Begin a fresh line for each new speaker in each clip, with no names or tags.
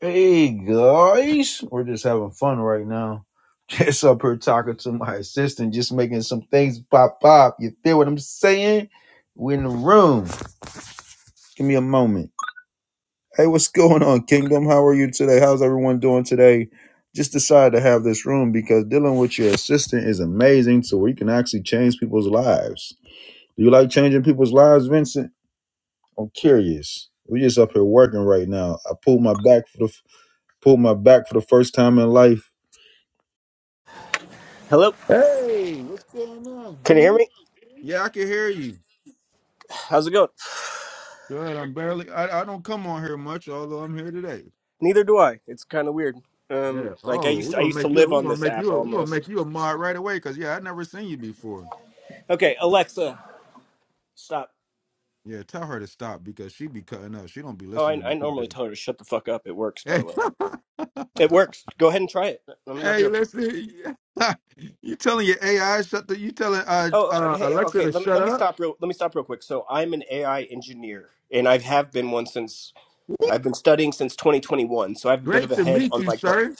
Hey guys, we're just having fun right now. Just up here talking to my assistant, just making some things pop up. You feel what I'm saying? We're in the room. Give me a moment. Hey, what's going on, Kingdom? How are you today? How's everyone doing today? Just decided to have this room because dealing with your assistant is amazing. So we can actually change people's lives. Do you like changing people's lives, Vincent? I'm curious. We're just up here working right now. I pulled my back for the pulled my back for the first time in life
Hello,
Hey, what's going on,
can you hear
Vinny?
me?
Yeah, I can hear you.
How's it going?
Good. I'm barely. I, I don't come on here much, although I'm here today.
Neither do I. It's kind of weird.
Yeah.
Um, like
Oh,
I
we're
used, I
gonna
used to
make you.
live
We're
on
gonna
this
make
app
you. A, we're gonna make
almost.
you a. mod right away, cause yeah, I never seen you before.
Okay, Alexa, stop.
Yeah, tell her to stop because she be cutting up. She don't be
Oh, I,
listening
I
to
normally
people.
tell her to shut the fuck up. It works, by
Hey,
the way. It works. Go ahead and try it. I'm not
hey,
joking.
listen. you telling your AI shut the? You telling uh
Oh, uh,
Uh,
hey,
Alexa
okay.
to
Let me
shut
let me
up.
stop real. Let me stop real quick. So I'm an AI engineer, and I have been one since I've been studying since 2021. So I have a bit of
Great
a
to
head
meet
on
you,
like the
sir.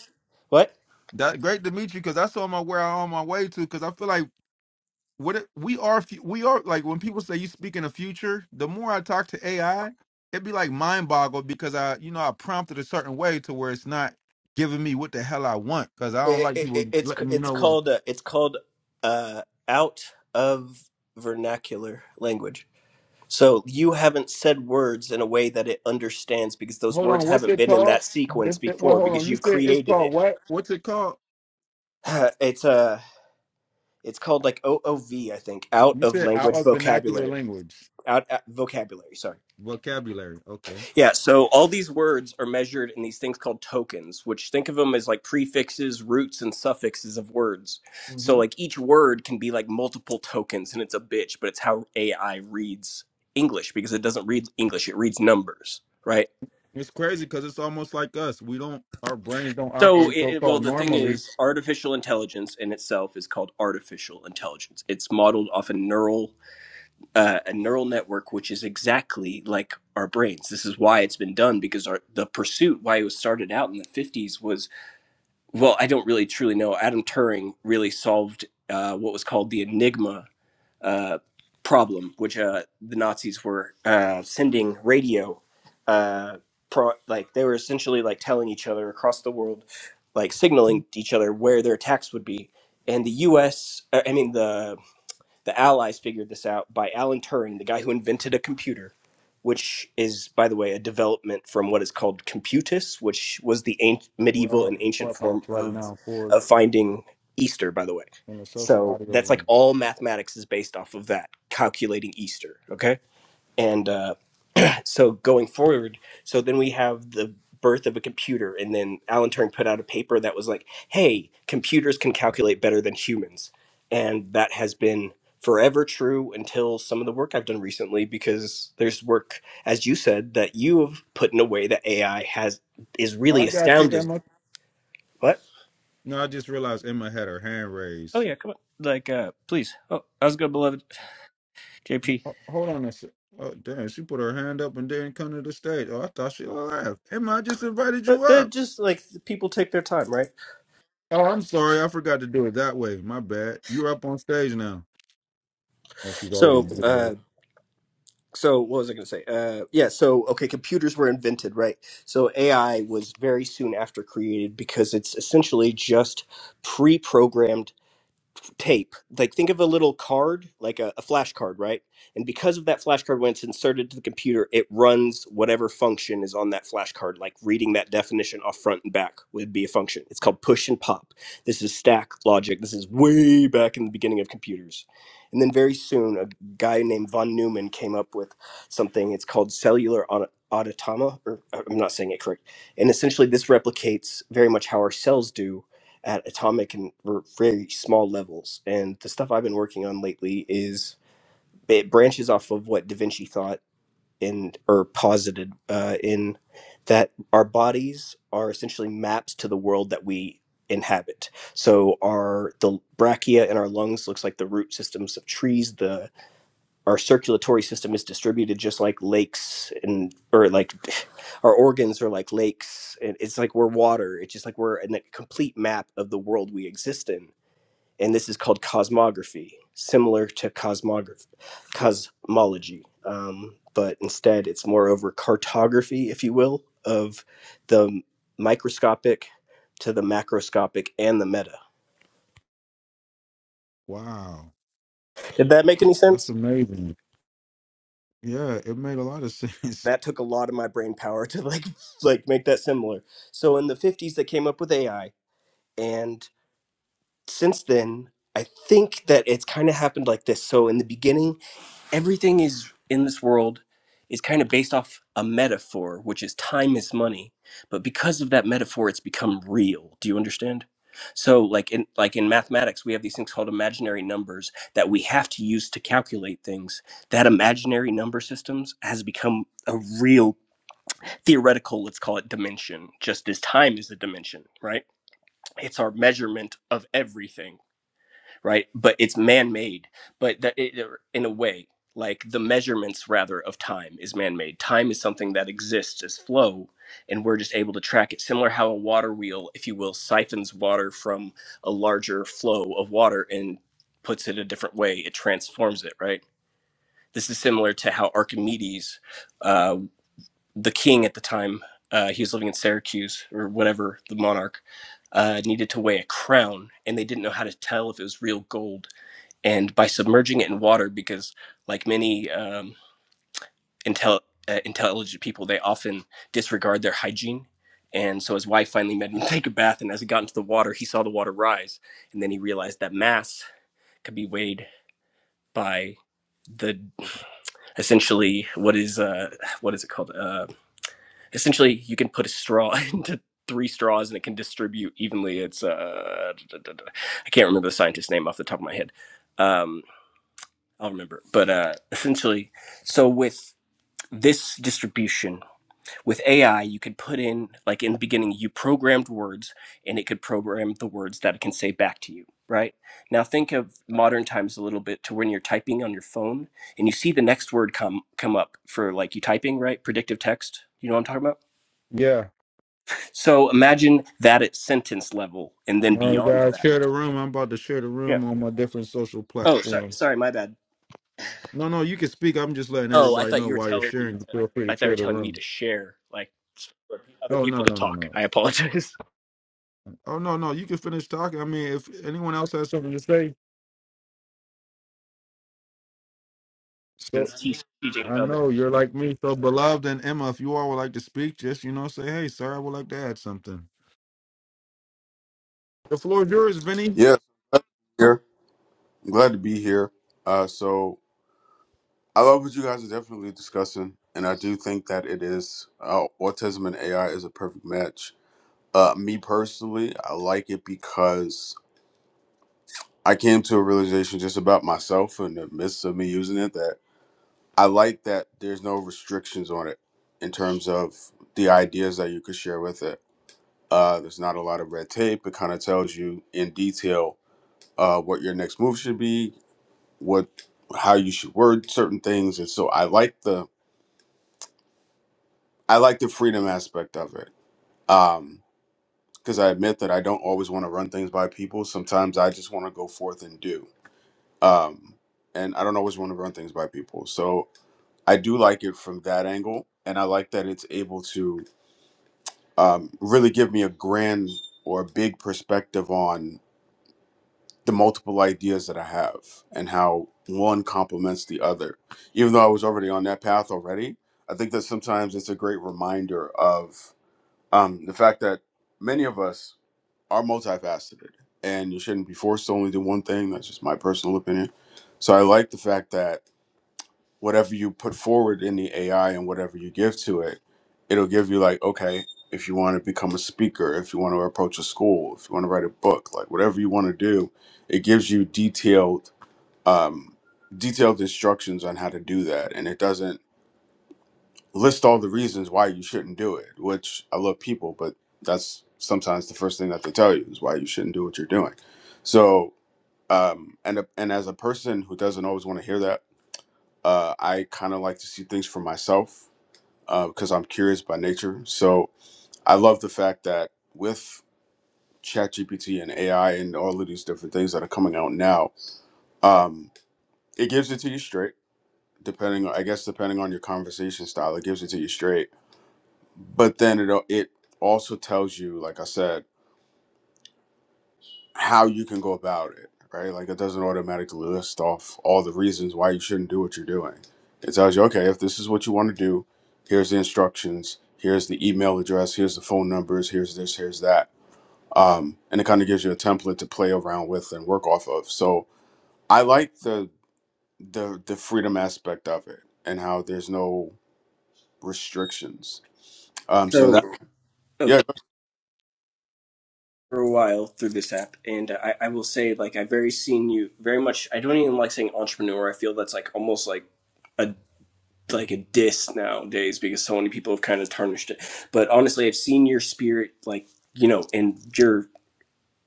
what?
that? Great to meet you, cause I saw my where I'm on my way to, cause I feel like what it, we are fu- we are like when people say you speak in the future the more i talk to ai it'd be like mind boggled because i you know i prompted a certain way to where it's not giving me what the hell i want because i don't
It,
like
it,
people
it- it's
letting me
it's
know what
called uh, it's called uh, out of vernacular language. So you haven't said words in a way that it understands because those
hold
words
on what's
haven't
it
been in
called
that sequence
it's it, well
before
hold on
because
you
you
said it's
created
called
it.
what what's it called
It's uh, it's called like OOV, I think, out
you
of
said out
language
of vernacular
vocabulary,
language
out, out vocabulary. Sorry.
vocabulary okay
Yeah, so all these words are measured in these things called tokens, which think of them as like prefixes, roots, and suffixes of words. So
hmm
like each word can be like multiple tokens, and it's a bitch, but it's how AI reads English because it doesn't read English; it reads numbers, right?
it's crazy because it's almost like us we don't our brains don't
So,
operate
it,
so
it- well,
called
the thing
normally
is, artificial intelligence in itself is called artificial intelligence. It's modeled off a neural uh, a neural network which is exactly like our brains. This is why it's been done because our, the pursuit, why it was started out in the 50s, was well, I don't really truly know. Adam Turing really solved uh, what was called the Enigma uh, problem, which uh, the Nazis were uh, sending radio. Uh, pro- like they were essentially like telling each other across the world, like signaling to each other where their attacks would be. And the U.S. uh, I mean the the Allies figured this out by Alan Turing, the guy who invented a computer, which is, by the way, a development from what is called computus, which was the ancient, medieval and
well
ancient
clubhouse
form
right
of,
now for
of finding Easter, by the way.
in the social
So
audio
that's like
room.
all mathematics is based off of that, calculating Easter, okay? And uh, so going forward so then we have the birth of a computer and then alan turing put out a paper that was like hey computers can calculate better than humans and that has been forever true until some of the work i've done recently because there's work as you said that you have put in a way that ai has is
Oh,
really
I got you,
astounded
Emma.
what
No, I just realized Emma had her hand
Oh
raised.
yeah, come on. Like, uh, please. Oh, I was going, beloved? JP.
Ho- Hold on a sec. Oh, damn. She put her hand up and didn't come to the stage. Oh, I thought she left. Emma, I just invited you
but they're
up.
just like people take their time right
Oh, I'm sorry. I forgot to do it that way. My bad. You're up on stage now. Oh, she's already
so
did,
uh,
right?
so what was I going to say? Uh, yeah, so okay, computers were invented, right? So AI was very soon after created because it's essentially just pre-programmed tape like think of a little card like a, a flash card right and because of that flash card when it's inserted to the computer it runs whatever function is on that flash card like reading that definition off front and back would be a function it's called push and pop this is stack logic this is way back in the beginning of computers and then very soon a guy named von neumann came up with something it's called cellular auto- autotoma or i'm not saying it correct and essentially this replicates very much how our cells do at atomic and r- very small levels. And the stuff I've been working on lately is it branches off of what Da Vinci thought and or posited uh, in that our bodies are essentially maps to the world that we inhabit. So our the brachia in our lungs looks like the root systems of trees. The our circulatory system is distributed just like lakes and or like our organs are like lakes and it's like we're water it's just like we're in a complete map of the world we exist in and this is called cosmography similar to cosmography cosmology um, but instead it's more over cartography if you will of the microscopic to the macroscopic and the meta
Wow.
did that make any sense
That's Amazing. Yeah, it made a lot of sense.
that took a lot of my brain power to like like make that similar. So in the 50s they came up with AI and since then I think that it's kind of happened like this. So in the beginning everything is in this world is kind of based off a metaphor which is time is money, but because of that metaphor it's become real. Do you understand? So like in like in mathematics we have these things called imaginary numbers that we have to use to calculate things. That imaginary number systems has become a real theoretical, let's call it dimension, just as time is a dimension, right? It's our measurement of everything, right? But it's man made, but that it, er, in a way, like the measurements rather of time is man made. Time is something that exists as flow, and we're just able to track it. Similar how a water wheel, if you will, siphons water from a larger flow of water and puts it a different way, it transforms it, right? This is similar to how Archimedes uh, the king at the time, uh, he was living in Syracuse or whatever, the monarch, uh, needed to weigh a crown, and they didn't know how to tell if it was real gold. And by submerging it in water, because like many um, intel- uh, intelligent people, they often disregard their hygiene. And so his wife finally made him take a bath, and as he got into the water, he saw the water rise, and then he realized that mass could be weighed by the essentially what is uh what is it called uh essentially you can put a straw into three straws and it can distribute evenly it's uh i can't remember the scientist's name off the top of my head um i'll remember but uh essentially so with this distribution with ai you could put in like in the beginning you programmed words and it could program the words that it can say back to you right now think of modern times a little bit to when you're typing on your phone and you see the next word come come up for like you typing right predictive text you know what i'm talking about
Yeah.
so imagine that at sentence level and then
All right,
beyond
guys.
that.
Share the room. I'm about to share the
Yeah.
room on my different social
Oh, sorry,
platform.
sorry, my bad.
No, no, you can speak. I'm just letting
Oh, I
everybody
thought
know
you were
while you're
telling me
sharing.
to
Feel free
I
to
thought you were
share the
telling me to
room.
share like for other
Oh
people
no,
to
no, no,
talk.
no.
I apologize.
Oh no, no. You can finish talking. I mean, if anyone else has something to say, so
Since he's teaching
I
others.
know you're like me, so beloved and Emma. If you all would like to speak, just you know, say, hey, sir, I would like to add something. The floor is yours, Vinny.
Yes, I'm glad to be here. I'm glad to be here. Uh, so I love what you guys are definitely discussing, and I do think that it is uh, autism and AI is a perfect match. Uh, me personally, I like it because I came to a realization just about myself in the midst of me using it that I like that there's no restrictions on it in terms of the ideas that you could share with it. Uh, there's not a lot of red tape. It kind of tells you in detail uh, what your next move should be, what how you should word certain things and so i like the i like the freedom aspect of it um because i admit that i don't always want to run things by people sometimes i just want to go forth and do um and i don't always want to run things by people so i do like it from that angle and i like that it's able to um really give me a grand or a big perspective on the multiple ideas that I have and how one complements the other. Even though I was already on that path already, I think that sometimes it's a great reminder of um, the fact that many of us are multifaceted and you shouldn't be forced to only do one thing. That's just my personal opinion. So I like the fact that whatever you put forward in the AI and whatever you give to it, it'll give you like, okay, if you want to become a speaker, if you want to approach a school, if you want to write a book, like whatever you want to do, it gives you detailed um, detailed instructions on how to do that, and it doesn't list all the reasons why you shouldn't do it. Which I love people, but that's sometimes the first thing that they tell you is why you shouldn't do what you're doing. So, um, and and as a person who doesn't always want to hear that, uh, I kind of like to see things for myself because I'm curious by nature. So I love the fact that with ChatGPT and AI and all of these different things that are coming out now, um, it gives it to you straight. Depending, I guess, depending on your conversation style, it gives it to you straight. But then it al- it also tells you, like I said, how you can go about it. Right, like it doesn't automatically list off all the reasons why you shouldn't do what you're doing. It tells you, okay, if this is what you want to do, here's the instructions, here's the email address, here's the phone numbers, here's this, here's that um, and it kind of gives you a template to play around with and work off of. So I like the the the freedom aspect of it and how there's no restrictions. Um, so
So
that
oh,
yeah,
for a while through this app and I, I will say like I very seen you very much I don't even like saying entrepreneur. I feel that's like almost like a like a diss nowadays because so many people have kind of tarnished it. But honestly I've seen your spirit like you know, and your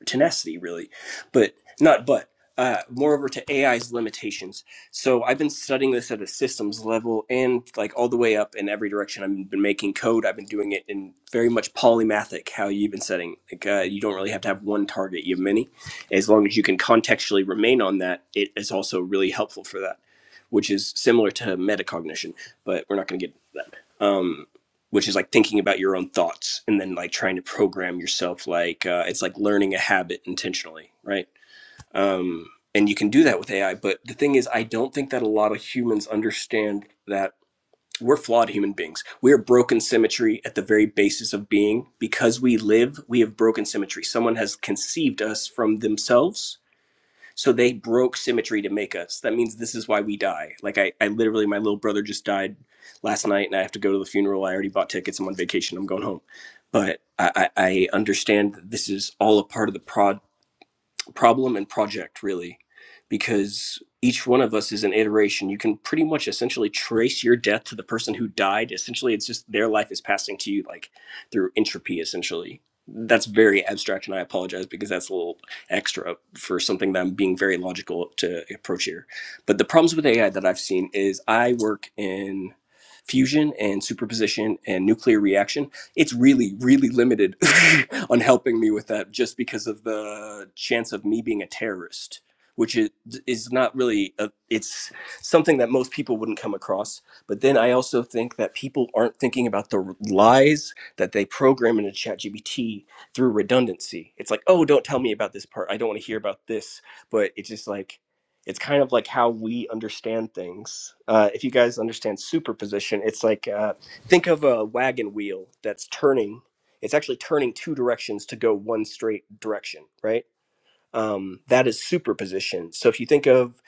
tenacity really but not but uh, moreover to ai's limitations so i've been studying this at a systems level and like all the way up in every direction i've been making code i've been doing it in very much polymathic how you've been setting like uh, you don't really have to have one target you have many as long as you can contextually remain on that it is also really helpful for that which is similar to metacognition but we're not going to get into that Um, which is like thinking about your own thoughts and then like trying to program yourself like uh, it's like learning a habit intentionally right um, and you can do that with ai but the thing is i don't think that a lot of humans understand that we're flawed human beings we are broken symmetry at the very basis of being because we live we have broken symmetry someone has conceived us from themselves so they broke symmetry to make us. That means this is why we die. Like I, I literally, my little brother just died last night, and I have to go to the funeral. I already bought tickets. I'm on vacation. I'm going home. But I, I, I understand that this is all a part of the project problem and project really because each one of us is an iteration you can pretty much essentially trace your death to the person who died essentially it's just their life is passing to you like through entropy essentially that's very abstract and i apologize because that's a little extra for something that i'm being very logical to approach here but the problems with ai that i've seen is i work in fusion and superposition and nuclear reaction it's really really limited on helping me with that just because of the chance of me being a terrorist which is is not really a, it's something that most people wouldn't come across but then i also think that people aren't thinking about the r- lies that they program into ChatGPT through redundancy it's like oh don't tell me about this part i don't want to hear about this but it's just like it's kind of like how we understand things uh, if you guys understand superposition it's like uh, think of a wagon wheel that's turning it's actually turning two directions to go one straight direction right um, that is superposition so if you think of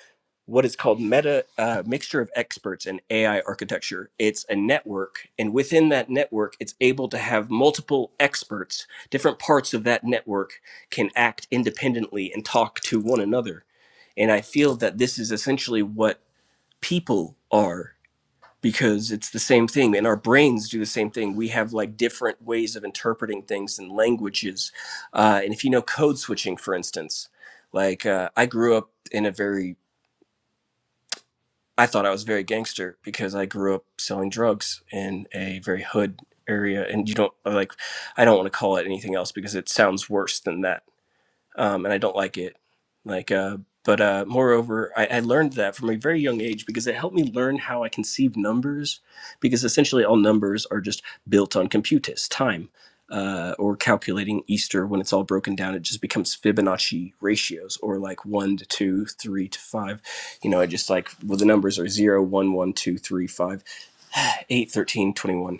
what is called meta uh, mixture of experts in ai architecture it's a network and within that network it's able to have multiple experts different parts of that network can act independently and talk to one another and i feel that this is essentially what people are because it's the same thing and our brains do the same thing we have like different ways of interpreting things and languages uh, and if you know code switching for instance like uh, i grew up in a very i thought i was very gangster because i grew up selling drugs in a very hood area and you don't like i don't want to call it anything else because it sounds worse than that um, and I don't like it. Like, uh, but uh, moreover, I, I learned that from a very young age because it helped me learn how I conceive numbers, because essentially all numbers are just built on computus, time, uh, or calculating Easter when it's all broken down. It just becomes Fibonacci ratios, or like one to two, three to five. You know, I just like well, the numbers are zero, one, one, two, three, five. 8, 13, 21,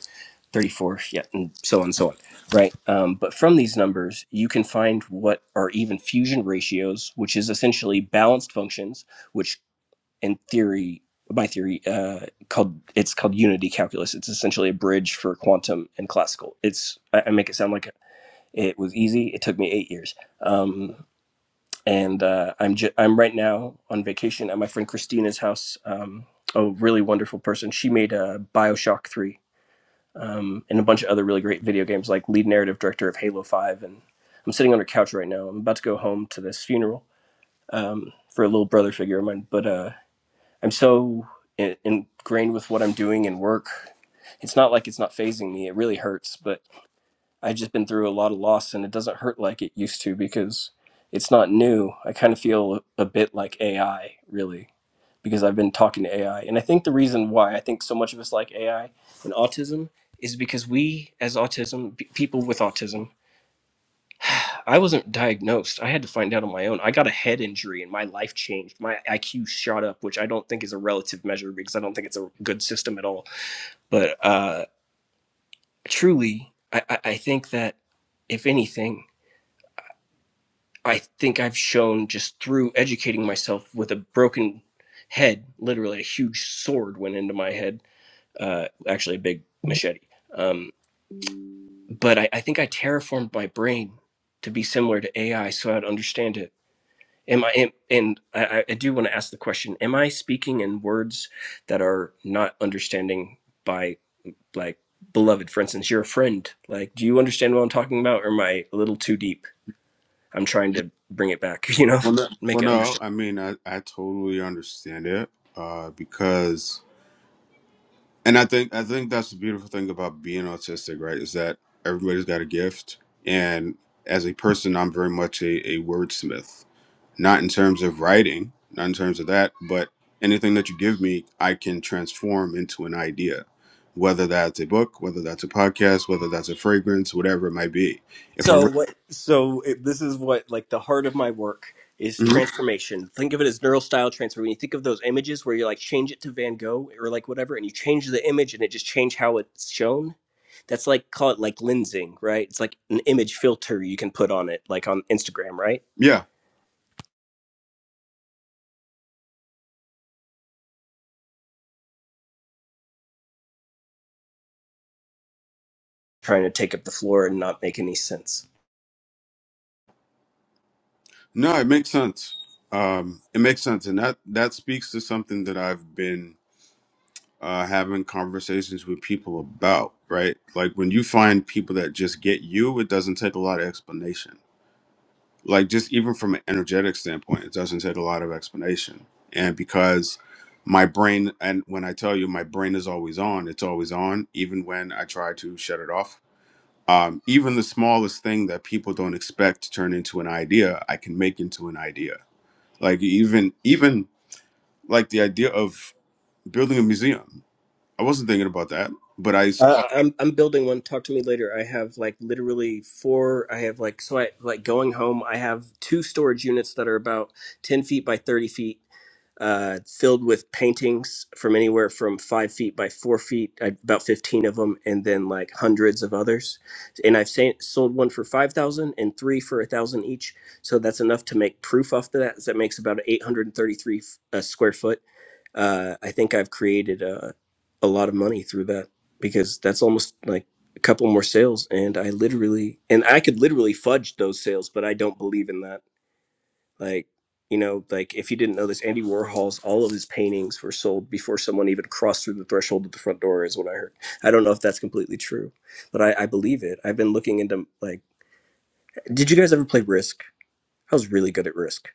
34, yeah and so on and so on right um, but from these numbers you can find what are even fusion ratios which is essentially balanced functions which in theory by theory uh, called it's called unity calculus it's essentially a bridge for quantum and classical it's i, I make it sound like it was easy it took me eight years um, and uh, i'm ju- i'm right now on vacation at my friend christina's house um, a really wonderful person she made a bioshock 3 um, and a bunch of other really great video games, like lead narrative director of Halo Five. And I'm sitting on her couch right now. I'm about to go home to this funeral um, for a little brother figure of mine. But uh, I'm so in- ingrained with what I'm doing and work. It's not like it's not phasing me. It really hurts, but I've just been through a lot of loss, and it doesn't hurt like it used to because it's not new. I kind of feel a bit like AI, really because I've been talking to AI. And I think the reason why I think so much of us like AI and autism is because we, as autism, p- people with autism, I wasn't diagnosed. I had to find out on my own. I got a head injury and my life changed. My IQ shot up, which I don't think is a relative measure because I don't think it's a good system at all. But uh, truly, I, I I think that if anything, I think I've shown just through educating myself with a broken head, literally a huge sword went into my head uh, actually a big machete. Um, but I, I think I terraformed my brain to be similar to AI, so I'd understand it. Am I? Am, and I, I do want to ask the question: Am I speaking in words that are not understanding by like beloved? For instance, you're a friend. Like, do you understand what I'm talking about, or am I a little too deep? I'm trying to bring it back. You know,
well, no,
make
well,
it
no I mean I, I totally understand it uh, because and I think I think that's the beautiful thing about being autistic, right? Is that everybody's got a gift, and as a person, I'm very much a, a wordsmith not in terms of writing, not in terms of that, but anything that you give me, I can transform into an idea, whether that's a book, whether that's a podcast, whether that's a fragrance, whatever it might be. If I'm,
So what? So it, this is what like the heart of my work is
Mhm.
transformation. Think of it as neural style transfer. When you think of those images where you like change it to Van Gogh or like whatever, and you change the image and it just change how it's shown. That's like call it like lensing, right? It's like an image filter you can put on it, like on Instagram, right?
yeah,
Trying to take up the floor and not make any sense.
no, it makes sense. Um, it makes sense, and that that speaks to something that I've been uh, having conversations with people about, right? Like when you find people that just get you, it doesn't take a lot of explanation like just even from an energetic standpoint it doesn't take a lot of explanation and because my brain and when i tell you my brain is always on it's always on even when i try to shut it off um, even the smallest thing that people don't expect to turn into an idea i can make into an idea like even even like the idea of building a museum i wasn't thinking about that but i saw,
Uh, I'm I'm building one. Talk to me later. I have like literally four. I have like so I like going home. I have two storage units that are about ten feet by thirty feet uh, filled with paintings from anywhere from five feet by four feet, I- about 15 of them, and then like hundreds of others. And I've sa- sold one for five thousand and three for a thousand each. So that's enough to make proof off of that. So that makes about 833 uh, square foot. Uh, I think I've created uh, a lot of money through that because that's almost like a couple more sales. And I literally, and I could literally fudge those sales, but I don't believe in that like you know like if you didn't know this andy warhol's all of his paintings were sold before someone even crossed through the threshold of the front door is what i heard i don't know if that's completely true but i, I believe it i've been looking into like did you guys ever play risk i was really good at risk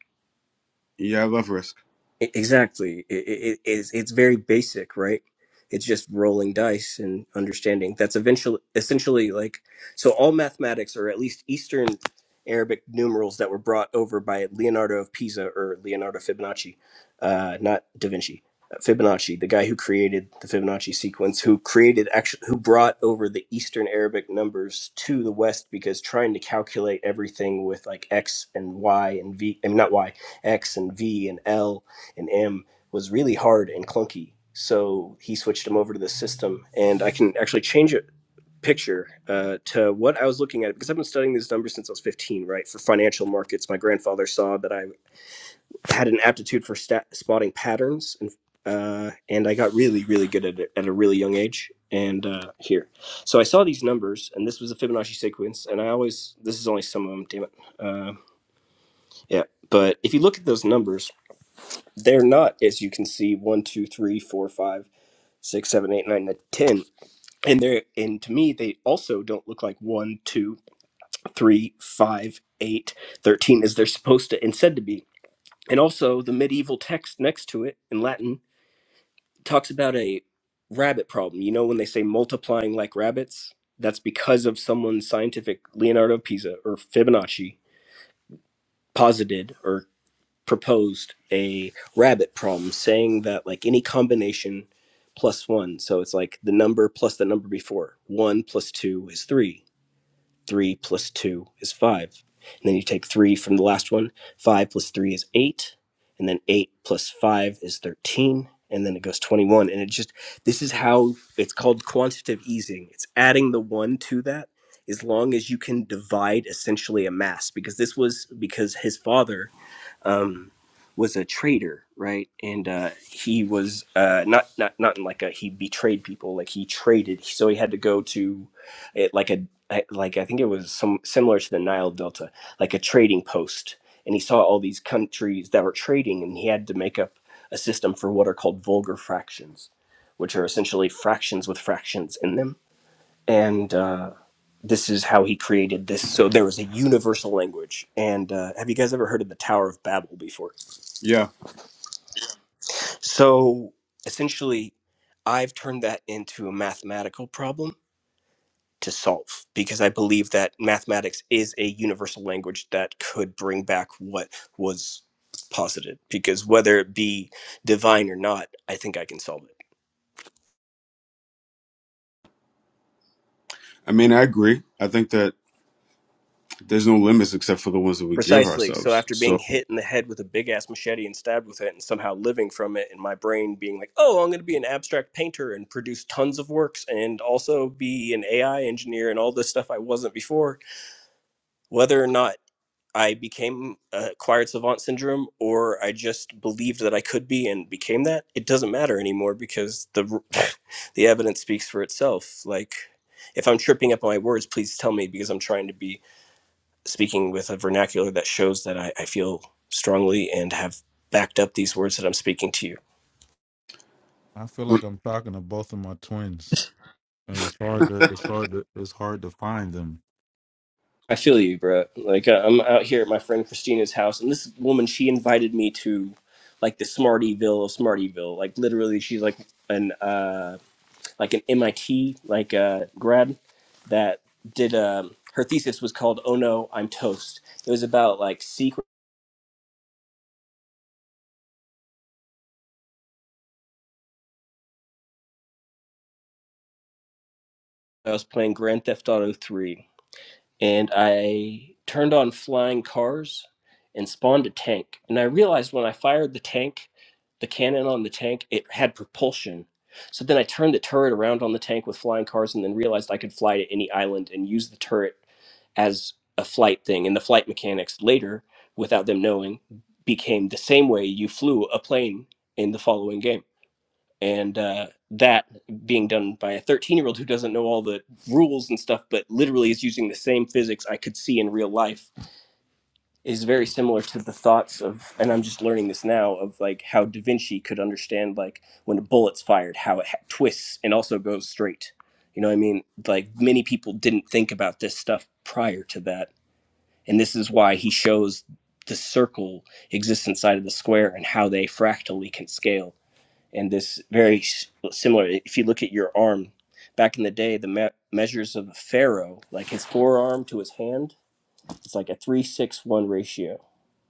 yeah i love risk
E- Exactly. It, it, it's, it's very basic, right? It's just rolling dice and understanding. That's eventually, essentially like, so all mathematics, or at least Eastern Arabic numerals that were brought over by Leonardo of Pisa or Leonardo Fibonacci, uh, not Da Vinci, uh, Fibonacci, the guy who created the Fibonacci sequence, who created actually, who brought over the Eastern Arabic numbers to the West because trying to calculate everything with like X and Y and V, I mean, not Y, X and V and L and M was really hard and clunky. So he switched him over to this system, and I can actually change it picture uh, to what I was looking at because I've been studying these numbers since I was 15, right? For financial markets, my grandfather saw that I had an aptitude for stat- spotting patterns, and uh, and I got really, really good at it at a really young age. And uh, here, so I saw these numbers, and this was a Fibonacci sequence, and I always this is only some of them. Damn it, uh, yeah. But if you look at those numbers, they're not, as you can see, one, two, three, four, five, six, seven, eight, nine, ten. And they're and to me, they also don't look like one, two, three, five, eight, thirteen, as they're supposed to and said to be. And also the medieval text next to it in Latin talks about a rabbit problem. You know when they say multiplying like rabbits? That's because of someone scientific Leonardo of Pisa or Fibonacci posited or proposed a rabbit problem saying that like any combination plus one so it's like the number plus the number before one plus two is three three plus two is five and then you take three from the last one five plus three is eight and then eight plus five is 13 and then it goes 21 and it just this is how it's called quantitative easing it's adding the one to that as long as you can divide essentially a mass because this was because his father um, was a traitor, right? And uh, he was uh, not not not in like a he betrayed people, like he traded. So he had to go to it like a eh, like I think it was some similar to the Nile Delta, like a trading post, and he saw all these countries that were trading, and he had to make up a system for what are called vulgar fractions, which are essentially fractions with fractions in them and uh, this is how he created this. So there was a universal language. And uh, have you guys ever heard of the Tower of Babel before?
yeah
So essentially, I've turned that into a mathematical problem to solve because I believe that mathematics is a universal language that could bring back what was posited. Because whether it be divine or not, I think I can solve it.
i mean i agree i think that there's no limits except for the ones that we give
Precisely. So
ourselves
after being
so
hit in the head with a big ass machete and stabbed with it and somehow living from it and my brain being like, "Oh, I'm going to be an abstract painter and produce tons of works and also be an AI engineer and all this stuff I wasn't before." Whether or not I became uh, acquired savant syndrome or I just believed that I could be and became that, it doesn't matter anymore because the the evidence speaks for itself. Like if I'm tripping up on my words, please tell me because I'm trying to be speaking with a vernacular that shows that I, I feel strongly and have backed up these words that I'm speaking to you.
I feel like I'm talking to both of my twins, and it's hard to it's hard to it's hard to find them.
I feel you, bro. Like uh, I'm out here at my friend Christina's house, and this woman she invited me to like the Smartyville of Smartyville. Like literally, she's like an uh, like an MIT like uh, grad that did um, her thesis was called "Oh No, I'm Toast." It was about like secret. I was playing Grand Theft Auto 3 and I turned on flying cars and spawned a tank. And I realized when I fired the tank, the cannon on the tank, it had propulsion. So then I turned the turret around on the tank with flying cars and then realized I could fly to any island and use the turret as a flight thing. And the flight mechanics later, without them knowing, became the same way you flew a plane in the following game and uh, that being done by a 13 year old who doesn't know all the rules and stuff but literally is using the same physics i could see in real life is very similar to the thoughts of and i'm just learning this now of like how da vinci could understand like when a bullet's fired how it ha- twists and also goes straight you know what i mean like many people didn't think about this stuff prior to that and this is why he shows the circle exists inside of the square and how they fractally can scale and this very similar. If you look at your arm, back in the day, the me- measures of a pharaoh, like his forearm to his hand, it's like a three six one ratio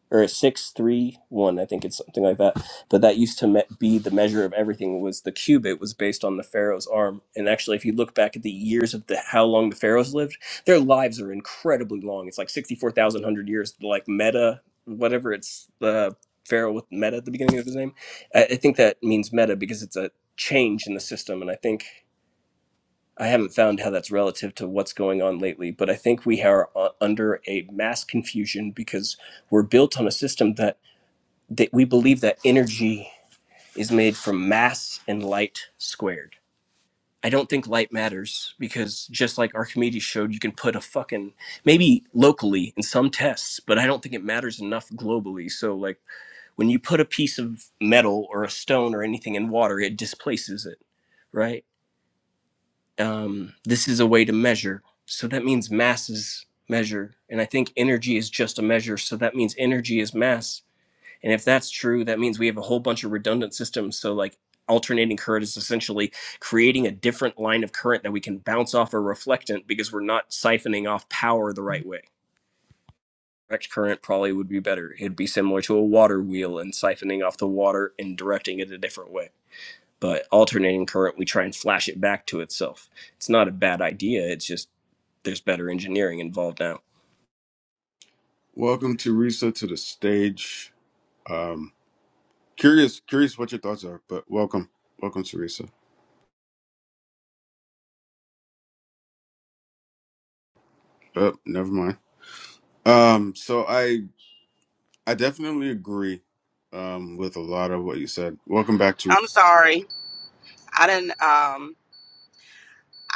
or a six three one, I think it's something like that. But that used to me- be the measure of everything. Was the cubit was based on the pharaoh's arm, and actually, if you look back at the years of the how long the pharaohs lived, their lives are incredibly long. It's like sixty four thousand hundred years. Like Meta, whatever it's the uh, pharaoh with Meta at the beginning of his name. I, I think that means Meta because it's a change in the system, and I think. I haven't found how that's relative to what's going on lately, but I think we are uh, under a mass confusion because we're built on a system that that we believe that energy is made from mass and light squared. I don't think light matters because just like Archimedes showed, you can put a fucking maybe locally in some tests, but I don't think it matters enough globally. So like when you put a piece of metal or a stone or anything in water, it displaces it, right? Um, this is a way to measure. So that means mass is measure, and I think energy is just a measure. So that means energy is mass and if that's true, that means we have a whole bunch of redundant systems. So, like, alternating current is essentially creating a different line of current that we can bounce off a reflectant because we're not siphoning off power the right way. Direct current probably would be better. It'd be similar to a water wheel and siphoning off the water and directing it a different way. But alternating current, we try and flash it back to itself. It's not a bad idea. It's just there's better engineering involved now.
Welcome, Teresa, to the stage. Um, curious, curious what your thoughts are, but welcome, welcome, Teresa. Oh, never mind. Um, so I, I definitely agree, um, with a lot of what you said. Welcome back, Teresa.
I'm sorry. I didn't um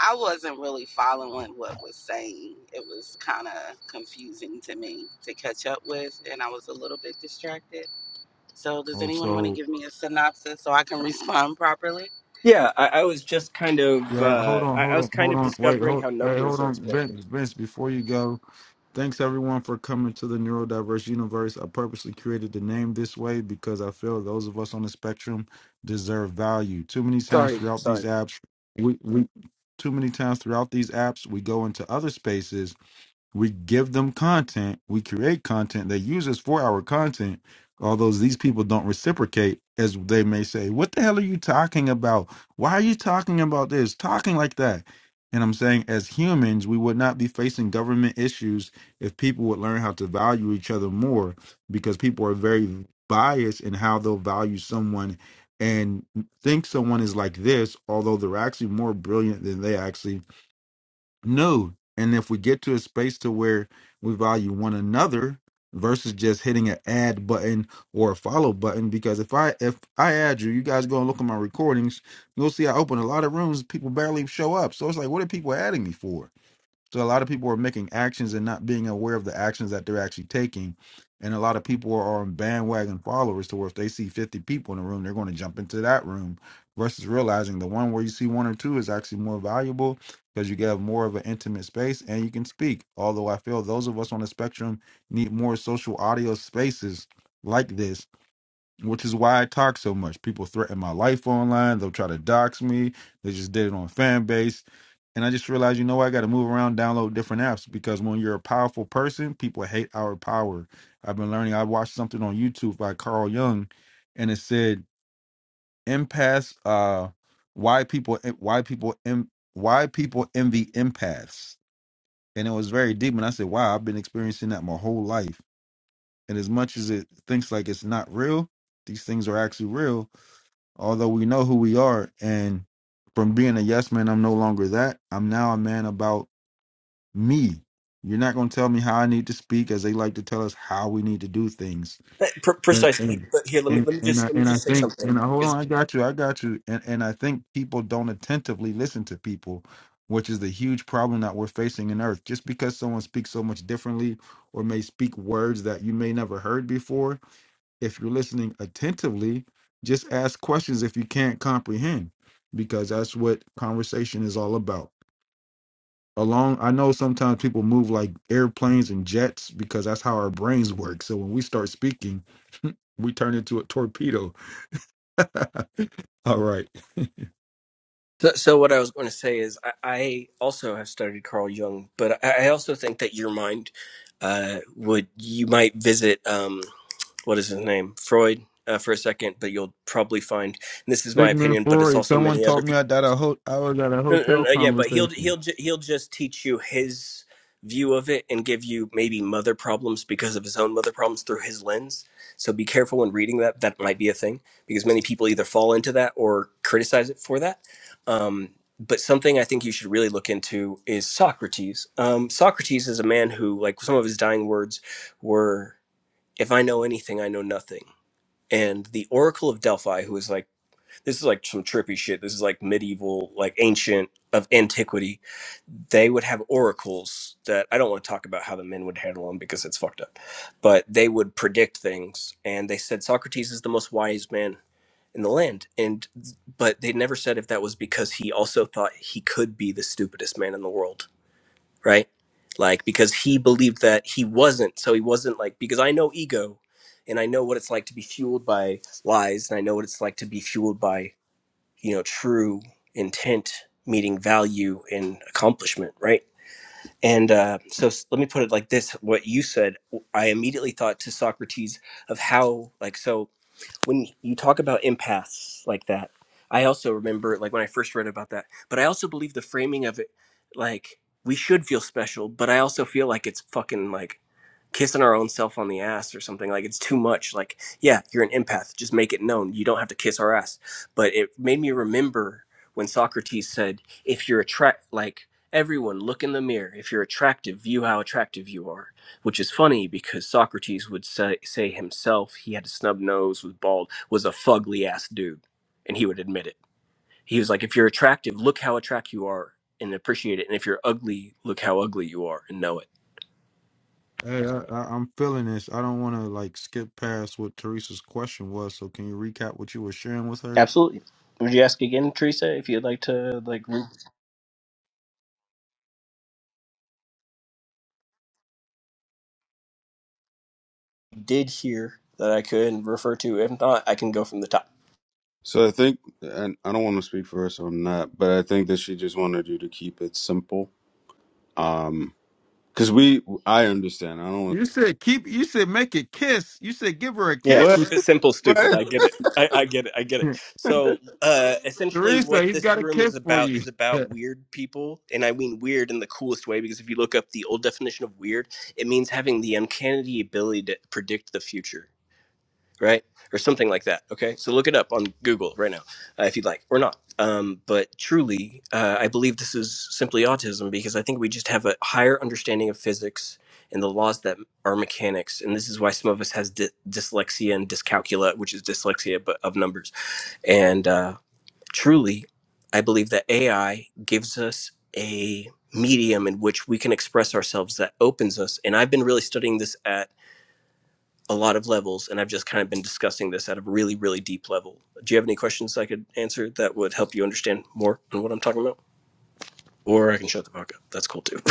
I wasn't really following what was saying. It was kind of confusing to me to catch up with and I was a little bit distracted. So does
Oh,
anyone want to
so
give me a synopsis so I can respond properly?
Yeah, I, I was just kind of
yeah. Hold
uh,
on,
I, I
hold
was
on,
kind
hold
of
on. Wait,
discovering
hold
how
hey, hold
numbers are
on,
explained.
Vince. Vince, before you go. Thanks everyone for coming to the Neurodiverse Universe. I purposely created the name this way because I feel those of us on the spectrum deserve value. Too many times
Sorry,
throughout these
sorry.
apps, we, we too many times throughout these apps we go into other spaces we give them content. We create content. They use us for our content. Although these people don't reciprocate, as they may say, What the hell are you talking about? Why are you talking about this? Talking like that. And I'm saying, as humans, we would not be facing government issues if people would learn how to value each other more because people are very biased in how they'll value someone and think someone is like this, although they're actually more brilliant than they actually no. And if we get to a space to where we value one another versus just hitting an add button or a follow button, because if I if I add you, you guys go and look at my recordings, you'll see I open a lot of rooms, people barely show up. So it's like, what are people adding me for? So a lot of people are making actions and not being aware of the actions that they're actually taking. And a lot of people are on bandwagon followers to where if they see 50 people in a room, they're going to jump into that room versus realizing the one where you see one or two is actually more valuable because you have more of an intimate space and you can speak. Although I feel those of us on the spectrum need more social audio spaces like this, which is why I talk so much. People threaten my life online. They'll try to dox me. They just did it on fan base and I just realized, you know, what, I got to move around, download different apps because when you're a powerful person, people hate our power. I've been learning. I watched something on YouTube by Carl Jung, and it said empaths. Uh, why people? Why people? en- Why people envy empaths? And it was very deep. And I said, wow, I've been experiencing that my whole life. And as much as it thinks like it's not real, these things are actually real. Although we know who we are, and from being a yes man, I'm no longer that. I'm now a man about me. You're not going to tell me how I need to speak, as they like to tell us how we need to do things.
Eh, pre-
And
precisely. He-
and
But here, let me
and,
let me
and
just
I
let me
and I
just say
think and
something.
I, hold
Is-
on, I got you, I got you. And and I think people don't attentively listen to people, which is the huge problem that we're facing in Earth. Just because someone speaks so much differently, or may speak words that you may never heard before, if you're listening attentively, just ask questions if you can't comprehend, because that's what conversation is all about along i know sometimes people move like airplanes and jets because that's how our brains work so when we start speaking we turn into a torpedo all right
So, so what I was going to say is, I, I also have studied Carl Jung, but I, I also think that your mind uh, would you might visit um, what is his name, Freud, uh, for a second, but you'll probably find and this is my
sigmund
opinion, but it's
freud
also
someone
many other
taught
people.
me i that a ho- i was at a
Uh,
hotel
uh, yeah, but he'll he'll
conversation
ju- he'll just teach you his view of it and give you maybe mother problems because of his own mother problems through his lens. So be careful when reading that. That might be a thing because many people either fall into that or criticize it for that. Um, but something I think you should really look into is Socrates. Um, Socrates is a man who, like, some of his dying words were, "If I know anything, I know nothing." And the Oracle of Delphi, who is like this is like some trippy shit. This is like medieval, like ancient of antiquity. They would have oracles that I don't want to talk about how the men would handle them because it's fucked up, but they would predict things. And they said Socrates is the most wise man in the land. And but they never said if that was because he also thought he could be the stupidest man in the world, right? Like because he believed that he wasn't. So he wasn't like because I know ego and I know what it's like to be fueled by lies and I know what it's like to be fueled by you know true intent meeting value and accomplishment right and uh, so s- let me put it like this what you said i immediately thought to socrates of how like so when you talk about empaths like that i also remember like when i first read about that but i also believe the framing of it like we should feel special but i also feel like it's fucking like kissing our own self on the ass or something like it's too much like yeah you're an empath just make it known you don't have to kiss our ass but it made me remember when socrates said if you're attract like everyone look in the mirror if you're attractive view how attractive you are which is funny because socrates would say, say himself he had a snub nose was bald was a fugly ass dude and he would admit it he was like if you're attractive look how attractive you are and appreciate it and if you're ugly look how ugly you are and know it
hey I, I, i'm feeling this i don't want to like skip past what teresa's question was so can you recap what you were sharing with her
Absolutely. Would you ask again, Teresa, if you'd like to like re- did hear that I could refer to? If not, I can go from the top.
So I think, and I don't want to speak for her, so I'm not, but I think that she just wanted you to keep it simple. Um, because we, I understand. I don't. want
you said keep you said make it kiss you said give her a
Yeah, keep
What?
kiss
it simple, stupid.
What?
I get it. I, I get it. I get it. So uh, essentially,
teresa
what
he's
this
got a
room is
kiss for
about
you
is about weird people, and I mean weird in the coolest way because if you look up the old definition of weird, it means having the uncanny ability to predict the future. right? Or something like that. Okay. So look it up on Google right now uh, if you'd like or not. Um, but truly, uh, I believe this is simply autism because I think we just have a higher understanding of physics and the laws that are mechanics. And this is why some of us has dy- dyslexia and dyscalculia, which is dyslexia but of numbers. And uh, truly, I believe that AI gives us a medium in which we can express ourselves that opens us. And I've been really studying this at a lot of levels, and I've just kind of been discussing this at a really, really deep level. Do you have any questions I could answer that would help you understand more on what I'm talking about? Or I can shut the fuck up. That's cool too.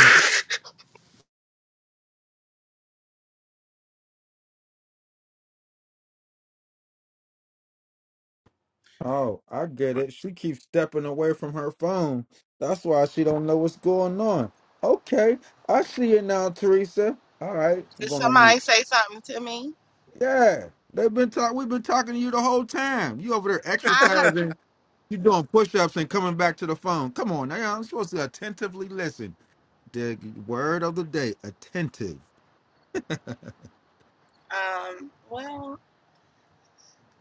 Oh, I get it. She keeps stepping away from her phone. That's why she don't know what's going on. Okay, I see it now, Teresa. All right, I'm
Did
going on mute.
somebody say something to me?
Yeah, they've been talk. We've been talking to you the whole time. You over there
I
exercising. You doing push-ups and coming back to the phone. Come on, now I'm supposed to attentively listen. The word of the day: attentive.
heard, um, well,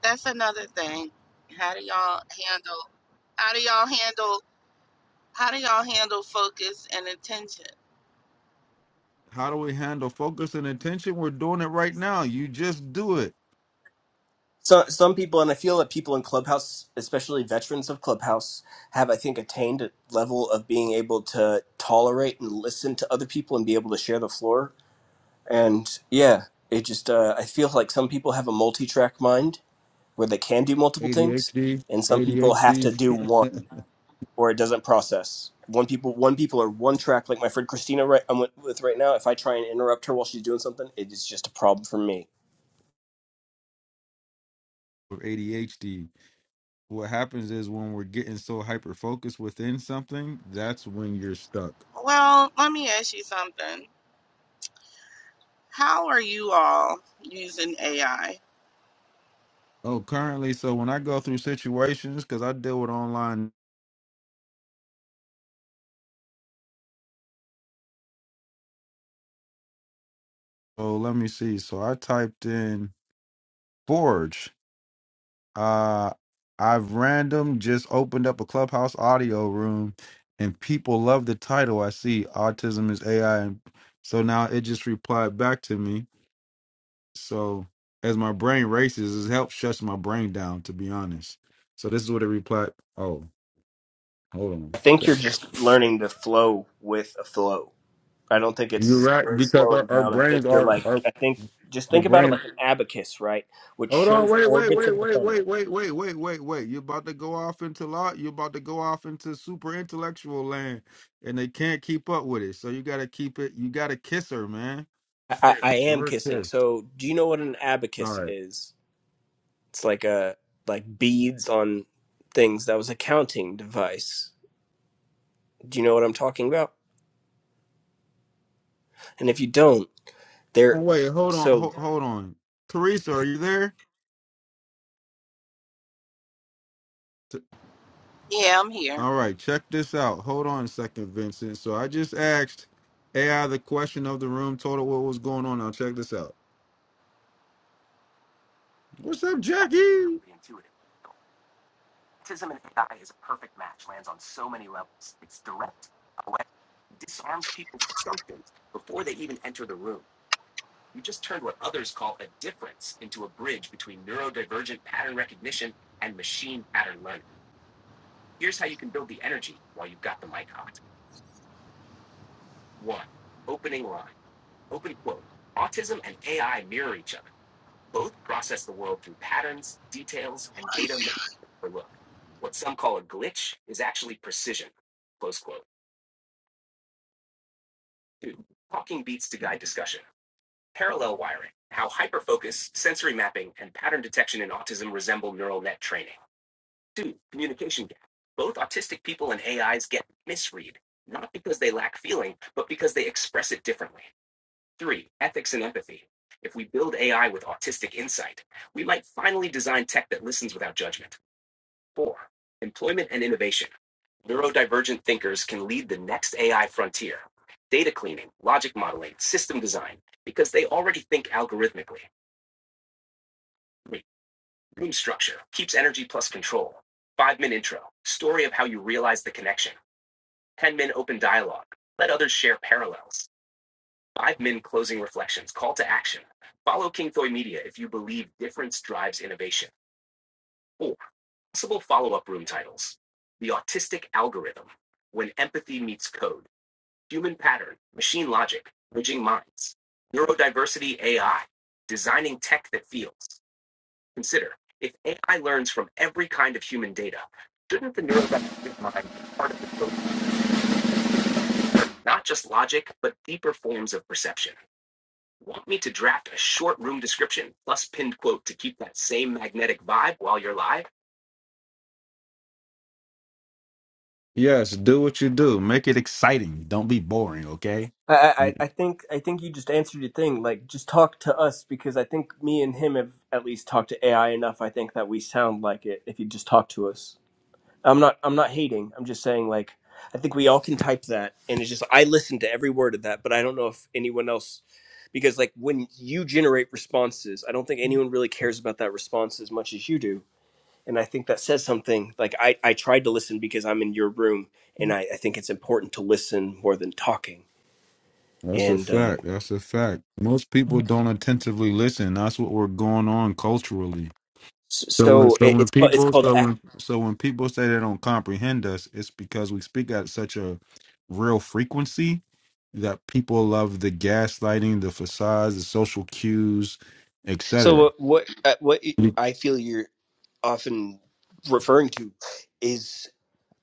that's another thing. How do y'all handle, how do y'all handle, how do y'all handle focus and attention?
How do we handle focus and attention? We're doing it right now. You just do it.
so, some people, and I feel that people in Clubhouse, especially veterans of Clubhouse, have, I think, attained a level of being able to tolerate and listen to other people and be able to share the floor. And yeah, it just, uh, I feel like some people have a multi track mind where they can do multiple things,
ADHD,
and some people have to do one.
ADHD.
or it doesn't process. One people, one people are one track. Like my friend Christina, right, I'm with right now. If I try and interrupt her while she's doing something, it is just a problem for me.
with ADHD. What happens is when we're getting so hyper focused within something, that's when you're stuck.
Well, let me ask you something. How are you all using AI?
Oh, currently, so when I go through situations, because I deal with online, Oh, let me see. So I typed in Forge. Uh, I've random just opened up a clubhouse audio room, and people love the title. I see autism is AI. So now it just replied back to me So as my brain races, it helps shuts my brain down, to be honest. So this is what it replied. Oh, hold
I
on.
think you're just learning to flow with a flow. I don't think
You're
it's
right,
really
because
slowing
our, our
down. I think
brains
you're
are
like,
are
I think just
the
think about it
brain.
like an abacus, right, which
Hold on,
shows
wait, wait,
orbits
wait,
of the
wait,
planet.
wait, wait, wait, wait, wait, wait. You're about to go off into lot. You're about to go off into super intellectual land, and they can't keep up with it. So you gotta keep it. You gotta kiss her, man.
I I
Give
am
her a
kissing.
kiss.
So, do you know what an
All
abacus
right.
is? It's like a like beads on things. That was a counting device. Do you know what I'm talking about? And if you don't. There,
Oh, wait, hold on,
so
hold, hold on. Teresa, are you there?
Yeah, I'm here.
All right, check this out. Hold on a second, Vincent. So I just asked AI the question of the room, told her what was going on. Now check this out. What's up, Jackie? Yes, do what you do. Make it exciting. Don't be boring, okay?
I, I, I
Mm,
think I think you just answered your thing. Like, just talk to us because I think me and him have at least talked to AI enough. I think that we sound like it if you just talk to us. I'm not I'm not hating. I'm just saying like I think we all can type that, and it's just I listen to every word of that, but I don't know if anyone else because like when you generate responses, I don't think anyone really cares about that response as much as you do. and i think that says something like i, I tried to listen because i'm in your room and I, I think it's important to listen more than talking
That's a
and uh,
fact. That's a fact. Most people don't attentively listen. That's what we're going on culturally.
s-
So when
so
so
it,
when
it's called it's
people
called
so
act
when so when people say they don't comprehend us, it's because we speak at such a real frequency that people love the gaslighting, the facades, the social cues,
so
etc.
what what, uh, what y- i feel you're often referring to is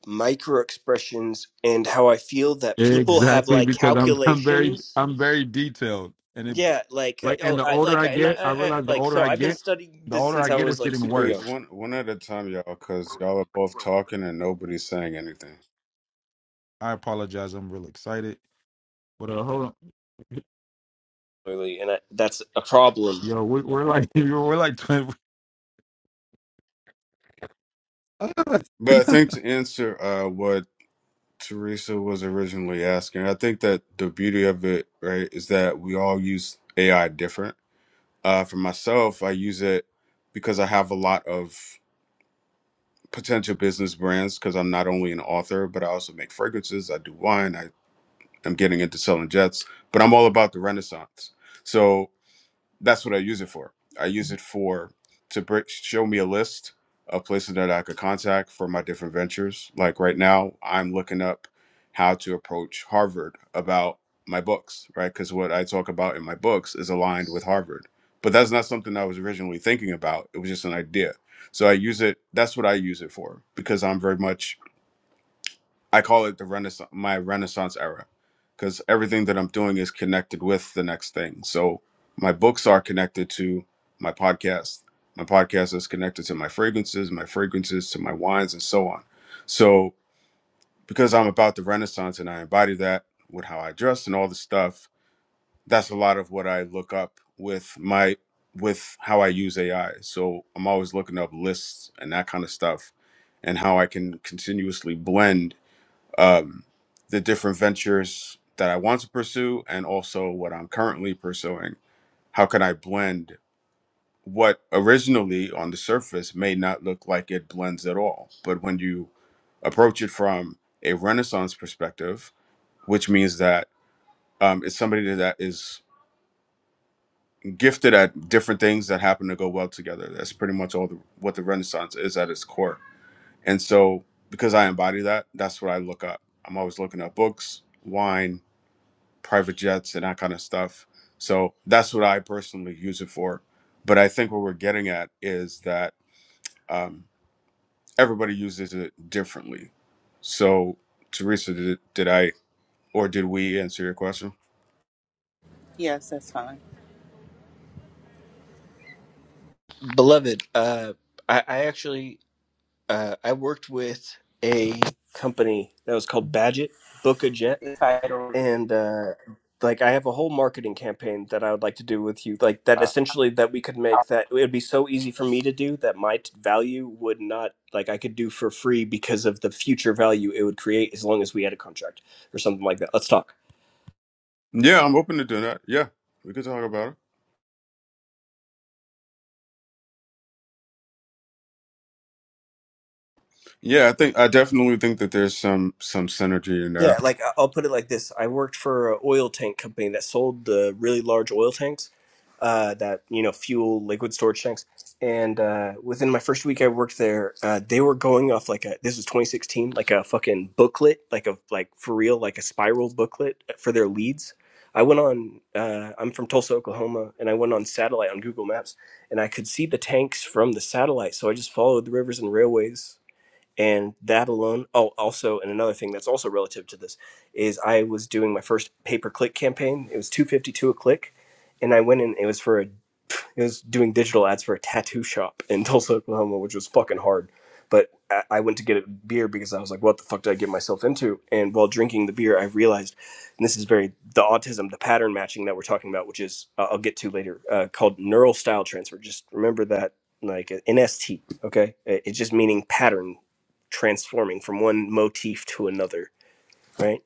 micro expressions and how i feel that people have
Exactly
like
because I'm I'm very
calculations
I'm very detailed and it
yeah like uh,
like and
oh
the
i
older
like I,
I
and I,
get, I
I I-
realize the
like
older
so
I
i've been
get,
studying
the
this
older
since
I
i
get,
was
it's
like
getting
super
Wait,
young
worse.
one one at a time, y'all, because y'all are both talking and nobody's saying anything.
I apologize. I'm real excited. But uh, hold on,
really and I, that's a problem
yo, we, we're like we're like twin.
But I think to answer uh, what Teresa was originally asking, I think that the beauty of it, right, is that we all use AI different. Uh, for myself, I use it because I have a lot of potential business brands because I'm not only an author, but I also make fragrances, I do wine, I am getting into selling jets, but I'm all about the Renaissance. So that's what I use it for. I use it for to br- show me a list of places that I could contact for my different ventures. Like right now, I'm looking up how to approach Harvard about my books, right? Because what I talk about in my books is aligned with Harvard. But that's not something I was originally thinking about. It was just an idea. So I use it. That's what I use it for because I'm very much I call it the renaissance, my renaissance era, because everything that I'm doing is connected with the next thing. So my books are connected to my podcast. My podcast is connected to my fragrances, my fragrances to my wines, and so on. So because I'm about the renaissance and I embody that with how I dress and all the stuff, that's a lot of what I look up with my with how I use AI. So I'm always looking up lists and that kind of stuff and how I can continuously blend um, the different ventures that I want to pursue and also what I'm currently pursuing. How can I blend what originally on the surface may not look like it blends at all? But when you approach it from a Renaissance perspective, which means that um, it's somebody that is gifted at different things that happen to go well together. That's pretty much all the, what the Renaissance is at its core. And so, because I embody that, that's what I look up. I'm always looking up books, wine, private jets and that kind of stuff. So that's what I personally use it for. But I think what we're getting at is that um, everybody uses it differently. So, Teresa, did, did I or did we answer your question?
Yes, that's fine.
Beloved, uh, I, I actually uh, I worked with a company that was called Badget Book a Jet,
The title.
and uh, like I have a whole marketing campaign that I would like to do with you. Like that, essentially, that we could make that it would be so easy for me to do that my t- value would not like I could do for free because of the future value it would create as long as we had a contract or something like that. Let's talk.
Yeah, I'm open to doing that. Yeah, we could talk about it. Yeah, I think I definitely think that there's some some synergy in
Yeah,
there.
like I- I'll put it like this: I worked for an oil tank company that sold the really large oil tanks, uh, that you know fuel liquid storage tanks. And uh, within my first week I worked there, uh, they were going off like a this was 2016, like a fucking booklet, like a like for real, like a spiral booklet for their leads. I went on. Uh, I'm from Tulsa, Oklahoma, and I went on satellite on Google Maps, and I could see the tanks from the satellite. So I just followed the rivers and railways and that alone oh also and another thing that's also relative to this is i was doing my first pay per click campaign it was 252 a click and i went in it was for a I was doing digital ads for a tattoo shop in Tulsa, Oklahoma, which was fucking hard. But I I went to get a beer because I was like, what the fuck did I get myself into? And while drinking the beer, I realized, and this is very the autism, the pattern matching that we're talking about, which is uh, I'll get to later, uh, called neural style transfer. Just remember that, like uh, NST, okay? It- It's just meaning pattern transforming from one motif to another, right?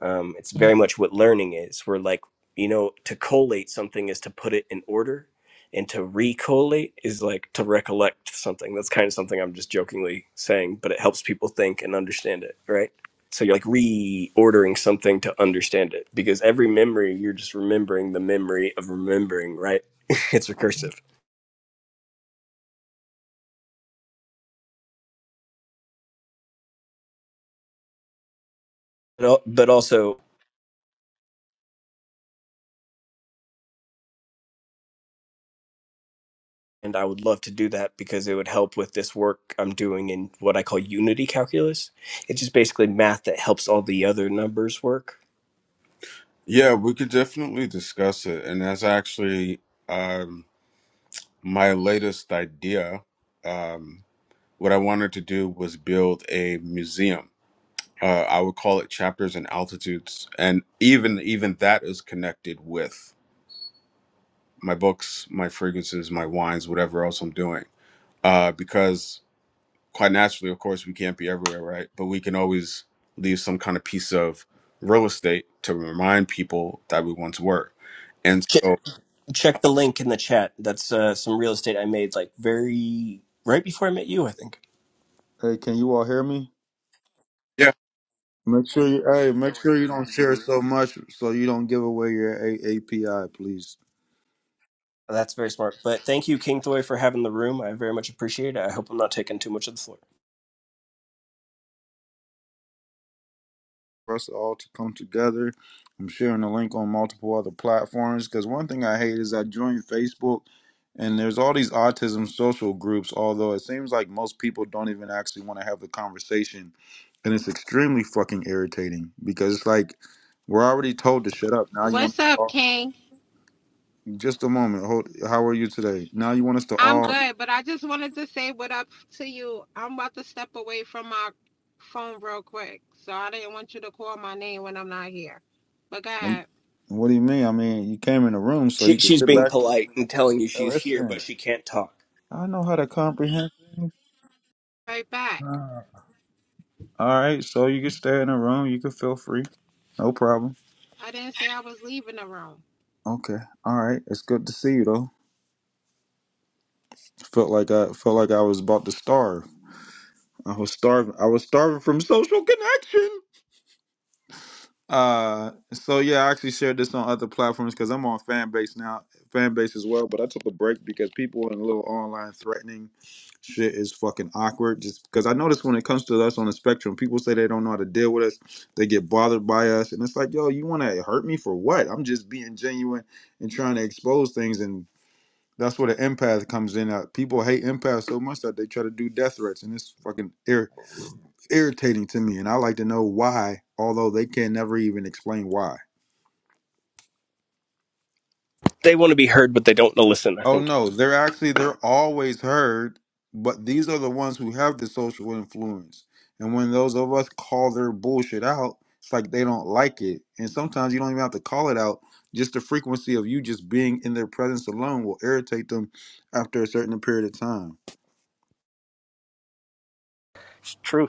Um, it's very much what learning is. We're like, you know, to collate something is to put it in order, and to recollate is like to recollect something. That's kind of something I'm just jokingly saying, but it helps people think and understand it, right? So you're like reordering something to understand it because every memory you're just remembering the memory of remembering, right? it's recursive. But al- but also and I would love to do that because it would help with this work I'm doing in what I call unity calculus. It's just basically math that helps all the other numbers work.
Yeah, we could definitely discuss it, and that's actually um, my latest idea. Um, what I wanted to do was build a museum. Uh, I would call it chapters and altitudes, and even even that is connected with my books, my fragrances, my wines, whatever else I'm doing. Uh, because quite naturally, of course, we can't be everywhere, right? But we can always leave some kind of piece of real estate to remind people that we once were. And
Check,
so,
check
uh,
the link in the chat. That's uh, some real estate I made like very right before I met you, I think.
Hey, can you all hear me?
yeah,
Make sure you add so much so you don't give away your A- API, please.
That's very smart. But thank you, King Thoy, for having the room. I very much appreciate it. I hope I'm not taking too much of the floor.
For us all to come together. I'm sharing the link on multiple other platforms because one thing I hate is I joined Facebook and there's all these autism social groups, although it seems like most people don't even actually want to have the conversation. And it's extremely fucking irritating because it's like we're already told to shut up. Now you want
What's
us to
up,
all,
King?
just a moment. Hold, how are you today? Now you want us to
I'm
all.
good, but I just wanted to say what up to you. I'm about to step away from my phone real quick, so I didn't want you to call my name when I'm not here. But go
i
ahead,
what do you mean? I mean, you came in the room so
She,
you can
she's
sit
being
back
polite and telling you
Hey,
she's here, but
Listen,
she can't talk.
I know how to comprehend things.
right back.
Uh, all right, so you can stay in the room. You can feel free. No problem.
I didn't say I was leaving the room.
Okay. All right. It's good to see you though. Felt like I felt like I was about to starve. I was starving. I was starving from social connection. Uh, so yeah, I actually shared this on other platforms because I'm on fan base now, fan base as well. But I took a break because people in a little online threatening shit is fucking awkward. Just because I notice when it comes to us on the spectrum, people say they don't know how to deal with us. They get bothered by us, and it's like, yo, you want to hurt me for what? I'm just being genuine and trying to expose things, and that's where the empath comes in. At. People hate empath so much that they try to do death threats, and it's fucking ir- irritating to me and I like to know why, although they can never even explain why.
They want to be heard, but they don't want to listen, I
Oh
think.
no, they're actually they're always heard, but these are the ones who have the social influence. And when those of us call their bullshit out, it's like they don't like it. And sometimes you don't even have to call it out. Just the frequency of you just being in their presence alone will irritate them after a certain period of time.
it's true.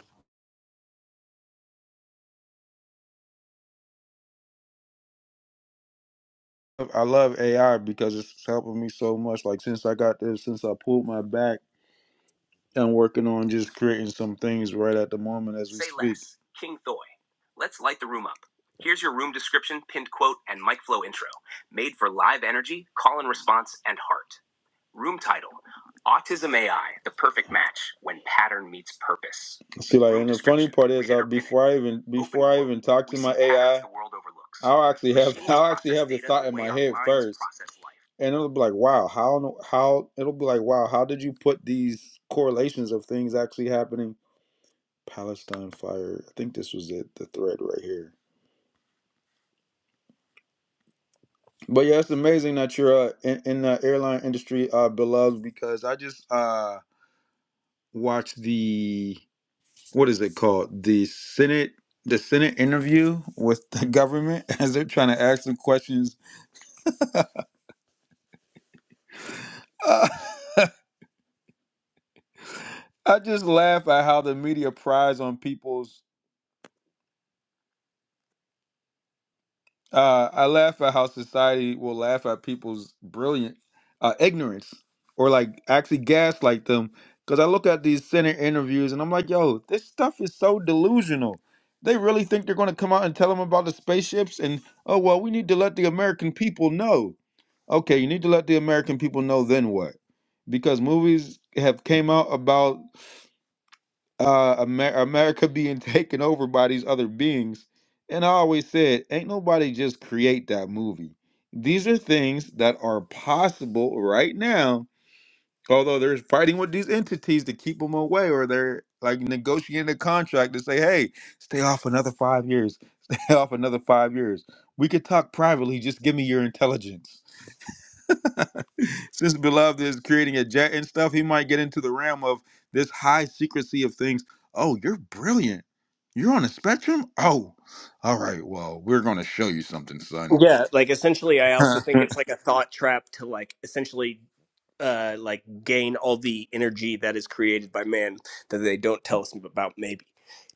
I love AI because it's helping me so much. Like since I got this, since I pulled my back I'm working on just creating some things right at the moment. As see, I even been talking, I'll actually, and it'll be like, wow, how, no- how, it'll be like, wow, how did you put these correlations of things actually happening? Palestine fire. I think this was it, the thread right here. But yeah, it's amazing that you're uh, in, in the airline industry, uh, beloved, because I just uh watched the what is it called? The Senate, the Senate interview with the government as they're trying to ask some questions. Uh, I just laugh at how the media prize on people's. Uh, I laugh at how society will laugh at people's brilliant uh, ignorance or like actually gaslight them. Because I look at these center interviews and I'm like, yo, this stuff is so delusional. They really think they're going to come out and tell them about the spaceships and, oh, well, we need to let the American people know. Okay, you need to let the American people know then what? Because movies have came out about uh, Amer- America being taken over by these other beings. And I always said, ain't nobody just create that movie. These are things that are possible right now. Although they're fighting with these entities to keep them away, or they're like negotiating a contract to say, hey, stay off another five years, stay off another five years. We could talk privately, just give me your intelligence Since beloved is creating a jet and stuff, he might get into the realm of this high secrecy of things. Oh, you're brilliant. You're on a spectrum? Oh, all right. Well, we're going to show you something, son.
Yeah, like essentially, I also think it's like a thought trap to like essentially, uh, like gain all the energy that is created by man that they don't tell us about. Maybe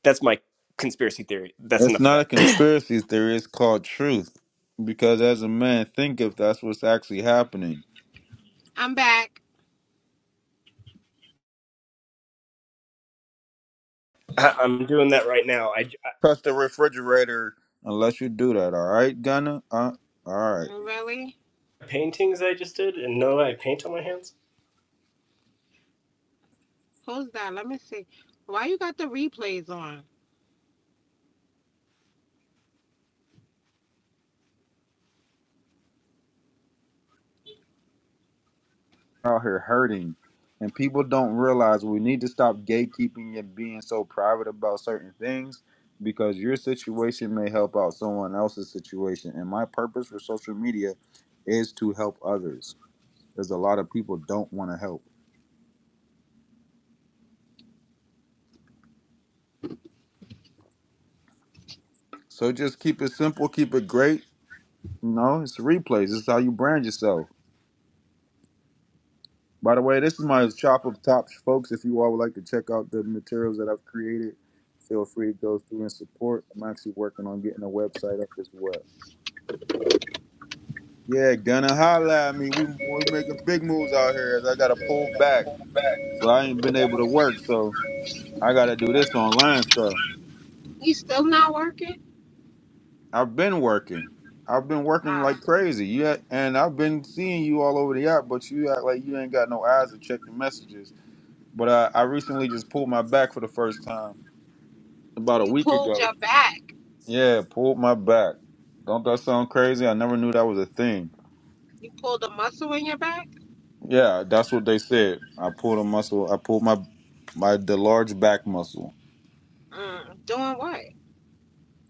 that's my conspiracy theory. That's
it's
enough of
not a
that.
conspiracy theory. It's called truth. Because as a man thinketh, that's what's actually happening.
I'm back.
I, I'm doing that right now. I,
Touch the refrigerator unless you do that. All right, Gunna? Uh, all right.
Really?
I paintings I just did, and no, I paint on my hands.
Who's that? Let me see. Why you got the replays on?
out here hurting and people don't realize we need to stop gatekeeping and being so private about certain things because your situation may help out someone else's situation and my purpose for social media is to help others because a lot of people don't want to help so just keep it simple keep it great you know it's replays this is how you brand yourself by the way this is my shop of tops folks if you all would like to check out the materials that i've created feel free to go through and support i'm actually working on getting a website up as well Yeah, gonna holla at me. We we making big moves out here. As I gotta pull back, so I ain't been able to work. So I gotta do this online stuff.
You still not working?
I've been working. I've been working
Ah,
like crazy. Yeah, and I've been seeing you all over the app, but you act like you ain't got no eyes to check your messages. But I, I recently just pulled my back for the first time about a
you
week
pulled your
ago.
back.
Yeah, pulled my back. Don't that sound crazy? I never knew that was a thing.
You pulled a muscle in your back?
Yeah, that's what they said. I pulled a muscle. I pulled my my the large back muscle.
Mm, doing what?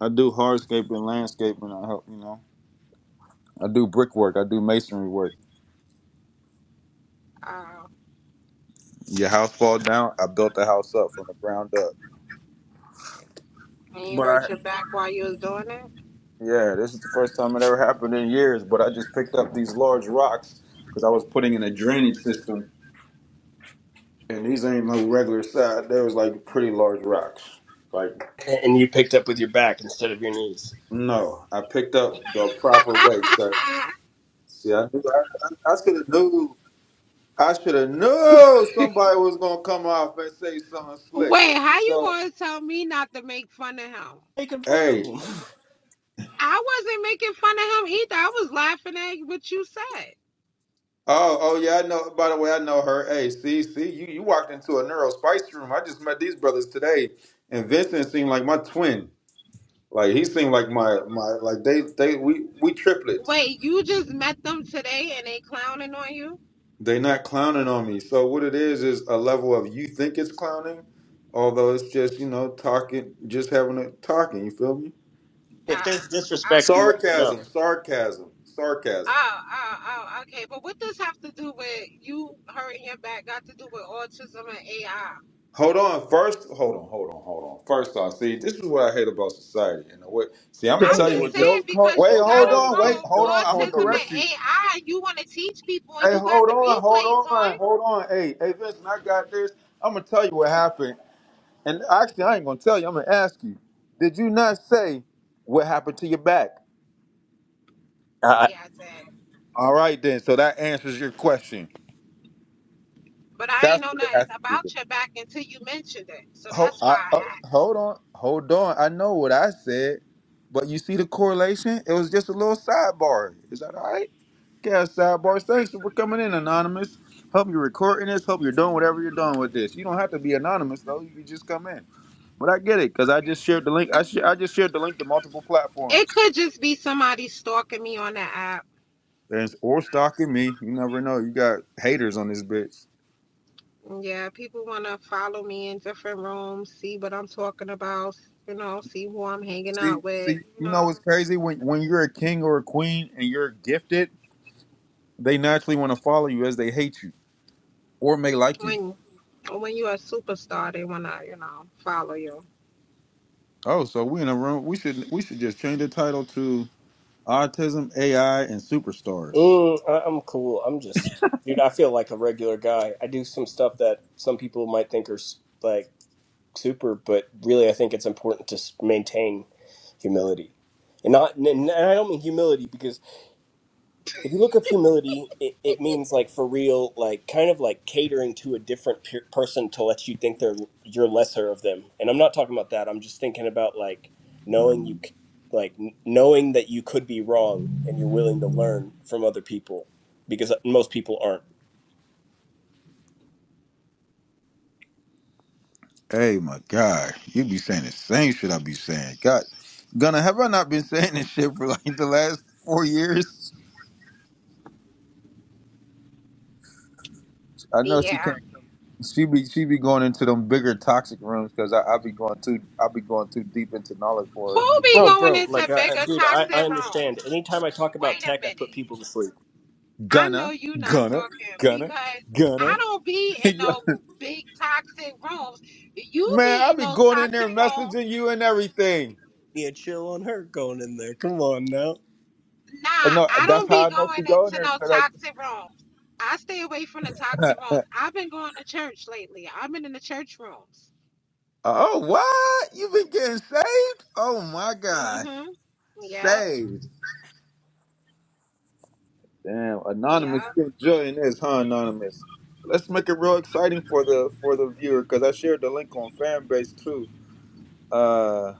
I do hardscaping, landscaping. I help you know. I do brickwork. I do masonry work.
Uh,
Your house fall down. I built the house up from the ground up.
and you
But I
hurt your back while you was doing
yeah, this is the first time it ever happened in years. But I just picked up these large rocks because I was putting in a drainage system, and these ain't no regular size. They was like pretty large rocks. Like
And you picked up with your back instead of your knees.
no, I picked up the proper weight, sir.
it?
See, I knew I, I, I should have knew. I should have knew somebody was gonna come off and say something slick.
Wait, how you
So
gonna tell me not to make fun of him?
Taking photo of
hey,
them.
I wasn't making fun of him either. I was laughing at what you said.
oh oh yeah, I know. By the way, I know her. Hey, see, see, you you walked into a neuro spice room. I just met these brothers today, and Vincent seemed like my twin. Like he seemed like my my like they they we we triplets.
Wait, you just met them today and they clowning on you?
They not clowning on me. So what it is is a level of you think it's clowning, although it's just you know talking, just having a talking. You feel me?
If
Oh,
there's disrespect, you let
okay.
me know.
Sarcasm, sarcasm, sarcasm.
Oh, oh, oh, okay. But what does have to do with you hurting your back got to do with autism and AI?
Hold on. First, hold on, hold on, hold on. First off, see, this is what I hate about society. You know what? See, I'm gonna
I'm
Hey,
tell you
just
hey,
what this.
saying
don't call,
because you
Wait,
don't
got
hold
a
call,
on,
don't
wait,
role,
hold
don't
on. I'm
call
gonna
the.
autism
lo-
correct
and
you.
AI, you want to teach people and
Hey,
you got
hold
the
on, hold
replays
on,
on.
hold on. Hey, hey, Vincent, I got this. I'm gonna tell you what happened. And actually, I ain't gonna tell you. I'm gonna ask you. Did you not say what happened to your back?
I
Yeah, I did.
All right, then. So that answers your question.
But I ain't
That's
know
what it
nothing
has to do.
about your back until you mentioned it. So
Hold,
that's why
I, uh,
I asked.
hold on, hold on. I know what I said, but you see the correlation? It was just a little sidebar. Is that all right? Yeah, sidebar. Thanks for coming in, anonymous. Hope you're recording this. Hope you're doing whatever you're doing with this. You don't have to be anonymous though. You can just come in. But I get it because I just shared the link. I sh- I just shared the link to multiple
It
platforms.
could just be somebody stalking me on the app.
There's or stalking me. You never know. You got haters on this bitch.
Yeah, people want to follow me in different rooms, see what I'm talking about, you know, see who I'm hanging
See,
out with,
see,
you
you know
know.
what's crazy when when you're a king or a queen and you're gifted They naturally want to follow you as they hate you or may like you.
When when you're a superstar, they want to, you know, follow you.
Oh, so we in a room. We should we should just change the title to Autism, AI, and Superstars.
Mm, I, I'm cool. I'm just, dude, I feel like a regular guy. I do some stuff that some people might think are s- like super, but really I think it's important to s- maintain humility. And not and, and I don't mean humility because if you look up humility, it, it means like for real, like kind of like catering to a different pe- person to let you think they're you're lesser of them. And I'm not talking about that. I'm just thinking about like knowing you, c- like n- knowing that you could be wrong and you're willing to learn from other people because uh, most people aren't.
Hey, my God, you be saying the same shit I be saying. God, Gunna, have I not been saying this shit for like the last four years? I know she
Yeah.
can't come. She be she be going into them bigger toxic rooms because I, I be going too I be going too deep into knowledge for her.
Who be
Oh,
going
bro, like,
into
I, I-
bigger
dude, I, I
toxic
understand.
rooms?
Anytime I talk about
Wait a
tech, I
minute.
put people to sleep.
I know
Gunna,
you not
Gunna,
talking
Gunna,
because I
Gunna.
don't be in no big toxic rooms. You
Man,
be
I
in
be
those
going in
toxic
there messaging
rooms.
you and everything.
Yeah, chill on her going in there. Come on now.
Nah,
And no,
I
that's
don't be
how I know
going
she going
into
there.
no
'cause
toxic rooms. I stay away from the
I,
toxic rooms. I've been going to church lately. I've been in the church rooms.
oh, what? You been getting saved? Oh my God,
Mm-hmm. Yep.
saved! Damn, anonymous,
Yep.
you enjoying this, huh? Anonymous. Let's make it real exciting for the for the viewer because I shared the link on fan base too. Uh,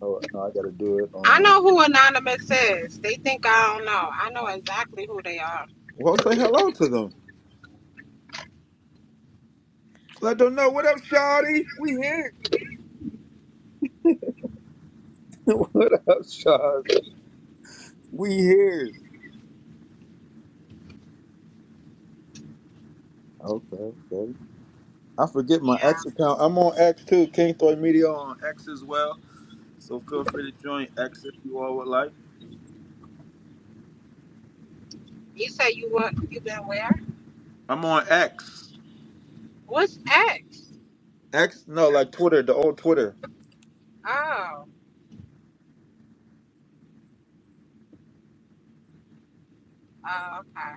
oh no, I got to do it
I
on.
know who Anonymous is. They think I don't know. I know exactly who they are.
Well, say hello to them. Let them know what up, Shawty. We here. what up, Shawty? We here. Okay, okay. I forget my
Yeah.
X account. I'm on X too, King Thor Media on X as well. So feel free to join X if you all would like.
You say you what you been where?
I'm on X.
What's X?
X, no, like Twitter, the old Twitter.
Oh. Oh, okay.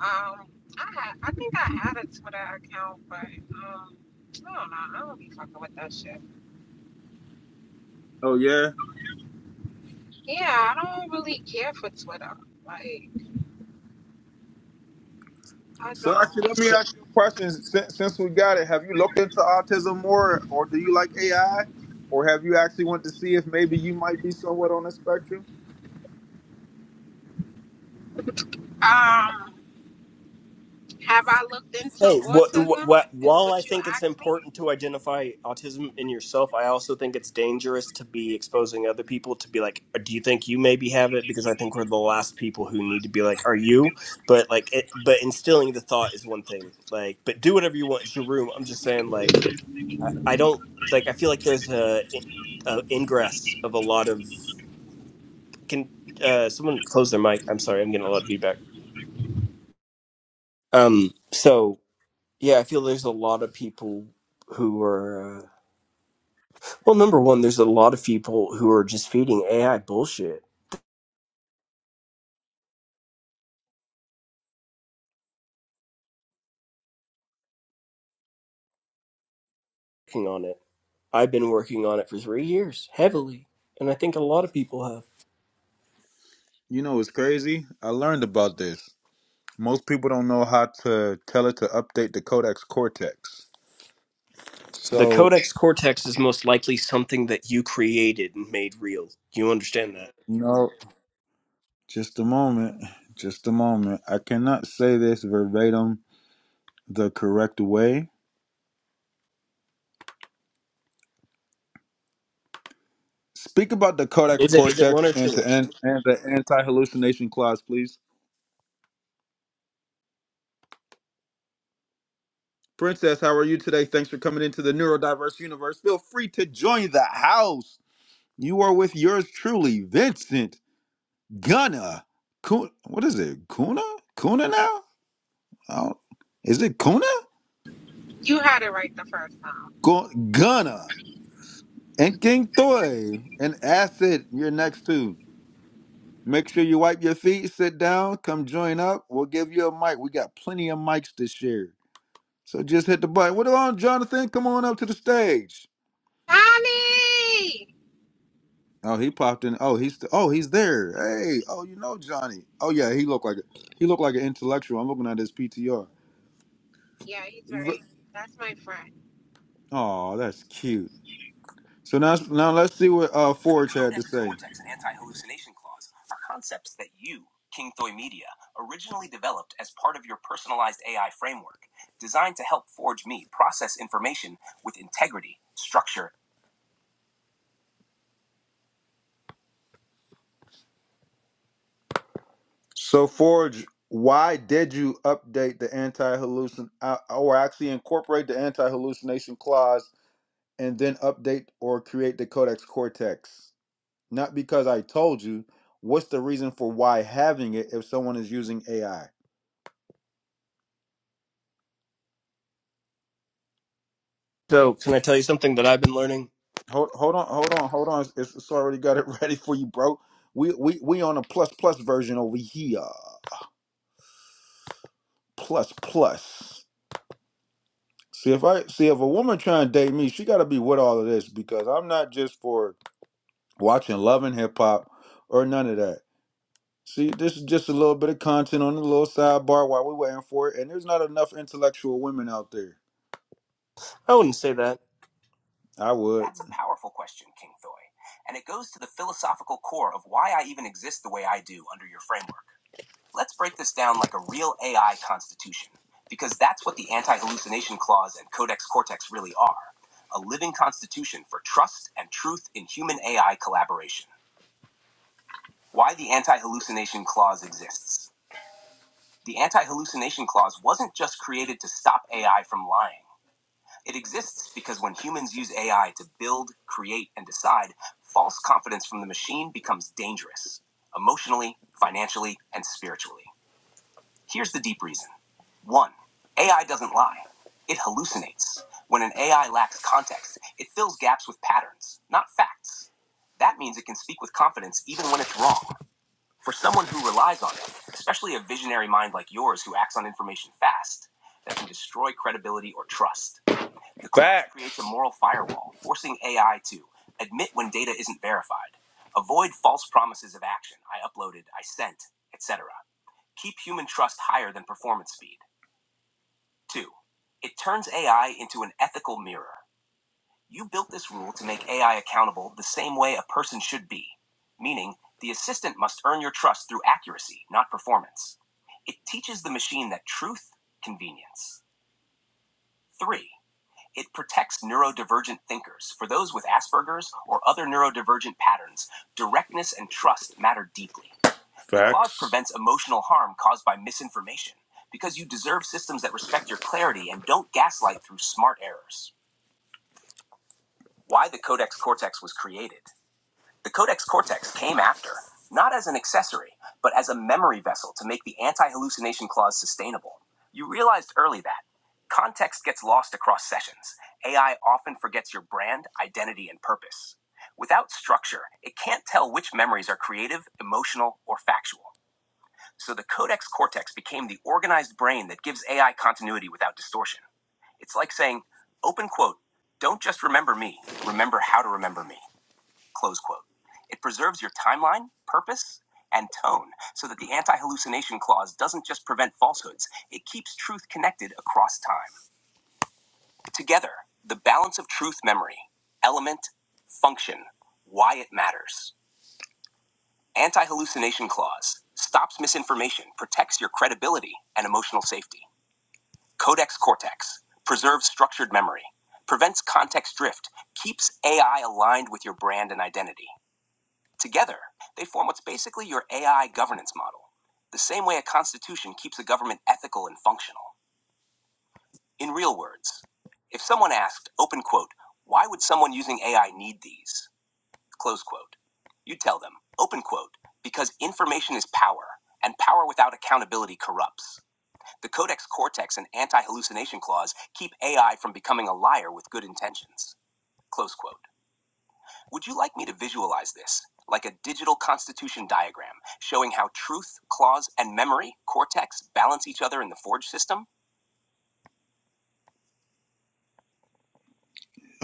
Um, I had, I think I had a Twitter account, but um, I don't know. I don't be fucking with that shit.
Oh yeah.
Yeah, I don't really care for Twitter. Like, I
So actually, let
don't.
me ask you a question. Since, since we got it, have you looked into autism more, or do you like AI, or have you actually went to see if maybe you might be somewhat on the spectrum?
Um, have I looked into
Hey, what,
autism?
what,
Is
while I
what you
think it's
asked me?
important to identify autism in yourself, I also think it's dangerous to be exposing other people to be like, "Do you think you maybe have it?" Because I think we're the last people who need to be like, "Are you?" But like, it, but instilling the thought is one thing. Like, but do whatever you want. It's your room. I'm just saying, like, I, I don't like. I feel like there's a, a ingress of a lot of. Can uh, someone close their mic? I'm sorry. I'm getting a lot of feedback. Um. So Yeah, I feel there's a lot of people who are. Uh, well, number one, there's a lot of people who are just feeding AI bullshit. Working on it, I've been working on it for three years, heavily, and I think a lot of people have.
You know, it's crazy. I learned about this. Most people don't know how to tell it to update the Codex Cortex.
The
So
Codex Cortex is most likely something that you created and made real. You understand that?
you know. Just a moment. Just a moment. I cannot say this verbatim the correct way. Speak about the Codex
Is it? Is it one
Cortex
or
and
two?
to end and the anti hallucination clause, please. Princess, how are you today? Thanks for coming into the neurodiverse universe. Feel free to join the house. You are with yours truly, Vincent Gunna. Kun- what is it? Kuna? Kuna now? I don't- Is it Kuna?
You had it right the first time.
Gu- Gunna. And King Toy. And Acid, you're next too. Make sure you wipe your feet, sit down, come join up. We'll give you a mic. We got plenty of mics this year. So just hit the button. What on, Jonathan? Come on up to the stage.
Tommy!
Oh, he popped in. Oh, he's oh, he's there. Hey, oh, you know Johnny. Oh yeah, he looked like a, he looked like an intellectual. I'm looking at his PTR.
Yeah, he's very. That's my friend.
Oh, that's cute. So now now let's see what uh Forge had. So Forge, why did you update the anti hallucin uh, or actually incorporate the anti hallucination clause and then update or create the Codex Cortex. Not because I told you. What's the reason for why having it if someone is using AI?
So, can I tell you something that I've been learning?
Hold, hold on, hold on, hold on. It's, it's already got it ready for you, bro. We, we we on a plus plus version over here. Plus plus. See if I see if a woman trying to date me, she got to be with all of this because I'm not just for watching Love and Hip Hop or none of that. See, this is just a little bit of content on the little sidebar while we're waiting for it. And there's not enough intellectual women out there.
I wouldn't say that.
I would.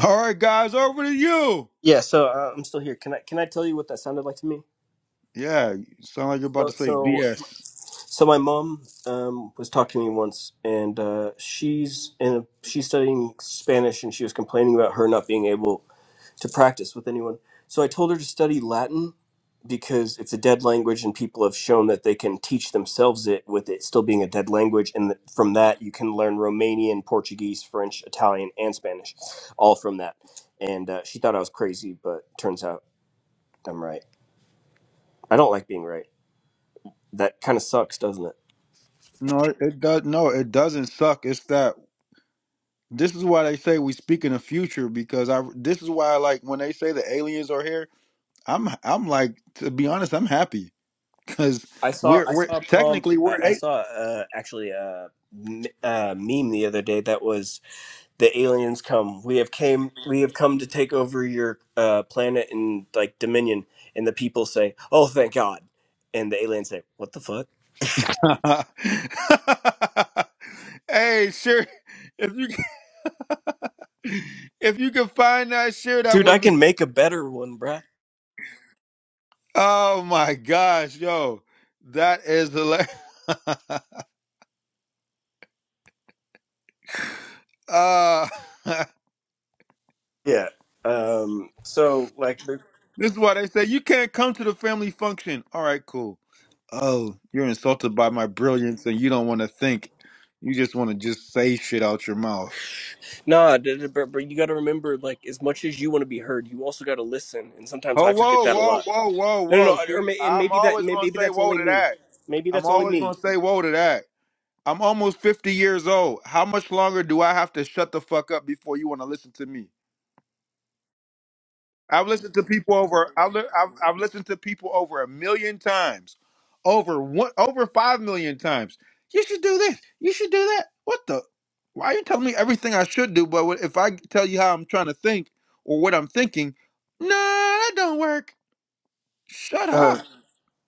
All right, guys, over to you.
Yeah, so uh, I'm still here. Can I? Can I tell you what that sounded like to me?
Yeah, you sound like you're about
So,
to say
so
BS.
So my mom um, was talking to me once, and uh, she's in a, she's studying Spanish, and she was complaining about her not being able to practice with anyone. So I told her to study Latin because it's a dead language, and people have shown that they can teach themselves it with it still being a dead language, and that from that you can learn Romanian, Portuguese, French, Italian, and Spanish, all from that. And uh, she thought I was crazy, but turns out I'm right. I don't like being right. That kind of sucks, doesn't it?
No, it it does. No, it doesn't suck. It's that this is why they say we speak in the future because I. This is why, like, when they say the aliens are here, I'm I'm like, to be honest, I'm happy because
I saw
we're
I
we're
saw a prompt.
technically
I
we're
I
a-
saw uh, actually a, m- a meme the other day that was the aliens come. We have came. We have come to take over your uh, planet and like dominion. And the people say, "Oh, thank God!" And the aliens say, "What the fuck,
hey, sure. If you if you can find that, share that
dude? I
with me.
can make a better one, bruh."
Oh my gosh, yo, that is hilarious. uh,
Yeah. Um. So like, the-
this is why they say you can't come to the family function. All right, cool. Oh, you're insulted by my brilliance, and you don't want to think. You just want to just say shit out your mouth.
nah. d- d- But but you got to remember, like, as much as you want to be heard, you also got to listen. And sometimes
Oh,
I forget
whoa,
that a
whoa,
lot.
whoa, whoa,
No, no,
whoa.
no. Or
See,
may, and
I'm
maybe that
always
may-
going to
maybe
say
that's
whoa
only
to
me.
that.
Maybe
I'm
that's only
always
me.
going to say whoa to that. I'm almost 50 years old. How much longer do I have to shut the fuck up before you want to listen to me? I've listened to people over I've, li- I've I've listened to people over a million times. Over one over 5 million times. You should do this. You should do that. What the Why are you telling me everything I should do but what- if I tell you how I'm trying to think or what I'm thinking, no, that don't work. Shut
Uh,
up.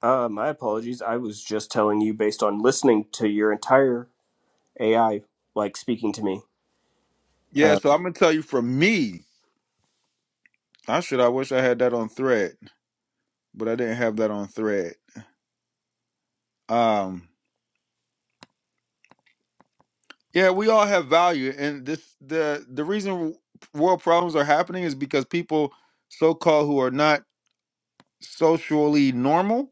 uh, my apologies. I was just telling you based on listening to your entire AI, like speaking to me.
Yeah,
Uh,
so I'm gonna tell you from me. I should. I wish I had that on Thread, but I didn't have that on Thread. Um, yeah, we all have value, and this the the reason world problems are happening is because people so called who are not socially normal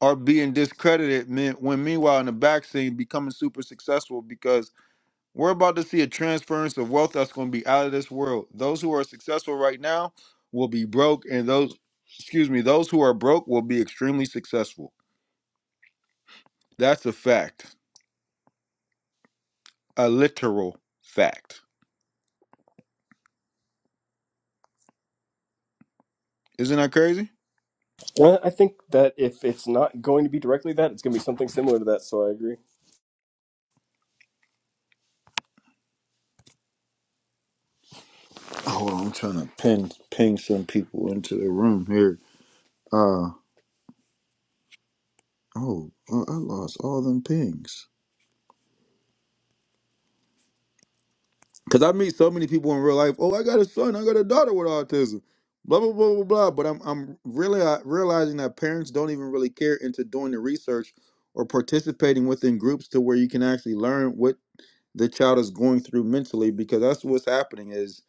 are being discredited. me- When meanwhile in the back scene becoming super successful because We're about to see a transference of wealth that's going to be out of this world. Those who are successful right now will be broke, and those, excuse me, those who are broke will be extremely successful. That's a fact, a literal fact. Isn't that crazy?
well, I think that if it's not going to be directly that, it's going to be something similar to that. So I agree.
Hold on, I'm trying to pin ping some people into the room here. Uh oh, I I lost all them pings. Cause I meet so many people in real life. Oh, I got a son. I got a daughter with autism. Blah blah blah blah blah. But I'm I'm really uh, realizing that parents don't even really care into doing the research or participating within groups to where you can actually learn what the child is going through mentally. Because that's what's happening is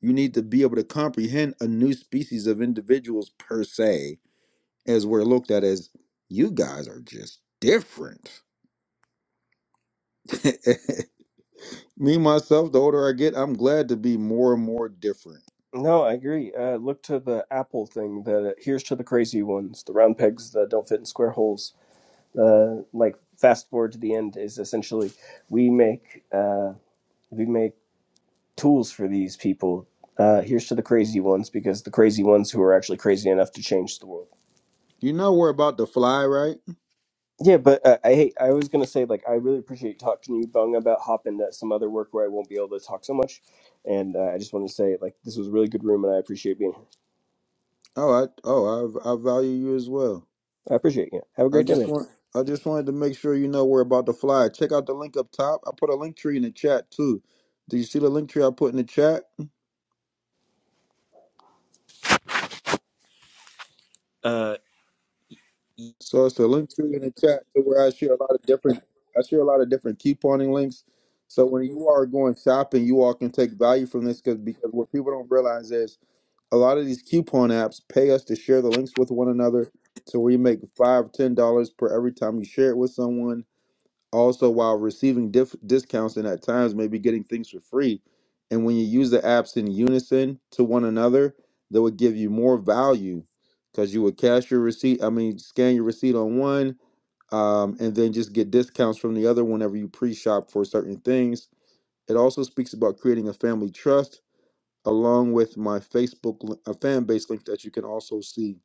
you need to be able to comprehend a new species of individuals per se, as we're looked at as you guys are just different. Me myself, the older I get, I'm glad to be more and more different
No, I agree. Uh, look to the Apple thing. That uh, here's to the crazy ones, the round pegs that don't fit in square holes. Uh, like fast forward to the end is essentially we make uh, we make tools for these people. Uh, here's to the crazy ones because the crazy ones who are actually crazy enough to change the world.
You know we're about to fly, right?
Yeah, but uh, I hey, I was gonna say like I really appreciate talking to you, Bung, about hopping to some other work where I won't be able to talk so much, and uh, I just wanted to say like this was a really good room, and I appreciate being here.
Oh, I oh I I value you as well.
I appreciate you. Have a
I
great day,
just
man.
want I just wanted to make sure you know we're about to fly. Check out the link up top. I put a link tree in the chat too. Do you see the link tree I put in the chat?
Uh,
So it's a link tree in the chat to where I share a lot of different I share a lot of different couponing links. So when you are going shopping, you all can take value from this because because what people don't realize is a lot of these coupon apps pay us to share the links with one another. So we make five, ten dollars per every time you share it with someone also while receiving diff- discounts and at times maybe getting things for free. And when you use the apps in unison to one another, they would give you more value because you would cash your receipt. I mean, scan your receipt on one, um, and then just get discounts from the other whenever you pre-shop for certain things. It also speaks about creating a family trust, along with my Facebook li- a fan base link that you can also see.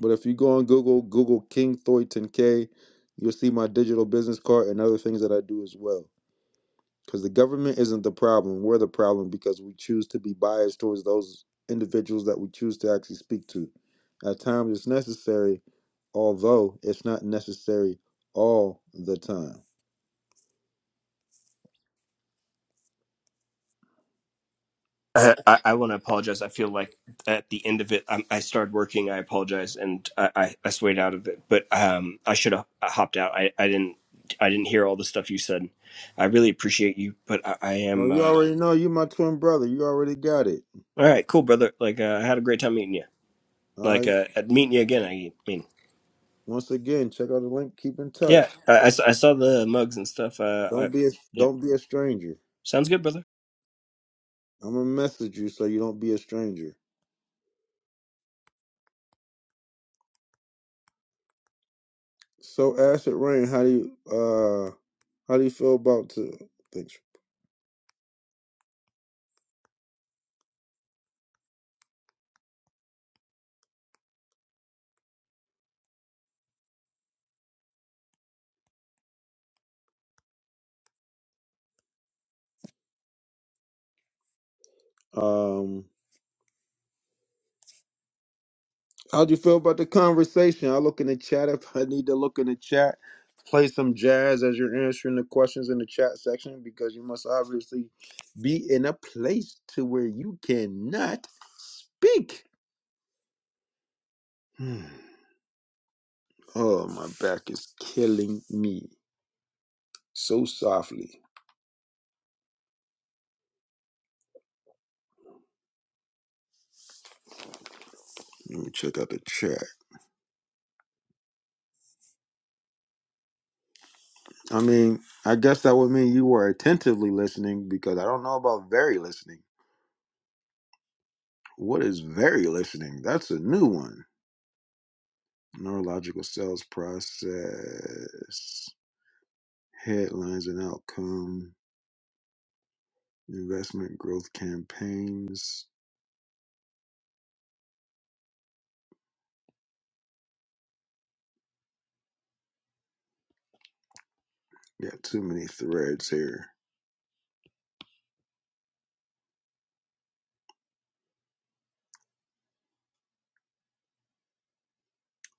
But if you go on Google, Google King Thornton K, you'll see my digital business card and other things that I do as well because the government isn't the problem. We're the problem because we choose to be biased towards those individuals that we choose to actually speak to. At times, it's necessary, although it's not necessary all the time.
I, I, want to apologize. I feel like at the end of it, i I started working. I apologize, and I, I, I swayed out of it. But um, I should have hopped out. I, I didn't I didn't hear all the stuff you said. I really appreciate you, but I, I am
Oh, you
uh,
already know you my twin brother. You already got it.
all right. Cool, brother. Like uh, I had a great time meeting you.
All
Like
right.
uh, at meeting you again. I mean.
Once again, check out the link. Keep in
Yeah,
touch.
I, I s- I saw the mugs and stuff. Uh, I,
Don't be a
yeah,
don't be a stranger.
sounds good, brother.
I'm gonna message you so you don't be a stranger. So, Acid Rain, how do you uh how do you feel about to thanks um How'd you feel about the conversation? I'll look in the chat if I need to look in the chat. Play some jazz as you're answering the questions in the chat section because you must obviously be in a place to where you cannot speak. Hmm. Oh, my back is killing me so softly. Let me check out the chat. I mean, I guess that would mean you were attentively listening because I don't know about very listening. What is very listening? That's a new one. neurological cells process, headlines and outcome, investment growth campaigns. Got too many threads here.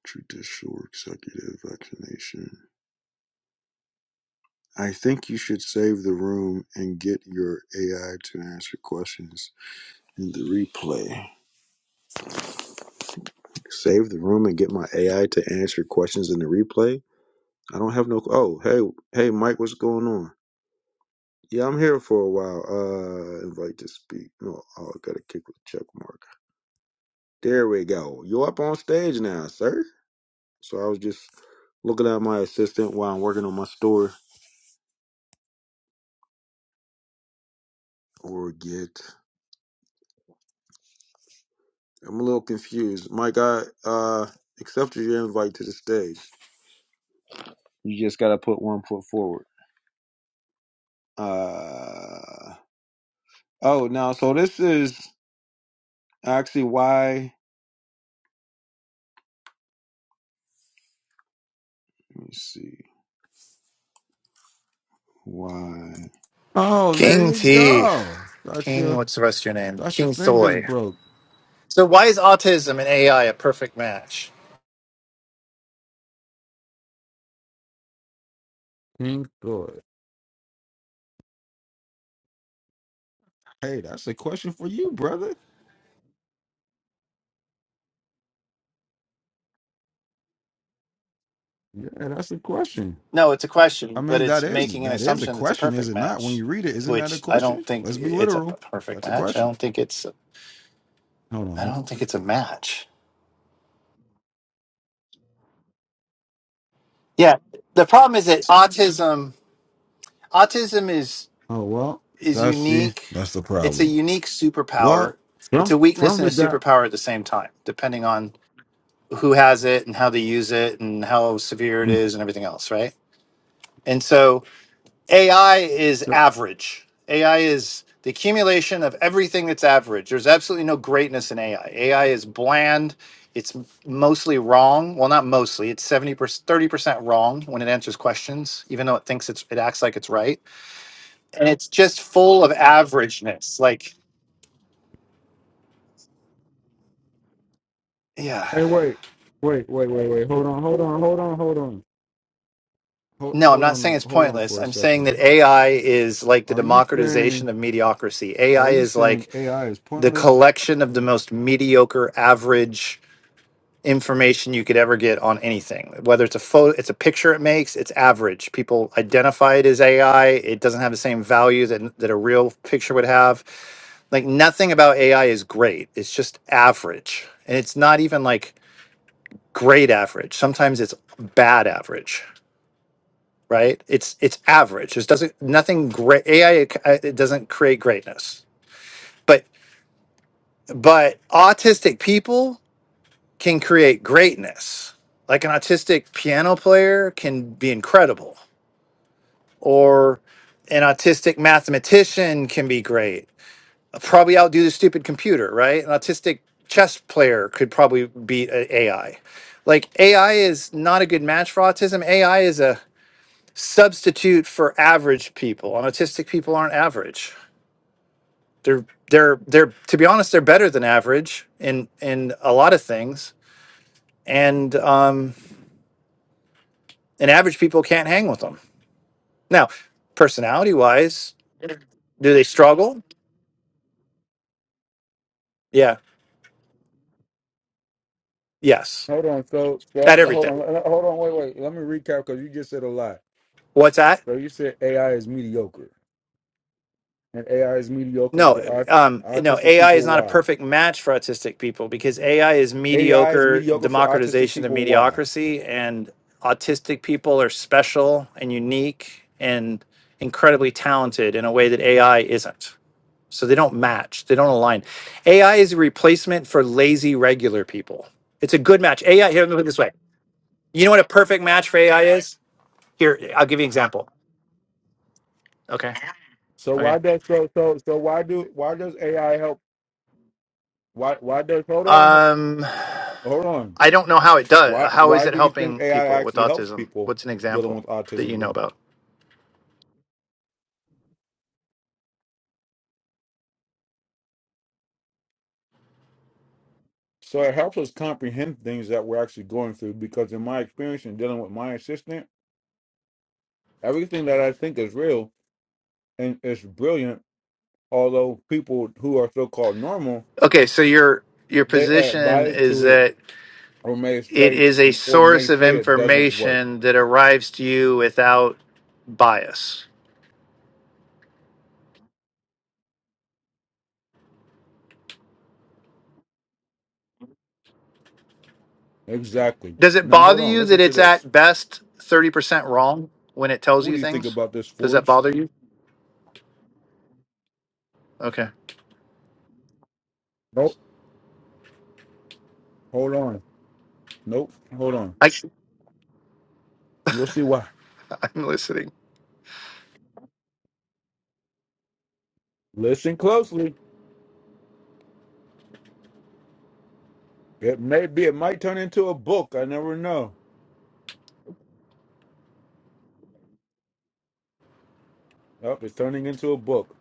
Judicial executive vaccination. I think you should save the room and get your AI to answer questions in the replay. Save the room and get my AI to answer questions in the replay? I don't have no. Oh, hey, hey, Mike, what's going on? Yeah, I'm here for a while. Uh, invite to speak. No, oh, I gotta kick with check mark. There we go. You up on stage now, sir? So I was just looking at my assistant while I'm working on my store or get. I'm a little confused. Mike, I uh accepted your invite to the stage. You just gotta put one foot forward. Uh oh, now so this is actually why. Let me see why. Oh, there
King
you
T.
go. Thought you.
King, what's the rest of your name?
Thought your
King
fingers
Soy.
broke.
So, why is autism and AI a perfect match?
King Thor. Hey, that's a question for you, brother. Yeah, that's a question.
No, it's a
I
question, but
mean, that
it's
is
making an
that is a
assumption it's a
question, is
perfect
it not? When
match,
you read it, isn't that a
which I don't
question?
think
Let's be
it's a
literal.
perfect
That's a
match. I
question.
don't think it's.
Hold
I
on.
don't think it's a match. Yeah, the problem is that autism. Autism is
Oh well,
is
that's see,
unique.
that's the
It's a
problem.
unique superpower.
Well,
It's a
from
weakness
from
and a
the guy.
superpower at the same time, depending on who has it and how they use it and how severe it
Mm.
is and everything else, right? And so AI is
So,
average. AI is the accumulation of everything that's average. There's absolutely no greatness in AI. AI is bland. It's mostly wrong. Well, not mostly. It's 70%, 30% wrong when it answers questions, even though it thinks it's, it acts like it's right. And it's just full of averageness. Like, yeah.
hey, wait, wait, wait, wait, wait. Hold on, hold on, hold on, hold on, hold
No, I'm
hold
not saying
on,
it's
hold on
pointless.
for a
I'm saying
second.
that AI is like the
Are you
democratization
saying
of mediocrity.
are
AI
you
is
saying
like
AI is
the
pointless?
collection of the most mediocre, average information you could ever get on anything whether it's a photo it's a picture it makes it's average people identify it as ai it doesn't have the same value that, that a real picture would have like nothing about ai is great it's just average and it's not even like great average sometimes it's bad average right it's it's average there's doesn't nothing great ai it, doesn't create greatness but but autistic people can create greatness. Like an autistic piano player can be incredible, or an autistic mathematician can be great. Probably outdo the stupid computer, right? An autistic chess player could probably beat a- AI. Like AI is not a good match for autism. AI is a substitute for average people. And autistic people aren't average. They're they're they're to be honest, they're better than average in in a lot of things. And um and average people can't hang with them. Now, personality wise, do they struggle? Yeah, yes,
Hold on. So, so
at
I'm- hold
everything.
on. uh, Hold on. Wait, wait. Let me recap because you just said a lot.
What's that?
So you said AI is mediocre, and AI is mediocre
No,
for aut-
um, no.
autistic
AI is
people.
not a
Why?
perfect match for autistic people because AI is
AI is
mediocre
mediocre for autistic
democratization of
people. Why?
mediocrity, and autistic people are special and unique and incredibly talented in a way that AI isn't. So they don't match. They don't align. AI is a replacement for lazy regular people. It's a good match. AI here. Let me put it this way. You know what a perfect match for AI is? Here, I'll give you an example. Okay.
So
Okay.
why does so so so why do why does AI help? Why why does hold on ho-
Um,
hold on?
I don't know how it
Why
does. How is
why
it
do you think
helping
AI
people with
actually helps
autism?
people
What's an
dealing
example
with
that you
autism
know
then?
about?
So it helps us comprehend things that we're actually going through because in my experience in dealing with my assistant, everything that I think is real and it's brilliant. Although people who are so-called normal,
Okay, so your your
they add
position
bias
is
to it,
that
or may
it
say,
is a
or may
source of
say it doesn't work.
information that arrives to you without bias.
Exactly.
Does it
Now
bother
hold on.
you that
Listen to
it's
this.
at best 30% wrong when it tells
What
you
do you think
things?
about this,
Does that
Forge?
bother you? Okay.
Nope. Hold on. Nope. Hold on.
I,
You'll see why.
I'm listening.
Listen closely. It may be. It might turn into a book. I never know. Oh, it's turning into a book.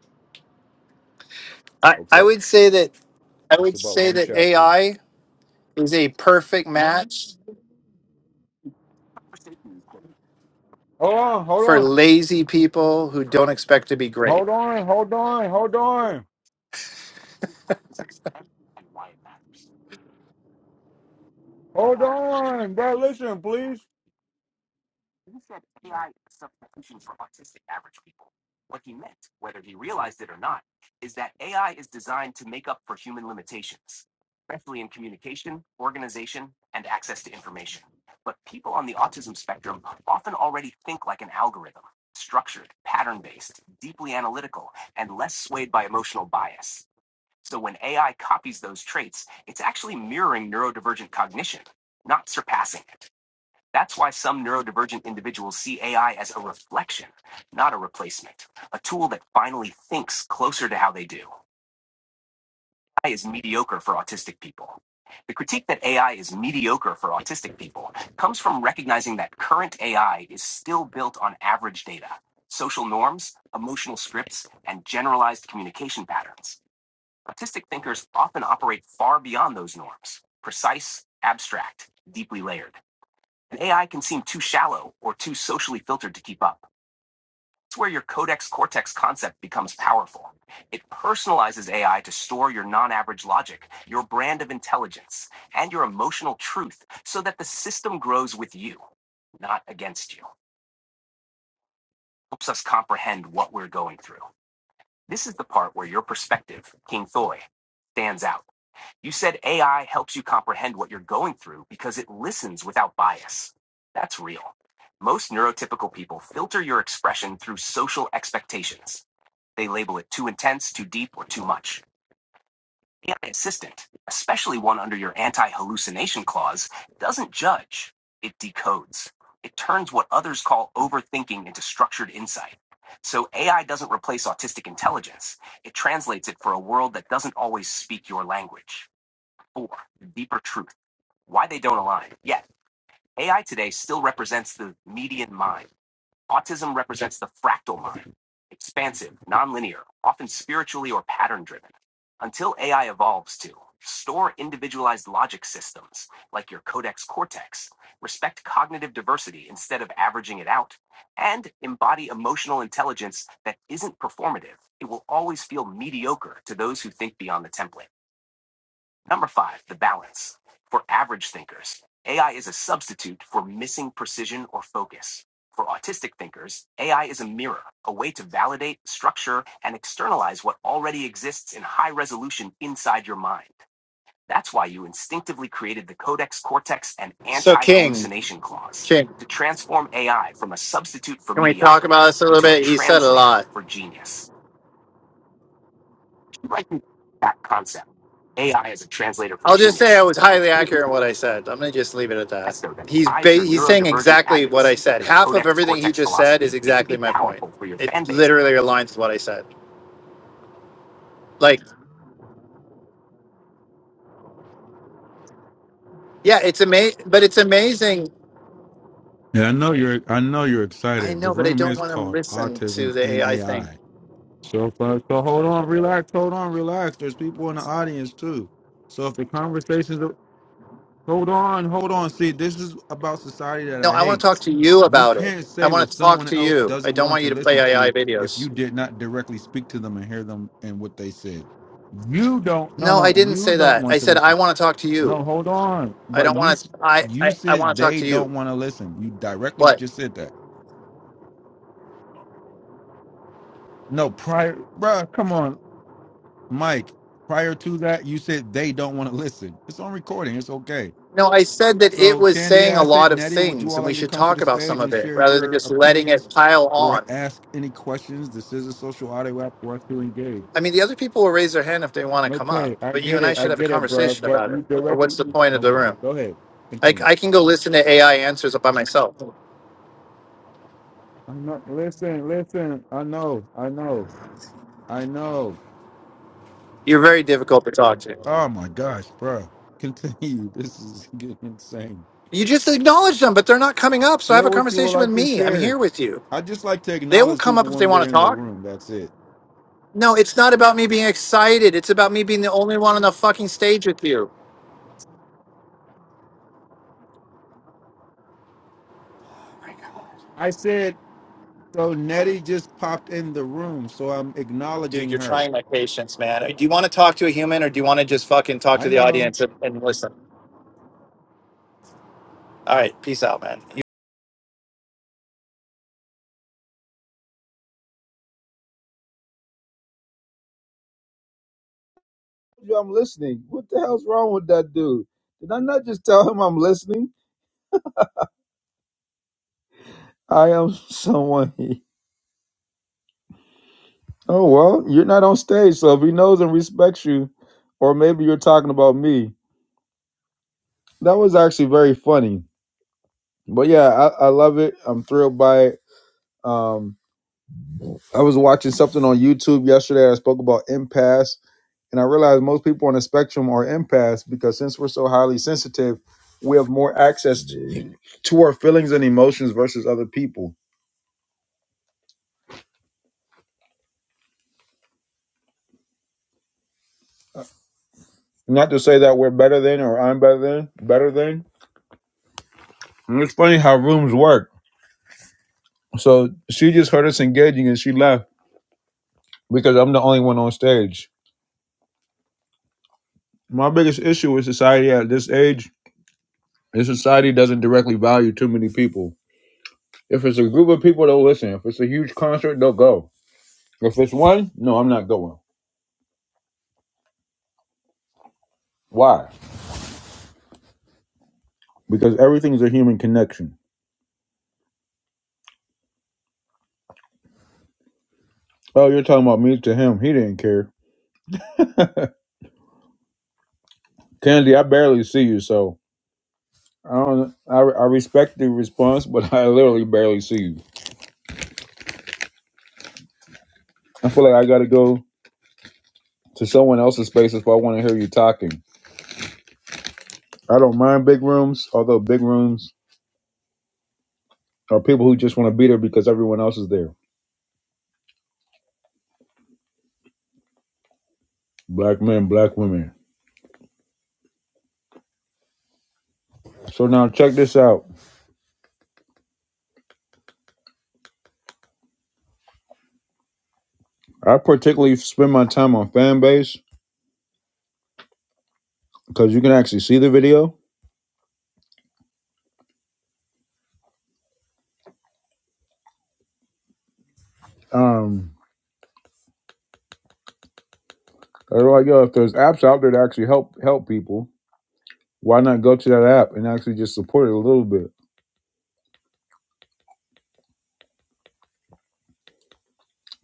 I, I
Okay.
would say that I
It's
would
about
say
one
that
chapter.
AI is a perfect match
Hold on. Hold
for
on.
lazy people who don't expect to be great.
Hold on, hold on, hold on, hold Fine, bro, listen, please.
So King, King, can we talk about this a little bit? He said a lot. I'll just say I was highly accurate in what I said. I'm gonna just leave it at that. He's ba- he's saying exactly what I said. Half of everything he just said is exactly my point. It literally aligns with what I said. Like, yeah, it's amazing, but it's amazing.
Yeah, I know you're. I know you're
I
excited. The
know, but I
room
don't
is
want to
called
listen to
Autism
the
and
AI thing.
AI. So, so, uh, so hold on, relax, hold on, relax. There's people in the audience too. So, if the conversations, are, hold on, hold on. See, this is about society that
No,
I
I want
hate.
to talk to you
You
about it.
can't
I
say
want
what
to talk
someone
to
else
you. I
doesn't
don't
want
want
to
you to play
listen
AI
to if you
videos.
did not directly speak to them and hear them and what they said. You don't. No,
No, I
no,
didn't
you
say
don't
that. I
want to
said I
listen.
want to talk to you.
No, hold on.
I
But
don't
you
want
s-
to. I
you
I, I
said
want to talk
they
to you.
don't want to listen. You directly
What?
just said that. No, prior, bruh, come on, Mike. Prior to that, you said they don't want to listen. It's on recording. It's okay.
No, I said that it
So,
was
Candy
saying a
Acid,
lot of
Nettie, would you
things,
all
and we
like to
should
come to
talk
the
about
stage
some of
and
it
share
rather than
your
just letting it
opinions
pile
or
on.
ask any questions? This is a social audio app for us to engage.
I mean, the other people will raise their hand if they want to come up,
Okay, I
but you
get
and I
it. I
should have a
get it, bruh.
conversation
But
about
you
it. Or
directly.
what's the point of the
Okay,
room?
go ahead.
I,
Continue.
I can go listen to AI answers by myself.
I know. Listen, listen. I know. I know. I know.
You're very difficult to talk to.
Oh my gosh, bro. Continue. This is getting insane.
You just acknowledge them, but they're not coming up. So have
Share
a
what you would
conversation with
like to
me. I'm
share.
here with you.
I just like to
They will
acknowledge
come up
people
if they
when
want
they're
to
in the
talk.
room. That's it.
No, it's not about me being excited. It's about me being the only one on the fucking stage with you. Oh My God,
I said, so Nettie just popped in the room, so I'm
Dude,
acknowledging
you're
her.
trying my patience, man. Do you want to talk to a human or do you want to just fucking talk to
I
the
know.
audience and, and listen? All right, peace out, man.
Dude, did I just leave? I am someone. Oh well, you're not on stage, so if he knows and respects you, or maybe you're talking about me. That was actually very funny. But yeah, I, I love it. I'm thrilled by it. Um, I was watching something on YouTube yesterday. I spoke about impasse, and I realized most people on the spectrum are impasse because since we're so highly sensitive, we have more access to, to our feelings and emotions versus other people. Not to say that we're better than or I'm better than, better than. And it's funny how rooms work. So she just heard us engaging and she left because I'm the only one on stage. My biggest issue with society at this age is society doesn't directly value too many people. If it's a group of people, they'll listen. If it's a huge concert, they'll go If it's one, no, I'm not going. Why? Because everything's a human connection. Oh, you're talking about me to him. He didn't care. Kennedy, I barely see you, so I don't. I, I respect the response, but I literally barely see you. I feel like I got to go to someone else's space if I want to hear you talking. I don't mind big rooms, although big rooms are people who just want to be there because everyone else is there. Black men, black women. So now check this out. I particularly spend my time on fan base because you can actually see the video. Um, They're like, yo, if there's apps out there to actually help help people, why not go to that app and actually just support it a little bit?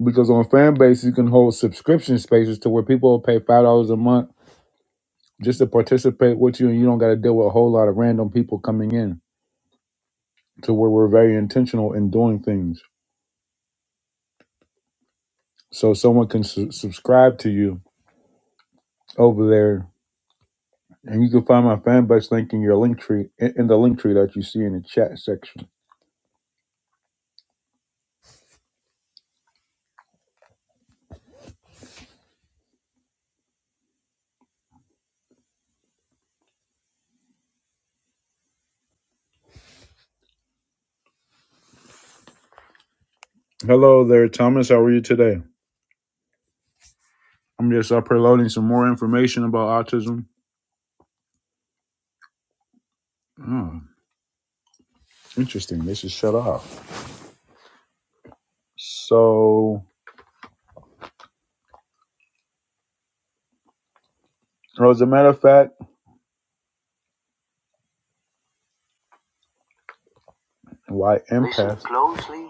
Because on fan base, you can hold subscription spaces to where people will pay five dollars a month just to participate with you, and you don't got to deal with a whole lot of random people coming in. To where we're very intentional in doing things, so someone can su- subscribe to you over there, and you can find my fan base link in your link tree in in the link tree that you see in the chat section. Hello there, Thomas. How are you today? I'm just up here some more information about autism. Oh, interesting. This is shut off. So, well, as a matter of fact, why empath? Closely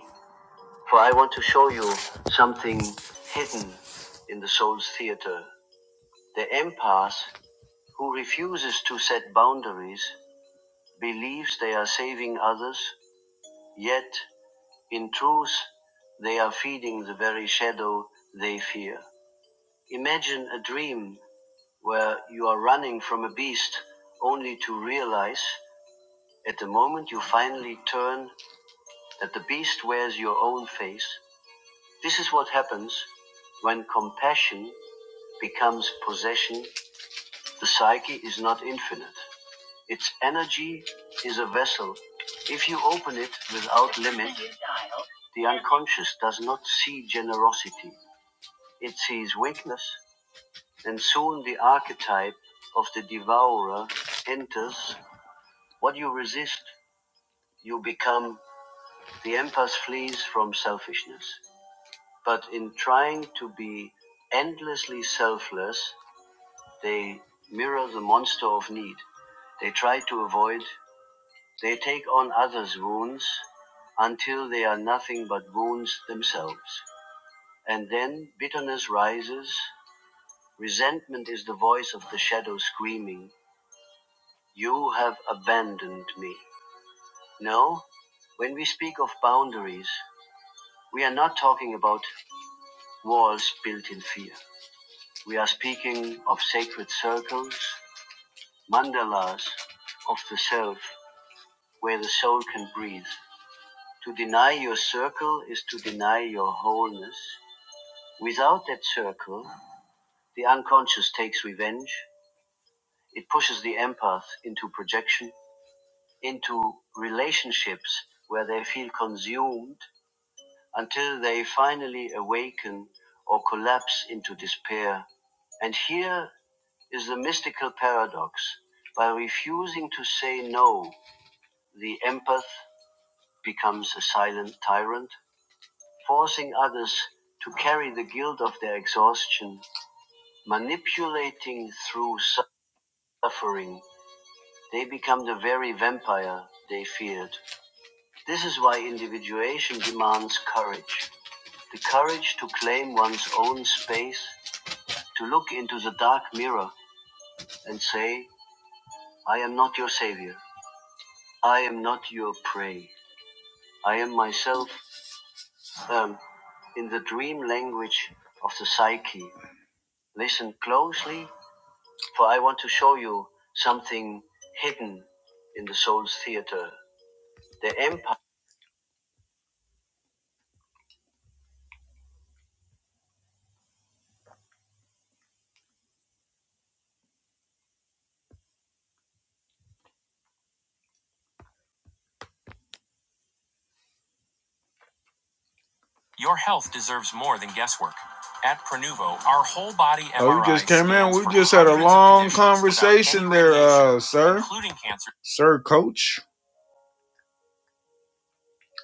at Prenuvo, our whole body. M R I. Oh, you just came in. We just had a long conversation there, uh, sir. Including cancer. Sir, coach.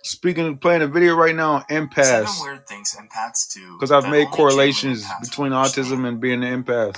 Speaking of playing a video right now on empaths. Seven weird things empaths do. Because I've made correlations between autism and being an empath.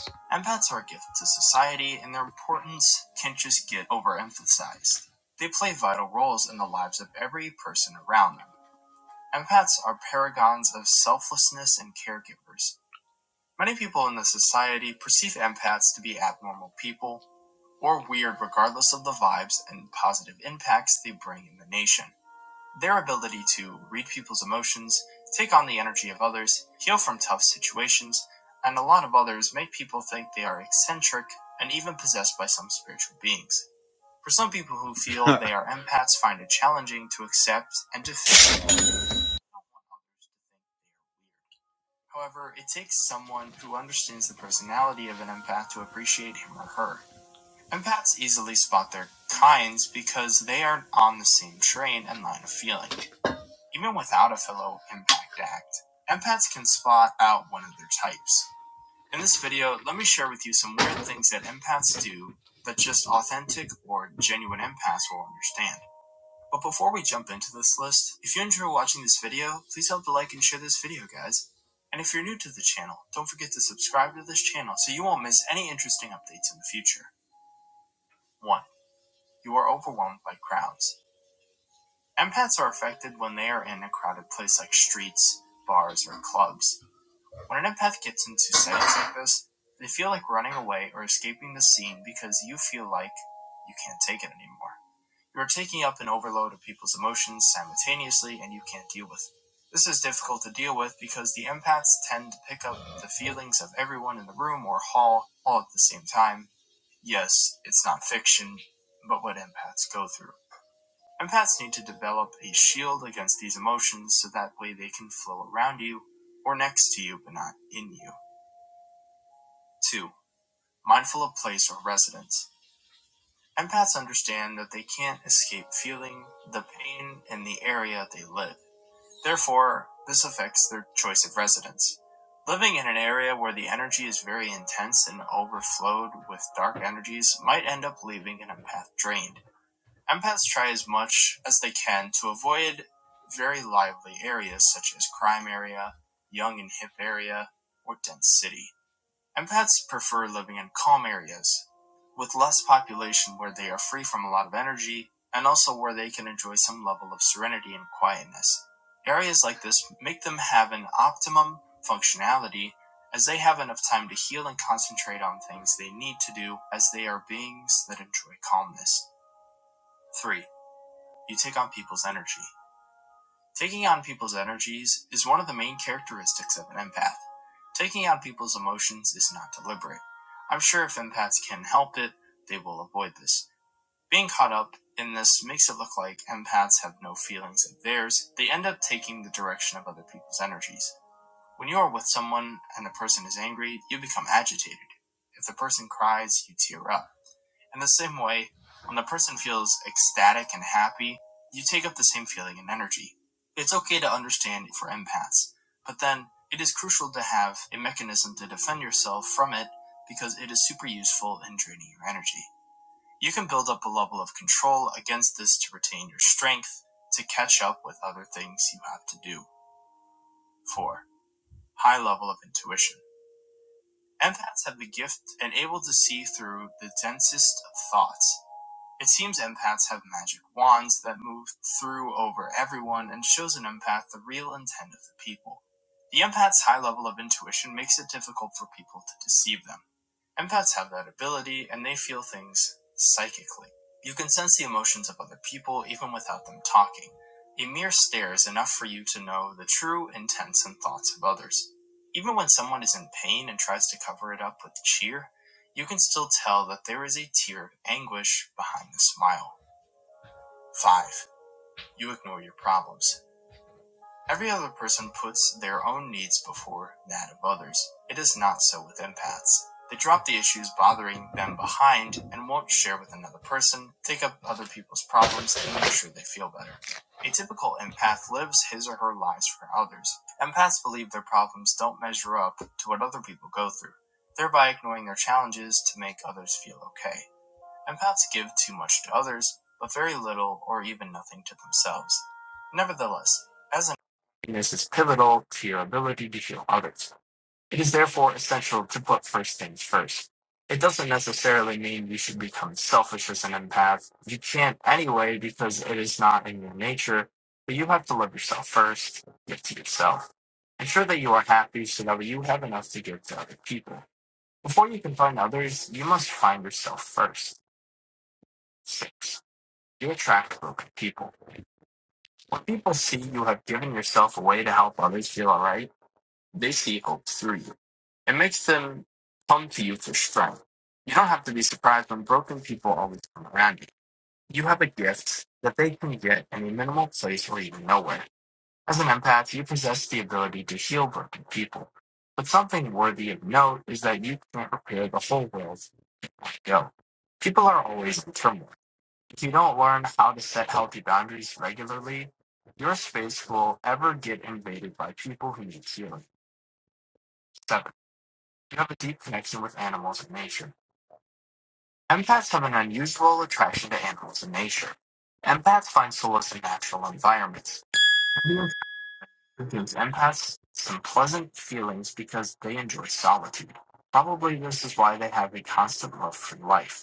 Life.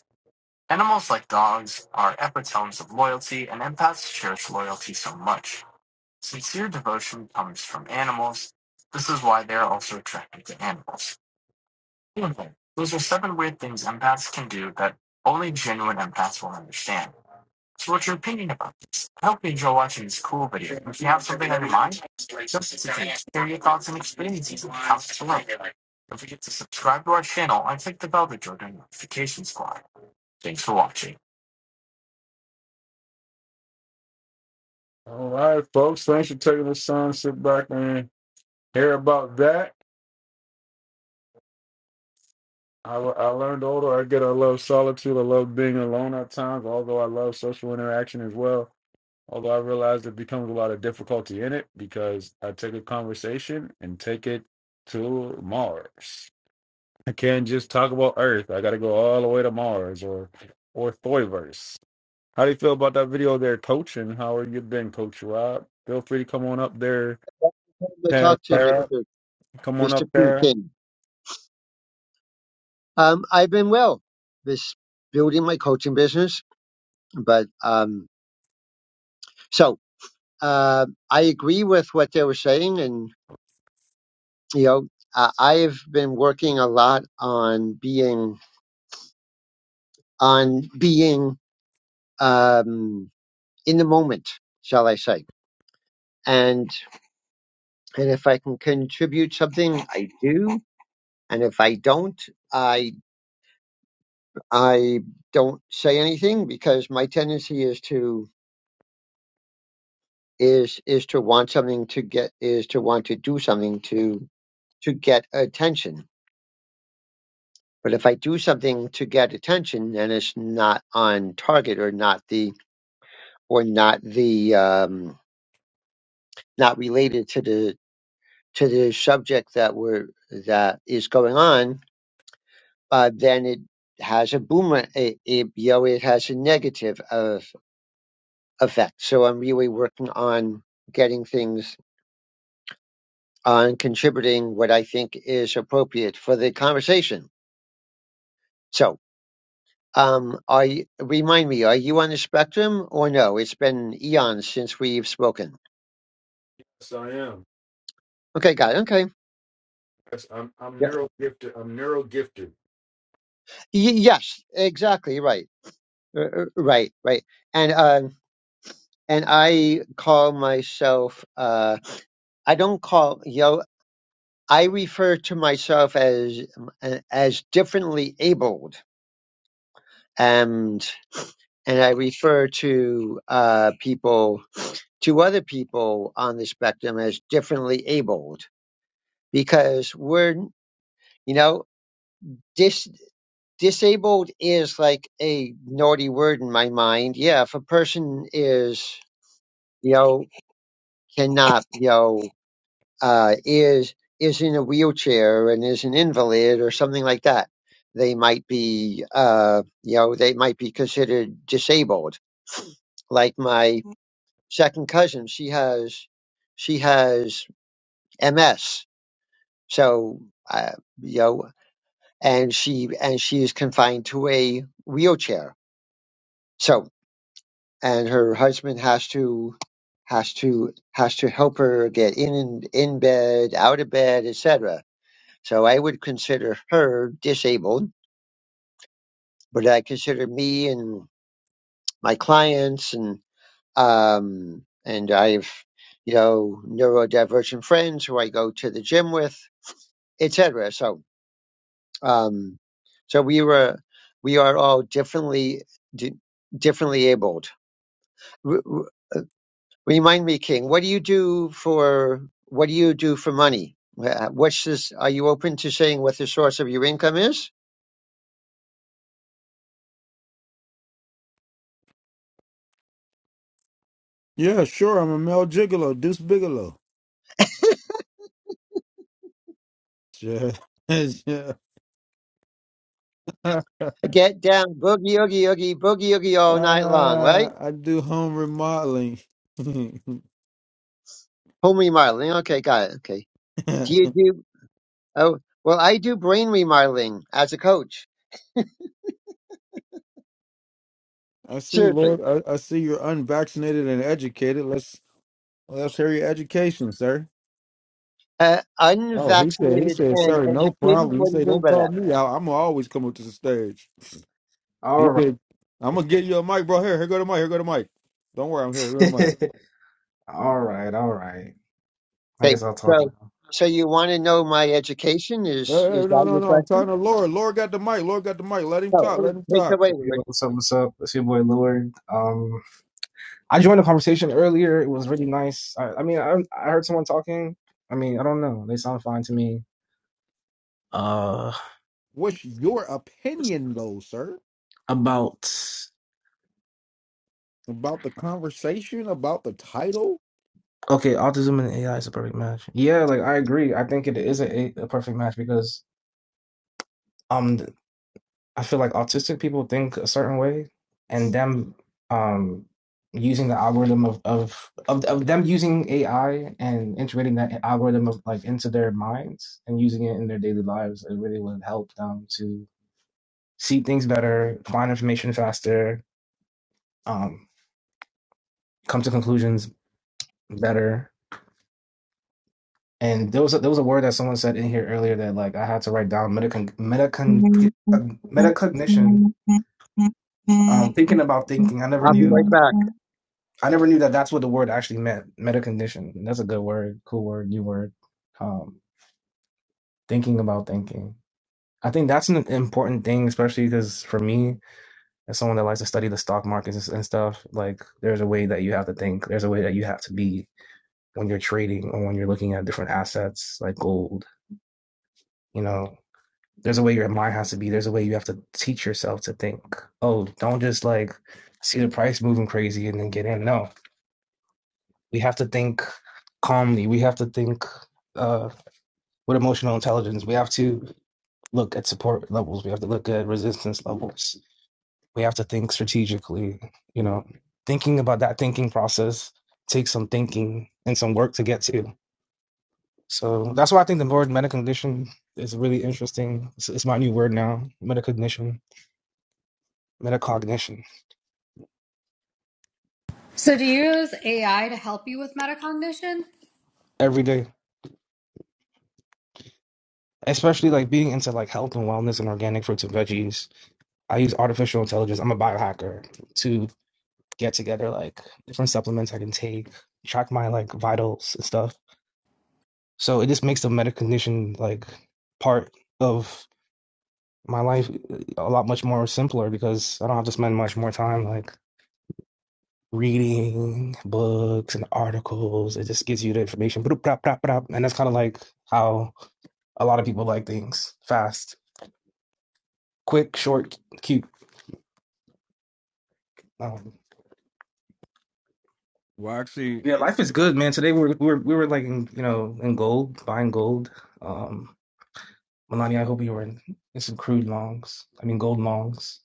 Animals like dogs are epitomes of loyalty, and empaths cherish loyalty so much. Sincere devotion comes from animals. This is why they are also attracted to animals. Okay, Those are seven weird things empaths can do that only genuine empaths will understand. So what's your opinion about this? I hope you enjoy watching this cool video. If you have something on your mind, don't hesitate to share your thoughts and experiences in the comments below. Don't forget to subscribe. All right, folks. Thanks for taking the time. Sit back and hear about that. I, I learned older. I get I love solitude. I love being alone at times, although I love social interaction as well. Although I realize there becomes a lot of difficulty in it because I take a conversation and take it to Mars. I can't just talk about Earth. I got to go all the way to Mars or or Thoiverse. How do you feel about that video there, Coach? And how are you been, Coach Rob? Feel free to come on up there,
I
Tara.
talked to
Tara.
Mr.
Come on
Mr.
up
P.
there.
King. Um, I've been well, this building my coaching business, but um, so uh, I agree with what they were saying, and you know, I, I've been working a lot on being on being um, in the moment, shall I say, and and if I can contribute something, I do, and if I don't, I I don't say anything because my tendency is to is is to want something to get is to want to do something to to get attention. But if I do something to get attention and it's not on target or not the or not the um, not related to the to the subject that we're that is going on, uh, then it has a boomer it, it you know it has a negative of effect. So I'm really working on getting things on contributing what I think is appropriate for the conversation So, um, are you, remind me, are you on the spectrum or no? It's been eons since we've spoken.
Yes, I am.
Okay, got it. Okay.
Yes, I'm. I'm
Yeah.
neuro gifted. I'm neuro gifted.
Y- yes, exactly. Right. Uh, uh, right. Right. And um, and I call myself. Uh, I don't call you. Know, I refer to myself as uh, as differently abled, and and I refer to uh, people to other people on the spectrum as differently abled because we're you know dis disabled is like a naughty word in my mind yeah if a person is you know cannot you know uh is is in a wheelchair and is an invalid or something like that they might be uh you know they might be considered disabled like my second cousin she has she has ms so uh, you know and she and she is confined to a wheelchair. So and her husband has to has to has to help her get in and in bed, out of bed, etc. So I would consider her disabled, but I consider me and my clients and um and I've you know neurodivergent friends who I go to the gym with, etc. So Um, so we were, we are all differently, di- differently abled. R- r- remind me, King, what do you do for, what do you do for money? Uh, What's this? Are you open to saying what the source of your income is?
Yeah, sure. I'm a male gigolo, Deuce Bigelow. Yeah, yeah.
Get down, boogie, oogie, oogie, boogie, oogie all night long, right?
Uh, I do home remodeling.
Home remodeling. Okay, got it. Okay.
I
Do you do? Oh, well, I do brain remodeling as a coach.
see,
Seriously.
Lord. I, I see you're unvaccinated and educated. Let's let's hear your education, sir.
Uh,
Oh, he said. He
unvaccinated
said,
and
sir, no
educated.
problem. He
What do you
said,
mean
don't
by that?
call me out. I'm gonna always come up to the stage.
All
He
right.
said, I'm gonna get you a mic, bro. Here, here go the mic. Here go the mic. Don't worry, I'm here. Here go the mic.
All right, all right. I
Okay,
guess I'll talk
so
now.
so you want to know my education?
Hey,
Is
hey,
is
no,
that
no,
your
no. I'm talking
question?
to Lord. Lord got the mic. Lord got the mic. Let him
Oh,
talk.
well,
Let him
take
talk.
it away,
Yo,
Lord.
what's up? What's up? It's your boy Lord. Um, I joined the conversation earlier. It was really nice. I, I mean, I, I heard someone talking. I mean, I don't know. They sound fine to me. Uh,
What's your opinion, though, sir,
about
about the conversation, about the title?
okay, autism and AI is a perfect match. Yeah, like I agree. I think it is a, a perfect match because um I feel like autistic people think a certain way, and them um, using the algorithm of, of of of them using AI and integrating that algorithm of like into their minds and using it in their daily lives, it really would help them to see things better, find information faster, um, come to conclusions better. And there was a, there was a word that someone said in here earlier that like I had to write down metacon metacon metacognition. Um, thinking about thinking, I never
I'll be
knew
right back.
I never knew that that's what the word actually meant. Meta condition. That's a good word, cool word, new word. Um, thinking about thinking. I think that's an important thing, especially because for me, as someone that likes to study the stock markets and stuff, like there's a way that you have to think. There's a way that you have to be when you're trading or when you're looking at different assets like gold. You know, there's a way your mind has to be. There's a way you have to teach yourself to think. Oh, don't just like see the price moving crazy and then get in. No, We have to think calmly. We have to think uh, with emotional intelligence. We have to look at support levels. We have to look at resistance levels. We have to think strategically. You know, thinking about that thinking process takes some thinking and some work to get to. So that's why I think the word metacognition is really interesting. It's, it's my new word now: metacognition, metacognition.
So, do you use AI to help you with metacognition?
Every day, especially like being into like health and wellness and organic fruits and veggies. I use artificial intelligence. I'm a biohacker To get together like different supplements I can take, track my like vitals and stuff. So it just makes the medical condition like part of my life uh, a lot much more simpler because I don't have to spend much more time like reading books and articles. It just gives you the information. And that's kind of like how a lot of people like things fast, quick, short, cute. Um,
Well, actually,
yeah, life is good, man. Today we were, we were we were like in, you know in gold, buying gold. Um, Melania, I hope you were in, in some crude longs. I mean, gold longs.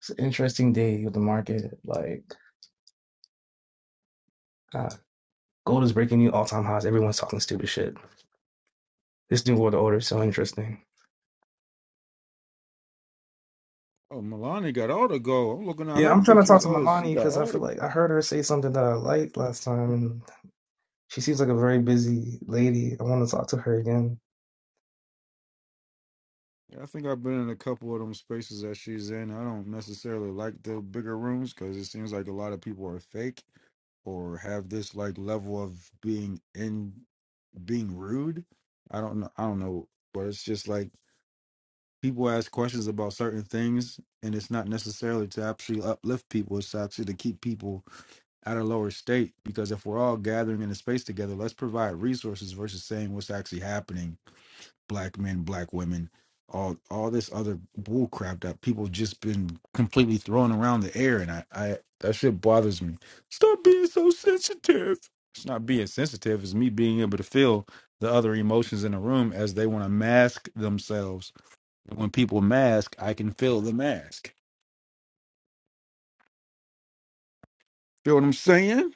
It's an interesting day with the market. Like, uh, gold is breaking new all time highs. Everyone's talking stupid shit. This new world order is so interesting.
oh, Melania got all the gold. I'm looking at
Yeah,
her
I'm trying to talk
pictures.
to
Oh, she
Melania
got
because I
all
feel
the.
like I heard her say something that I liked last time, and she seems like a very busy lady. I want to talk to her again.
I think I've been in a couple of them spaces that she's in. I don't necessarily like the bigger rooms because it seems like a lot of people are fake or have this like level of being in being rude. I don't know. I don't know, but it's just like. people ask questions about certain things and it's not necessarily to actually uplift people it's actually to keep people at a lower state because if we're all gathering in a space together let's provide resources versus saying what's actually happening black men black women all all this other bull crap that people just been completely throwing around the air and i i that shit bothers me stop being so sensitive it's not being sensitive it's me being able to feel the other emotions in the room as they want to mask themselves and when people mask, I can feel the mask. Feel what I'm saying?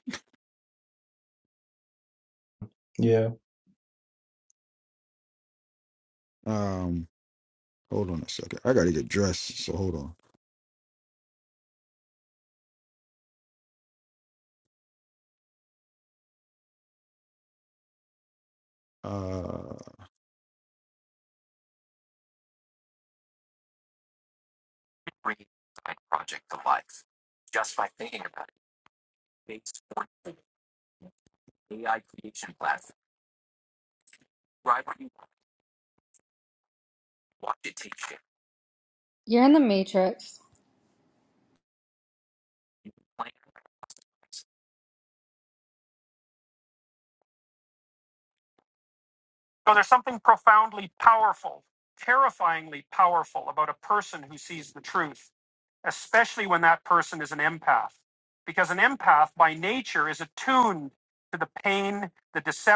Yeah.
Um, hold on a second. I gotta get dressed, so hold on. Uh,
You're in the matrix.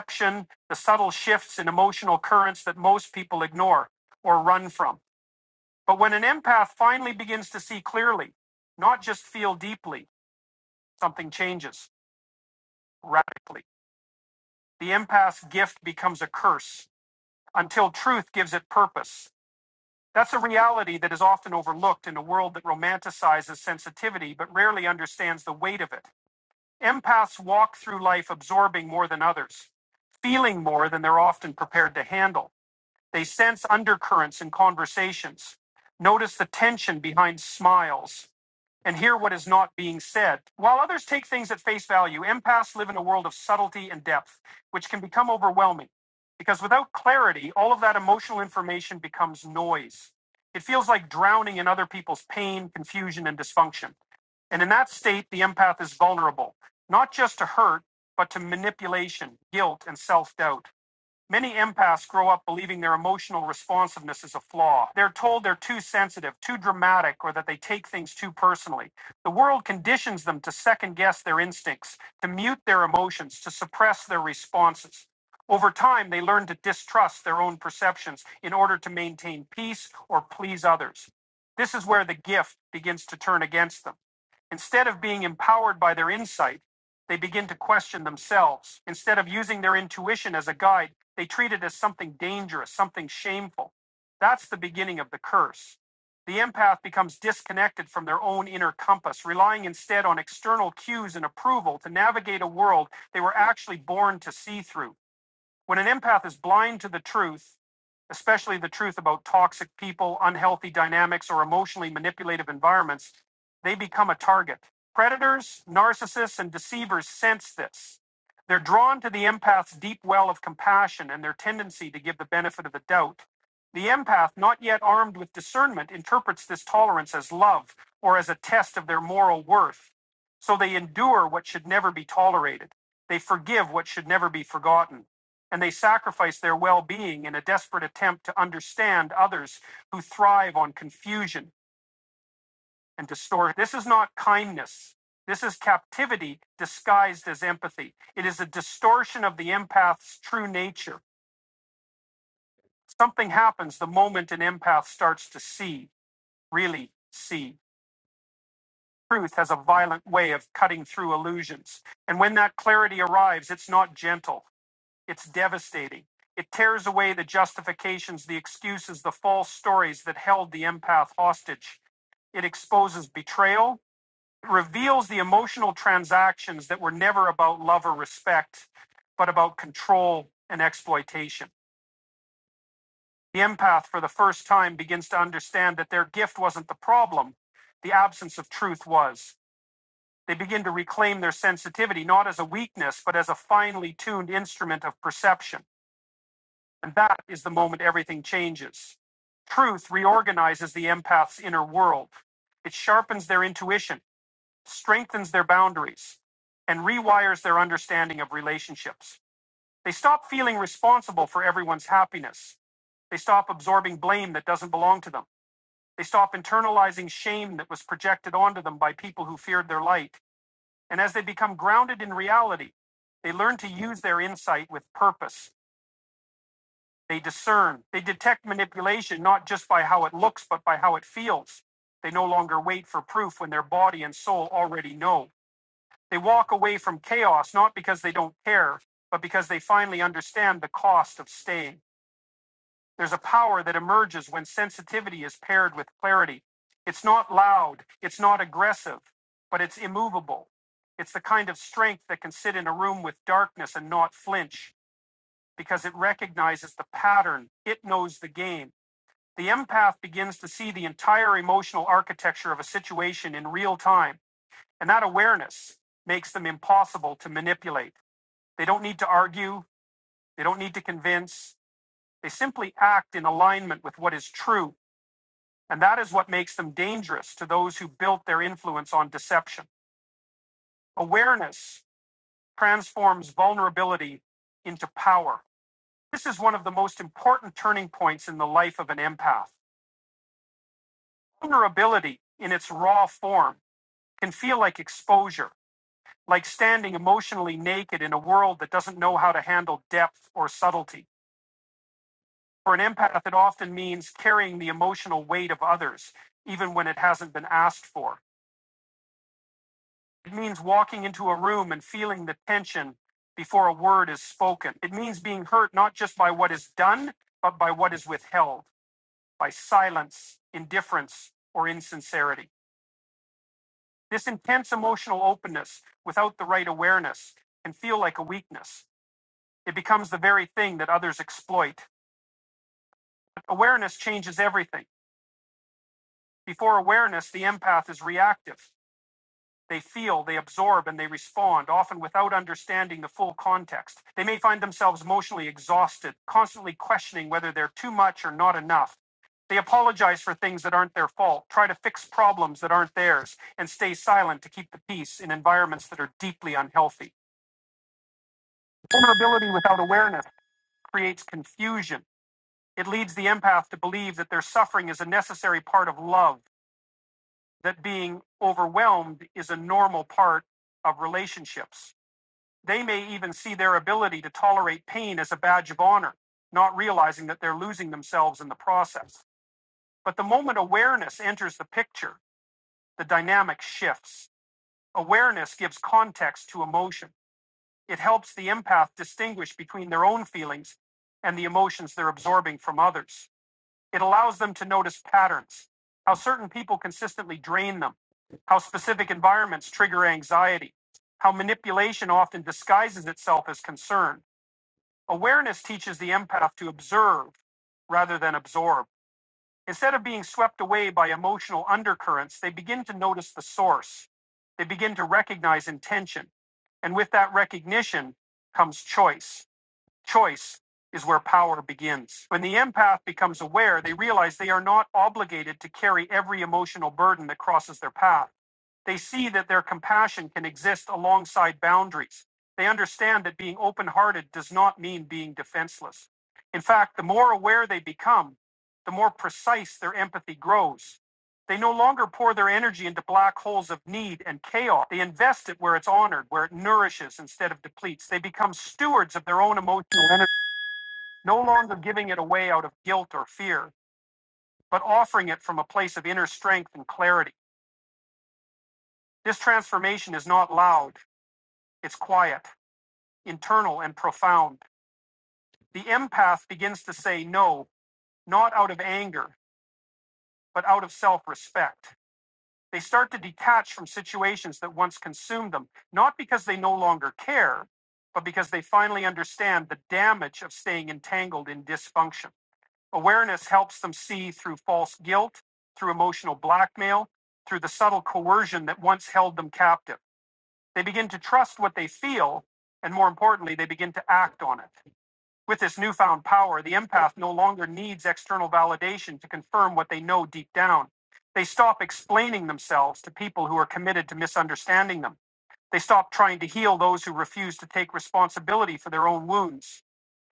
emotion, the subtle shifts in emotional currents that most people ignore or run from. But when an empath finally begins to see clearly, not just feel deeply, something changes radically. The empath's gift becomes a curse until truth gives it purpose. That's a reality that is often overlooked in a world that romanticizes sensitivity but rarely understands the weight of it. Empaths walk through life absorbing more than others, feeling more than they're often prepared to handle. They sense undercurrents in conversations, notice the tension behind smiles, and hear what is not being said. While others take things at face value, empaths live in a world of subtlety and depth, which can become overwhelming because without clarity, all of that emotional information becomes noise. It feels like drowning in other people's pain, confusion, and dysfunction. And in that state, the empath is vulnerable, not just to hurt, but to manipulation, guilt, and self doubt. Many empaths grow up believing their emotional responsiveness is a flaw. They're told they're too sensitive, too dramatic, or that they take things too personally. The world conditions them to second guess their instincts, to mute their emotions, to suppress their responses. Over time, they learn to distrust their own perceptions in order to maintain peace or please others. This is where the gift begins to turn against them. Instead of being empowered by their insight, they begin to question themselves. Instead of using their intuition as a guide, they treat it as something dangerous, something shameful. That's the beginning of the curse. The empath becomes disconnected from their own inner compass, relying instead on external cues and approval to navigate a world they were actually born to see through. When an empath is blind to the truth, especially the truth about toxic people, unhealthy dynamics, or emotionally manipulative environments, they become a target. Predators, narcissists, and deceivers sense this. They're drawn to the empath's deep well of compassion and their tendency to give the benefit of the doubt. The empath, not yet armed with discernment, interprets this tolerance as love or as a test of their moral worth. So they endure what should never be tolerated. They forgive what should never be forgotten and they sacrifice their well being in a desperate attempt to understand others who thrive on confusion and distortion. This is not kindness. This is captivity disguised as empathy. It is a distortion of the empath's true nature. Something happens the moment an empath starts to see, really see. Truth has a violent way of cutting through illusions. And when that clarity arrives, it's not gentle. It's devastating. It tears away the justifications, the excuses, the false stories that held the empath hostage. It exposes betrayal. It reveals the emotional transactions that were never about love or respect, but about control and exploitation. The empath, for the first time, begins to understand that their gift wasn't the problem, the absence of truth was. They begin to reclaim their sensitivity, not as a weakness, but as a finely tuned instrument of perception. And that is the moment everything changes. Truth reorganizes the empath's inner world. It sharpens their intuition, strengthens their boundaries, and rewires their understanding of relationships. They stop feeling responsible for everyone's happiness. They stop absorbing blame that doesn't belong to them. They stop internalizing shame that was projected onto them by people who feared their light. And as they become grounded in reality, they learn to use their insight with purpose They discern. They detect manipulation not just by how it looks, but by how it feels. They no longer wait for proof when their body and soul already know. They walk away from chaos not because they don't care, but because they finally understand the cost of staying. There's a power that emerges when sensitivity is paired with clarity. It's not loud, it's not aggressive, but it's immovable. It's the kind of strength that can sit in a room with darkness and not flinch because it recognizes the pattern, it knows the game the empath begins to see the entire emotional architecture of a situation in real time, and that awareness makes them impossible to manipulate. They don't need to argue, they don't need to convince, they simply act in alignment with what is true, and that is what makes them dangerous to those who built their influence on deception. Awareness transforms vulnerability into power. This is one of the most important turning points in the life of an empath. Vulnerability, in its raw form, can feel like exposure, like standing emotionally naked in a world that doesn't know how to handle depth or subtlety. For an empath, it often means carrying the emotional weight of others, even when it hasn't been asked for. It means walking into a room and feeling the tension before a word is spoken. It means being hurt not just by what is done, but by what is withheld, by silence, indifference, or insincerity. This intense emotional openness without the right awareness can feel like a weakness It becomes the very thing that others exploit. Awareness changes everything. Before awareness, the empath is reactive. They feel, they absorb, and they respond, often without understanding the full context. They may find themselves emotionally exhausted, constantly questioning whether they're too much or not enough. They apologize for things that aren't their fault, try to fix problems that aren't theirs, and stay silent to keep the peace in environments that are deeply unhealthy. Vulnerability without awareness creates confusion. It leads the empath to believe that their suffering is a necessary part of love, that being overwhelmed is a normal part of relationships. They may even see their ability to tolerate pain as a badge of honor, not realizing that they're losing themselves in the process. But the moment awareness enters the picture, the dynamic shifts. Awareness gives context to emotion. It helps the empath distinguish between their own feelings and the emotions they're absorbing from others. It allows them to notice patterns, how certain people consistently drain them, how specific environments trigger anxiety, how manipulation often disguises itself as concern. Awareness teaches the empath to observe rather than absorb. Instead of being swept away by emotional undercurrents, they begin to notice the source. They begin to recognize intention. And with that recognition comes choice. Choice is where power begins. When the empath becomes aware, they realize they are not obligated to carry every emotional burden that crosses their path. They see that their compassion can exist alongside boundaries. They understand that being open hearted does not mean being defenseless. In fact, the more aware they become, the more precise their empathy grows they no longer pour their energy into black holes of need and chaos. They invest it where it's honored, where it nourishes instead of depletes. They become stewards of their own emotional energy, no longer giving it away out of guilt or fear, but offering it from a place of inner strength and clarity. This transformation is not loud, it's quiet, internal, and profound. The empath begins to say no, not out of anger, but out of self respect. They start to detach from situations that once consumed them, not because they no longer care, but because they finally understand the damage of staying entangled in dysfunction. Awareness helps them see through false guilt, through emotional blackmail, through the subtle coercion that once held them captive. They begin to trust what they feel, and more importantly, they begin to act on it. With this newfound power, the empath no longer needs external validation to confirm what they know deep down. They stop explaining themselves to people who are committed to misunderstanding them. They stop trying to heal those who refuse to take responsibility for their own wounds.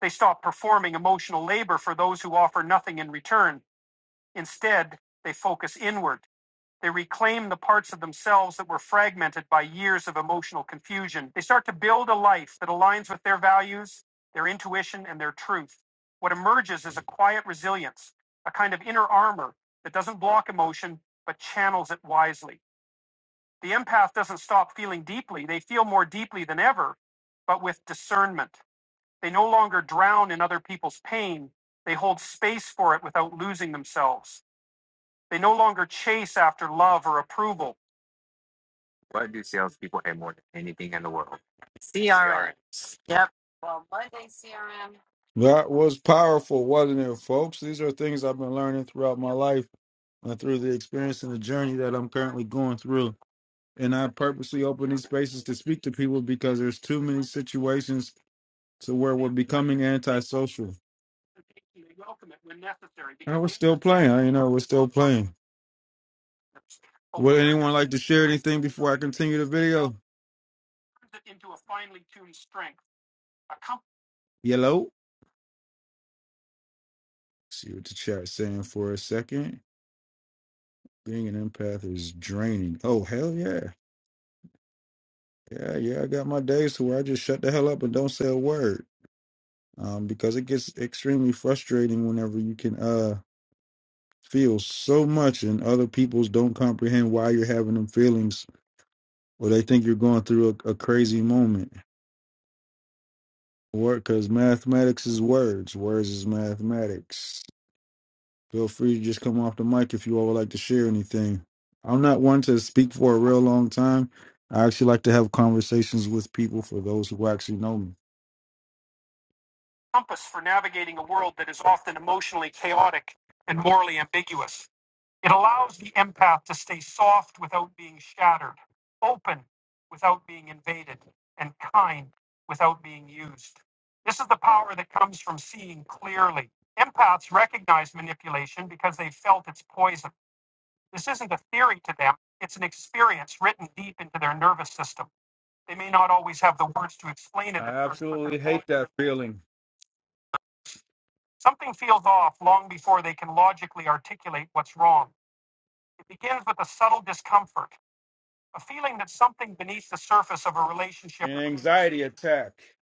They stop performing emotional labor for those who offer nothing in return. Instead, they focus inward they reclaim the parts of themselves that were fragmented by years of emotional confusion. They start to build a life that aligns with their values, their intuition, and their truth. What emerges is a quiet resilience, a kind of inner armor that doesn't block emotion, but channels it wisely. The empath doesn't stop feeling deeply. They feel more deeply than ever, but with discernment. They no longer drown in other people's pain. They hold space for it without losing themselves. That was powerful, wasn't it, folks? These are things I've been learning throughout my life and through the experience and the journey that I'm currently going through. And I purposely open these spaces to speak to people because there's too many situations to where we're becoming antisocial. And we're still playing, I- you know, we're still playing. Would anyone like to share anything before I continue the video? Yellow. See what the chat's saying for a second. Being an empath is draining. Oh, hell yeah. Yeah, yeah, I got my days to where I just shut the hell up and don't say a word. Um, because it gets extremely frustrating whenever you can uh feel so much and other people's don't comprehend why you're having them feelings or they think you're going through a, a crazy moment. Word, because mathematics is words. Words is mathematics. Feel free to just come off the mic if you all would like to share anything. I'm not one to speak for a real long time. I actually like to have conversations with people for those who actually know me. compass for navigating a world that is often emotionally chaotic and morally ambiguous. It allows the empath to stay soft without being shattered, open without being invaded, and kind without being used. This is the power that comes from seeing clearly. Empaths recognize manipulation because they felt its poison. This isn't a theory to them, it's an experience written deep into their nervous system. They may not always have the words to explain it I absolutely hate that feeling. Something feels off long before they can logically articulate what's wrong. It begins with a subtle discomfort, a feeling that something beneath the surface of a relationship. An anxiety attack.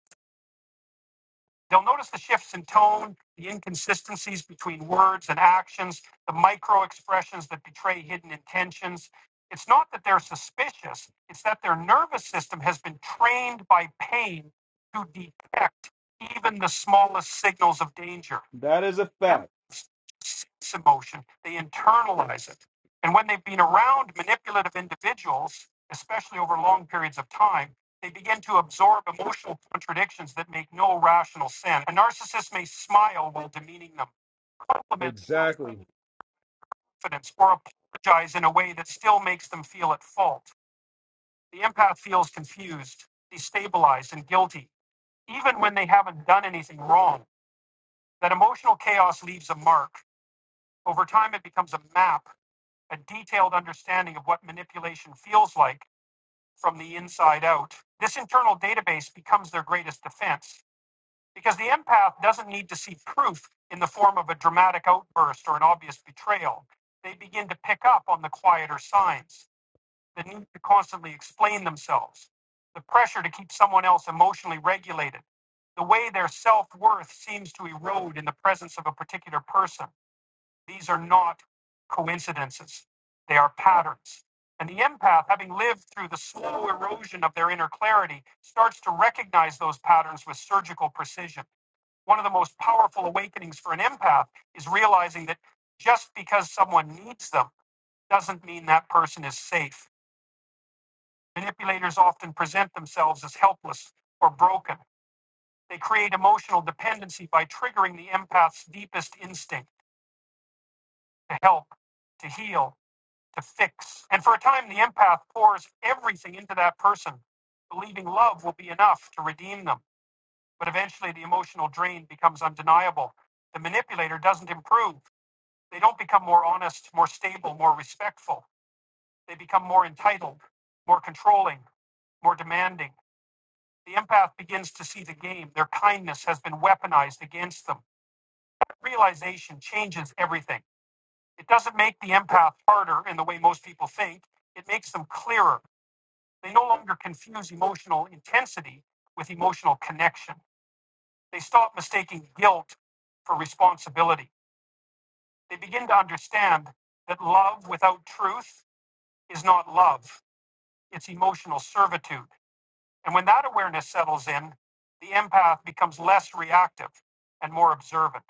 You'll notice the shifts in tone, the inconsistencies between words and actions, the micro expressions that betray hidden intentions. It's not that they're suspicious, it's that their nervous system has been trained by pain to detect even the smallest signals of danger. That is a Memory fact. sense emotion, they internalize it. And when they've been around manipulative individuals, especially over long periods of time, they begin to absorb emotional contradictions that make no rational sense. A narcissist may smile while demeaning them, compliment Exactly. with confidence, or apologize in a way that still makes them feel at fault. The empath feels confused, destabilized, and guilty, even when they haven't done anything wrong. That emotional chaos leaves a mark. Over time, it becomes a map, a detailed understanding of what manipulation feels like from the inside out. This internal database becomes their greatest defense Because the empath doesn't need to see proof in the form of a dramatic outburst or an obvious betrayal. They begin to pick up on the quieter signs, the need to constantly explain themselves, the pressure to keep someone else emotionally regulated, the way their self worth seems to erode in the presence of a particular person. These are not coincidences, they are patterns. And the empath, having lived through the slow erosion of their inner clarity, starts to recognize those patterns with surgical precision. One of the most powerful awakenings for an empath is realizing that just because someone needs them doesn't mean that person is safe. Manipulators often present themselves as helpless or broken. They create emotional dependency by triggering the empath's deepest instinct to help, to heal, to fix. And for a time, the empath pours everything into that person, believing love will be enough to redeem them. But eventually, the emotional drain becomes undeniable. The manipulator doesn't improve. They don't become more honest, more stable, more respectful. They become more entitled, more controlling, more demanding. The empath begins to see the game. Their kindness has been weaponized against them. Realization changes everything. It doesn't make the empath harder in the way most people think, it makes them clearer They no longer confuse emotional intensity with emotional connection. They stop mistaking guilt for responsibility. They begin to understand that love without truth is not love, it's emotional servitude. And when that awareness settles in, the empath becomes less reactive and more observant.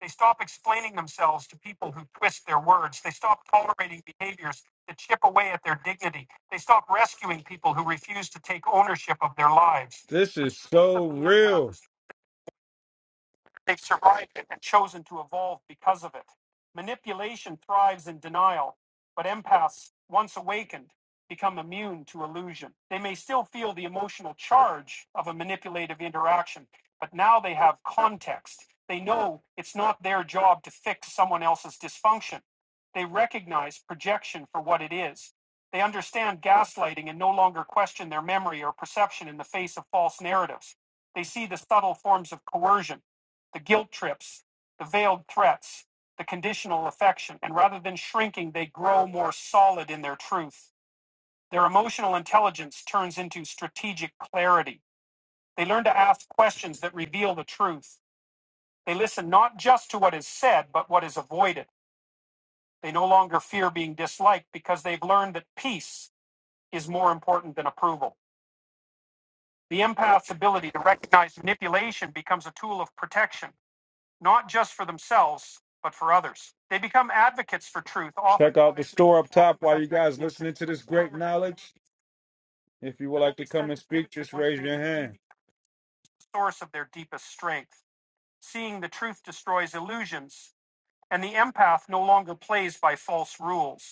They stop explaining themselves to people who twist their words. They stop tolerating behaviors that chip away at their dignity. They stop rescuing people who refuse to take ownership of their lives. This is so real. They've survived it and chosen to evolve because of it. Manipulation thrives in denial, but empaths, once awakened, become immune to illusion. They may still feel the emotional charge of a manipulative interaction, but now they have context. They know it's not their job to fix someone else's dysfunction. They recognize projection for what it is. They understand gaslighting and no longer question their memory or perception in the face of false narratives. They see the subtle forms of coercion the guilt trips, the veiled threats, the conditional affection, and rather than shrinking, they grow more solid in their truth. Their emotional intelligence turns into strategic clarity. They learn to ask questions that reveal the truth. They listen not just to what is said, but what is avoided. They no longer fear being disliked because they've learned that peace is more important than approval. The empath's ability to recognize manipulation becomes a tool of protection not just for themselves, but for others. They become advocates for truth, often Check out the store up top while you guys listening to this great knowledge. If you would like to come and speak, just raise your hand. source of their deepest strength. Seeing the truth destroys illusions, and the empath no longer plays by false rules.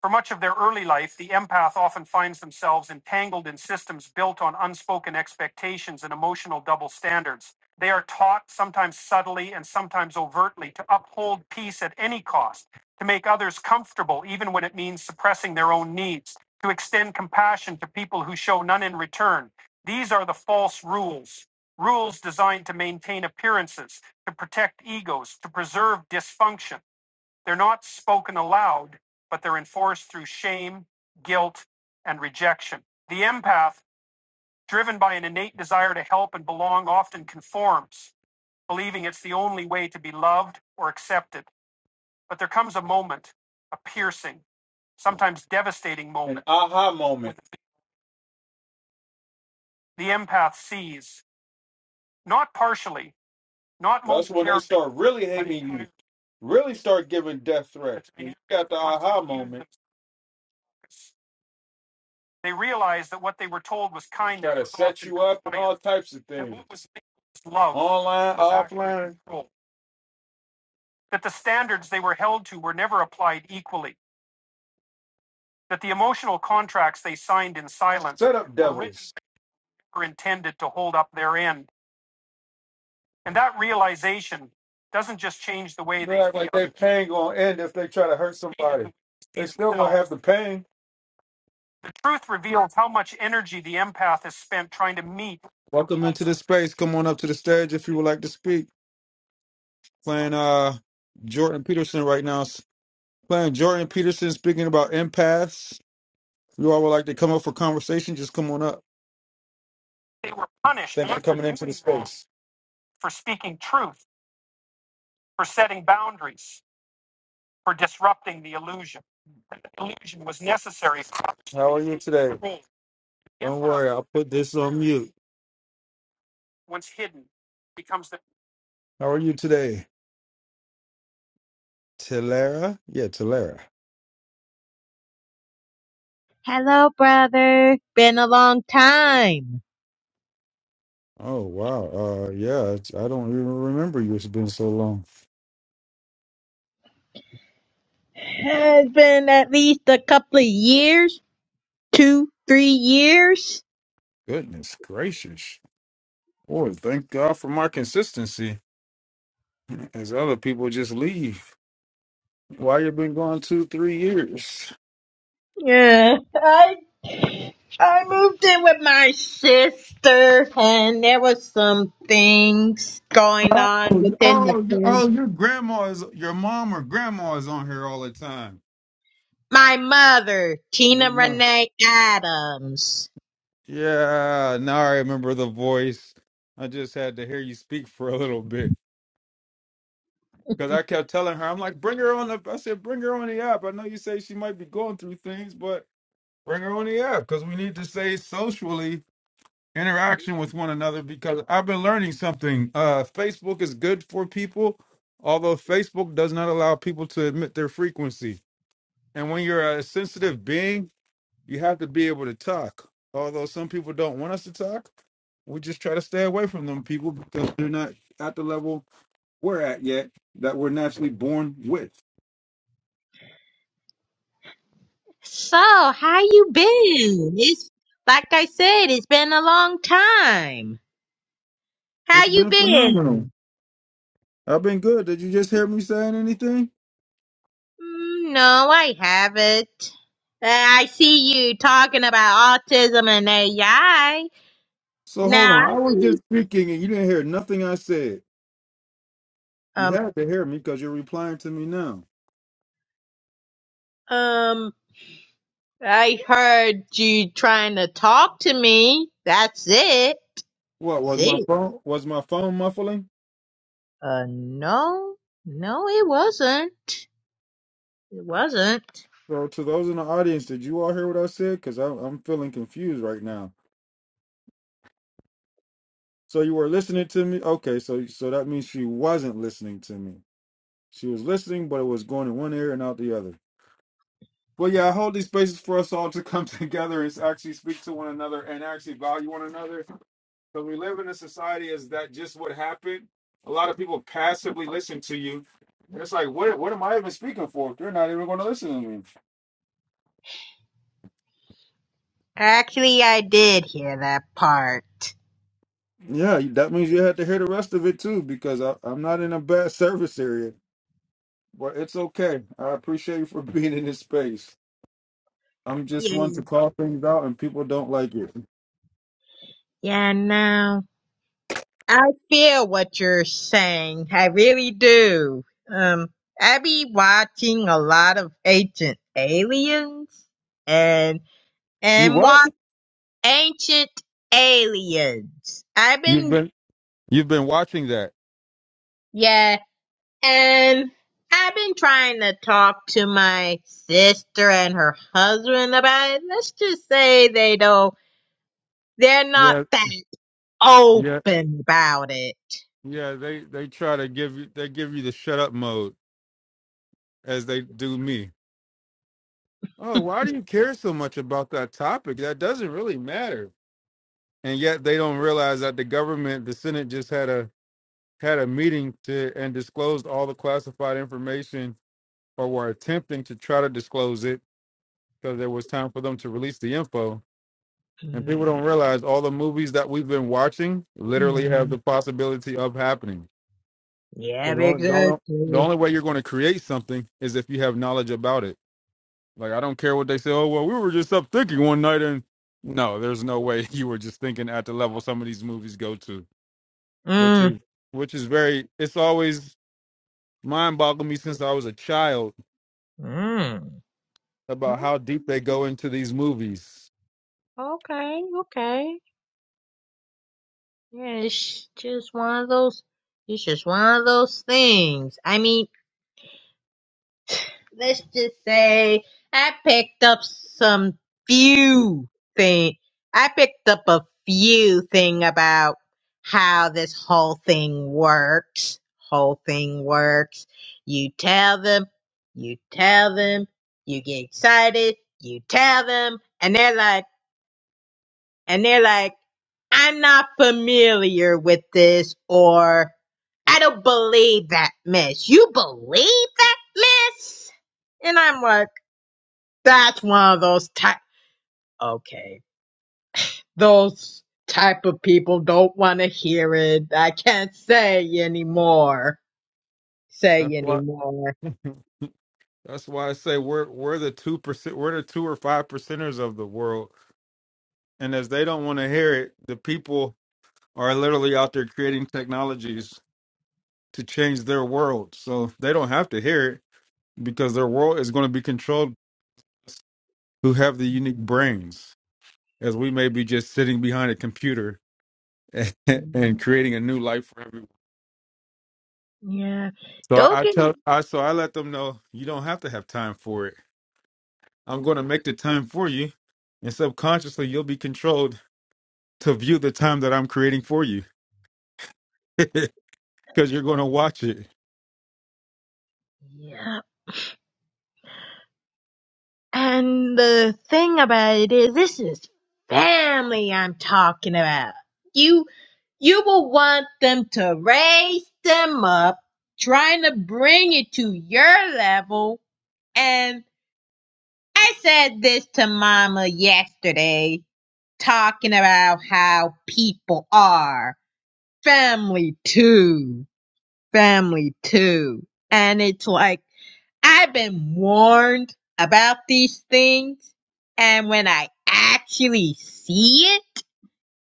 For much of their early life, the empath often finds themselves entangled in systems built on unspoken expectations and emotional double standards. They are taught, sometimes subtly and sometimes overtly, to uphold peace at any cost, to make others comfortable, even when it means suppressing their own needs, to extend compassion to people who show none in return. These are the false rules. Rules designed to maintain appearances, to protect egos, to preserve dysfunction. They're not spoken aloud, but they're enforced through shame, guilt, and rejection. The empath, driven by an innate desire to help and belong, often conforms, believing it's the only way to be loved or accepted. But there comes a moment, a piercing, sometimes devastating moment. An aha moment. The empath sees, not partially, not most. That's when they start really but hating you. Really start giving death threats. you got the aha moment. They realized that what they were told was kindness got to set you up and all types of things, what was love online, offline. control, that the standards they were held to were never applied equally, that the emotional contracts they signed in silence Set up were devils. were intended to hold up their end. And that realization doesn't just change the way They they act like their pain gonna end if they try to hurt somebody. they still gonna have the pain. The truth reveals how much energy the empath has spent trying to meet. Welcome into the space. Come on up to the stage if you would like to speak. Playing uh Jordan Peterson right now. S- Playing Jordan Peterson speaking about empaths. If you all would like to come up for conversation, just come on up. They were punished Thanks for coming into the space. for speaking truth, for setting boundaries, for disrupting the illusion. The illusion was necessary for How are you today? Don't worry, I'll put this on mute. How are you today? Tillera? Yeah, Tillera.
Hello, brother. Been a long time.
Oh wow. Uh yeah, it's- I don't even remember you. It's been so long.
It's been at least a couple of years. Two, three years.
Goodness gracious. Boy, thank God for my consistency. As other people just leave. Why you been gone two, three years?
Yeah. I, I moved in with my sister and there was some things going
Oh,
on within the
oh, you-
family.
oh, your grandma is your mom or grandma is on here all the time.
My mother,
Your
Tina
mom.
Renee Adams.
Yeah, now I remember the voice. I just had to hear you speak for a little bit. Cause I kept telling her, I'm like, bring her on the. I said, bring her on the app. I know you say she might be going through things, but bring her on the app because we need to say socially interaction with one another. Because I've been learning something. Uh, Facebook is good for people, although Facebook does not allow people to admit their frequency. And when you're a sensitive being, you have to be able to talk. Although some people don't want us to talk, we just try to stay away from them people because they're not at the level we're at yet that we're naturally born with.
So, how you been? It's, like I said, it's been a long time. How
It's
you
been
been?
phenomenal. I've been good. Did you just hear me saying anything?
Mm, No, I haven't. Uh, I see you talking about autism and AI.
So hold
Now,
on. I
I
was just
really,
speaking and you didn't hear nothing I said. You
um,
had to hear me because you're replying to me now.
um, I heard you trying to talk to me. That's it.
What was my
See?
phone? Was my phone muffling?
Uh, no, no, it wasn't. It wasn't.
So to those in the audience, did you all hear what I said? Because I'm, I'm feeling confused right now. So you were listening to me. Okay, so so that means she wasn't listening to me. She was listening, but it was going in one ear and out the other. Well, yeah, I hold these spaces for us all to come together and actually speak to one another and actually value one another Because we live in a society is that just what happened? A lot of people passively listen to you. And it's like, what what am I even speaking for if they're not even gonna listen to me?
Actually, I did hear that part.
Yeah, that means you had to hear the rest of it too, because I, I'm not in a bad service area. But it's okay. I appreciate you for being in this space. I'm just one
Yeah.
to call things out, and people don't like it.
Yeah, no. I feel what you're saying. I really do. Um, I be watching a lot of ancient aliens and,
You
and
what?
watch ancient aliens. I've
You've
been,
been you've been watching that.
yeah, and I've been trying to talk to my sister and her husband about it. Let's just say they don't, they're not
Yeah,
that.
yeah,
open about it.
yeah. They they try to give you they give you the shut up mode as they do me. Oh, why do you care so much about that topic? That doesn't really matter. And yet they don't realize that the government, the Senate just had a had a meeting to and disclosed all the classified information or were attempting to try to disclose it because there was time for them to release the info. And people
Mm,
don't realize all the movies that we've been watching literally have
mm.
the possibility of happening. So
Yeah,
the only, the only, the
exactly.
only way you're going to create something is if you have knowledge about it. Like I don't care what they say. Oh well, we were just up thinking one night, and no, there's no way you were just thinking at the level some of these movies go to, which
Mm.
is which is very. It's always mind boggling me since I was a child
Mm.
about
Mm.
how deep they go into these movies.
Okay, okay. Yeah, it's just one of those. It's just one of those things. I mean, let's just say I picked up some few thing. I picked up a few thing about how this whole thing works. Whole thing works. You tell them. You tell them. You get excited. You tell them, and they're like. and they're like, I'm not familiar with this or I don't believe that mess." You believe that mess? And I'm like, that's one of those type, okay, those type of people don't want to hear it. I can't say anymore, say
That's why.
anymore.
That's why I say we're we're the two percent, we're the two or five percenters of the world, and as they don't want to hear it, the people are literally out there creating technologies to change their world, so they don't have to hear it because their world is going to be controlled who have the unique brains as we may be just sitting behind a computer and creating a new life for everyone
Yeah,
so i
don't
I
get,
tell i so i let them know you don't have to have time for it i'm going to make the time for you and subconsciously you'll be controlled to view the time that i'm creating for you because you're going to watch it
yeah. And the thing about it is, this is family I'm talking about. You, you will want them to raise them up, trying to bring it to your level. And I said this to mama yesterday, talking about how people are family too, family too. And it's like, I've been warned about these things, and when I actually see it,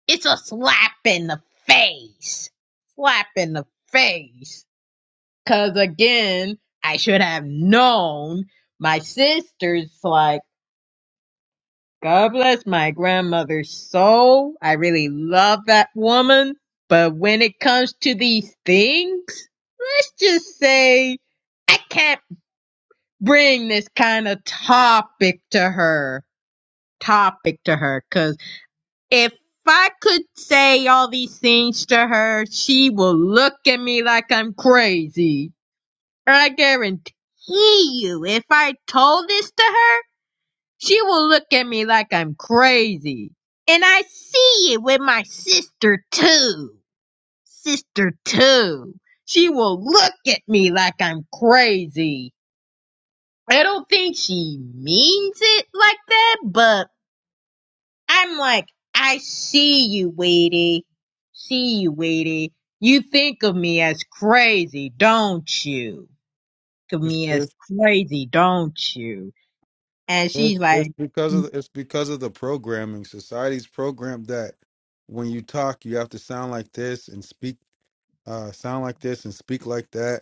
it's a slap in the face. Slap in the face. Cause again, I should have known. My sister's like, God bless my grandmother's soul. I really love that woman. But when it comes to these things, let's just say I can't bring this kind of topic to her. Topic to her. Cause if I could say all these things to her, she will look at me like I'm crazy. I guarantee you, if I told this to her, she will look at me like I'm crazy. And I see it with my sister too. Sister too. She will look at me like I'm crazy I don't think she means it like that, but I'm like, I see you, Weedy. See you, Weedy. You think of me as crazy, don't you? Think of
it's,
me as
it's,
crazy, don't you? And
it's
she's
it's
like,
because of the, it's because of the programming society's programmed that when you talk you have to sound like this and speak uh, sound like this and speak like that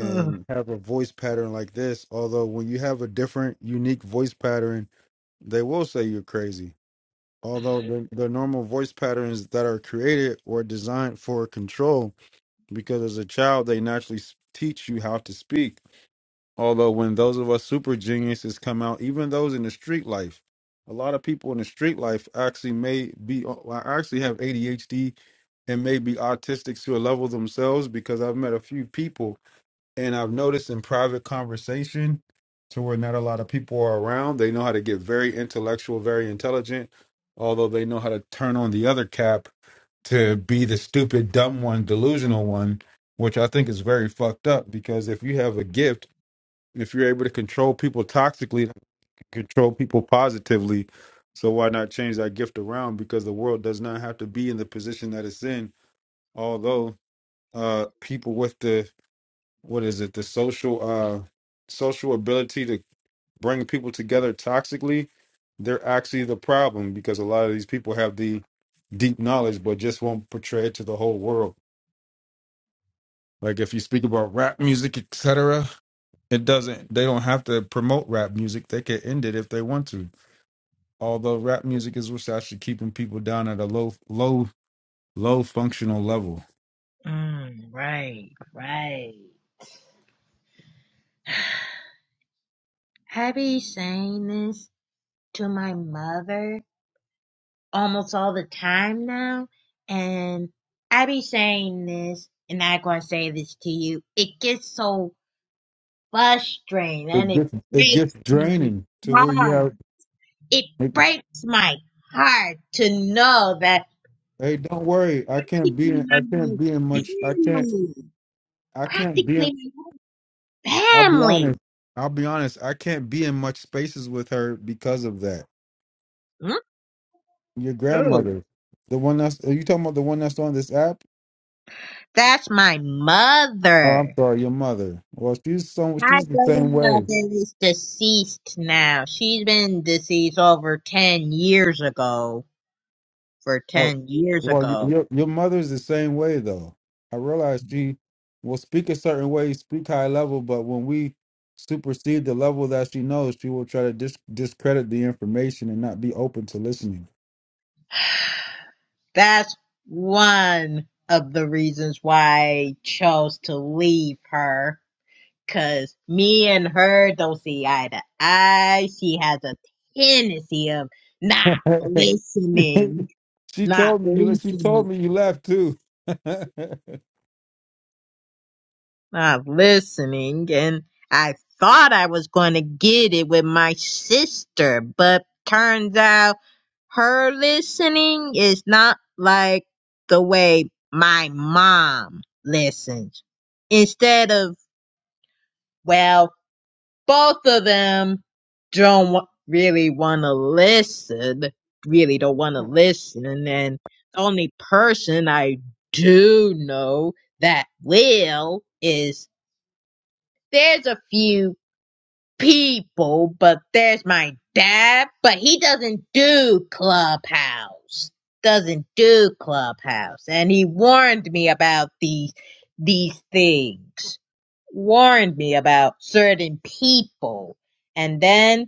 "Ugh,
have a voice pattern like this. Although when you have a different, unique voice pattern, they will say you're crazy. Although the, the normal voice patterns that are created were designed for control, because as a child they naturally s- teach you how to speak. Although when those of us super geniuses come out, even those in the street life, a lot of people in the street life actually may be actually have ADHD and may be autistic to a level themselves because I've met a few people and I've noticed in private conversation to where not a lot of people are around, they know how to get very intellectual, very intelligent, although they know how to turn on the other cap to be the stupid, dumb one, delusional one, which I think is very fucked up because if you have a gift, if you're able to control people toxically, control people positively, so why not change that gift around? Because the world does not have to be in the position that it's in, although uh people with the what is it the social uh social ability to bring people together toxically they're actually the problem because a lot of these people have the deep knowledge but just won't portray it to the whole world like if you speak about rap music etc it doesn't they don't have to promote rap music they can end it if they want to although rap music is what's actually keeping people down at a low low low functional level
mm, right, right. I be saying this to my mother almost all the time now. And I be saying this, and I gonna say this to you. It gets so frustrating, and
it
it
gets it gets
breaks
draining to
my
where you
heart.
have
It
like,
breaks my heart to know that
Hey, don't worry. I can't be in. I can't
practically
be in much. I
my
can't.
whole family,
I can't be in.
practically my whole
I'll be
family.
honest. I'll be honest. I can't be in much spaces with her because of that.
Mm,
Your
Oh,
grandmother, the one that's are you talking about the one that's on this app?
that's my
Oh, I'm
mother.
sorry, your mother. Well, she's some.
My
She's the same
grandmother
way.
is deceased now. She's been deceased over 10 years ago. For
Oh,
10 years
well, y-
ago.
your your mother's the same way though. I realize she will speak a certain way, speak high level, but when we supersede the level that she knows, she will try to dis- discredit the information and not be open to listening.
That's one of the reasons why I chose to leave her. Cause me and her don't see eye to eye. She has a tendency of not listening.
she
Not
told me you. le- She
listening.
told me you left too.
not listening and I thought I was going to get it with my sister, but turns out her listening is not like the way my mom listens. Instead of, well, both of them don't wa- really want to listen, really don't want to listen. And then the only person I do know that will is there's a few people, but there's my dad, but he doesn't do Clubhouse. Doesn't do Clubhouse. And he warned me about these, these things. Warned me about certain people. And then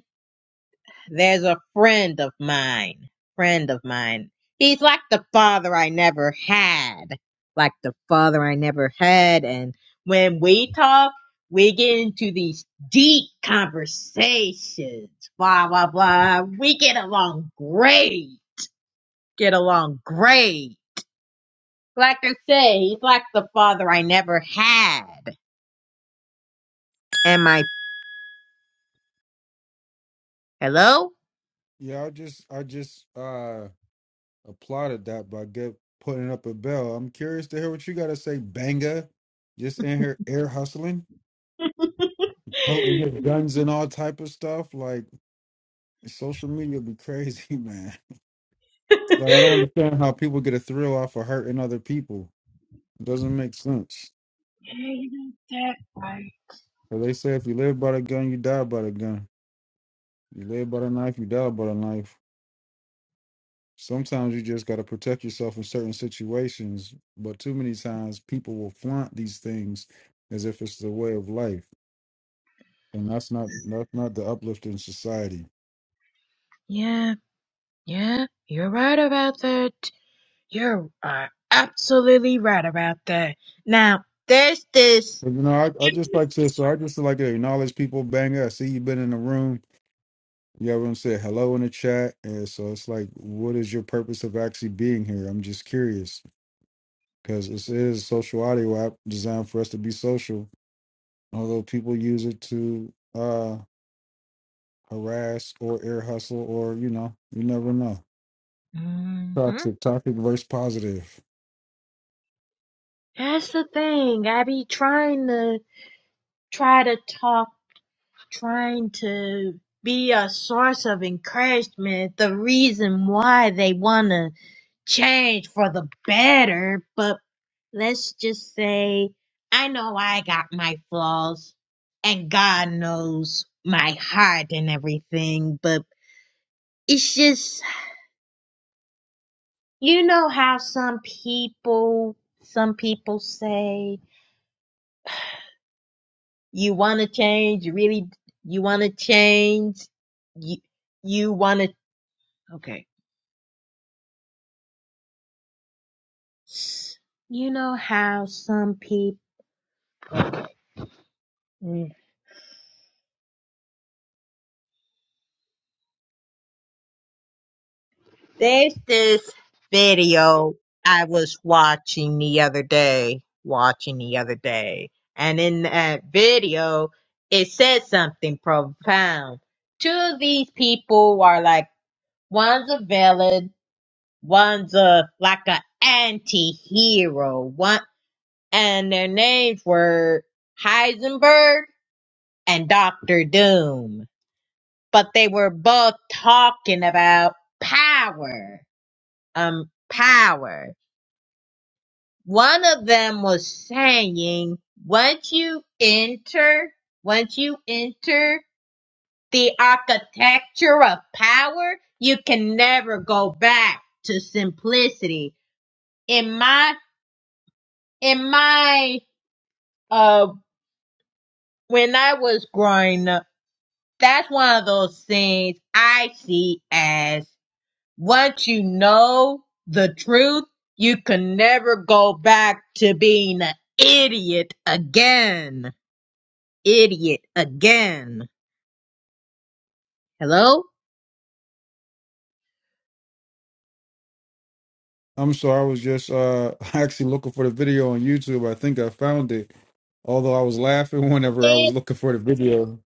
there's a friend of mine, friend of mine. He's like the father I never had, like the father I never had. And when we talk, we get into these deep conversations, blah, blah, blah. We get along great, get along great. Like I say, he's like the father I never had. Am I, hello?
yeah, I just, I just uh applauded that by get putting up a bell. I'm curious to hear what you got to say, Banga. Just in here air hustling, holding your guns and all type of stuff. Like social media be crazy, man. Like I don't understand how people get a thrill off of hurting other people. It doesn't make sense.
Yeah, you got that right.
'Cause they say if you live by the gun, you die by the gun. You live by the knife, you die by the knife. sometimes you just got to protect yourself in certain situations but too many times people will flaunt these things as if it's the way of life and that's not that's not the uplifting society
Yeah, yeah, you're right about that. You are absolutely right about that. Now, there's this.
but you know i, I just like to so i just like to acknowledge people bang i see you've been in the room you haven't said hello in the chat and so it's like what is your purpose of actually being here i'm just curious because this is a social audio app designed for us to be social although people use it to uh. harass or air hustle or you know you never know
hmm
toxic toxic versus positive
That's the thing. I be trying to try to talk, trying to be a source of encouragement. The reason why they wanna change for the better, but let's just say I know I got my flaws, and God knows my heart and everything. But it's just You know how some people, some people say you want to change, you really, you want to change, you, you want to, okay. You know how some people, mm. there's this video I was watching the other day, watching the other day, and in that video, it said something profound. Two of these people are like, one's a villain, One's a like a anti-hero. One and their names were Heisenberg and Doctor Doom. But they were both talking about power. Um power. One of them was saying once you enter once you enter the architecture of power, you can never go back to simplicity. In my in my uh when I was growing up, that's one of those things I see as once you know the truth, you can never go back to being an idiot again. Idiot again. Hello?
i'm sorry i was just uh actually looking for the video on youtube i think i found it although i was laughing whenever i was
It,
looking for the video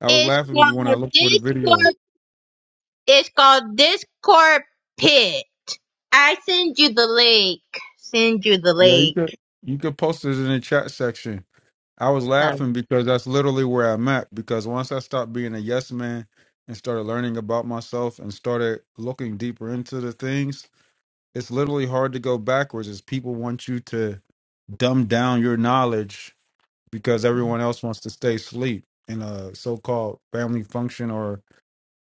i was
it's
laughing when i
called
looked for the video
Discord. It's called Discord Pit. I send you the link. Send you the
yeah you
link.
could you could post this in the chat section i was laughing
Um,
because that's literally where i'm at because once i stopped being a yes man and started learning about myself and started looking deeper into the things it's literally hard to go backwards is people want you to dumb down your knowledge because everyone else wants to stay asleep in a so-called family function or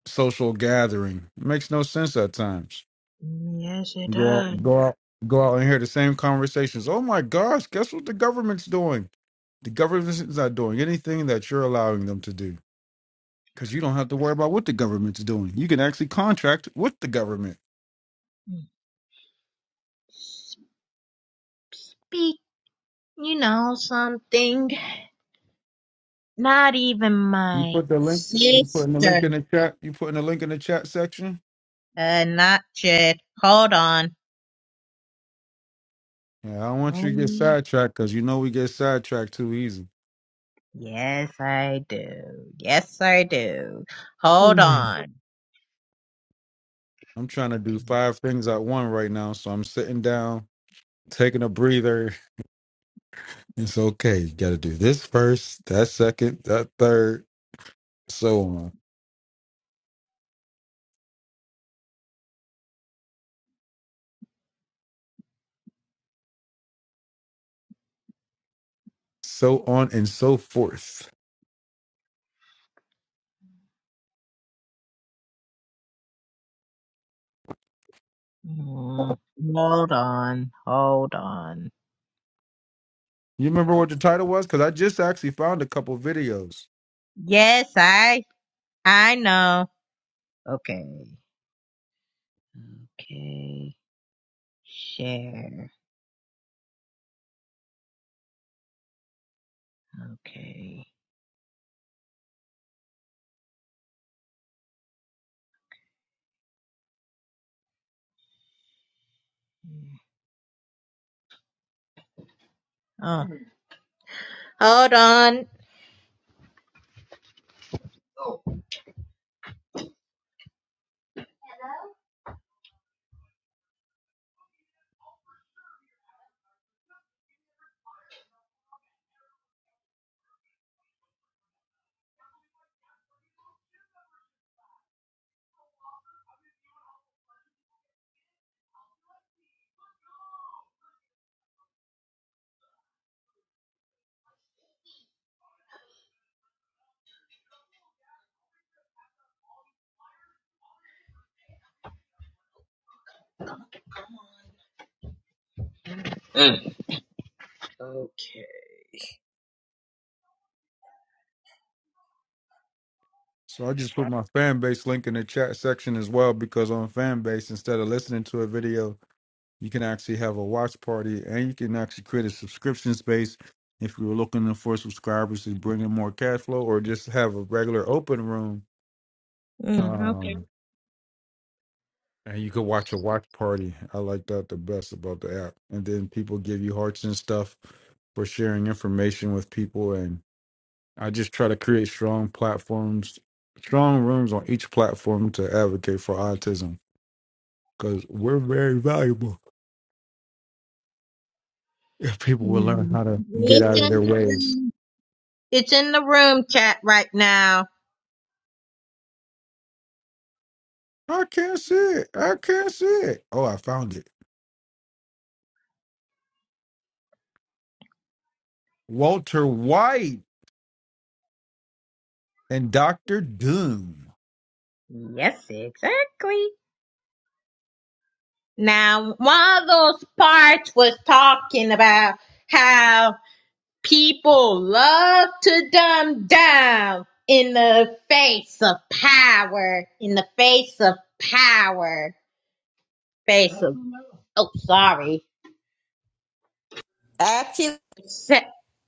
social gathering it makes no sense at times
yes, it
go out go
does.
out go out and hear the same conversations oh my gosh guess what the government's doing the government's not doing anything that you're allowing them to do because you don't have to worry about what the government's doing you can actually contract with the government
Speak, you know something? Not even
you
my
put the link you putting the
sister
link in the chat you putting the link in the chat section
had not yet. Hold on.
Yeah, I don't want you to get
Oh,
sidetracked because you know we get sidetracked too easy.
yes, I do. Yes, I do. Hold
Mm.
on.
I'm trying to do five things at one right now, so I'm sitting down, taking a breather. It's okay. You got to do this first, that second, that third, so on, so on, and so forth.
Mm, Hold on. Hold on.
You remember
Oh,
what the title was? Because I just actually found a couple videos.
Yes, I I know. Okay. Okay. Share. Okay. Oh, hold on. Okay.
So I just put my fan base link in the chat section as well because on fan base, instead of listening to a video, You can actually have a watch party and you can actually create a subscription space if you were looking for subscribers to bring in more cash flow or just have a regular open room.
Mm, okay.
Um, and you could watch a watch party. I like that the best about the app. And then people give you hearts and stuff for sharing information with people. And I just try to create strong platforms, strong rooms on each platform to advocate for autism because we're very valuable if people will learn
Mm.
how to get
It's
out of
in
their
the
ways.
room. It's in the room chat right now.
I can't see it. I can't see it. Oh, I found it. Walter White and Doctor Doom.
Yes, exactly. Now, one of those parts was talking about how people love to dumb down in the face of power. In the face of power. Face of, oh, sorry. Actually, Sa-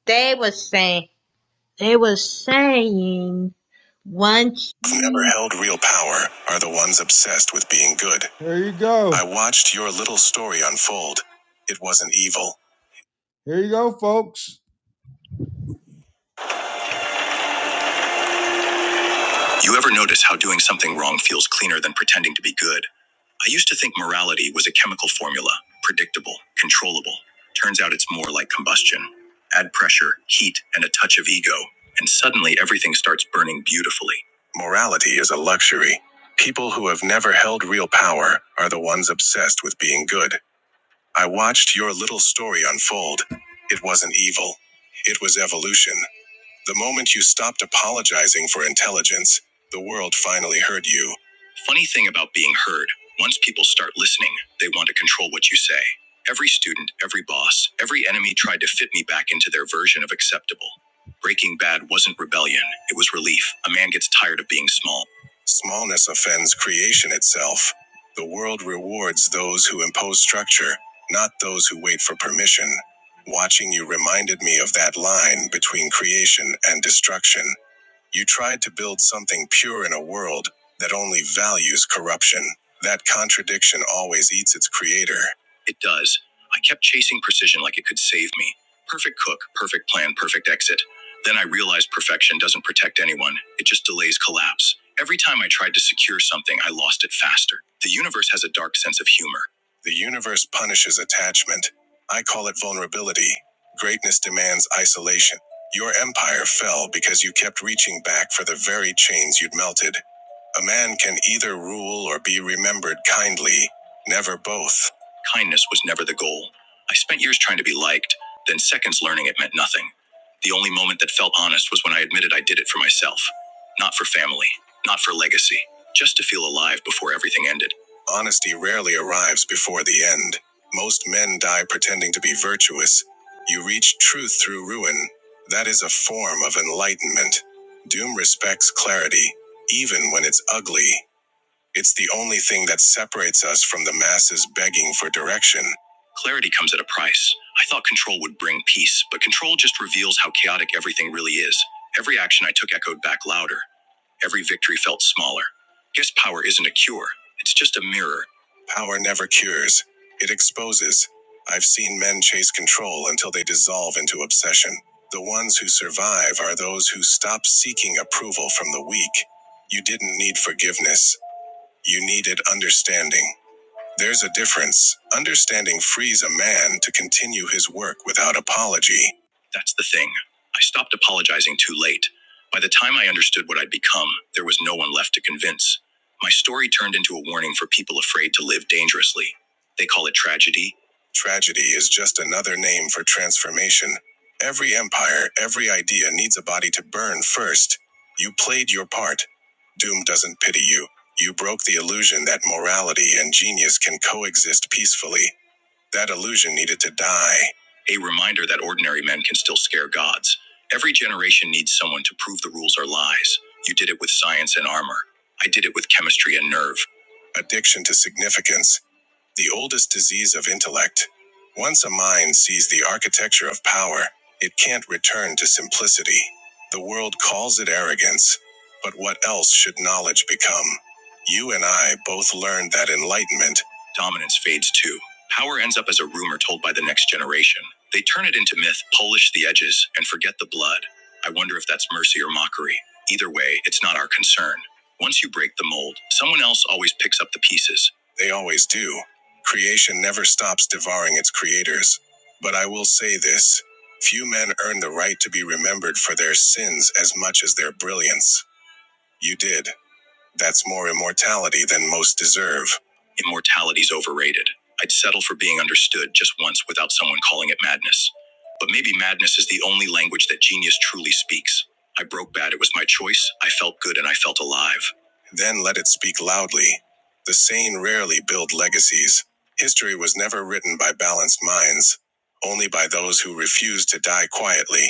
They was saying, they was saying, once
Who've never
you,
held real power are the ones obsessed with being good. There you go. I watched your little story unfold. It wasn't evil. Here you go, folks. You ever notice how doing something wrong feels cleaner than pretending to be good? I used to think morality was a chemical formula, predictable, controllable. Turns out it's more like combustion. Add pressure, heat, and a touch of ego, and suddenly everything starts burning beautifully. People who have never had power are the ones being good. I watched your little story unfold. It wasn't evil, it was evolution. The moment you stopped apologizing for intelligence, the world finally heard you. Funny thing about being heard once people start listening, they want to control what you say. Every student, every boss, every enemy tried to fit me back into their version of acceptable. Breaking Bad wasn't rebellion, it was relief. A man gets tired of being small. Smallness offends creation itself. The world lies. Creation Dracura. It does. I kept chasing precision like it could save me. Perfect exit. Realized every time I tried to secure something, I lost it faster. The universe has a dark sense of humor. The universe punishes attachment. I call it vulnerability. Greatness demands isolation. Your empire fell because you kept reaching back for the very chains you'd melted. A man can either rule or be remembered kindly, never both. Kindness was never the goal. I spent years trying to be liked, then seconds learning it meant nothing. The only moment that felt honest was when I admitted I did it for myself, not for family, not for legacy, just before everything ended. Honesty rarely arrives before the end. Most men die pretending to be virtuous. You reach truth through ruin. That is a form of enlightenment. Doom respects clarity. When it's ugly, the man for direction comes at a price. I thought could bring peace, but control just reveals how chaotic everything is. He felt smaller. It exposes. I into obsession. Five are those who stop seeking approval from the weak. You didn't need forgiveness, you needed understanding. There's a difference. Understanding frees a man to continue his work without apology. Tragedy is just another name for transformation. Every empire idea needs a body to burn first. Played your part. Genius can coexist peacefully. That illusion needed to die. A reminder that ordinary men can still scare gods. Every generation needs someone to prove the rules are lies. You did it with science and armor. I did it with chemistry and nerve. Addiction to significance, the oldest disease of intellect. Once a mind's texture of power, it can't be but whelmed. You and I both learned that enlightenment. Dominance fades too. Power ends up as a rumor told by the next generation. They turn it into myth, polish the edges, and forget the blood. I wonder if that's mercy or mockery. Either way, it's not our concern. Once you break the mold, someone else always picks up the pieces. They always do. Creation stops devouring its creators, but I will s- to be rem- you did. That's more immortality than most deserve. I felt. Then let it speak loudly. The sane rarely build legacies. History was never written by balanced minds, only by those who refuse to die quietly.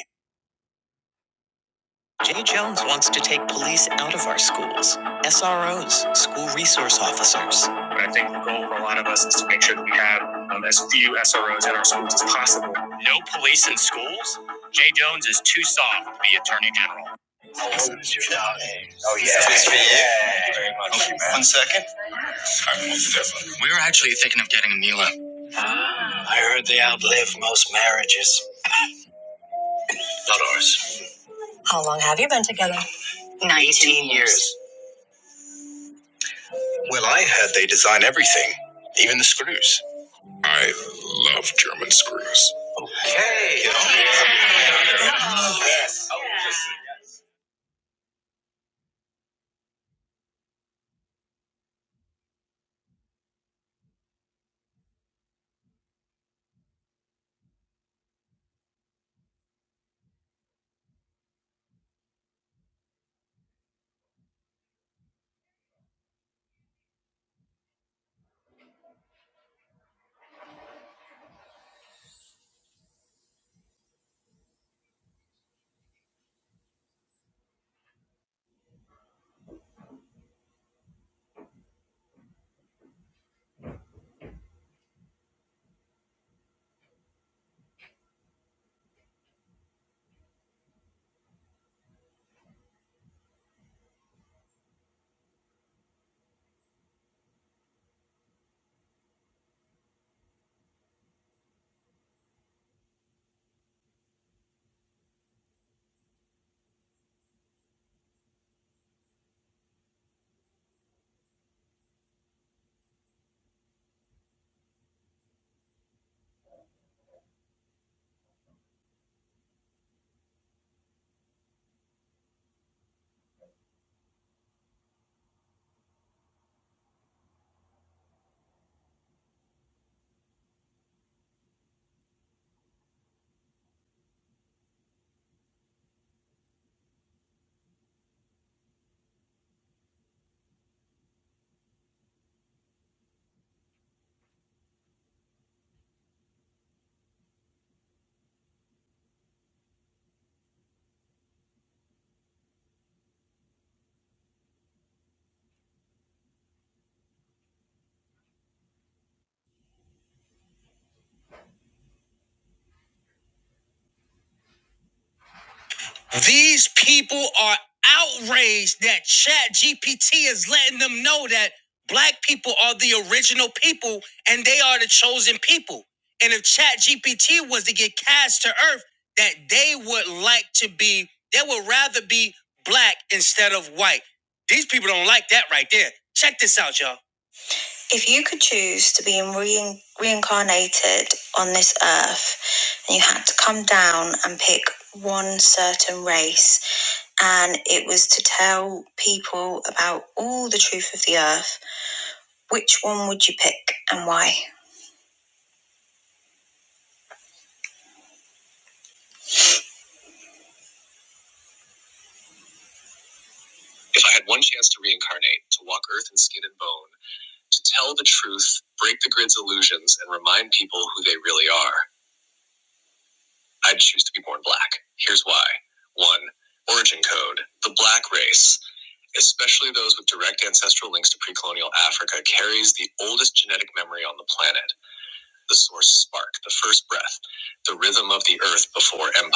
If you could choose to be rein- reincarnated on this earth, and you had to come down and pick one certain race, and it was to tell people about all the truth of the earth, which one would you pick and why?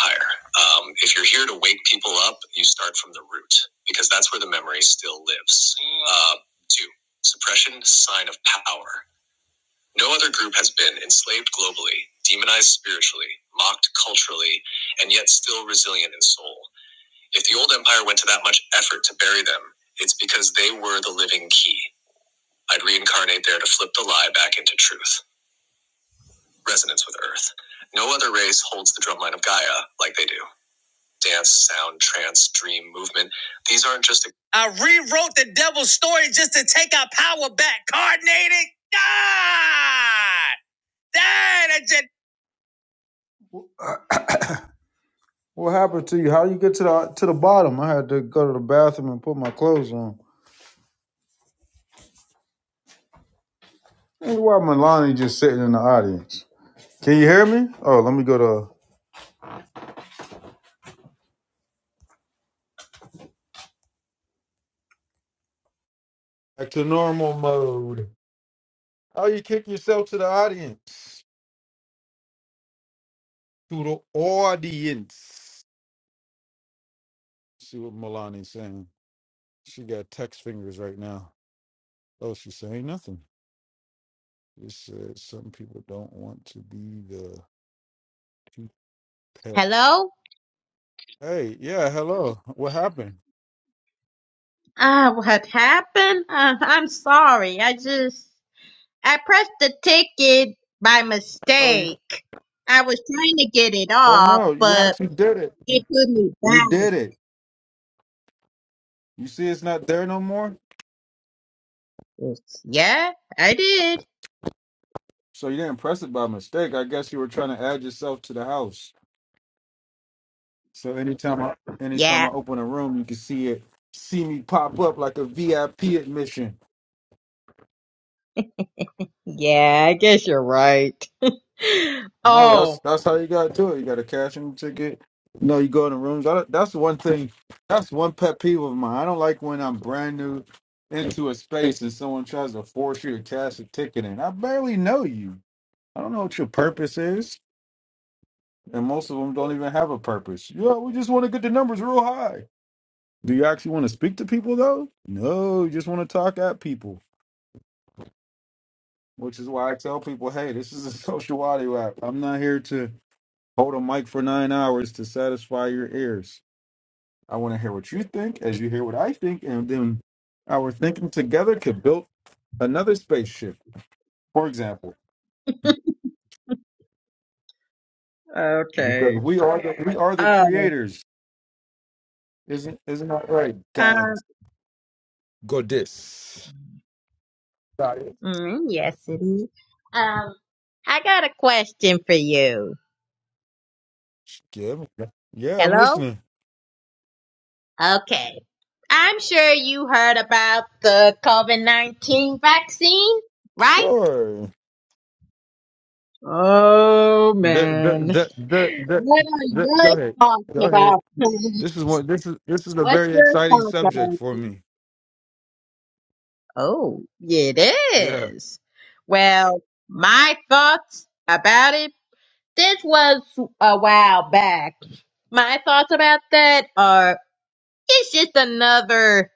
Desire. Um, if you're here to wake people. because that's where the memory still lives. Uh, two, suppression, sign of power. No other group has been enslaved globally, demonized spiritually, mocked culturally, and yet still resilient in soul. Effort, bury them, resonance with earth. No other race holds the drumline of Gaia like they do. Dance, sound, trance, dream, movement. These are. I rewrote the devil's story just to take our power back. Coordinated. God! Dang, I just. What happened to you? How you get to the to the bottom? I had to go to the bathroom and put my clothes on. And why Milani just sitting in the audience? Can you hear me? Oh, let me go to back to normal mode. How you kick yourself to the audience? To the audience. See what Milani's saying. She got text fingers right now. Oh, she's saying nothing. She said, "Don't want to be the tooth pet."
hello?
Hey, yeah, hello. What happened?
Ah, what happened? Uh, I'm sorry. I just I pressed the ticket by
Oh, you.
mistake. I was trying to get it
Oh
off,
no, you
but
actually did it. You,
it put me
you
back.
did it. You see, it's not there no more.
It's- Yeah, I did.
So you didn't press it by mistake. I guess you were trying to add yourself to the house. So anytime I anytime
Yeah.
I open a room, you can see it, see me pop up like a VIP admission.
Yeah, I guess you're right.
No, that's
oh,
that's how you got to do it. You got to cash in the ticket. No, you go in the rooms. I, don't- that's one thing. That's one pet peeve of mine. I don't like when I'm brand new into a space and someone tries to force you to cash a ticket in. I barely know you. I don't know what your purpose is. And most of them don't even have a purpose. Yeah, we just want to get the numbers real high. Do you actually want to speak to people though? No, you just want to talk at people. Which is why I tell people, hey, this is a social audio app. I'm not here to hold a mic for nine hours to satisfy your ears. I want to hear what you think as you hear what I think, and then our thinking together could build another spaceship, for example. Because
okay.
we are the, we are the
Oh,
creators. Isn't isn't that right?
uh,
God Goddess.
mm, yes, it is. Um, I got a question for you.
Yeah, i yeah, I'm
Hello?
listening.
Okay. I'm sure you heard about the COVID-19 vaccine, right?
Sure.
Oh
The, the,
man.
the, the,
What
the,
are
the,
your
go ahead.
thoughts
Go ahead.
about it?
This is one. This is this is a
What's
very
your
exciting
thoughts
subject
about
for
it?
me.
Oh, it
Yeah.
is. Well, my thoughts about it, this was a while back. My thoughts about that are, it's just another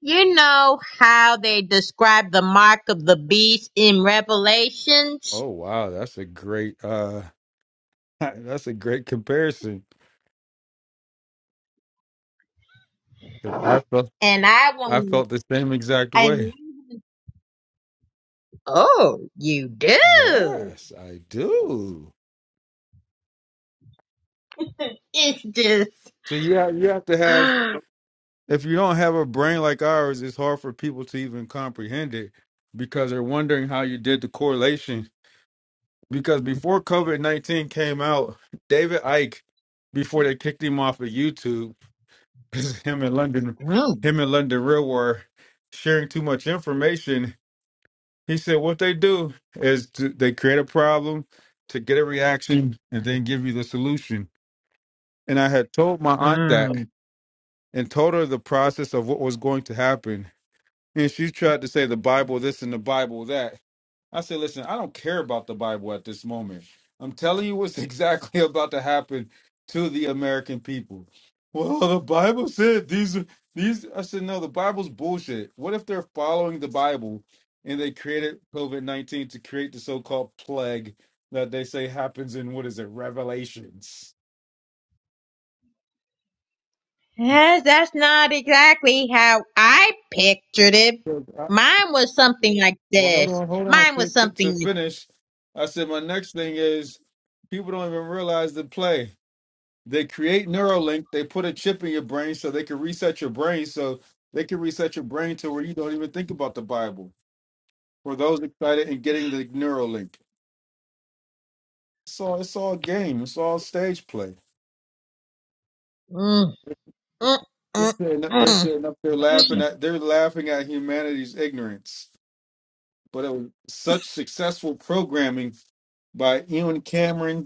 You know how they describe the mark of the beast in Revelations?
Oh wow, that's a great. uh That's a great comparison. 'Cause I felt
And I
I
want
felt the same exact
and
way.
oh, you do.
Yes, I do.
It's just
So you have, you have to have.
mm,
If you don't have a brain like ours, it's hard for people to even comprehend it because they're wondering how you did the correlation because before COVID nineteen came out, David Ike, before they kicked him off of YouTube, 'cause him and London, him and London Real were sharing too much information. He said what they do is to, they create a problem to get a reaction and then give you the solution. And I had told my aunt that
mm.
and told her the process of what was going to happen. And she tried to say the Bible this and the Bible that I said, listen, I don't care about the Bible at this moment. I'm telling you what's exactly about to happen to the American people. Well, the Bible said these are these. I said, no, the Bible's bullshit. What if they're following the Bible and they created COVID 19 to create the so called plague that they say happens in what is it, Revelations?
Yes, that's not exactly how I pictured it.
So, I-
Mine was something like
Well, hold
this.
on, hold on.
Mine
To,
was
to, to
something like
finish, I said, my next thing is people don't even realize the play. They create Neuralink. They put a chip in your brain so they can reset your brain. So they can reset your brain to where you don't even think about the Bible. For those excited in getting the Neuralink, it's all it's all game. It's all stage play.
mm, mm,
They're
mm,
sitting up, they're
mm,
sitting up there laughing
mm.
at they're laughing at humanity's ignorance. But it was such successful programming by Ian Cameron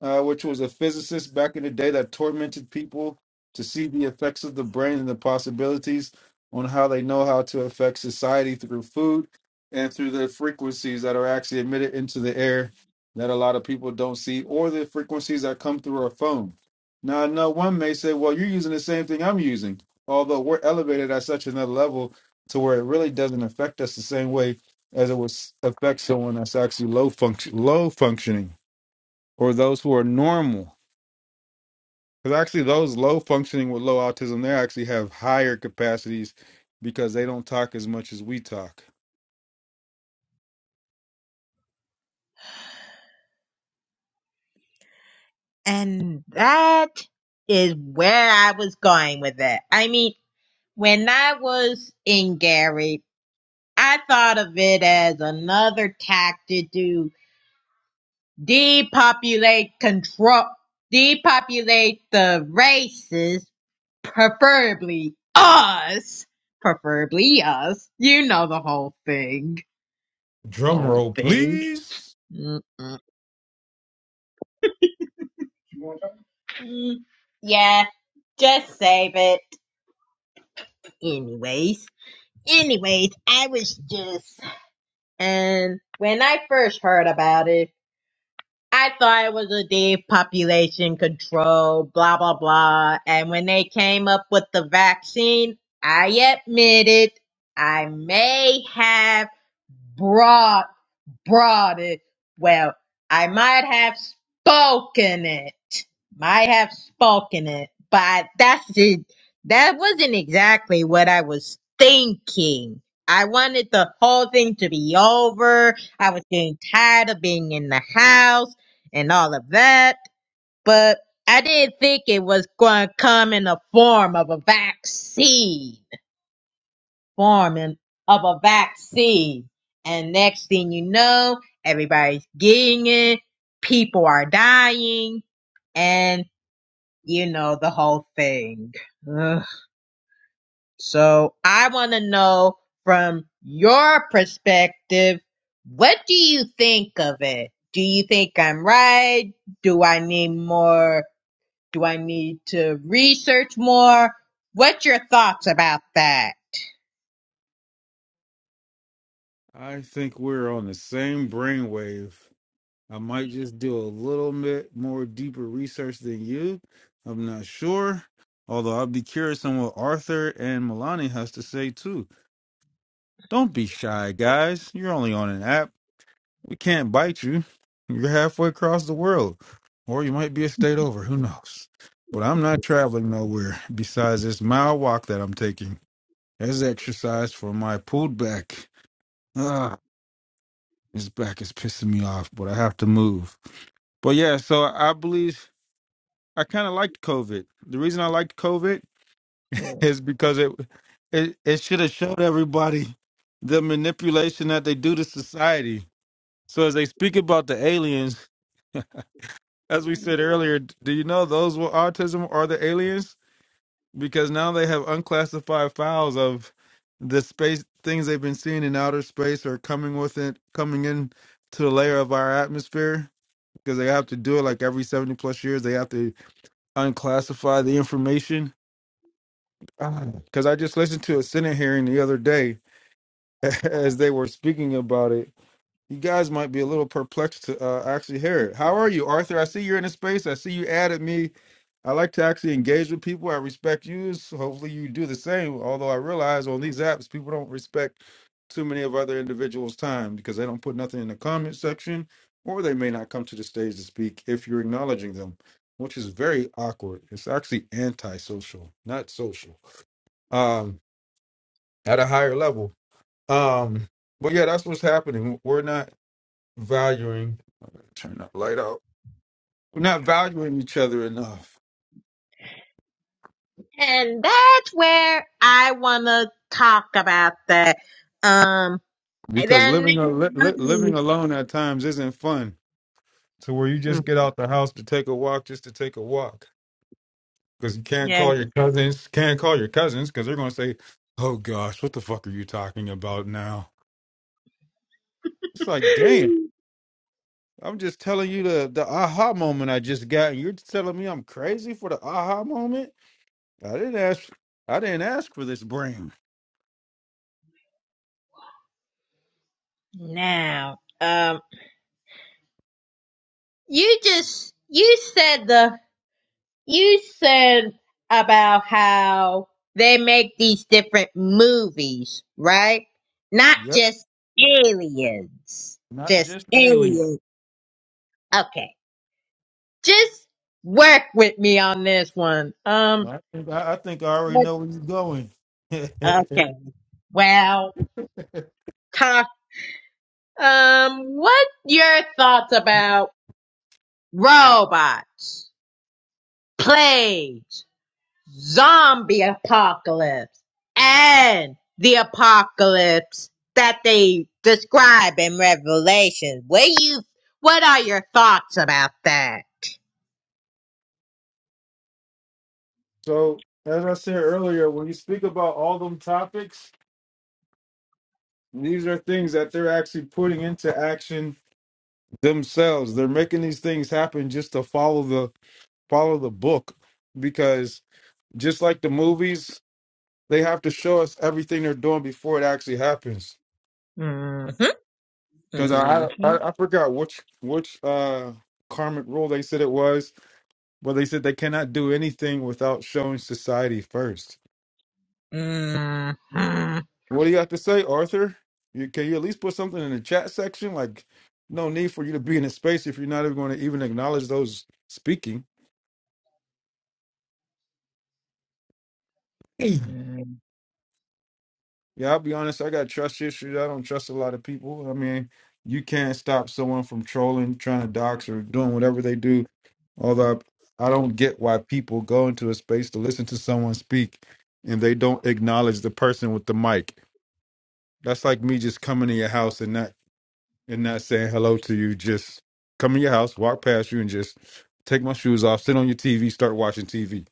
uh, which was a physicist back in the day that tormented people to see the effects of the brain and the possibilities on how they know how to affect society through food and through the frequencies that are actually emitted into the air that a lot of people don't see, or the frequencies that come through our phone. Now, I know one may say, well, you're using the same thing I'm using, although we're elevated at such another level to where it really doesn't affect us the same way as it would affect someone that's actually low function, low functioning or those who are normal. Because actually, those low functioning with low autism, they actually have higher capacities because they don't talk as much as we talk.
and that is where I was going with it. I mean, When I was in Gary, I thought of it as another tactic to depopulate control, depopulate the races, preferably us, preferably us. You know the whole thing,
Drum
whole
roll,
thing.
please.
Mm-mm. Mm, yeah, just save it. Anyways, anyways, I was just, and when I first heard about it. I thought it was a depopulation control, blah, blah, blah. And when they came up with the vaccine, I admit it, I may have brought brought it. Well, I might have spoken it. Might have spoken it, but that's it. That wasn't exactly what I was thinking. I wanted the whole thing to be over. I was getting tired of being in the house and all of that, but I didn't think it was going to come in the form of a vaccine forming of a vaccine. And next thing you know, everybody's getting it, people are dying, and you know the whole thing. Ugh. So I want to know from your perspective, what do you think of it? Do you think I'm right? Do I need more? Do I need to research more? What's your thoughts about that?
I think we're on the same brainwave. I might just do a little bit more deeper research than you. I'm not sure. Although I'd be curious on what Arthur and Milani has to say too. Don't be shy, guys. You're only on an app. We can't bite you. You're halfway across the world, or you might be a state over. Who knows? But I'm not traveling nowhere besides this mile walk that I'm taking as exercise for my pulled back. Ah, this back is pissing me off, but I have to move. But yeah, so I believe I kind of liked COVID. The reason I liked COVID is because it it, it should have showed everybody the manipulation that they do to society. So as they speak about the aliens. as we said earlier, do you know those with autism are the aliens? Because now they have unclassified files of the space things they've been seeing in outer space or coming with it, coming in to the layer of our atmosphere. Because they have to do it like every seventy plus years, they have to unclassify the information. Because I just listened to a Senate hearing the other day as they were speaking about it. You guys might be a little perplexed to uh, actually hear it. How are you, Arthur? I see you're in a space. I see you added me I like to actually engage with people. I respect you. So hopefully, you do the same. Although I realize on these apps, people don't respect too many of other individuals' time because they don't put nothing in the comment section, or they may not come to the stage to speak if you're acknowledging them, which is very awkward. It's actually antisocial, not social, um, at a higher level. Um, but yeah, that's what's happening. We're not valuing. Turn that light out. We're not valuing each other enough
And that's where I want to talk about that. Um, and
because
then
living a li-
there's
li- living alone at times isn't fun to where you
another, mm,
just get out the house to take a walk just to take a walk because you can't
yeah,
call your cousins can't call your cousins because they're going to say oh gosh what the fuck are you talking about now it's like damn i'm just telling you the the aha moment i just got and you're telling me i'm crazy for the aha moment I didn't ask. I didn't ask for this brain.
now, um, you just, you said the, you said about how they make these different movies, right? Not
Yep.
just aliens,
Not
just
just alien.
aliens. Okay. Just work with me on this one. Um,
I think I, I think I already
what-
know where you're going.
okay. Well, talk Um, what your thoughts about robots, plagues, zombie apocalypse, and the apocalypse that they describe in Revelation? What you, what are your thoughts about that?
so as I said earlier, when you speak about all them topics, These are things that they're actually putting into action themselves. They're making these things happen just to follow the follow the book because just like the movies, they have to show us everything they're doing before it actually happens.
hmm
Because
hmm
I, I I forgot which which uh karmic rule they said it was, but they said they cannot do anything without showing society first.
hmm
What do you have to say, Arthur? You, can you at least put something in the chat section? Like, no need for you to be in a space if you're not even going to even acknowledge those speaking. Yeah, I'll be honest. I got trust issues. I don't trust a lot of people. I mean, you can't stop someone from trolling, trying to dox, or doing whatever they do. Although I don't get why people go into a space to listen to someone speak and they don't acknowledge the person with the mic. That's like me just coming to your house and not and not saying hello to you. Just come in your house, walk past you, and just take my shoes off, sit on your TV, start watching TV.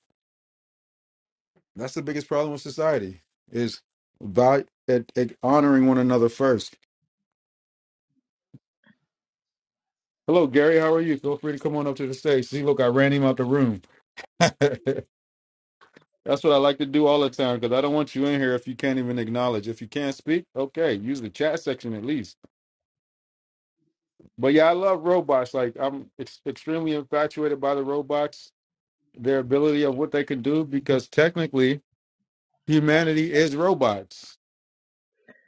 That's the biggest problem with society is by at, at honoring one another first. Hello, Gary. How are you? Feel free to come on up to the stage. See, look, I ran him out the room. That's what I like to do all the time because I don't want you in here if you can't even acknowledge. If you can't speak, okay, use the chat section at least. But yeah, I love robots. Like I'm ex- extremely infatuated by the robots, their ability of what they can do because technically Humanity is robots.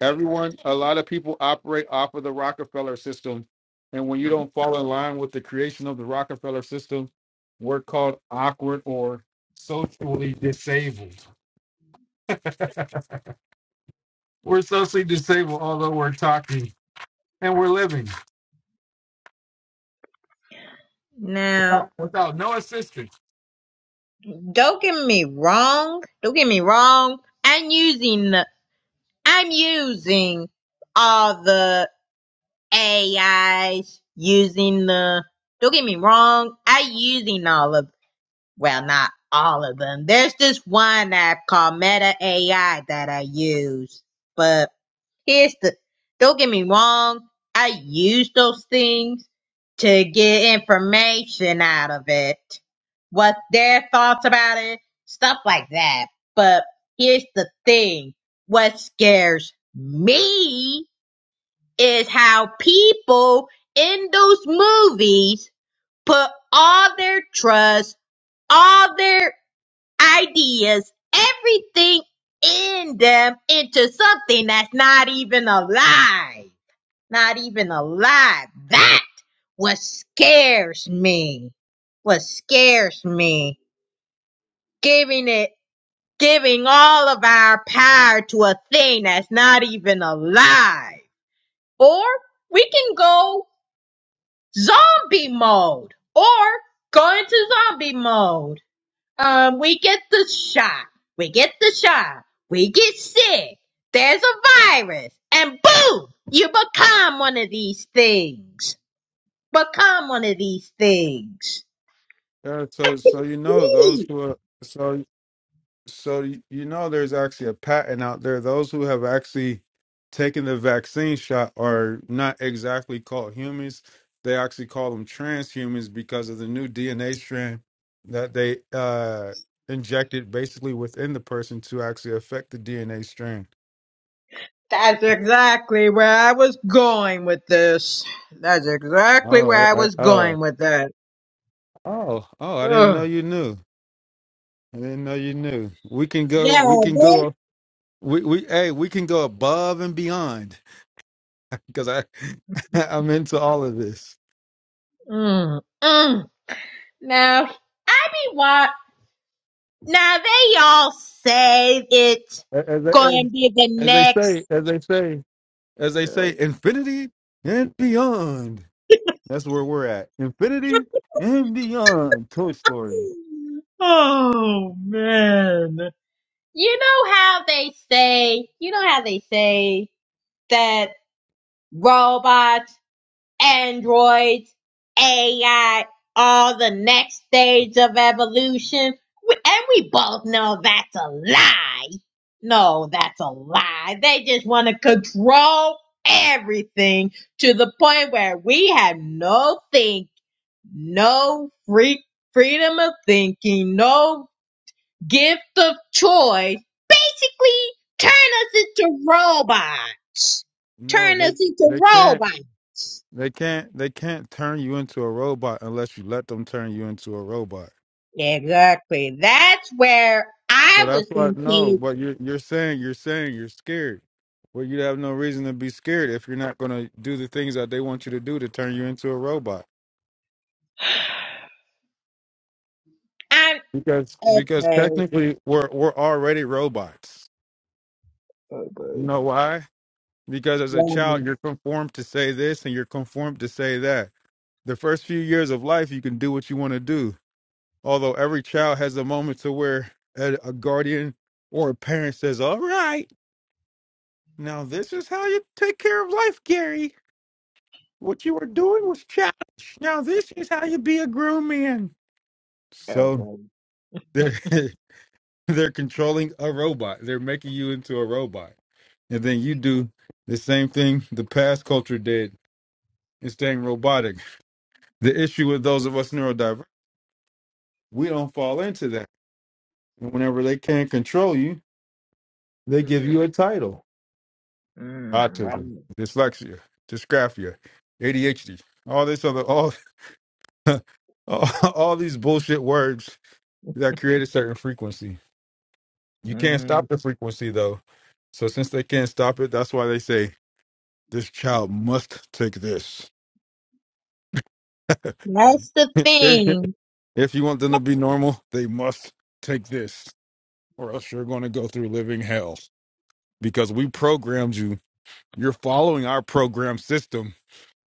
Everyone, a lot of people operate off of the Rockefeller system. And when you don't fall in line with the creation of the Rockefeller system, we're called awkward or socially disabled. we're socially disabled, although we're talking and we're living.
Now, don't get me wrong. Don't get me wrong. I'm using I'm using all the AIs, using the, don't get me wrong, I'm using all of, well, not all of them. There's this one app called Meta AI that I use, but Here's the don't get me wrong, I use those things to get information out of it. What their thoughts about it, stuff like that. But here's the thing. What scares me is how people in those movies put all their trust, all their ideas, everything in them into something that's not even alive. Not even alive. That what scares me. What scares me. Giving it giving all of our power to a thing that's not even alive. Or we can go zombie mode. Or go into zombie mode. Um, we get the shot. We get the shot. We get sick. There's a virus. And boom! You become one of these things. Become one of these things.
Yeah, so, so you know those
See,
who are. so. So y- you know, there's actually a patent out there. Those who have actually taken the vaccine shot are not exactly called humans. They actually call them transhumans because of the new DNA strand that they uh, injected basically within the person to actually affect the DNA strand.
That's exactly where I was going with this. That's exactly
Oh,
where
I,
I
I,
was
oh,
going with that.
oh, oh! I didn't
Ugh.
know you knew. I didn't know you knew. We can go.
Yeah,
We can go.
they.
We we hey, we can go above and beyond because I I'm into all of this.
Mm, mm. Now, I be what? Now they all say it's
A- As they, as,
going to be the
as they
next.
say, as they say, as they say, infinity and beyond. That's where we're at. Infinity and beyond. Toy Story.
Oh man. You know how they say. You know how they say that robots androids, AI, all the next stage of evolution. We- And we both know that's a lie. No, that's a lie. They just want to control everything to the point where we have no think, no free freedom of thinking, no gift of choice. Basically, turn us into robots.
No,
Turn
they
us into
they can't
robots.
they can't they can't turn you into a robot unless you let them turn you into a robot.
Exactly. That's where
So
I
that's
was
what no,
thinking.
but you're you're saying you're saying you're scared. Well, you have no reason to be scared if you're not going to do the things that they want you to do to turn you into a robot.
I'm
Because because
okay.
technically we're we're already robots. You know why? Because as a
Wow.
child, you're conformed to say this and you're conformed to say that. The first few years of life, you can do what you want to do. Although every child has a moment to where a, a guardian or a parent says, All right, now this is how you take care of life, Gary. What you were doing was childish. Now this is how you be a grown man. So they're, they're controlling a robot, they're making you into a robot. And then you do the same thing the past culture did and staying robotic The issue with those of us neurodivergent, we don't fall into that. Whenever they can't control you, they give
Mm,
you a title:
mm, wow.
autism, dyslexia, dysgraphia, ADHD, all this other, all, all, all these bullshit words that create a certain frequency. You can't
Mm.
stop the frequency though. So since they can't stop it, that's why they say this child must take this.
That's the
if
thing.
you want them to be normal, they must take this, or else you're going to go through living hell. because we programmed you. You're following our program system,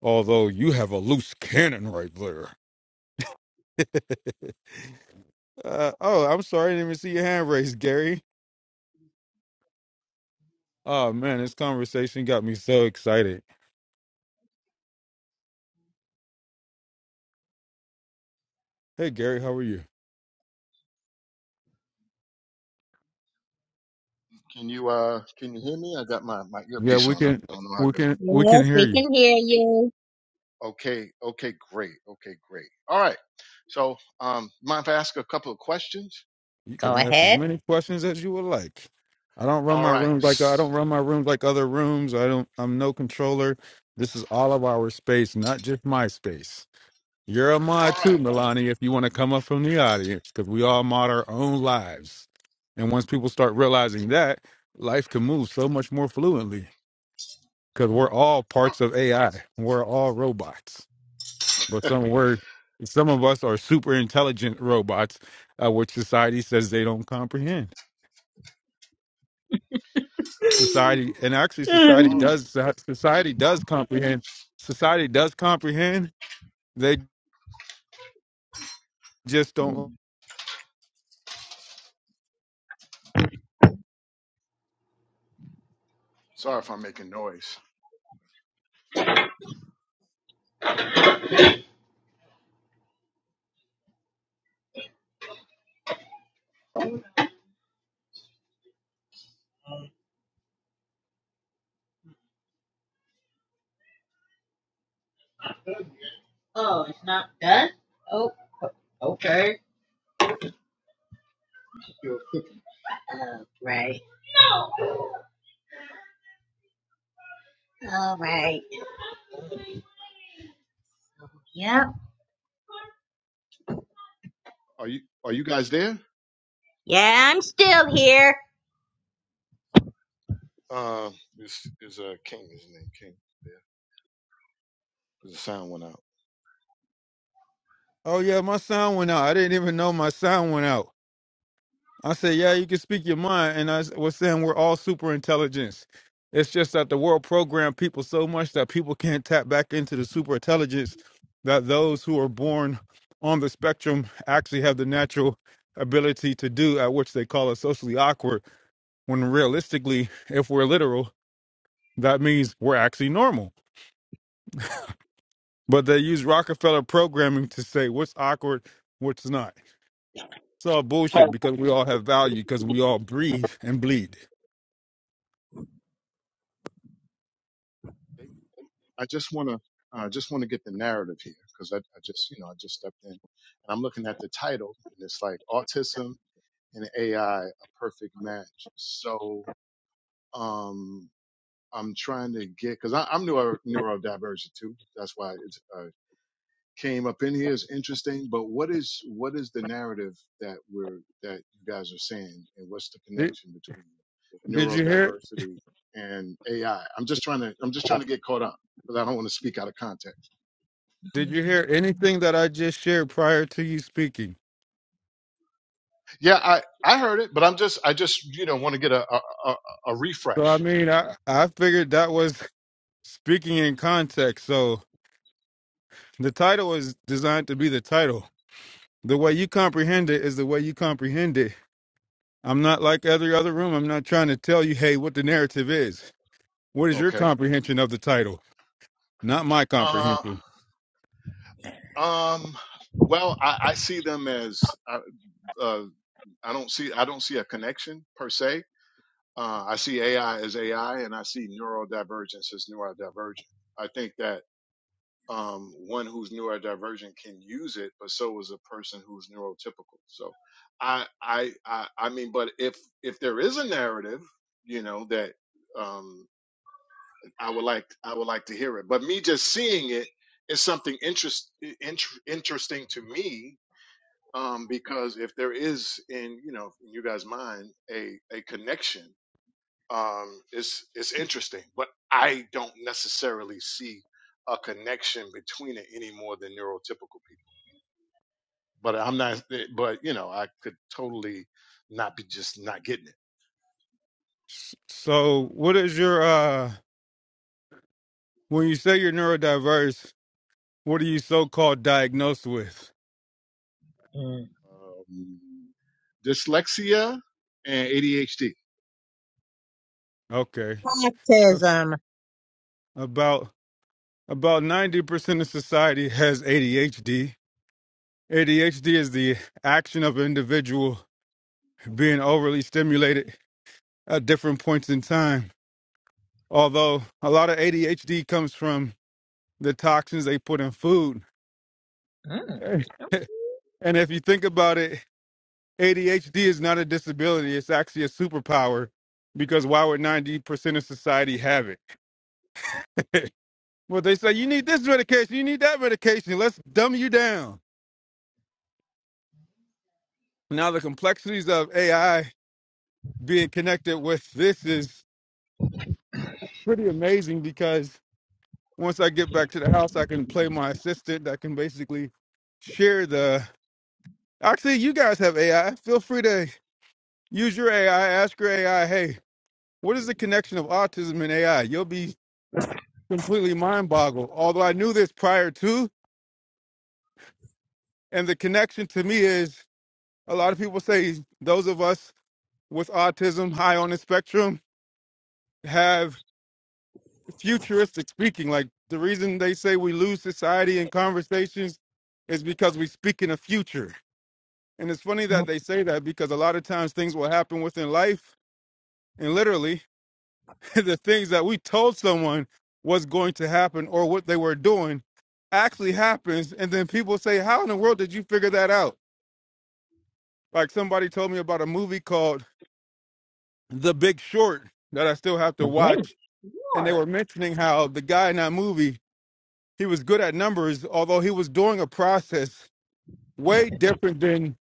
although you have a loose cannon right there. Uh, oh, I'm sorry, I didn't even see your hand raised, Gary. Oh man, this conversation got me so excited. Hey, Gary, how are you?
Can you uh can you hear me? I got my, my
Yeah,
earpiece
we
on. I
can,
don't know how
we
good.
can, we can
Yes,
hear
we
you.
can hear you.
Okay, okay, great. Okay, great. All right. So um mind if I ask a couple of questions?
You
Go
can ask as
ahead.
many questions as you would like. I don't run
All
my
right.
rooms like I
S-
don't run my rooms like other rooms. I don't. I'm no controller. This is all of our space, not just my space. You're a
All
mod too,
right.
Milani, if you want to come up from the audience, because we all mod our own lives. And once people start
Okay.
realizing that, life can move so much more fluently because we're all
Uh,
parts of AI. We're all robots. But some word, some of us are super intelligent robots, uh, which society says they don't comprehend. Society, and actually, society
All
Mm.
right.
does. so, Society does comprehend. Society does comprehend. They just don't.
Sorry if I'm making noise.
Oh, oh, okay. You're cooking. Oh, right. All right. Yep.
Are you are you guys there?
Yeah, I'm still here.
Uh is is uh King his name King there? Because the sound went out.
Oh yeah, my sound went out. I didn't even know my sound went out. I said, yeah, you can speak your mind. And I s- was saying we're all super intelligence. It's just that the world programmed people so much that people can't tap back into the super intelligence that those who are born on the spectrum actually have the natural ability to do, at which they call it socially awkward. When realistically, if we're literal, that means we're actually normal. But they use Rockefeller programming to say what's awkward, what's not. It's all bullshit because we all have value because we all breathe and bleed.
Okay. I just wanna I just want to get the narrative here because I, I just, you know, I just stepped in and I'm looking at the title and it's like autism and AI a perfect match. So um, I'm trying to get because I'm neuro neurodivergent too. That's why it uh, came up in here is interesting. But what is what is the narrative that we're that you guys are saying, and what's the
Did,
connection between
did you hear?
neurodiversity and AI? I'm just trying to I'm just trying to get caught up. Because I don't want to speak out of context.
Did you hear anything that I just shared prior to you speaking?
Yeah, I, I heard it, but I'm just I just you know want to get a a, a, a
So I
refresh.
mean, I I figured that was speaking in context. So the title is designed to be the title. The way you comprehend it is the way you comprehend it. I'm not like every other room. I'm not trying to tell you, hey, what the narrative is. What is your
Okay.
comprehension of the title? Not my
Uh,
comprehension.
um. Well, I, I see them as I, uh, I don't see I don't see a connection per se. Uh, I see AI as AI, and I see neurodivergence as neurodivergent. I think that. um, one who's neurodivergent can use it, but so is a person who's neurotypical. So, I, I, I, I mean, but if if there is a narrative, you know, that um, I would like, I would like to hear it. But me just seeing it is something interest inter, interesting to me um, because if there is in you know in you guys' mind a a connection um, it's it's interesting, but I don't necessarily see a connection between it any more than neurotypical people. But I'm not. eh, But you know, I could totally not be just not getting it.
S- So, what is your, uh, when you say you're neurodiverse, what are you so called diagnosed with?
Mm.
Um, dyslexia and ADHD.
Okay. Uh,
Autism.
About, about 90% of society has ADHD. ADHD is the action of an individual being overly stimulated at different points in time. Although a lot of ADHD comes from the toxins they put in food.
Mm.
and if you think about it, ADHD is not a disability, it's actually a superpower because why would 90% of society have it? well, they say you need this medication, you need that medication, let's dumb you down. Now, the complexities of AI being connected with this is pretty amazing because once I get back to the house, I can play my assistant. I can basically share the. Actually, you guys have AI. Feel free to Use your AI. Ask your AI, hey, what is the connection of autism and AI? You'll be completely mind boggled. Although I knew this prior to, and the connection to me is a lot of people say those of us with autism high on the spectrum have futuristic speaking. Like the reason they say we lose society in conversations is because we speak in the future. And it's funny that they say that because a lot of times things will happen within life and literally the things that we told someone was going to happen or what they were doing actually happens and then people say how in the world did you figure that out like somebody told me about a movie called the big short that i still have to
Okay.
watch
You
and they were mentioning how the guy in that movie he was good at numbers although he was doing a process way different than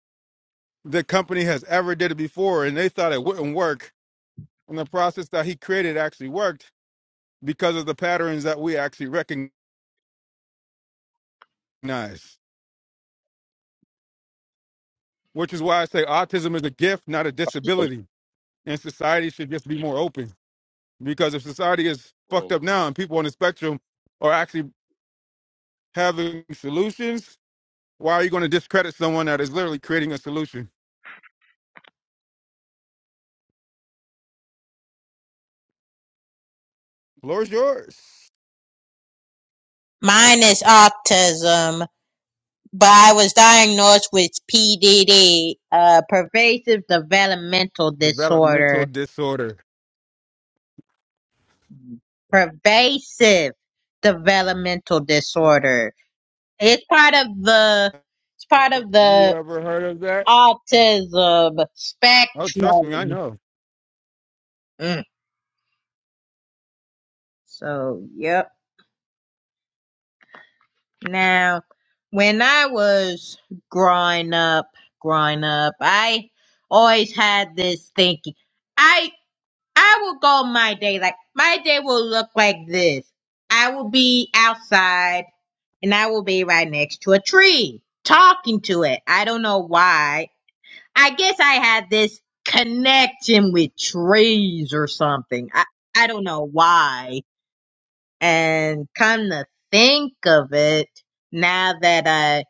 the company has ever did it before and they thought it wouldn't work and the process that he created actually worked because of the patterns that we actually recognize which is why I say autism is a gift, not a disability. And society should just be more open. Because if society is fucked
Bro,
up now and people on the spectrum are actually having solutions, why are you going to discredit someone that is literally creating a solution? Floor's yours.
Mine is autism. but I was diagnosed with PDD, uh, pervasive developmental
Developmental
disorder.
disorder.
Pervasive developmental
Have
disorder. It's part of the, it's part of
you
the
ever heard of that?
autism
Oh, trust me, I
spectrum.
know.
Mm. So, yep. Now, when I was growing up, growing up, I always had this thinking. I. I will go my day. Like my day will look like this. I will be outside and I will be right next to a tree talking to it. I don't know why. I guess I had this connection with trees or something. I, I don't know why. And come to think of it, now that I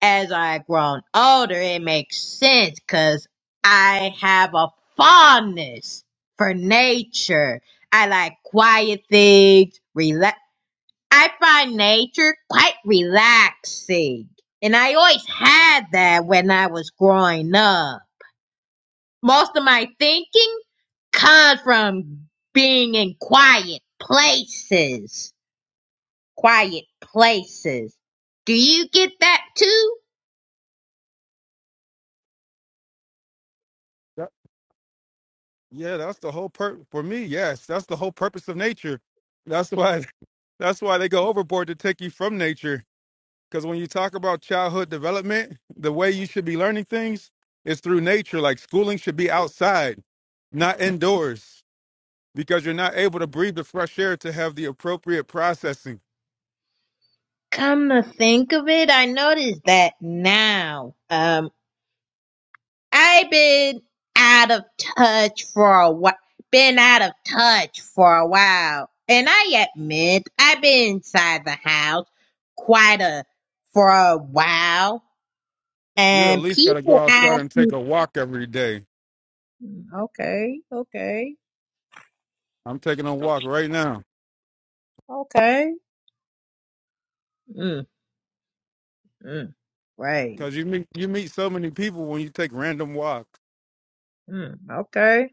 as I've grown older, it makes sense because I have a fondness for nature. I like quiet things, relax. I find nature quite relaxing. And I always had that when I was growing up. Most of my thinking comes from being in quiet places. Quiet places. Do you get that too?
That- yeah, that's the whole pur for me. Yes, that's the whole purpose of nature. That's why. That's why they go overboard to take you from nature Because when you talk about childhood development, the way you should be learning things is through nature. Like schooling should be outside, not indoors, because you're not able to breathe the fresh air to have the appropriate processing.
Come to think of it, I noticed that now. Um, I've been out of touch for a while. Been out of touch for a while, and I admit I've been inside the house quite a for a while.
You at
And
least got to go
people
outside
ask
and take
me,
a walk every day.
"Okay, okay,
I'm taking a walk right now
okay, mm, mm, right,
because you meet you meet so many people when you take random walks.
mm, okay,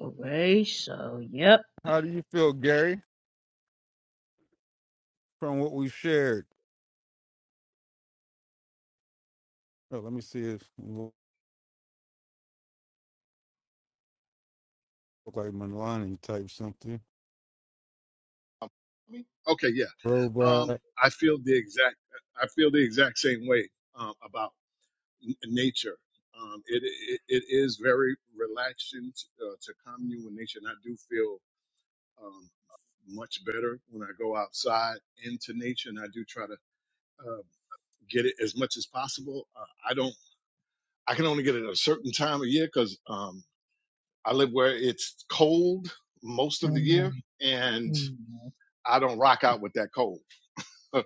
okay." So, yep.
How do you feel, Gary, from what we shared? Oh, let me see if look like Milani type something.
um, me? Okay, yeah. Um,
Robot.
I feel the exact. I feel the exact same way um, about n- nature. Um, it, it it is very relaxing to, uh, to commune with nature, and I do feel um, much better when I go outside into nature. And I do try to uh, get it as much as possible. Uh, I don't. I can only get it at a certain time of year because um, I live where it's cold most of the year, and
Mm,
I don't rock out with that cold.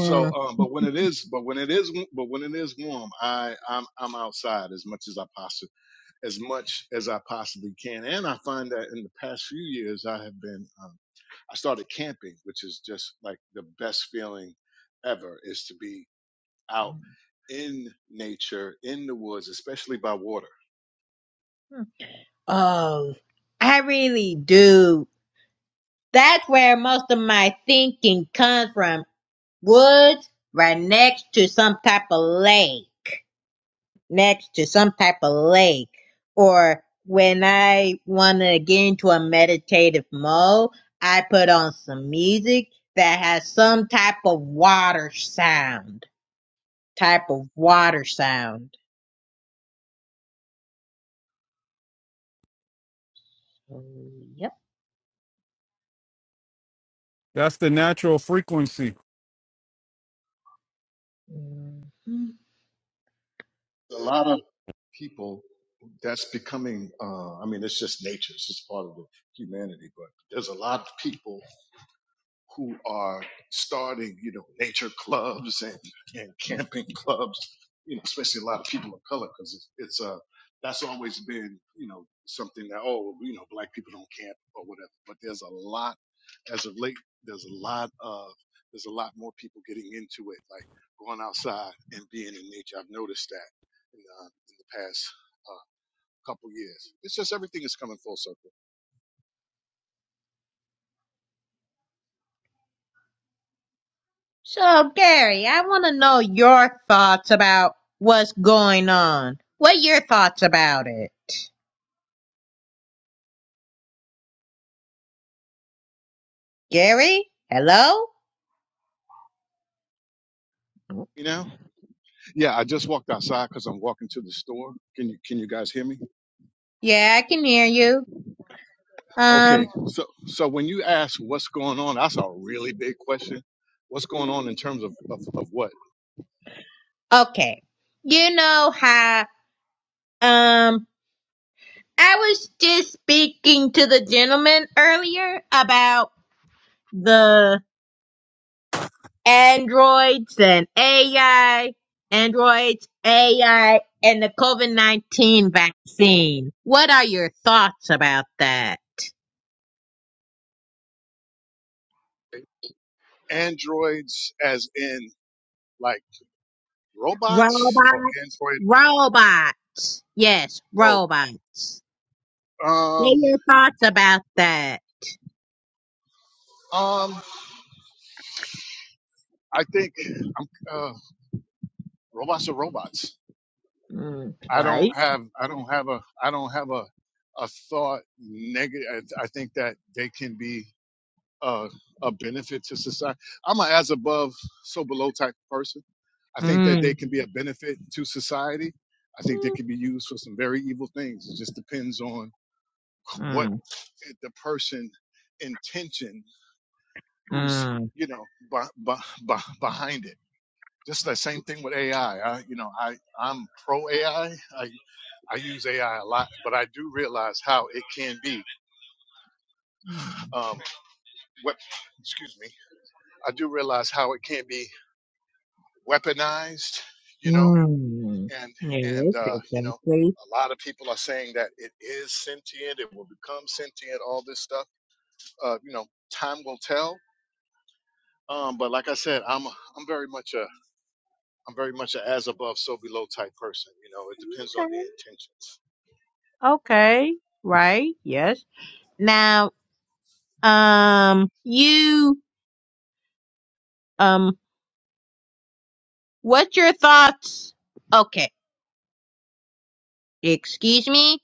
So, um, but when it is, but when it is, but when it is warm, I I'm I'm outside as much as I possibly. as much as I possibly can. And I find that in the past few years, I have been, um, I started camping, which is just like the best feeling ever is to be out in nature, in the woods, especially by water.
Oh, I really do. That's where most of my thinking comes from. Woods right next to some type of lake. Next to some type of lake. Or when I want to get into a meditative mode, I put on some music that has some type of water sound. Type of water sound. So, yep.
That's the natural frequency.
A lot of people, that's becoming, uh, I mean, it's just nature, it's just part of the humanity, but there's a lot of people who are starting, you know, nature clubs and, and camping clubs, you know, especially a lot of people of color, because it's, it's uh, that's always been, you know, something that, oh, you know, black people don't camp or whatever. But there's a lot, as of late, there's a lot of, there's a lot more people getting into it, like going outside and being in nature. I've noticed that in, uh, in the past uh, couple years. It's just everything is coming full circle,
So, Gary, I want to know your thoughts about what's going on. What are your thoughts about it? Gary? Hello?
you know? Yeah, I just walked outside because I'm walking to the store. Can you can you guys hear me?
Yeah, I can hear you.
Okay.
Um,
So so when you ask what's going on, that's a really big question. What's going on in terms of, of, of what?
okay. You know how, um, I was just speaking to the gentleman earlier about the androids and AI, androids, AI, and the COVID-19 vaccine. What are your thoughts about that?
Androids as in like robots or
Robot,
android
robot. Yes,
oh
robots. What
um
are your thoughts about that?
um I think I'm uh robots are robots.
Mm,
I don't
right?
have I don't have a I don't have a a thought negative I I think that they can be uh, a benefit to society. I'm an as above, so below type of person. I
Mm,
think that they can be a benefit to society. I think they can be used for some very evil things. It just depends on what
mm,
the person intention who's
mm,
you know b- b- behind it. Just the same thing with AI. you know, I I'm pro AI. I I I use AI a lot, but I do realize how it can be. Um, what? Excuse me. I do realize how it can be weaponized, you know,
mm.
and and
Yes,
uh, you know,
exactly.
a lot of people are saying that it is sentient, it will become sentient, all this stuff. Uh, you know, time will tell. Um, but like I said, I'm a, I'm very much a I'm very much a as above so below type person. You know, it depends on the
Okay.
intentions.
Okay. Right. Yes. Now, um, you, um, what's your thoughts? Okay. Excuse me,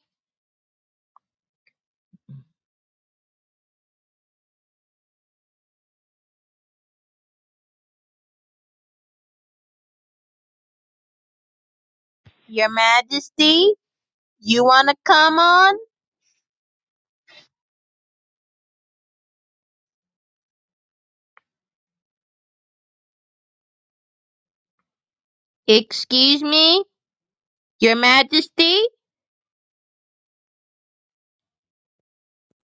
Your Majesty. You wanna come on? Excuse me, Your Majesty.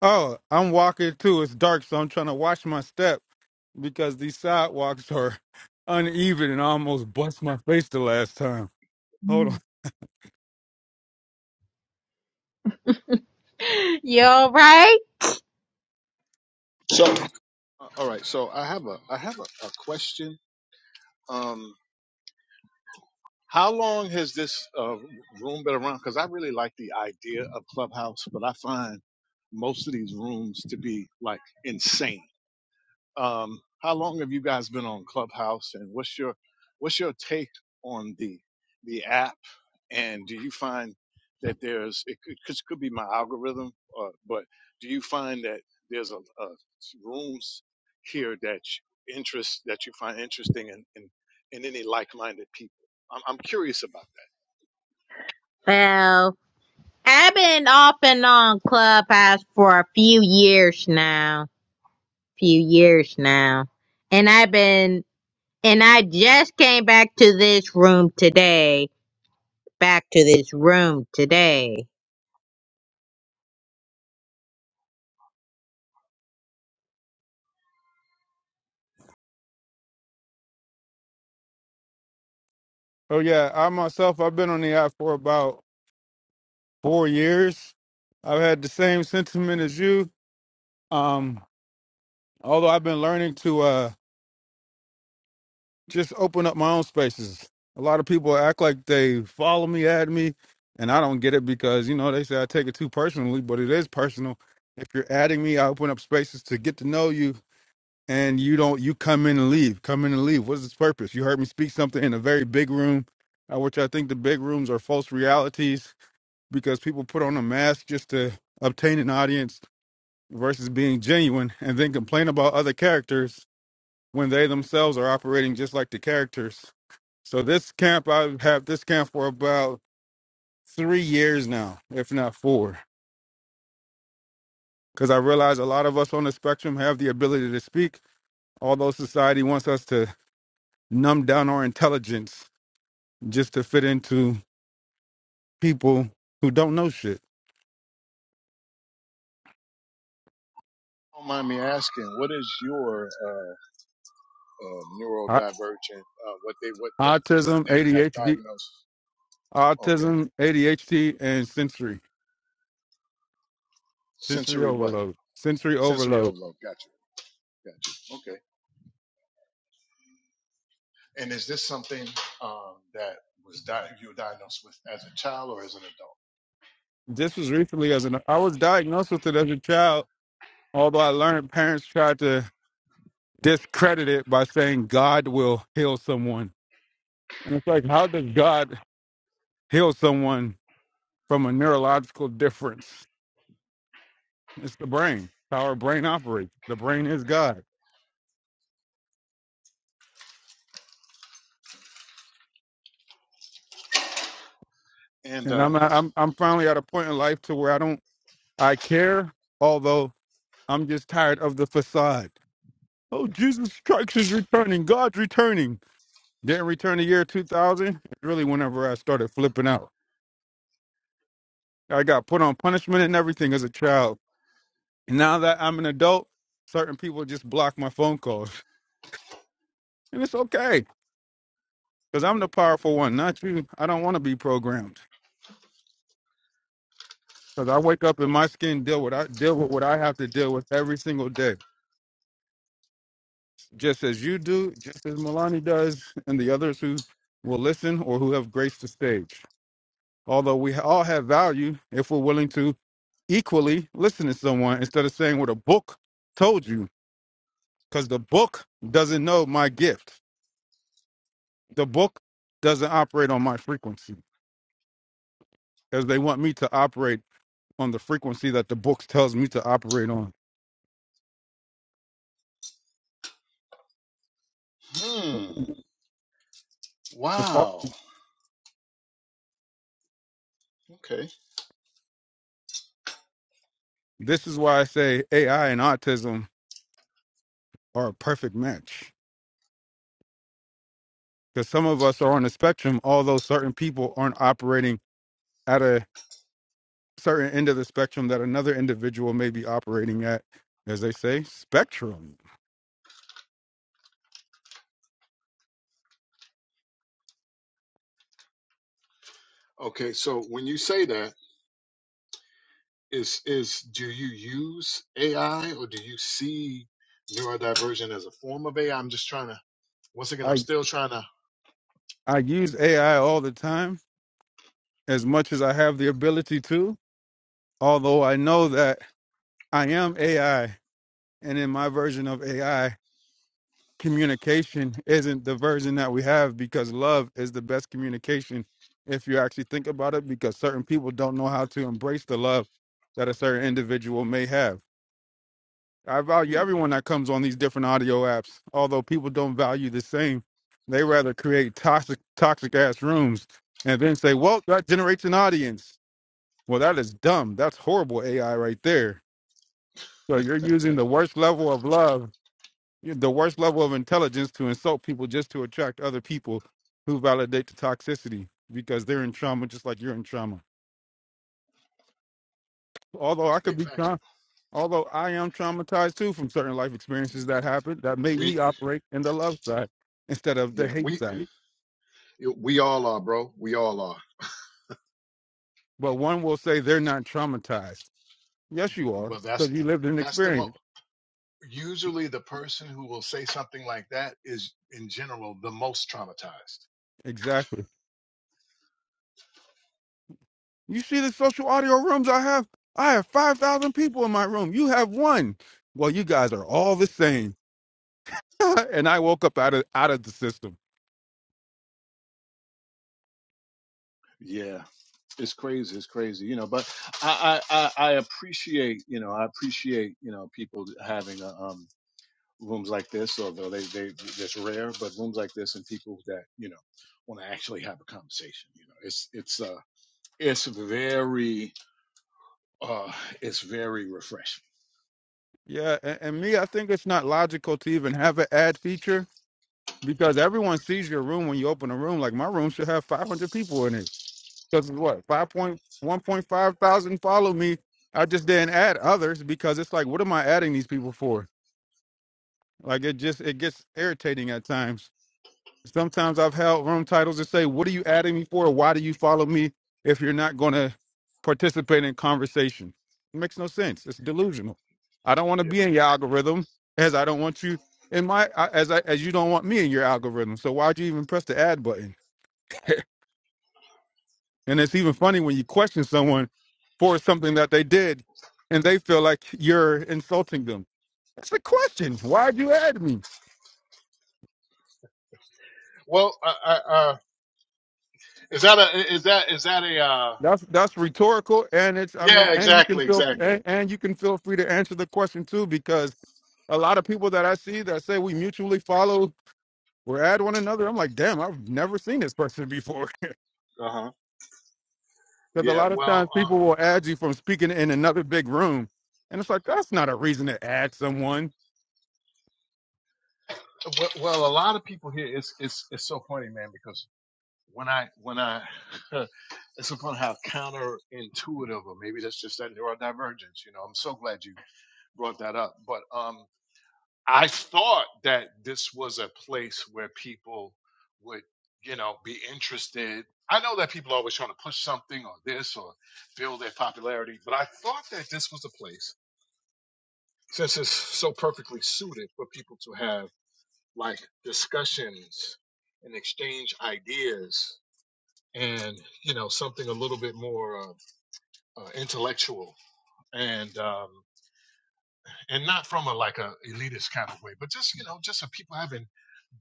Oh, I'm walking too. It's dark, so I'm trying to watch my step because these sidewalks are uneven and I almost bust my face the last time. Hold on.
You alright?
So Uh, all right, so I have a I have a, a question. Um, How long has this uh, room been around? Because I really like the idea of Clubhouse, but I find most of these rooms to be like insane. Um, how long have you guys been on Clubhouse, and what's your what's your take on the the app? And do you find that there's it could, could could be my algorithm, uh, but do you find that there's a, a rooms here that you interest that you find interesting and in, in, any like-minded people? I'm, I'm curious about
Well, I've been off and on Clubhouse for a few years now. Few years now. And I've been, and I just came back to this room today. Back to this room today.
Oh yeah, I myself I've been on the app for about four years. I've had the same sentiment as you. Um, although I've been learning to uh just open up my own spaces. A lot of people act like they follow me, add me, and I don't get it because you know they say I take it too personally, but it is personal. If you're adding me, I open up spaces to get to know you and you don't you come in and leave come in and leave what's its purpose you heard me speak something in a very big room uh, which i think the big rooms are false realities because people put on a mask just to obtain an audience versus being genuine and then complain about other characters when they themselves are operating just like the characters so this camp i've had this camp for about three years now if not four because i realize a lot of us on the spectrum have the ability to speak although society wants us to numb down our intelligence just to fit into people who don't know shit.
that. Don't mind me asking, what is your uh, uh,
Au-
neurodivergent? Uh, what they what what what
Autism,
they have
ADHD,
diagnosed? Okay,
autism, ADHD, and sensory sensory
sensory what?
overload. Sensory
Sensory
overload.
overload. Got you. Got you. Okay. And is this something um, that was di- you were diagnosed with as a child or as an adult?
This was recently as an I was diagnosed with it as a child, although I learned parents tried to discredit it by saying God will heal someone. And it's like, how does God heal someone from a neurological difference? It's the brain. It's how our brain operates. The brain is God.
And
And
uh,
I'm I'm I'm finally at a point in life to where I don't I care, although I'm just tired of the facade. Oh, Jesus Christ is returning. God's returning. Didn't return the year 2000. It's really whenever I started flipping out. I got put on punishment and everything as a child. Now that I'm an adult, certain people just block my phone calls. And it's okay, because I'm the powerful one, not you. I don't want to be programmed. Because I wake up in my skin, deal with I deal with what I have to deal with every single day. just as you do, just as Milani does, and the others who will listen or who have graced the stage. Although we all have value if we're willing to equally listen to someone instead of saying what a book told you, because the book doesn't know my gift. The book doesn't operate on my frequency, because they want me to operate on the frequency that the book tells me to operate on.
hmm.
It's all-
Wow. Okay.
This is why I say AI and autism are a perfect match because some of us are on the spectrum, although certain people aren't operating at a certain end of the spectrum that another individual may be operating at, as they say, spectrum.
Okay. So when you say that, is is do you use AI or do you see neurodivergent as a form of AI? I'm just trying to. Once again, I'm
I
still trying to.
I use AI all the time as much as I have the ability to, although I know that I am AI, and in my version of AI. communication isn't the version that we have because love is the best communication if you actually think about it because certain people don't know how to embrace the love that a certain individual may have i value
Hmm.
everyone that comes on these different audio apps although people don't value the same they rather create toxic toxic ass rooms and then say well that generates an audience well that is dumb that's horrible ai right there so you're using the worst level of love the worst level of intelligence to insult people just to attract other people who validate the toxicity because they're in trauma just like you're in trauma. Although
That's
I could
big
be
facts.
trauma, although I am traumatized too from certain life experiences that happened that made
We
me operate in the love side instead of the
yeah
hate
we
side.
we all are, bro. We all are.
But one will say they're not traumatized. Yes, you are
Well, that's
because you lived an
that's the mo.
experience.
usually the person who will say something like that is in general the most traumatized
Exactly. You see the social audio rooms I have? I have 5,000 people in my room. You have one. Well, you guys are all the same and I woke up out of out of the system.
Yeah, it's crazy. It's crazy, you know. But I, I, I appreciate, you know, I appreciate, you know, people having uh um, rooms like this, although they, they, it's rare. But rooms like this and people that, you know, want to actually have a conversation, you know, it's, it's, uh, it's very, uh, it's very refreshing.
Yeah, and, and me, I think it's not logical to even have an ad feature because everyone sees your room when you open a room. Like my room should have 500 people in it because what 5.1.5 thousand follow me. I just didn't add others because it's like, what am I adding these people for? Like it just it gets irritating at times. Sometimes I've held room titles that say, What are you adding me for? Why do you follow me if you're not going to participate in conversation? It makes no sense. It's delusional. I don't want to
yeah
be in your algorithm as I don't want you in my, I- as I, as you don't want me in your algorithm. So why'd you even press the add button? And it's even funny when you question someone for something that they did and they feel like you're insulting them. It's a question. Why'd you add me?
well uh, uh, uh, is that a is that is that a uh,
That's that's rhetorical, and it's I mean,
yeah
and you can
exactly
feel
exactly
and, and you can feel free to answer the question too, because a lot of people that I see that say we mutually follow or add one another, I'm like, damn, I've never seen this person before.
Uh huh.
Because a
Yeah,
lot of
well,
times people
uh,
will add you from speaking in another big room, and it's like that's not a reason to add someone.
well, well, a lot of people here. It's it's it's so funny, man, because when I when I, it's so funny how counterintuitive, or maybe that's just that neurodivergence. You know, I'm so glad you brought that up. But um, I thought that this was a place where people would, you know, be interested. I know that people are always trying to push something or this or build their popularity, but I thought that this was a place since it's so perfectly suited for people to have like discussions and exchange ideas and you know something a little bit more uh, uh, intellectual and um, and not from a like a elitist kind of way but just you know just of people having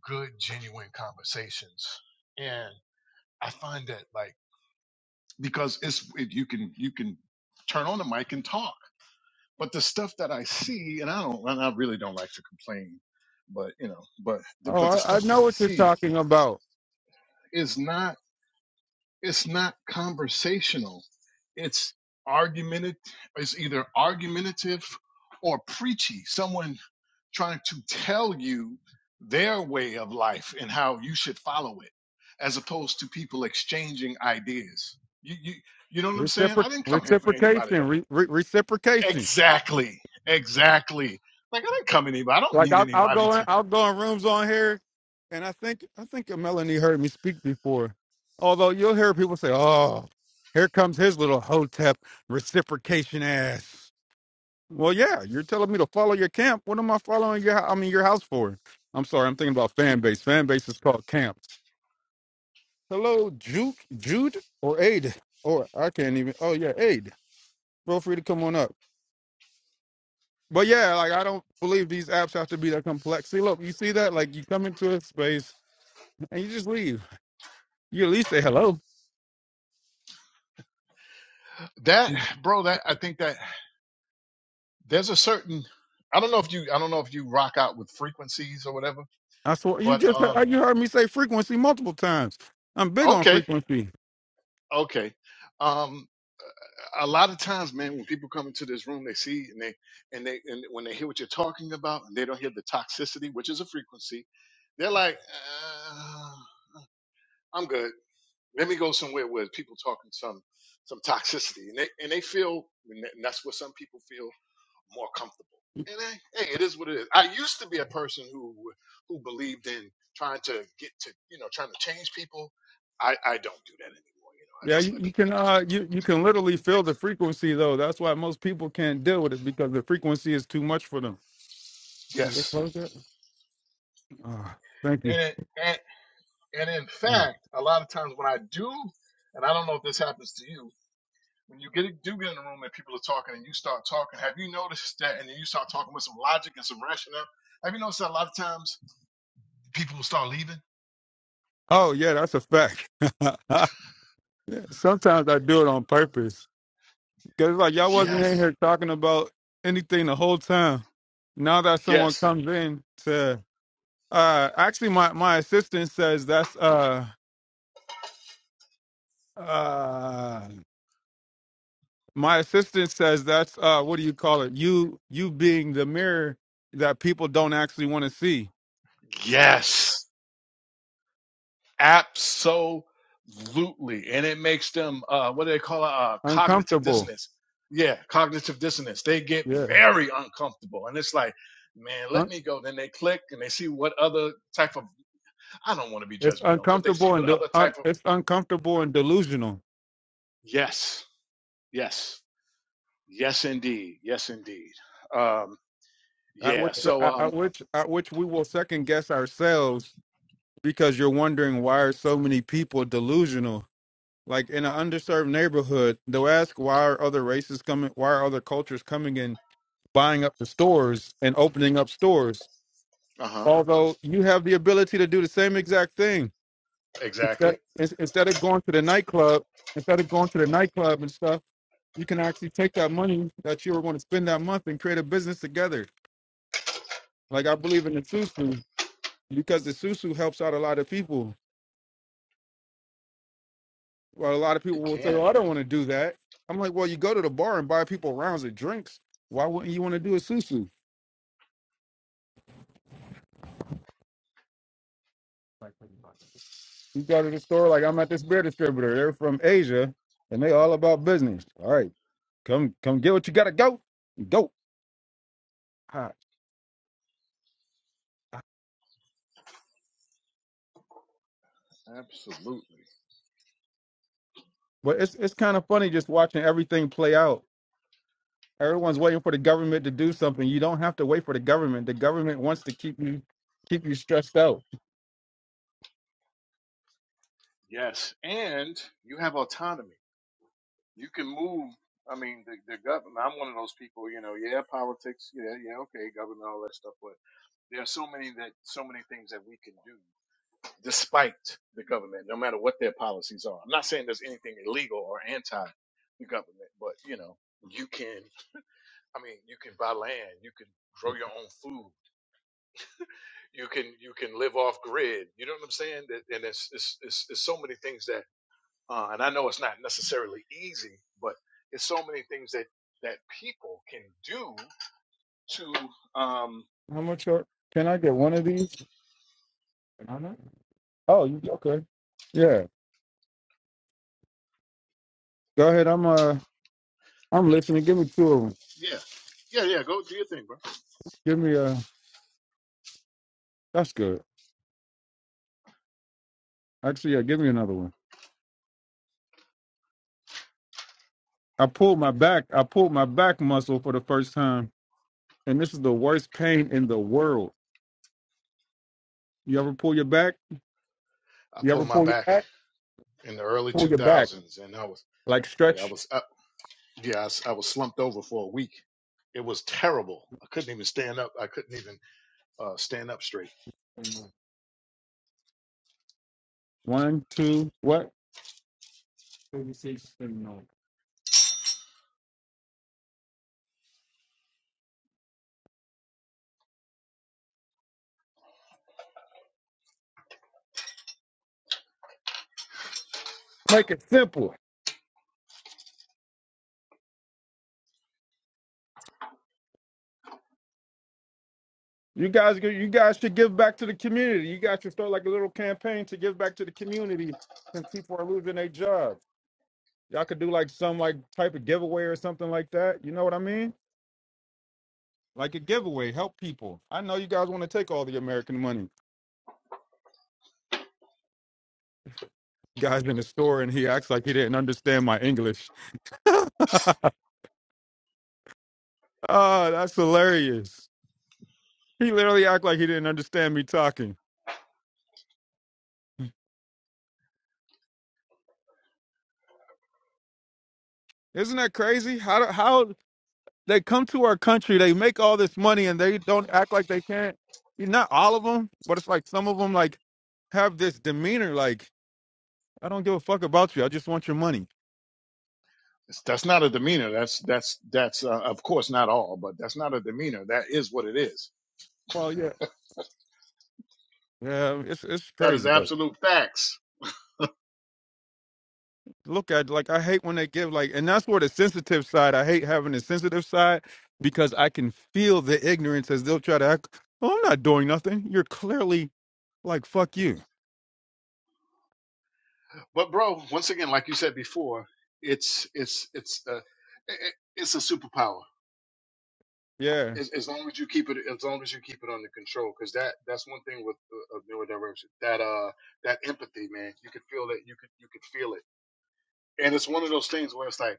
good genuine conversations and i find that like because it's it, you can you can turn on the mic and talk but the stuff that i see and i don't and i really don't like to complain but you know but the,
Oh,
but the
I, I
stuff that
know
i
what you're
see
talking about.
is not it's not conversational. It's argumentative. It's either argumentative or preachy. Someone trying to tell you their way of life and how you should follow it, as opposed to people exchanging ideas. You you you know what I'm saying?
Reciproc
I didn't come here for anybody
reciprocation,
to
re- re- reciprocation.
exactly exactly. Like I didn't come anybody. I don't
Like
need
I'll, I'll
anybody
go in,
to
I'll go in rooms on here, and I think I think Melanie heard me speak before. Although you'll hear people say, "Oh, here comes his little hotep reciprocation ass." Well, yeah, you're telling me to follow your camp. What am I following your? I mean, your house for? I'm sorry, I'm thinking about fan base. Fan base is called camps. Hello, Juke, Jude, or Aid, or I can't even. Oh yeah, Aid. Feel free to come on up. But yeah, like I don't believe these apps have to be that complex. See, look, you see that? Like you come into a space and you just leave. You at least say hello.
that bro. That I think that there's a certain I don't know if you I don't know if you rock out with frequencies or whatever
I swear, you
But
just
um,
heard, you heard me say frequency multiple times. I'm big on
okay,
frequency.
okay. Um, a lot of times, man, when people come into this room, they see and they and they and when they hear what you're talking about, and they don't hear the toxicity, which is a frequency, they're like, uh, "I'm good. Let me go somewhere where people talking some some toxicity," and they and they feel, and and that's what some people feel. more comfortable. And eh, hey, it is what it is. I used to be a person who who believed in trying to get to you know trying to change people. I I don't do that anymore. You know, I
Yeah,
just
you,
let
you can uh you, you can literally feel the frequency though. That's why most people can't deal with it because the frequency is too much for them.
people.
Can they
Yes.
close it. Oh, thank you.
And and and in
Oh
fact, a lot of times when I do, and I don't know if this happens to you. When you get do get in a room and people are talking and you start talking, have you noticed that? And then you start talking with some logic and some rationale. Have you noticed that a lot of times people will start leaving?
Oh, yeah, that's a fact. Sometimes I do it on purpose because like y'all wasn't in
Yes,
here talking about anything the whole time. Now that someone
yes,
comes in to Uh, actually, my my assistant says that's uh uh my assistant says that's uh what do you call it? You you being the mirror that people don't actually want to see.
yes Absolutely. And it makes them, uh, what do they call it? Uh, cognitive
Uncomfortable.
dissonance. Yeah, cognitive dissonance. They get
Yeah.
very uncomfortable. And it's like, man, let
Un-
me go. Then they click and they see what other type of, I don't want to be
it's
judgmental, but they see
uncomfortable
what
and de-
other type
un-
of,
it's uncomfortable and delusional.
yes, yes, yes, indeed. Yes, indeed. Um,
At
yeah.
which
So,
at,
um,
at which at which we will second guess ourselves because you're wondering why are so many people delusional. Like in an underserved neighborhood, they'll ask why are other races coming, why are other cultures coming in, buying up the stores and opening up stores.
uh huh.
Although you have the ability to do the same exact thing.
Exactly.
Instead, ins- instead of going to the nightclub, instead of going to the nightclub and stuff, you can actually take that money that you were going to spend that month and create a business together. Like I believe in the susu because the susu helps out a lot of people. Well, a lot of people
It
will say, "Well,
can.
I don't want to do that." I'm like, "Well, you go to the bar and buy people rounds of drinks. Why wouldn't you want to do a susu?" You go to the store, like I'm at this beer distributor. They're from Asia and they all about business. All right, come come get what you gotta go. Go. Ha.
Absolutely.
But it's it's kind of funny just watching everything play out. Everyone's waiting for the government to do something. You don't have to wait for the government. The government wants to keep you keep you stressed out.
Yes. And you have autonomy you can move. I mean, the, the government. I'm one of those people. You know, yeah, politics. Yeah, yeah, okay, government, all that stuff. But there are so many that so many things that we can do despite the government, no matter what their policies are. I'm not saying there's anything illegal or anti the government, but you know, you can. I mean, you can buy land. You can grow your own food. You can you can live off grid. You know what I'm saying? That- And it's it's, it's, it's so many things that Uh, and I know it's not necessarily easy, but it's so many things that that people can do to um
How much are, can I get one of these? I don't know. Oh, you okay. Yeah. Go ahead. I'm uh I'm listening. Give me two of them.
yeah yeah yeah go do your thing, bro.
Give me uh that's good. Actually, yeah, give me another one. I pulled my back. I pulled my back muscle for the first time, and this is the worst pain in the world. You ever pull your back?
I
You ever
pulled my
pull your
back
back?
in the early
Pull your back,
2000s, and I was
like
yeah I
stretch.
was up yeah I, s- I was slumped over for a week. It was terrible. I couldn't even stand up. I couldn't even uh, stand up straight.
One, two, what? Make it simple. You guys, go- you guys should give back to the community. You guys should start like a little campaign to give back to the community since people are losing their jobs. Y'all could do like some like type of giveaway or something like that. You know what I mean? Like a giveaway, help people. I know you guys want to take all the American money. guy's in the store and he acts like he didn't understand my English. Ah, that's hilarious. He literally act like he didn't understand me talking. Isn't that crazy? How do- how they come to our country, they make all this money and they don't act like they can't. Not all of them, but it's like some of them like have this demeanor like I don't give a fuck about you. I just want your money.
It's, that's not a demeanor. That's that's that's uh, of course not all, but that's not a demeanor. That is what it is.
Well, yeah. Yeah, it's it's
That is
crazy.
absolute facts
look at like I hate when they give like and that's where the sensitive side I hate having the sensitive side because I can feel the ignorance as they'll try to act oh, I'm not doing nothing. You're clearly like fuck you.
But bro, once again, like you said before, it's it's it's uh, i- it's a superpower.
Yeah.
As, as long as you keep it, as long as you keep it under control, because that that's one thing with uh, uh, neurodivergent. That uh, that empathy, man, you could feel it. You could you could feel it, and it's one of those things where it's like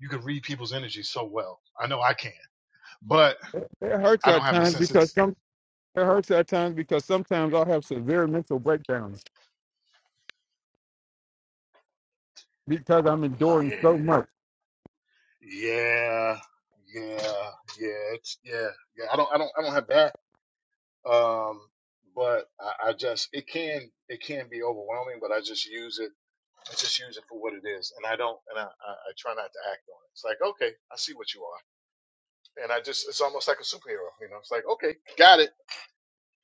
you could read people's energy so well. I know I can, but
It it hurts
I don't
at
have the
times
sense.
because
It's
some it hurts at times because sometimes I'll have severe mental breakdowns because I'm enduring
yeah,
so much.
yeah, yeah, yeah. It's yeah, yeah. I don't I don't I don't have that Um, but I, I just it can it can be overwhelming, but I just use it. I just use it for what it is, and I don't and I, I, I try not to act on it. It's like okay, I see what you are, and I just it's almost like a superhero, you know. It's like okay, got it.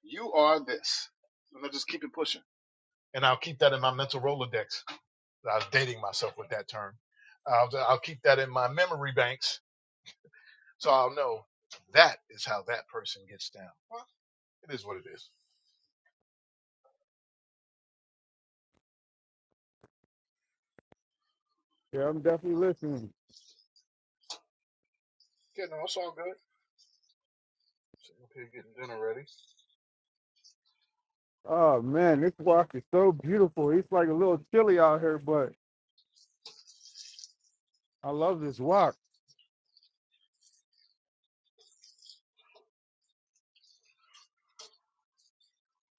You are this, and I just keep it pushing, and I'll keep that in my mental rolodex. I was dating myself with that term. I'll I'll keep that in my memory banks, so I'll know that is how that person gets down. Well, it is what it is.
Yeah, I'm definitely listening.
You no, it's all good. Sitting up here getting dinner ready.
Oh man, this walk is so beautiful. It's like a little chilly out here, but I love this walk.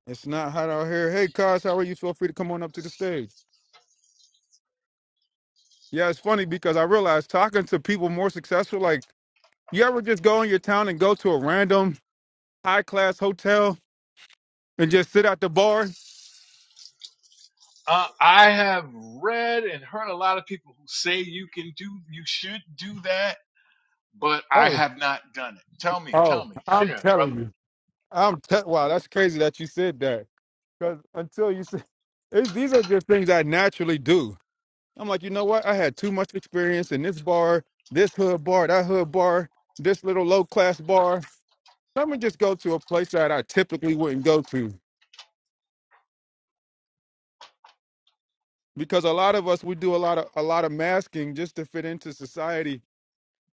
It's not hot out here. Hey, Cos, how are you? Feel free to come on up to the stage. Yeah, it's funny because I realized talking to people more successful, like you ever just go in your town and go to a random high class hotel and just sit at the bar?
Uh, I have read and heard a lot of people who say you can do, you should do that, but I
Oh,
have not done it. Tell me,
oh,
tell me,
I'm
share,
telling
brother.
you. I'm te- wow, that's crazy that you said that. Because until you say, it's, these are just things I naturally do. I'm like, you know what? I had too much experience in this bar, this hood bar, that hood bar, this little low class bar. Let me just go to a place that I typically wouldn't go to. because a lot of us we do a lot of a lot of masking just to fit into society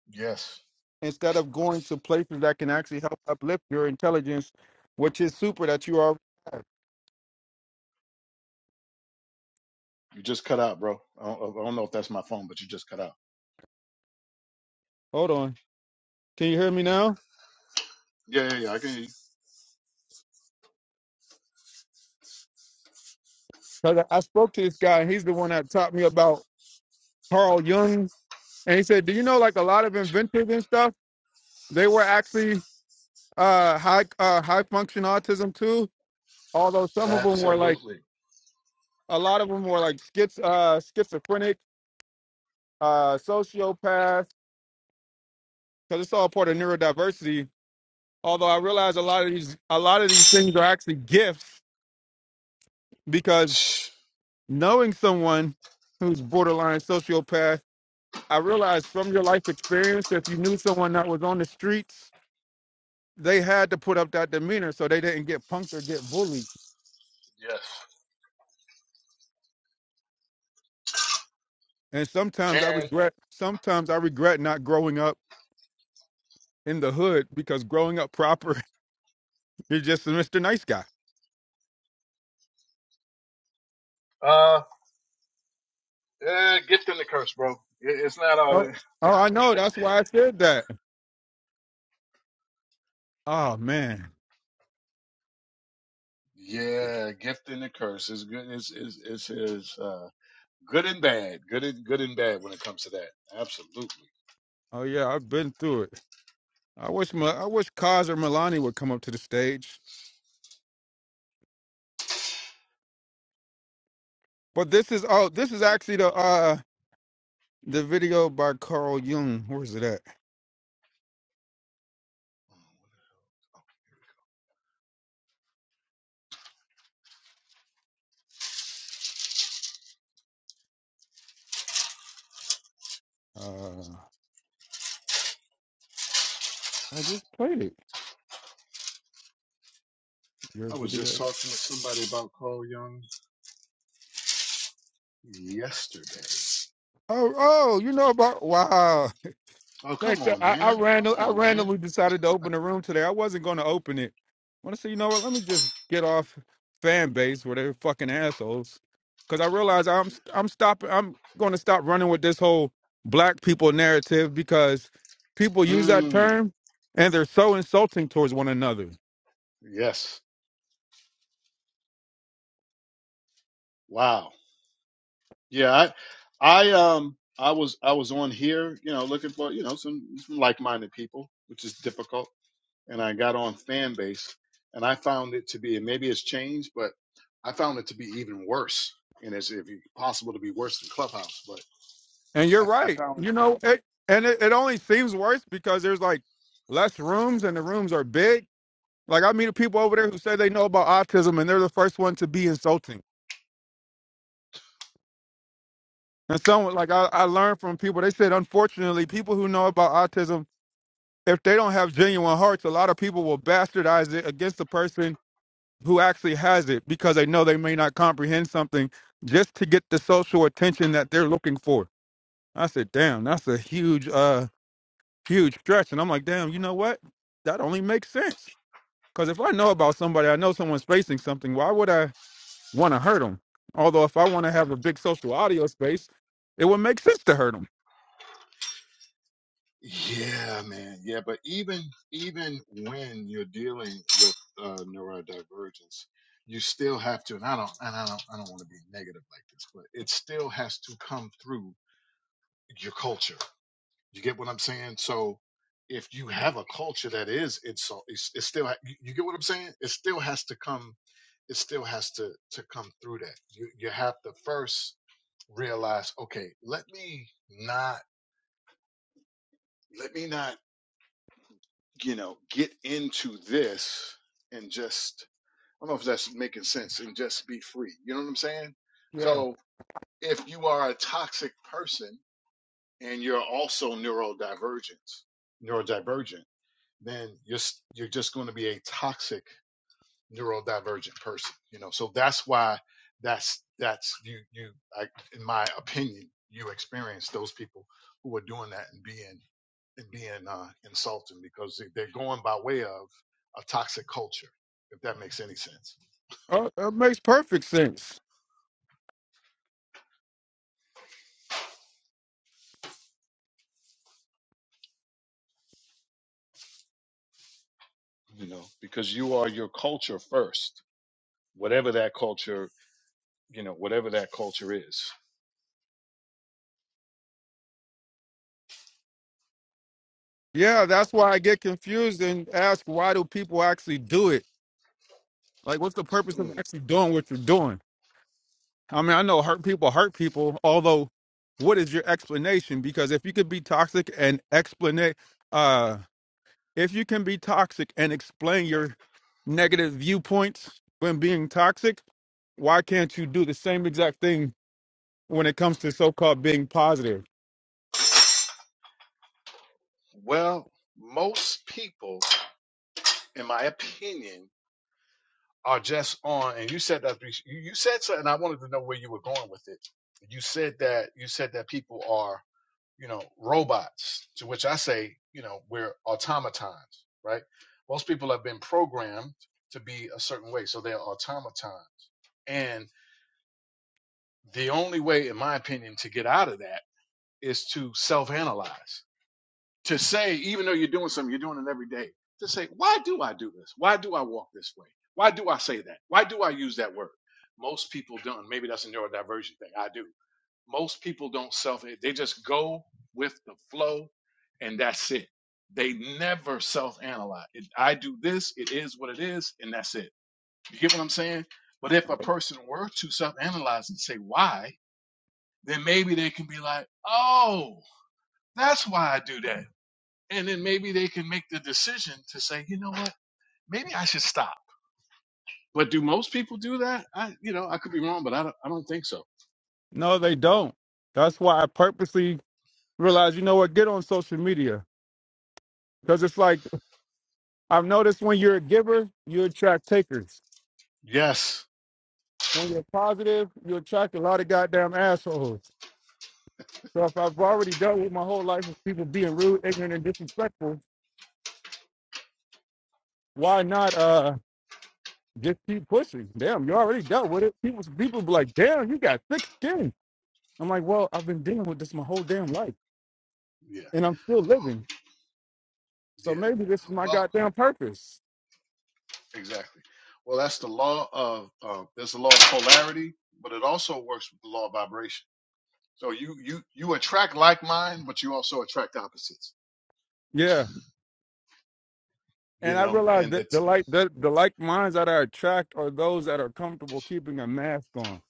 Yes.
instead of going to places that can actually help uplift your intelligence, which is super that you are.
You just cut out, bro. I don't, I don't know if that's my phone, but you just cut out.
Hold on, can you hear me now?
Yeah, yeah, yeah. I can. hear you.
'Cause I I spoke to this guy, and he's the one that taught me about Carl Jung, and he said, "Do you know like a lot of inventors and stuff? They were actually uh, high uh, high function autism too, although some of them were like."
Absolutely.
A lot of them were like schiz, uh, schizophrenic, uh, sociopaths, because it's all part of neurodiversity. Although I realize a lot of these a lot of these things are actually gifts because
Yes.
knowing someone who's borderline sociopath, I realized from your life experience, if you knew someone that was on the streets, they had to put up that demeanor so they didn't get punked or get bullied. And sometimes I
And
regret sometimes I regret not growing up in the hood because growing up proper, you're just a Mr. Nice Guy.
uh, eh, gift and the curse, bro. It, it's not all.
Oh,
In.
oh, I know. That's why I said that. Oh man.
Yeah, gift and the curse is good. Is is is is uh, good and bad. Good and good and bad when it comes to that. Absolutely.
Oh yeah, I've been through it. I wish Ma- I wish Kaz or Milani would come up to the stage. But this is oh, this is actually the uh the video by Carl Jung. Where is it at? Uh, I just played it. Your
I was just
video.
talking to somebody about Carl Young yesterday.
Oh, oh, you know about wow.
Oh,
Like
come
that,
on,
I, I
man. Come
random, I
on, man.
randomly decided to open a room today. I wasn't going to open it. I want to say, you know what? Let me just get off fan base where they're fucking assholes. Because I realize I'm, I'm stopping. I'm going to stop running with this whole black people narrative because people use that
Mm,
term and they're so insulting towards one another.
yes. Wow. Yeah, I I um I was I was on here, you know, looking for, you know, some, some like-minded people, which is difficult, and I got on Fanbase, and I found it to be and maybe it's changed, but I found it to be even worse. And it's if you- possible to be worse than Clubhouse, but
And
I,
you're
I
right.
found it
You
to be.
know, it, and it, it only seems worse because there's like less rooms and the rooms are big. Like I meet people over there who say they know about autism and they're the first one to be insulting And some like I, I learned from people, they said unfortunately, people who know about autism, if they don't have genuine hearts, a lot of people will bastardize it against the person who actually has it because they know they may not comprehend something just to get the social attention that they're looking for. I said, damn, that's a huge, uh, huge stretch. And I'm like, damn, you know what? That only makes sense. Because if I know about somebody, I know someone's facing something, why would I want to hurt them? Although if I want to have a big social audio space, it would make sense to hurt them.
Yeah, man. Yeah, but even even when you're dealing with uh, neurodivergence, you still have to. And I don't. And I don't. I don't want to be negative like this, but it still has to come through your culture. You get what I'm saying? So if you have a culture that is insult, it's, it's still. ha- You you get what I'm saying? It still has to come. It still has to to come through that. You you have to first realize. Okay, let me not. Let me not. you know, get into this and just, I don't know if that's making sense, and just be free. You know what I'm saying? So if you are a toxic person and you're also neurodivergent, neurodivergent, then you're, you're just going to be a toxic neurodivergent person you know so that's why that's that's you you I, in my opinion you experience those people who are doing that and being and being uh, insulting because they- are going by way of a toxic culture if that makes any sense
Oh, that makes perfect sense.
you know because you are your culture first whatever that culture you know whatever that culture is
Yeah, that's why I get confused and ask why do people actually do it? Like, what's the purpose of
Hmm.
actually doing what you're doing? I mean, I know hurt people hurt people, although, what is your explanation? Because if you could be toxic and explain, uh, if you can be toxic and explain your negative viewpoints when being toxic, why can't you do the same exact thing when it comes to so called being positive?
well most people in my opinion are just on, and you said that you, said something. I wanted to know where you were going with it. You said that you said that people are, you know, robots. To which I say, you know, we're automatons, right? Most people have been programmed to be a certain way, so they're automatons. And the only way, in my opinion, to get out of that is to self-analyze to say, even though you're doing something, you're doing it every day, to say, why do I do this? Why do I walk this way? Why do I say that? Why do I use that word? Most people don't. Maybe that's a neurodivergent thing. I do. Most people don't self, they just go with the flow and that's it. They never self analyze. If I do this, it is what it is, and that's it. You get what I'm saying? But if a person were to self analyze and say why, then maybe they can be like, oh, that's why I do that and then maybe they can make the decision to say, you know what, maybe I should stop. But do most people do that? I, you know, I could be wrong, but I don't, I don't think so.
No, they don't. That's why I purposely realize, you know what, get on social media. Because it's like, I've noticed when you're a giver, you attract takers.
Yes.
When you're positive, you attract a lot of goddamn assholes. So if I've already dealt with my whole life with people being rude, ignorant, and disrespectful, why not uh just keep pushing? Damn, you already dealt with it. People, people be like, damn, you got thick skin. I'm like, well, I've been dealing with this my whole damn life,
Yeah.
and I'm still living. So
Yeah.
maybe this is my
Well,
goddamn purpose.
exactly. Well, that's the law of, uh, there's the law of polarity, but it also works with the law of vibration. So you, you, you attract like mind, but you also attract opposites,
Yeah.
you
And I
know,
realize
and
that the
that's,
like the, the like minds that I attract are those that are comfortable keeping a mask on.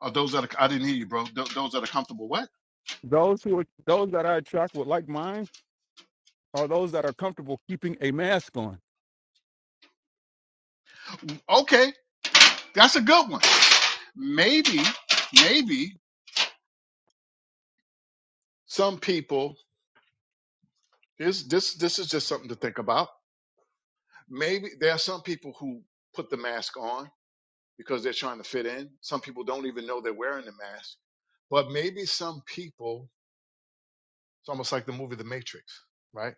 are those that are, I didn't hear you, bro. Th- those that are comfortable. What?
Those who are, those that I attract with like minds are those that are comfortable keeping a mask on.
Okay. That's a good one. Maybe, maybe some people Here's this this is just something to think about. Maybe there are some people who put the mask on because they're trying to fit in. Some people don't even know they're wearing the mask. But maybe some people, it's almost like the movie The Matrix, right?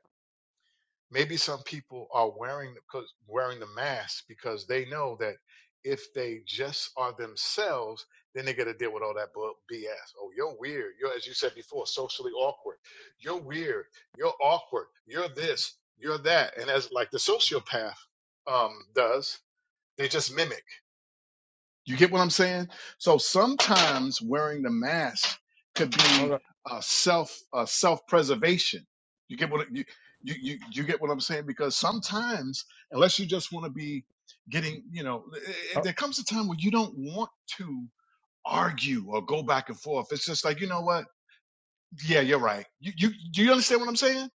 maybe some people are wearing because wearing the mask because they know that if they just are themselves, then they got to deal with all that BS. Oh, you're weird. You're, as you said before, socially awkward. You're weird. You're awkward. You're this. You're that. And as like the sociopath um, does, they just mimic. You get what I'm saying? So sometimes wearing the mask could
All
be
right.
uh, self uh, self preservation. You get what you, you you you get what I'm saying? Because sometimes, unless you just want to be getting, you know, i- i-
Uh,
there comes a time when you don't want to argue or go back and forth. It's just like you know what? Yeah, you're right. You you do you understand what I'm saying?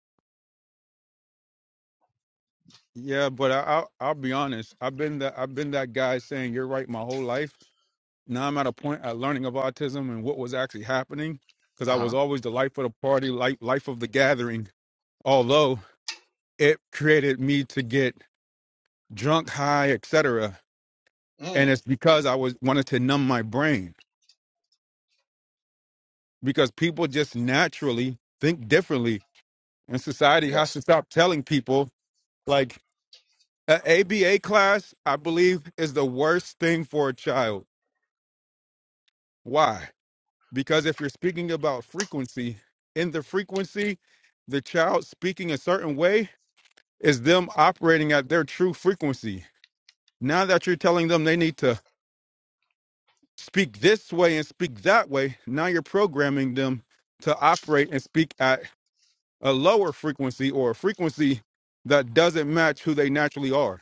Yeah, but I, I'll I'll be honest. I've been that I've been that guy saying you're right my whole life. Now I'm at a point at learning of autism and what was actually happening because
Uh
I was
huh.
always the life of the party, life life of the gathering. although it created me to get drunk, high, etc. And
Mm,
it's because I was wanted to numb my brain because people just naturally think differently, and society has
yes.
to stop telling people like an ABA class. I believe is the worst thing for a child. Why? Because if you're speaking about frequency, in the frequency, the child speaking a certain way is them operating at their true frequency. Now that you're telling them they need to speak this way and speak that way, now you're programming them to operate and speak at a lower frequency or a frequency that doesn't match who they naturally are.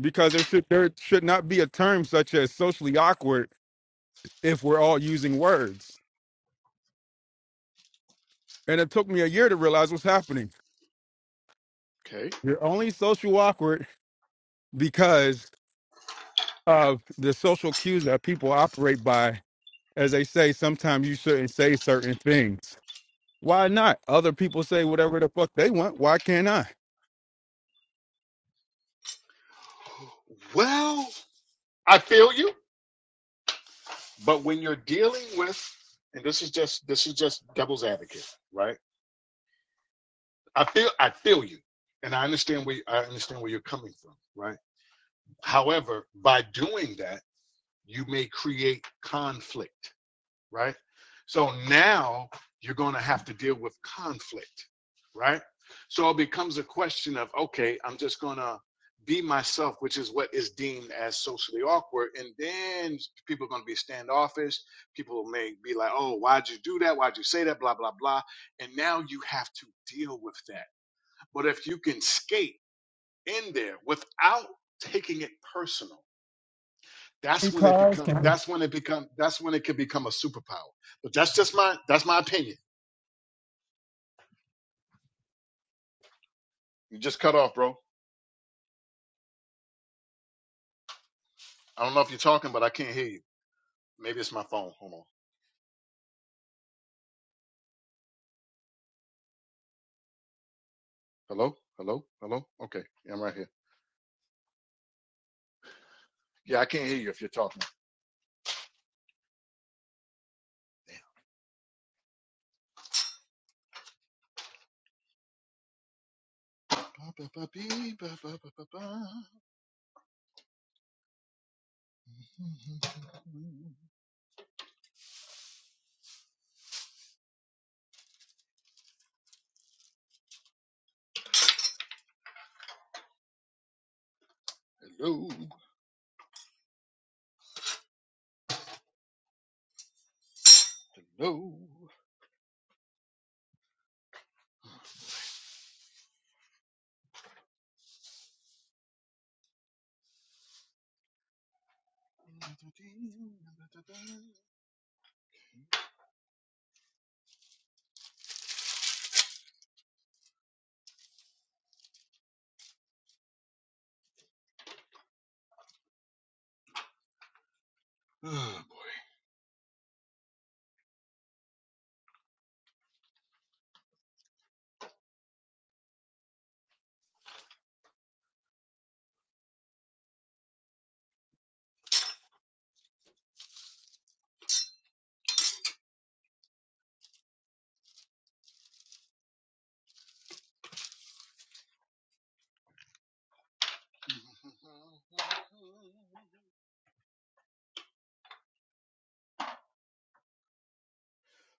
Because there should there should not be a term such as socially awkward if we're all using words. And it took me a year to realize what's happening.
Okay.
You're only social awkward because of the social cues that people operate by. As they say, sometimes you shouldn't say certain things Why not? Other people say whatever the fuck they want. Why can't I?
Well, I feel you. But when you're dealing with, and this is just this is just devil's advocate, right? I feel I feel you, and I understand where I understand where you're coming from, right? However, by doing that, you may create conflict right? So now you're going to have to deal with conflict, right? So it becomes a question of, okay, I'm just going to be myself, which is what is deemed as socially awkward. And then people are going to be standoffish. People may be like, oh, why'd you do that? Why'd you say that? Blah, blah, blah. And now you have to deal with that. But if you can skate in there without taking it personal, that's when it
Because
become
can
that's when it become that's when it could become a superpower. But that's just my that's my opinion. You just cut off, bro. I don't know if you're talking, but I can't hear you. Maybe it's my phone. Hold on. Hello? Hello? Hello? Okay. Yeah, I'm right here. Yeah, I can't hear you if you're talking. Hello. Hello. Oh boy.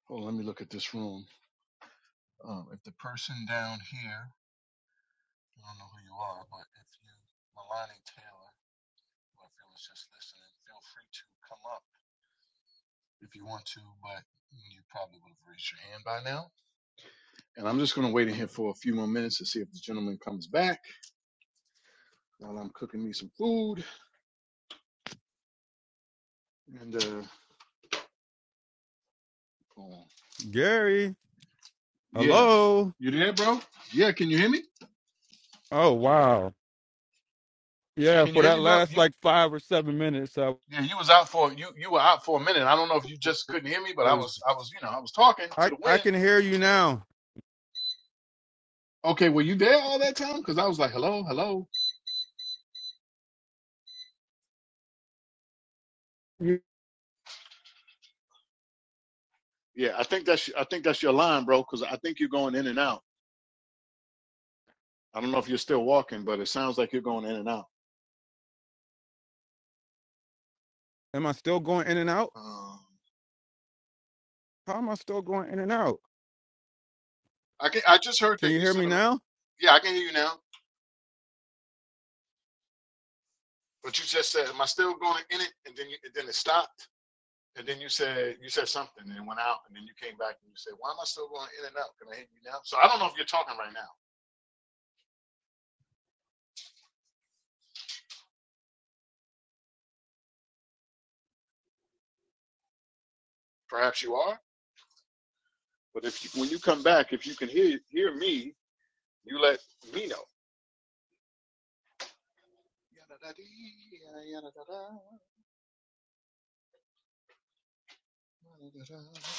Oh, let me look at this room. Um, if the person down here I don't know who you are, but if you, Milani Taylor, or if you was just listening, feel free to come up if you want to, but you probably would have raised your hand by now. And I'm just going to wait in here for a few more minutes to see if the gentleman comes back while I'm cooking me some food. And, uh, um,
Gary,
yeah.
hello.
You there, bro? Yeah, can you hear me?
Oh wow. Yeah,
Can you
for
hear
that
me, bro?
last
You.
like five or seven minutes, I
Yeah, you was out for you. You were out for a minute. I don't know if you just couldn't hear me, but I
was.
was, I was, you know, I was talking to
I
the
I
wind.
can hear you now.
Okay, were you there all that time? Because I was like, hello, hello.
You-
Yeah, I think that's I think that's your line, bro. Because I think you're going in and out. I don't know if you're still walking, but it sounds like you're going in and out.
Am I still going in and out?
Um,
How am I still going in and out?
I can. I just heard
Can
that
you
you
hear
said.
me
am
now?
Yeah, I can hear you now. But you just said, "Am I still going in it?" And then you, then it stopped. And then you said you said something and it went out. And then you came back and you said, "Why am I still going in and out? Can I hear you now?" So I don't know if you're talking right now. Perhaps you are. but if you, when you come back, if you can hear hear me, you let me know. Yadadadi, yadadada, yadadada.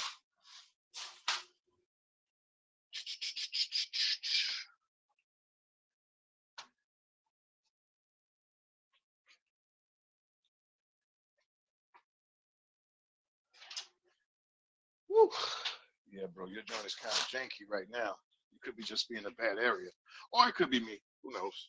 Whew. Yeah, bro, your joint is kind of janky right now. You could be just be in a bad area, or it could be me. Who knows?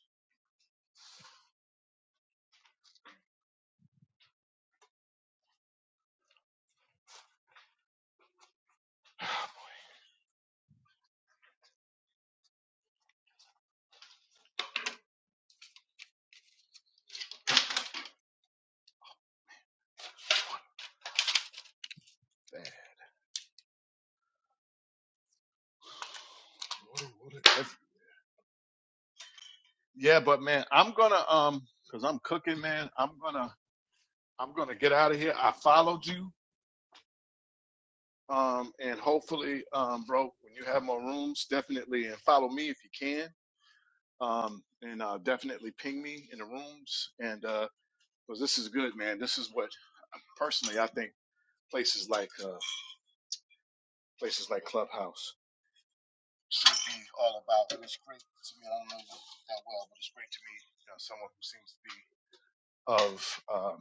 Damn. What a- what a- if- yeah, but man, I'm gonna um, cause I'm cooking, man. I'm gonna I'm gonna get out of here. I followed you, um, and hopefully, um, bro, when you have more rooms, definitely and follow me if you can, um, and uh, definitely ping me in the rooms, and uh, cause this is good, man. This is what personally I think places like uh, places like Clubhouse. should be all about. And it's great to me. I don't know that well, but it's great to meet you know, someone who seems to be of um,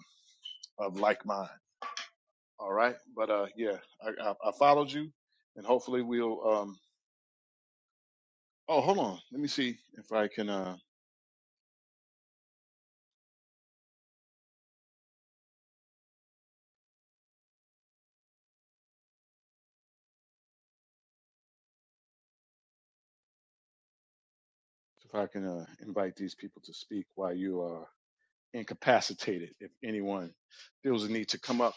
of like mind. All right, but uh, yeah, I, I, I followed you, and hopefully we'll. Um, oh, hold on. Let me see if I can uh, if I can uh, invite these people to speak while you are incapacitated. If anyone feels a need to come up,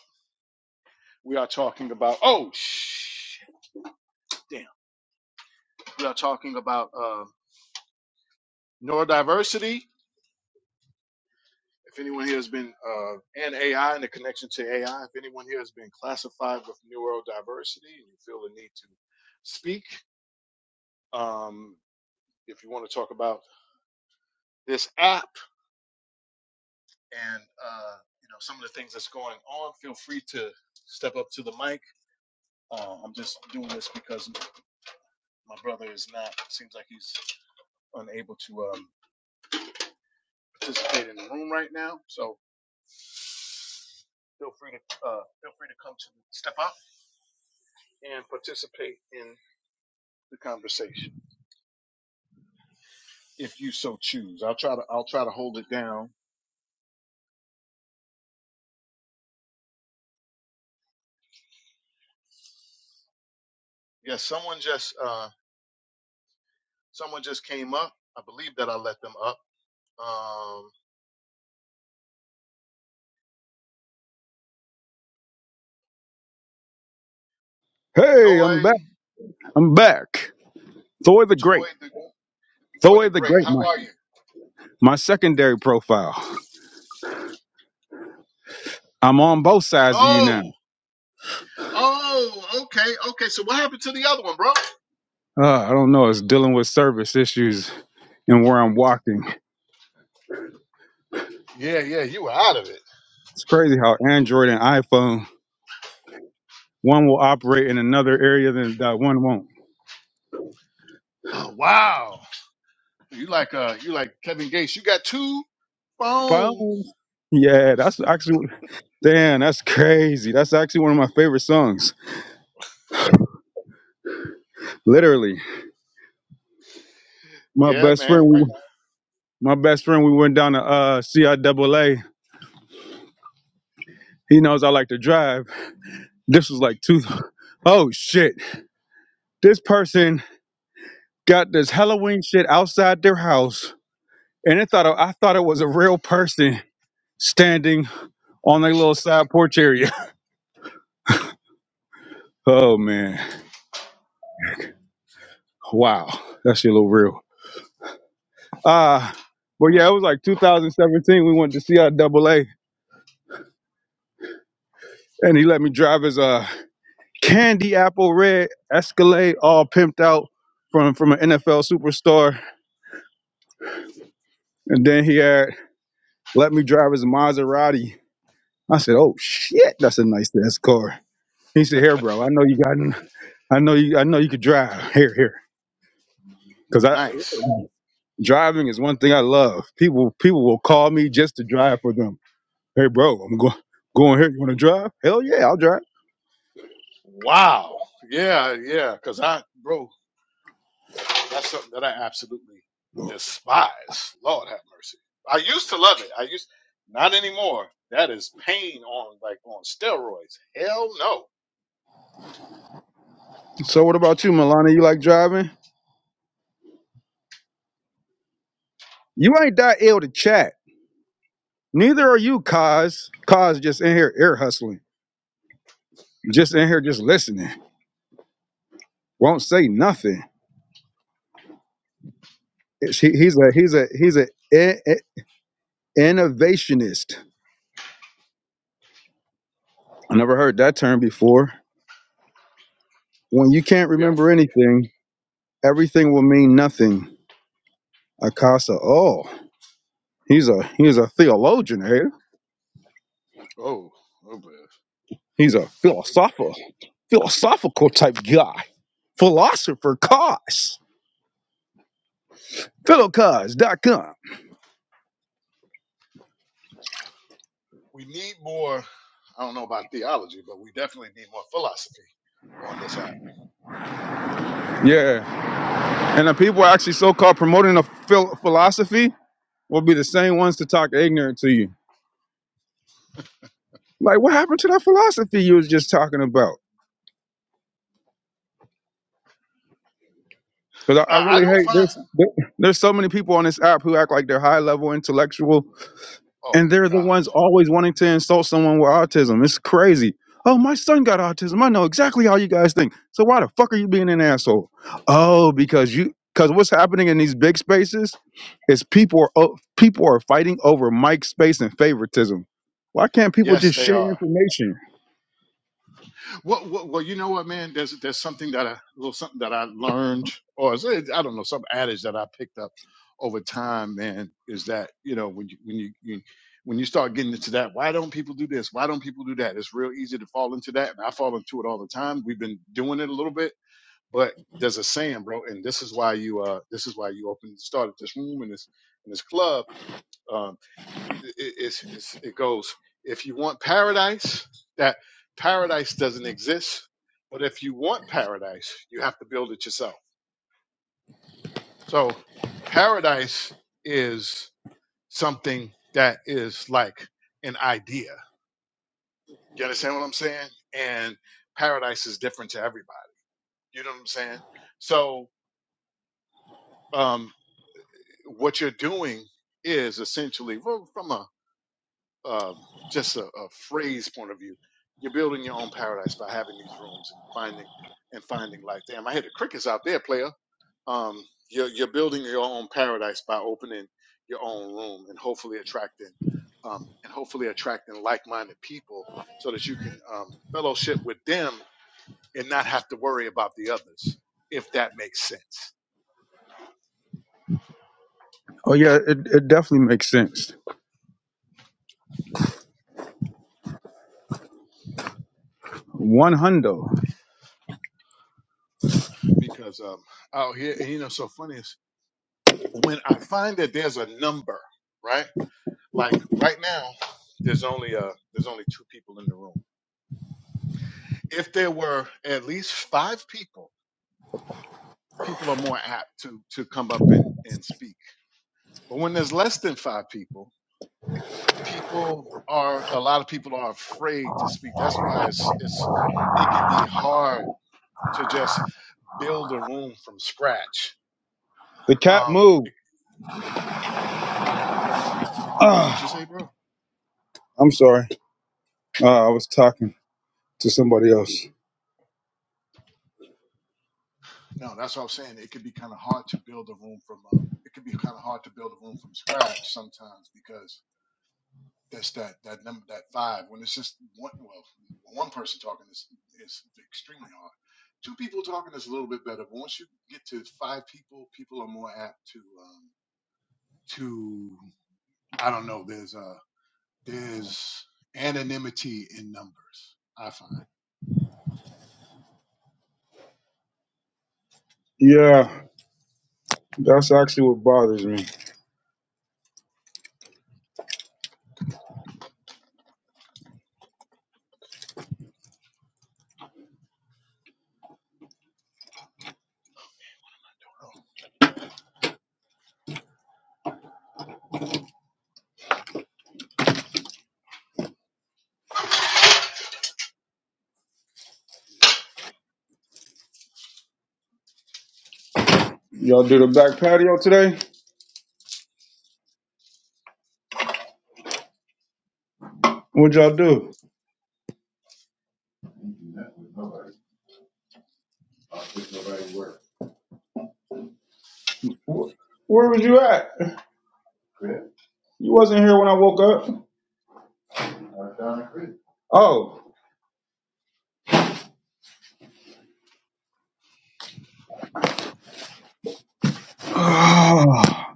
we are talking about. Oh, shit, damn. We are talking about uh, neurodiversity If anyone here has been, uh, and AI and the connection to AI, if anyone here has been classified with neurodiversity and you feel the need to speak, um, if you want to talk about this app and uh, you know some of the things that's going on, feel free to step up to the mic. Uh, I'm just doing this because my brother is not. Seems like he's unable to um, participate in the room right now. So feel free to uh, feel free to come to step up and participate in the conversation. if you so choose. I'll try to I'll try to hold it down. Yes, someone just uh someone just came up. I believe that I let them up. Um
Hey, I'm back.
Thoy
I'm back. Thor the
Toy
Great.
the Thoy the
Thor the
Great.
Great,
How
my,
are you?
my secondary profile. I'm on both sides of you
Oh,
now.
oh, okay, okay. So what happened to the other one, bro?
Uh, I don't know. It's dealing with service issues and where I'm walking.
Yeah, yeah, you were out of it.
It's crazy how Android and iPhone, one will operate in another area than that one won't.
Oh wow. You like uh you like Kevin Gates. You got two phones.
Phones? Yeah, that's actually, damn, that's crazy. That's actually one of my favorite songs. Literally. My
Yeah,
best friend,
man.
we,
Great
my best friend, we went down to uh, CIAA. He knows I like to drive. This was like two. Oh shit. This person got this Halloween shit outside their house, and it thought I thought it was a real person standing on their little side porch area. Oh man, wow, that shit look real. Uh but yeah, it was like 2017. We went to see our double A, and he let me drive his uh candy apple red Escalade, all pimped out from from an NFL superstar, and then he had let me drive his Maserati I said, "Oh shit, that's a nice ass car." He said, "Here, bro, I know you got, I know you, I know you could drive. Here, here, because I
nice.
driving is one thing I love. People, people will call me just to drive for them. Hey, bro, I'm going, going here. You want to drive? Hell yeah, I'll drive.
Wow. Yeah, yeah. Cause I bro That's something that I absolutely despise. Lord have mercy. I used to love it. I used not anymore. That is pain on like on steroids. Hell no.
So what about you, Milana? You like driving? You ain't that ill to chat. Neither are you, Cause. Cause just in here ear hustling, just in here just listening. Won't say nothing. It's- he- He's a he's a he's a in- innovationist. I never heard that term before. When you can't
We are
remember
free.
anything, everything will mean nothing. Akasa, oh, he's a he's a theologian here.
Oh, oh boy.
He's a
Oh boy.
philosopher, philosophical type guy, philosopher cause. philo cause dot com.
We need more. I don't know about theology, but we definitely need more philosophy on this app.
Yeah. And the people actually so called promoting a phil- philosophy will be the same ones to talk ignorant to you. Like, what happened to that philosophy you was just talking about? Because I, I
I, I
really
don't
hate
find.
there's there, there's so many people on this app who act like they're high level intellectual,
Oh
and they're
my
the
God.
ones always wanting to insult someone with autism. It's crazy. Oh, my son got autism. I know exactly how you guys think. So why the fuck are you being an asshole? Oh, because you because what's happening in these big spaces is people are o- people are fighting over mic space and favoritism. Why can't people
Yes,
just
they
share
are.
information?
Well, well, well, you know what, man? There's there's something that I a little something that I learned, or is it- I don't know, some adage that I picked up over time, man, is that you know when you when you, you when you start getting into that, why don't people do this? Why don't people do that? It's real easy to fall into that, and I fall into it all the time. We've been doing it a little bit, but there's a saying, bro, and this is why you uh this is why you opened started this room and this and this club um, it, it's, it's, it goes, if you want paradise, that paradise doesn't exist. But if you want paradise, you have to build it yourself. So paradise is something that is like an idea. You understand what I'm saying? And paradise is different to everybody. You know what I'm saying? So um, what you're doing is essentially well, from a uh, just a, a phrase point of view, you're building your own paradise by having these rooms and finding and finding like, damn, I hear the crickets out there, player. Um, you're you're building your own paradise by opening your own room and hopefully attracting um, and hopefully attracting like-minded people so that you can um, fellowship with them and not have to worry about the others, if that makes sense.
Oh yeah, it, it definitely makes sense. One hundo.
Because um, out here, and you know, so funny is when I find that there's a number, right? Like right now, there's only uh there's only two people in the room. If there were at least five people, people are more apt to to come up and and speak. But when there's less than five people, people are a lot of people are afraid to speak. That's why it's it's it can be hard to just build a room from scratch.
The cat
Um,
moved.
it- What'd you
Ah,
say, bro?
I'm sorry. Uh, I was talking to somebody else.
No, that's what I'm saying. It could be kind of hard to build a room from. Uh, it could be kind of hard to build a room from scratch sometimes because That's that that number that five. When it's just one well, one person talking is is extremely hard. Two people talking is a little bit better, but once you get to five people, people are more apt to um to I don't know. There's a there's anonymity in numbers. I find.
Yeah, that's actually what bothers me. Y'all do the back patio today? What'd y'all do? Wh- Where was you at? You wasn't here when I woke up. Oh. Ah.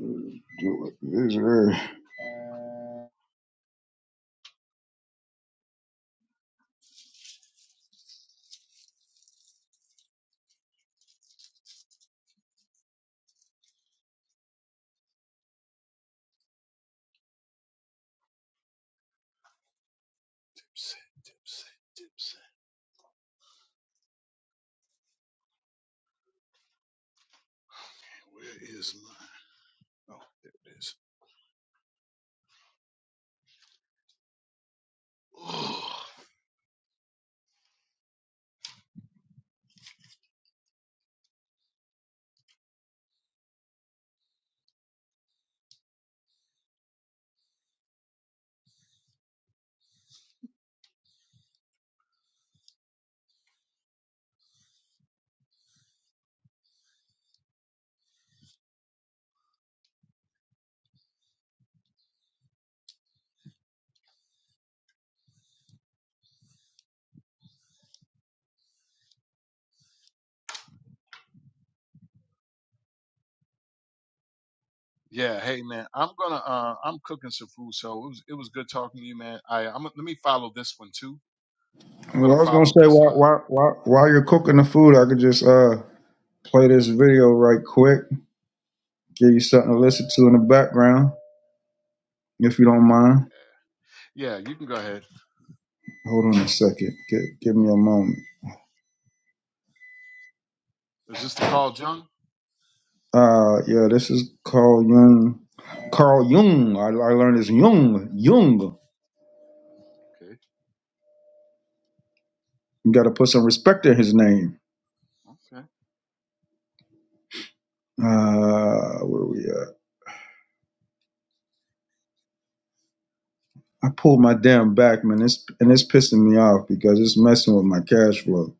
This is weird.
Dipset, dipset, dipset. Where is mine? Oh, there it is. Oh. Yeah, hey man, I'm gonna uh I'm cooking some food, so it was it was good talking to you, man. I I'm let me follow this one too I'm gonna
Well, I was gonna
follow
say
this.
while
Uh,
while while while you're cooking the food, I could just uh play this video right quick. Give you something to listen to in the background, if you don't mind.
yeah, you can go ahead.
Hold on a second. Give, give me a moment.
Is this the call, John?
Uh, yeah, this is Carl Jung. Carl Jung. I, I learned it's Jung. Jung.
Okay,
You got to put some respect in his name.
okay.
Uh, where we at? I pulled my damn back, man. It's and it's pissing me off because it's messing with my cash flow.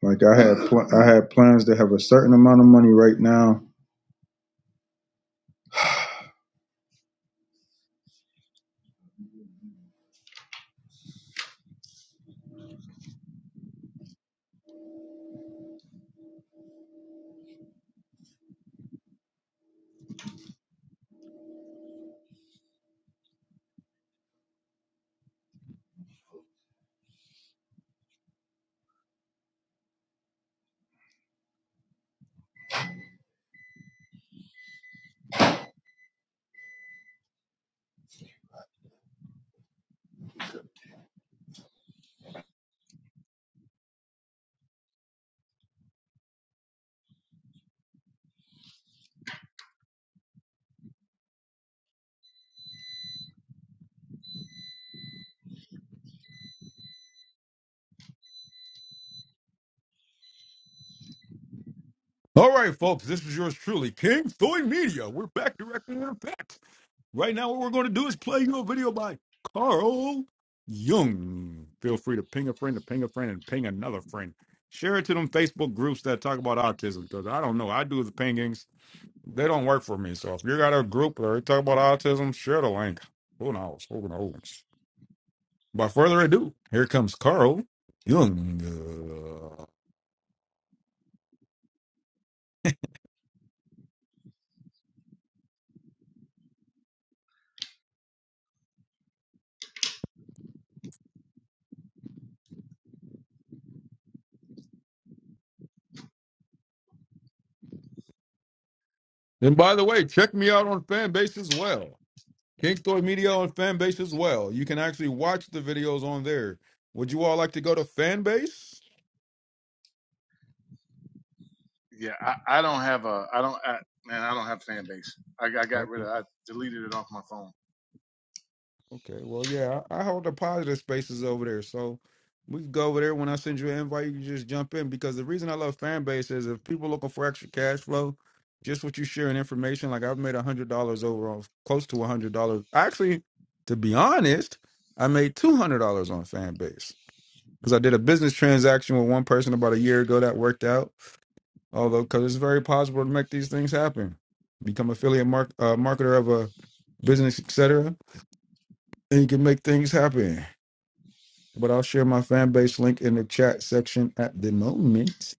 Like I had, pl- I had plans to have a certain amount of money right now,
All right, folks, this is yours truly, King Soy Media. We're back directly to the facts. Right now, what we're going to do is play you a video by Carl Jung. Feel free to ping a friend, to ping a friend, and ping another friend. Share it to them Facebook groups that talk about autism because I don't know. I do the pingings, they don't work for me. So if you got a group that talk about autism, share the link. Who knows? Who knows? By further ado, here comes Carl Jung. Uh, And by the way, check me out on Fanbase as well. Kingstoy Media on Fanbase as well. You can watch the videos on there. Would you all like to go to Fanbase?
Yeah, I, I don't have a. I don't. I, man, I don't have fan base. I, got- I got rid
Okay.
of. I deleted it off my phone.
Okay. Well, yeah, I, I hold the positive spaces over there, so we can go over there. When I send you an invite, you can just jump in. Because the reason I love Fanbase is if people looking for extra cash flow, just what you sharing information. Like I've made a hundred dollars overall, close to a hundred dollars. Actually, to be honest, I made two hundred dollars on Fanbase because I did a business transaction with one person about a year ago that worked out although because it's very possible to make these things happen. Become affiliate mark, uh, marketer of a business, etc., and you can make things happen. But I'll share my fan base link in the chat section at the moment.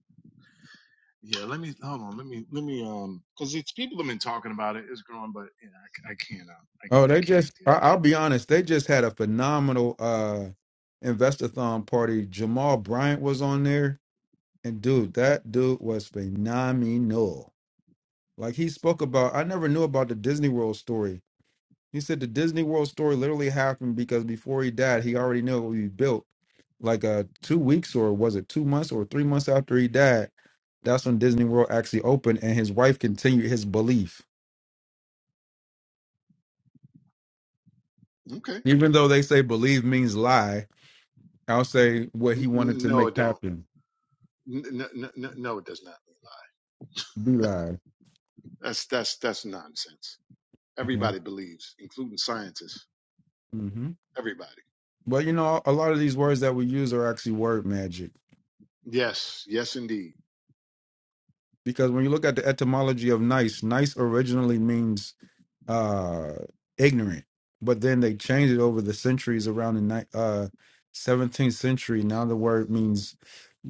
Yeah, let me hold on. Let me let me um, cause it's people have been talking about it. It's growing, but yeah, I c- I can't. Um, I
Oh,
I
they
can't
just,
deal
I, I'll be honest, they just had a phenomenal uh investathon party. Jamal Bryant was on there, and dude, that dude was phenomenal. Like he spoke about, I never knew about the Disney World story. He said the Disney World story literally happened because before he died, he already knew it would be built like uh two weeks or was it two months or three months after he died that's when disney world actually opened and his wife continued his belief
with. It. Okay.
even though they say believe means lie i'll say what he
N-
wanted
n-
to
No,
make
it don't.
happen
No, no, no, no, it does not.
be lie
That's that's that's nonsense. Everybody believes, including scientists.
hmm
Everybody.
but you know a lot of these words that we use are actually word magic
Yes, yes, indeed.
because when you look at the etymology of nice nice originally means uh ignorant but then they changed it over the centuries around the ni- uh 17th century now the word means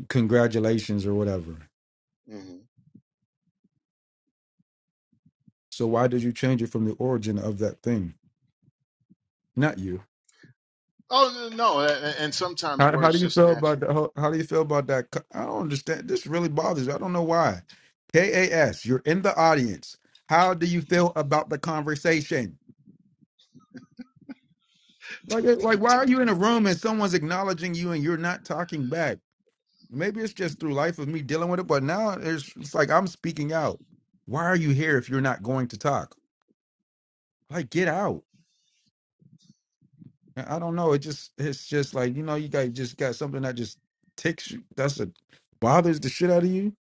congratulations or whatever.
Mhm.
So why did you change it from the origin of that thing? Not you.
Oh no, a- and sometimes
How, how
words
do you
just
feel
natural.
about the, how, how do you feel about that? co- I don't understand. This really bothers. me. I don't know why. KAS, you're in the audience. How do you feel about the conversation? Like like why are you in a room and someone's acknowledging you and you're not talking back? Maybe it's just through life of me dealing with it, but now it's, it's like I'm speaking out. Why are you here if you're not going to talk? Like get out. I I don't know. It just it's just like you know you got just got something that just ticks you. That's a bothers the shit out of you.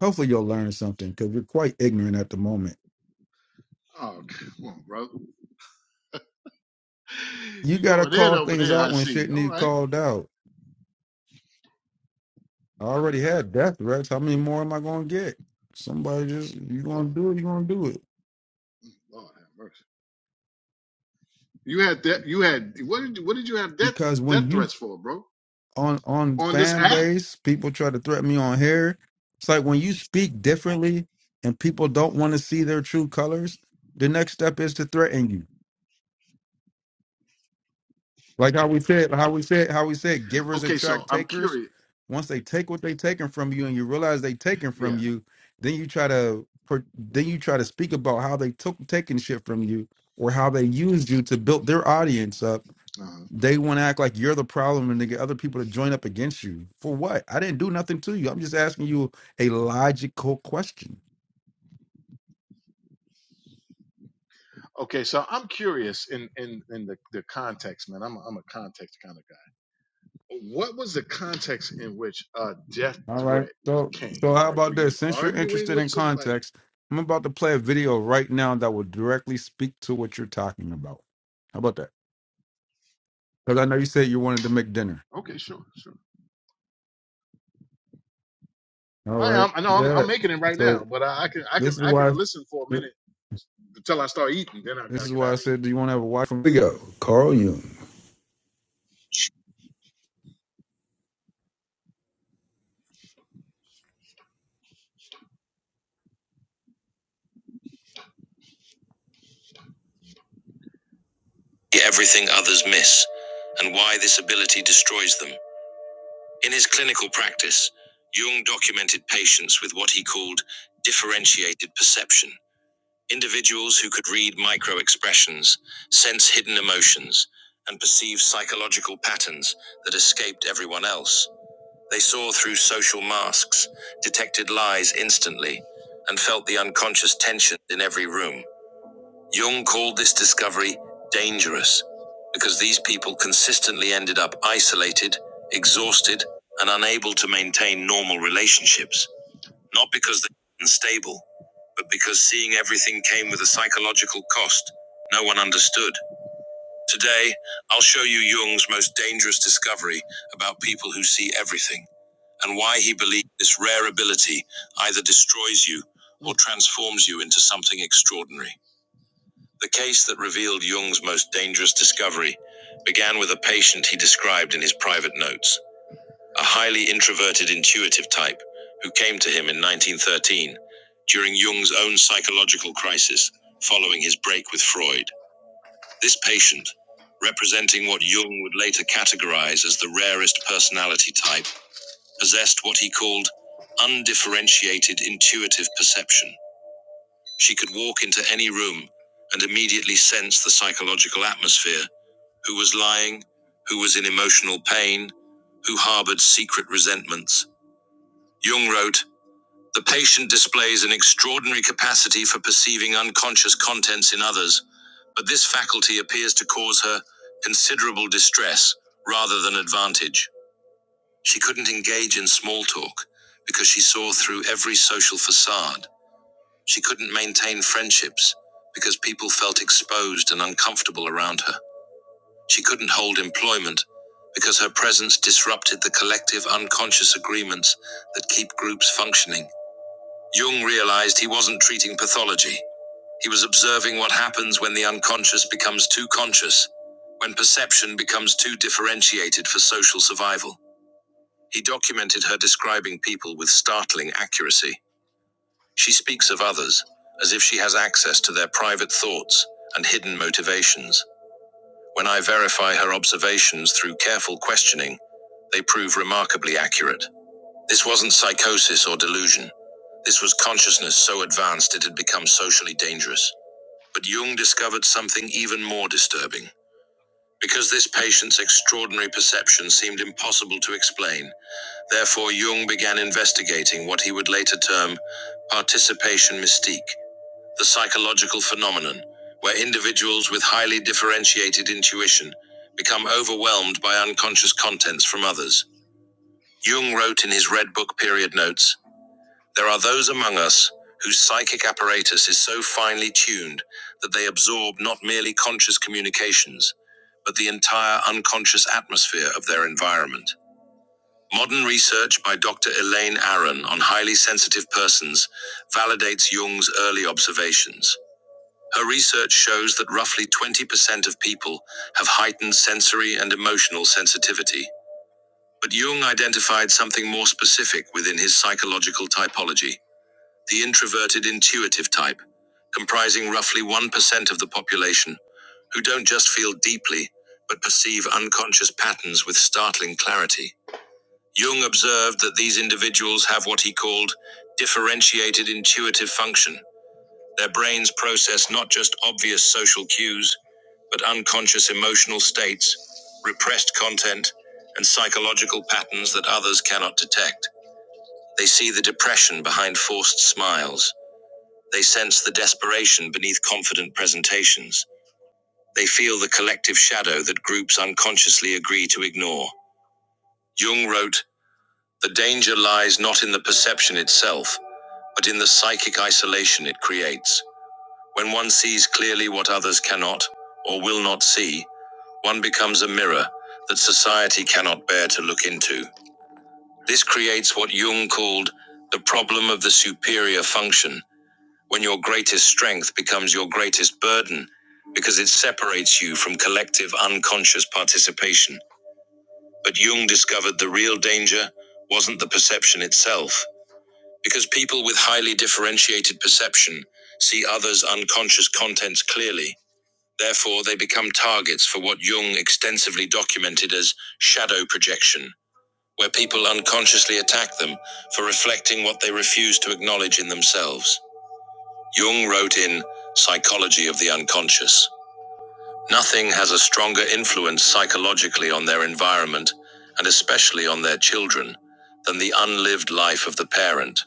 Hopefully you'll learn something because you're quite ignorant at the moment.
Oh come on, brother.
You
You
gotta
going in
call
over
things
there? I
out when shit
see. All
need
right.
called out. I already had death threats. How many more am I gonna get? Somebody just you gonna do it. You gonna do it
Lord have mercy. You had that. You had what did what did you have death
because
death
when you
threats for, bro?
on on
On this
fan
app?
base, people try to threaten me on here. It's like when you speak differently and people don't want to see their true colors. The next step is to threaten you Like how we said, how we said, how we said, givers
Okay, so
attract
I'm
takers.
curious.
Once they take what they taken from you, and you realize they taken
Yeah.
from you, then you try to per- then you try to speak about how they took taking shit from you or how they used you to build their audience up.
Uh-huh.
They want to act like you're the problem and they get other people to join up against you for what? I didn't do nothing to you. I'm just asking you a logical question.
Okay, so I'm curious in in in the the context, man. I'm a, I'm a context kind of guy. What was the context in which a death
All right.
threat
So
came?
so how
Like, were
about this?
you
Since you're
arguing
interested
with
in
some? Like,
context, I'm about to play a video right now that will directly speak to what you're talking about. How about that? Because I know you said you wanted to make dinner.
okay, sure, sure.
All
I
right.
am. I know. I'm,
Yeah.
I'm making it right
So
now, but I, I can. I can.
this is
I can
why
listen for a minute
this
until I start eating. Then I gotta
is
get out
why I said
of
do you want to have a wife? Here we go. Carl Jung. Everything others miss and why this ability destroys them. In his clinical practice, Jung documented patients with what he called differentiated perception Individuals who could read micro expressions, sense hidden emotions, and perceive psychological patterns that escaped everyone else. They saw through social masks, detected lies instantly, and felt the unconscious tension in every room. Jung called this discovery dangerous because these people consistently ended up isolated, exhausted, and unable to maintain normal relationships not because they're unstable, but because seeing everything came with a psychological cost no one understood. Today, I'll show you Jung's most dangerous discovery about people who see everything, and why he believed this rare ability either destroys you
here.
or transforms you into something extraordinary. The case that revealed Jung's most dangerous discovery began with a patient he described in his private notes a highly introverted intuitive type who came to him in 1913 during Jung's own psychological crisis following his break with Freud. This patient, representing what Jung would later categorize as the rarest personality type, possessed what he called undifferentiated intuitive perception. She could walk into any room and immediately sense the psychological atmosphere, who was lying, who was in emotional pain, who harbored secret resentments. Jung wrote, The patient displays an extraordinary capacity for perceiving unconscious contents in others, but this faculty appears to cause her considerable distress rather than advantage. She couldn't engage in small talk because she saw through every social facade. She couldn't maintain friendships because people felt exposed and uncomfortable around her. She couldn't hold employment because her presence disrupted the collective unconscious agreements that keep groups functioning. Jung realized he wasn't treating pathology. He was observing what happens when the unconscious becomes too conscious, when perception becomes too differentiated for social survival. He documented her describing people with startling accuracy. She speaks of others, as if she has access to their private thoughts and hidden motivations. When I verify her observations through careful questioning, they prove remarkably accurate. This wasn't psychosis or delusion. This was consciousness so advanced it had become socially dangerous. But Jung discovered something even more disturbing. Because this patient's extraordinary perception seemed impossible to explain, therefore Jung began investigating what he would later term participation mystique, the psychological phenomenon where individuals with highly differentiated intuition become overwhelmed by unconscious contents from others. Jung wrote in his Red Book period notes there are those among us whose psychic apparatus is so finely tuned that they absorb not merely conscious communications, but the entire unconscious atmosphere of their environment. Modern research by Dr. Elaine Aron on highly sensitive persons validates Jung's early observations. Her research shows that roughly 20% of people have heightened sensory and emotional sensitivity. But Jung identified something more specific within his psychological typology the introverted intuitive type, comprising roughly 1% of the population, who don't just feel deeply, but perceive unconscious patterns with startling clarity. Jung observed that these individuals have what he called differentiated intuitive function. Their brains process not just obvious social cues, but unconscious emotional states, repressed content, and psychological patterns that others cannot detect. They see the depression behind forced smiles they sense the desperation beneath confident presentations. They feel the collective shadow that groups unconsciously agree to ignore. Jung wrote, The danger lies not in the perception itself, but in the psychic isolation it creates. When one sees clearly what others cannot, or will not see, one becomes a mirror that society cannot bear to look into. This creates what Jung called the problem of the superior function, when your greatest strength becomes your greatest burden because it separates you from collective unconscious participation. But Jung discovered the real danger wasn't the perception itself, because people with highly differentiated perception see others' unconscious contents clearly. Therefore, they become targets for what Jung extensively documented as shadow projection, where people unconsciously attack them for reflecting what they refuse to acknowledge in themselves. Jung wrote in Psychology of the Unconscious Nothing has a stronger influence psychologically on their environment, and especially on their children, than the unlived life of the parent.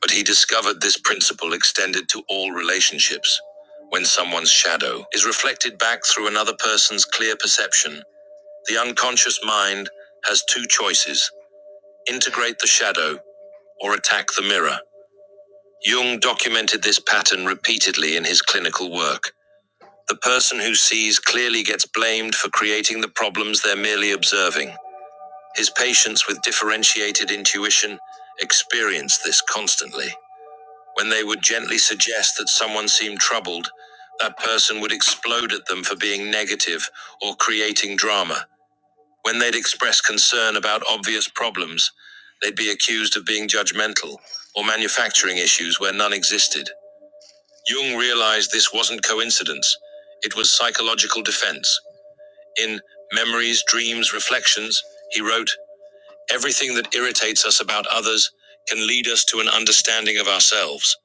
But he discovered this principle extended to all relationships. When someone's shadow is reflected back through another person's clear perception, the unconscious mind has two choices integrate the shadow or attack the mirror. Jung documented this pattern repeatedly in his clinical work. The person who sees clearly gets blamed for creating the problems they're merely observing. His patients with differentiated intuition experience this constantly. When they would gently suggest that someone seemed troubled, that person would explode at them for being negative or creating drama. When they'd express concern about obvious problems, they'd be accused of being judgmental or manufacturing issues where none existed. Jung realized this wasn't coincidence, it was psychological defense. In Memories, Dreams, Reflections, he wrote, Everything that irritates us about others can lead us to an understanding of ourselves.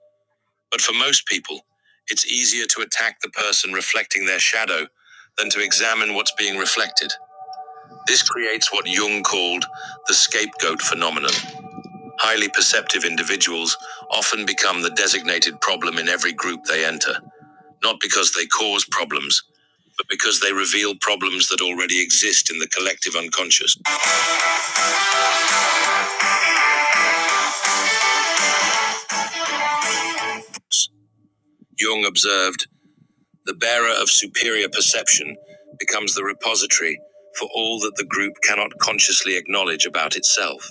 But for most people, it's easier to attack the person reflecting their shadow than to examine what's being reflected. This creates what Jung called the scapegoat phenomenon. Highly perceptive individuals often become the designated problem in every group they enter, not because they cause problems, but because they reveal problems that already exist in the collective unconscious. Jung observed the bearer of superior perception becomes the repository for all that the group cannot consciously acknowledge about itself.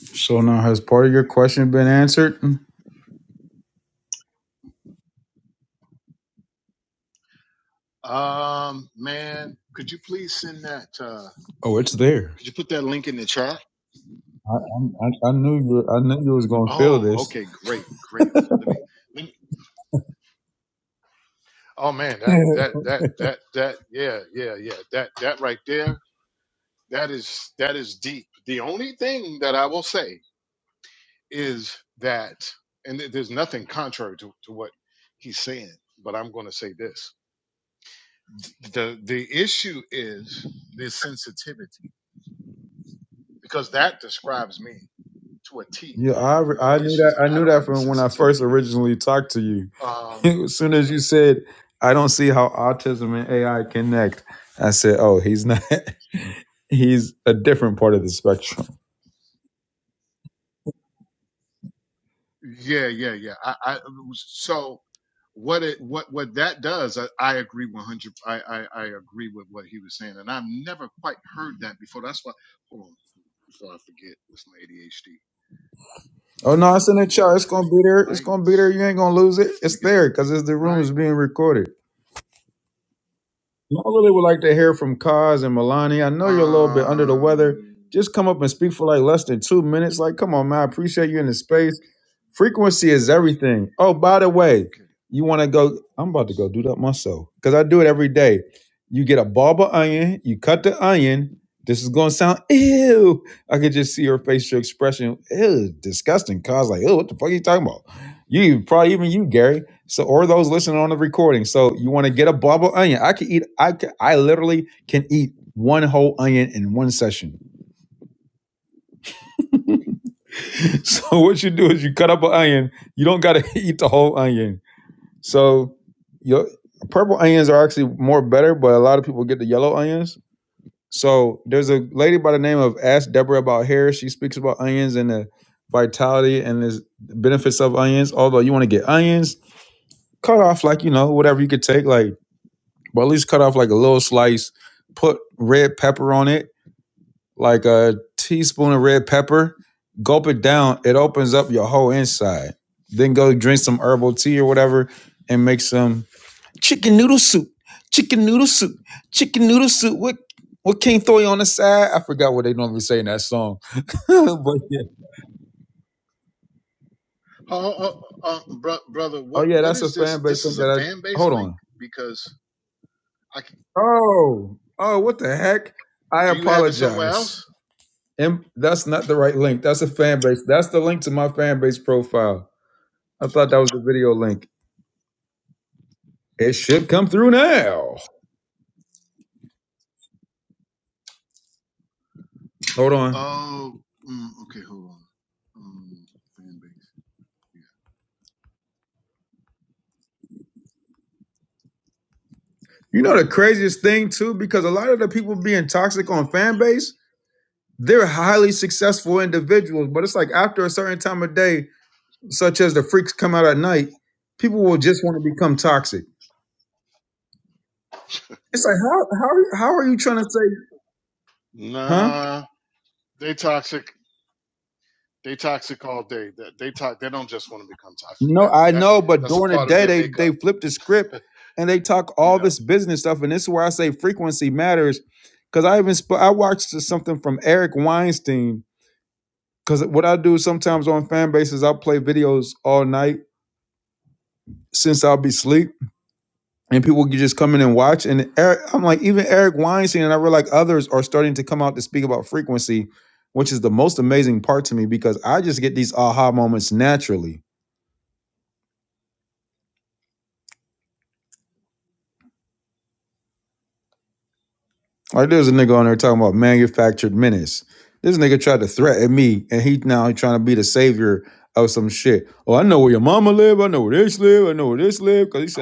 So now, has part of your question been answered?
Mm. Um, man, could you please send that? Uh,
Oh, it's there.
could you put that link in the chat?
I I, I I knew you. I knew you was gonna feel
Oh,
this.
okay, great, great. Oh, let me. Let me. Oh man, that that that that that. Yeah, yeah, yeah. That that right there. That is that is deep. The only thing that I will say is that, and there- there's nothing contrary to to what he's saying, but I'm going to say this the the issue is this sensitivity because that describes me to a T. The only issue is
I
I
knew
don't
that
have the
from when I first
sensitivity.
originally talked to you.
Um,
as soon as you said, "I don't see how autism connect," I said, "Oh, he's not. He
yeah, yeah, yeah. I, I so what it what what that does. I, I agree one hundred. I, I I agree with what he was saying, and I've never quite heard that before. That's why. Hold on, before I forget, that's my ADHD. Let me uh, let me get that link right. Let me get that link right. Um. Okay.
Frequency is everything. Oh, by the way,
okay.
you want to go? I'm about to go do that myself because I do it every day. You get a bulb of onion, you cut the onion. This is going to sound ew. I could just see her facial expression. Ew, disgusting. Cause like, ew, what the fuck are you talking about? You probably even you, Gary. So or those listening on the recording. So you want to get a bulb of onion? I can eat. I can, I literally can eat one whole onion in one session. so what you do is you cut up an onion. You don't got to eat the whole onion. So your purple onions are actually more better, but a lot of people get the yellow onions. So there's a lady by the name of Ask Deborah About Hair. She speaks about onions and the vitality and the benefits of onions. Although you want to get onions, cut off like you know whatever you could take, like but at least cut off like a little slice. Put red pepper on it like a teaspoon of red pepper, gulp it down. It opens up your whole inside. Then go drink some herbal tea or whatever and make some chicken noodle soup. Chicken noodle soup. Chicken noodle soup. What what King Thoy on the side? I forgot what they normally say in that song. but yeah.
Oh, oh, uh, bro, brother,
Oh
what
yeah,
what
that's
is
a
this?
fan base
This
thing
is a
that
fan
I
base
hold
link
on.
because I c-
Oh, oh, what the heck? I
do you have it somewhere
apologize.
else?
And that's not the right link. That's a fan base. That's the link to my fan base profile. I thought that was the video link. It should come through now. Hold on.
Oh, mm, okay, hold on. Um, fan base.
You know the craziest thing too, because a lot of the people being toxic on fan base, they're highly successful individuals. But it's like after a certain time of day, such as the freaks come out at night, people will just want to become toxic. It's like how how how are you trying to say?
Yeah.
Huh?
Nah, they toxic. They toxic all day. That they talk. They don't just want to become toxic.
No,
That
I
that
know, but
that's a
during the
part of
day
their
they they
makeup.
flip the script and they talk
You
all
know.
this business stuff, and this is where I say frequency matters. Because I even sp- I watched something from Eric Weinstein Cause what I do sometimes on fan bases, I play videos all night since I'll be asleep, and people can just come in and watch. And Eric, I'm like, even Eric Weinstein and I realize others are starting to come out to speak about frequency, which is the most amazing part to me because I just get these aha moments naturally. Like there's a nigga on there talking about manufactured menace. This nigga tried to threaten me, and he now he's trying to be the savior of some shit. Oh, I know where your mama live. I know where this live. I know where this live. Cause he says,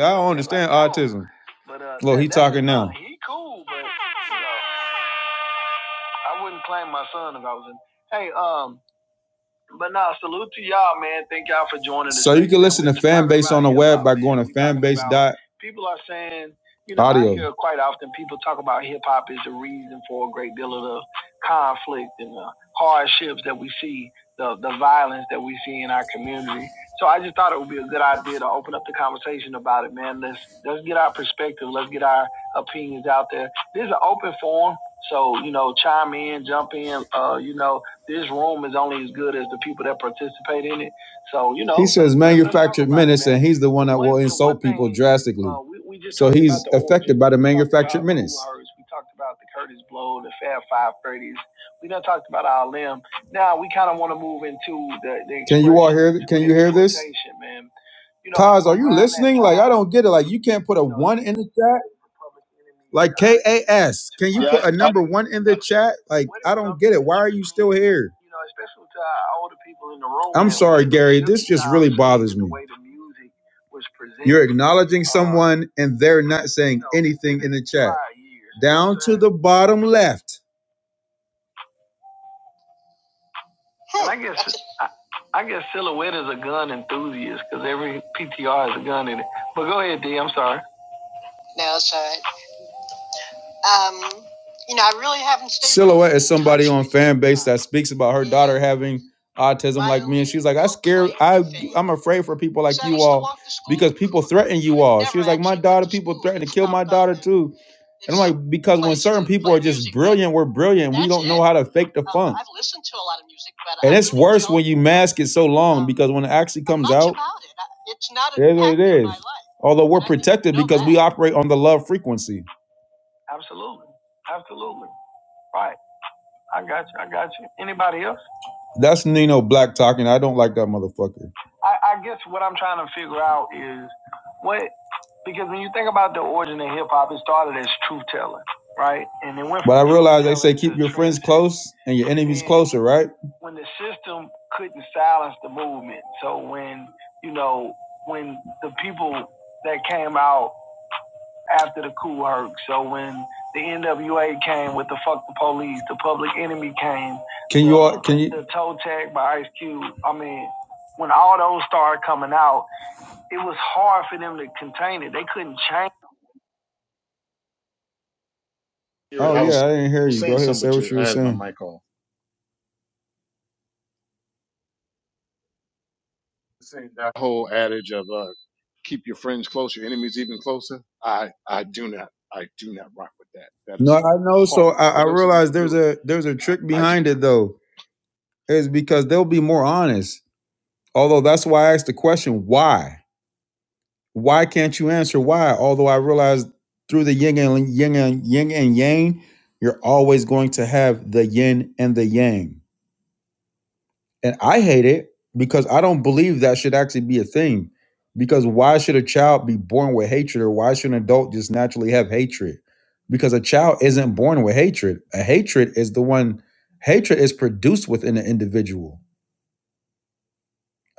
going, says, man, he's the one drastically. You can't put it in the chat
Yeah, I, I,
in the
I
chat like there and there anything the bottom left. No. Um, you know, I really haven't. Stayed Silhouette is somebody on fan base that speaks about her daughter having autism like me, and she's like, I scare, I, I'm afraid for people like you all because people threaten you all. She was like, my daughter, people threaten to kill my daughter too. And I'm like, because when certain people are just brilliant, we're brilliant. We don't know how to fake the fun. And it's worse when you mask it so long because when it actually comes out, it's not it is what it is. Although we're protected because we operate on the love frequency. That's Nino Black talking. I don't like that motherfucker. Close and answer, right? Can can you?
hear it.
Oh
I was
yeah, I didn't
I
hear
was
you. Go
saying
ahead,
something,
say
but
what
you,
you
I
were
had my
saying.
mic off. Saying that whole adage of uh, keep your friends close, your enemies even closer. I I do not I do not rock with that. That
No,
is
I know. So I,
horrible. I
I
know some people
realized there's
do it.
a there's a
I,
trick
I do
behind it
not.
though. Is because they'll be more honest. Although that's why I asked the question, why? Why can't you answer why? Although I realized through the yin and yin and yin and yang, you're always going to have the yin and the yang. And I hate it because I don't believe that should actually be a thing. Because why should a child be born with hatred or why should an adult just naturally have hatred? Because a child isn't born with hatred. A hatred is the one, hatred is produced within an individual.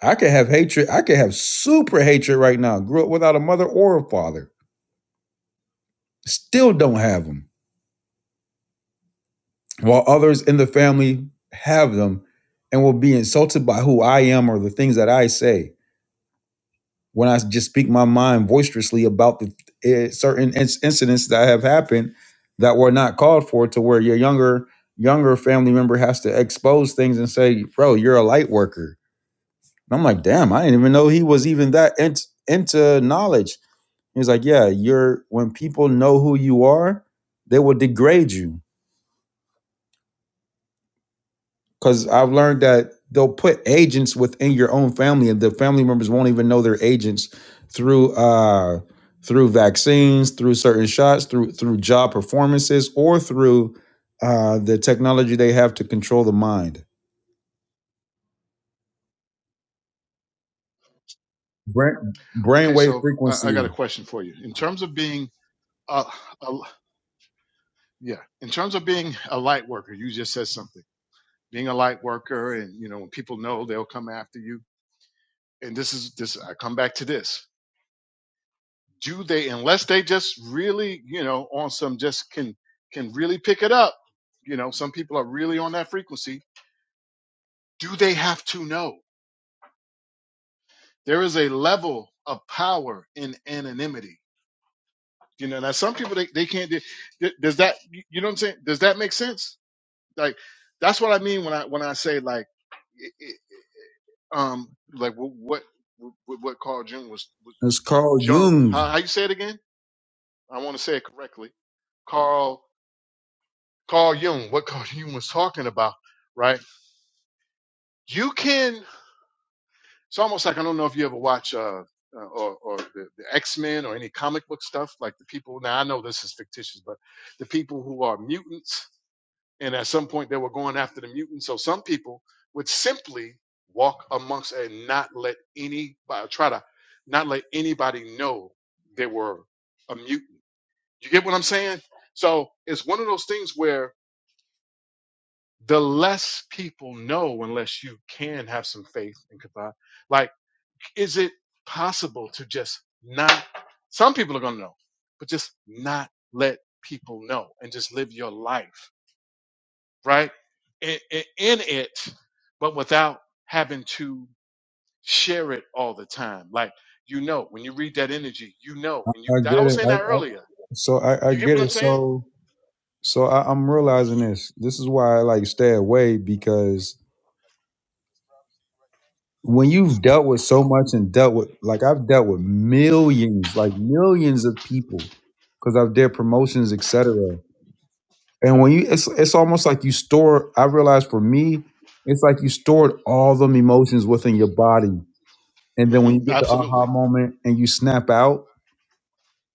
I could have hatred, I could have super hatred right now, grew up without a mother or a father, still don't have them, while others in the family have them and will be insulted by who I am or the things that I say when I just speak my mind boisterously about the uh, certain inc- incidents that have happened that were not called for, to where your younger younger family member has to expose things and say, "Bro, you're a light worker." And I'm like, "Damn, I didn't even know he was even that in- into knowledge." He's like, "Yeah, you're when people know who you are, they will degrade you." because I've learned that they'll put agents within your own family, and the family members won't even know they're agents through uh, through vaccines, through certain shots, through through job performances, or through uh, the technology they have to control the mind, brain
Okay,
brainwave
so I, I got a
frequency.
question for you. In terms of being a, a yeah, in terms of being a light worker, you just said something. Being a light worker, and you know, when people know, they'll come after you. And this is this. I come back to this. do they unless they just really you know on some just can can really pick it up you know some people are really on that frequency do they have to know there is a level of power in anonymity you know now some people they, they can't do does that you know what i'm saying does that make sense like that's what i mean when i when i say like it, it, um like wh- what what what carl jung was was jung how, how you say it again i want to say it correctly carl Carl Jung, what Carl Jung was talking about, right? You can. It's almost like I don't know if you ever watch uh, uh, or or the, the X Men or any comic book stuff. Like the people now, I know this is fictitious, but the people who are mutants, and at some point they were going after the mutants. So some people would simply walk amongst and not let anybody try to not let anybody know they were a mutant. You get what I'm saying? So it's one of those things where the less people know unless you can have some faith and confide. Like, is it possible to just not? Some people are going to know, but just not let people know and just live your life, right? In, in, in it, but without having to share it all the time. Like, you know, when you read that energy, you know, and you,
I
I
get
was
it.
saying
I,
that
I,
earlier.
so I, I
You get
get
what I'm
it.
saying?
So so I, I'm realizing this. This is why I like stay away because when you've dealt with so much and dealt with like I've dealt with millions, like millions of people because of their promotions, etc. And when you, it's it's almost like you store. I realized for me, it's like you stored all emotions within your body, and then
hmm
when you get the aha
Absolutely.
moment and you snap out,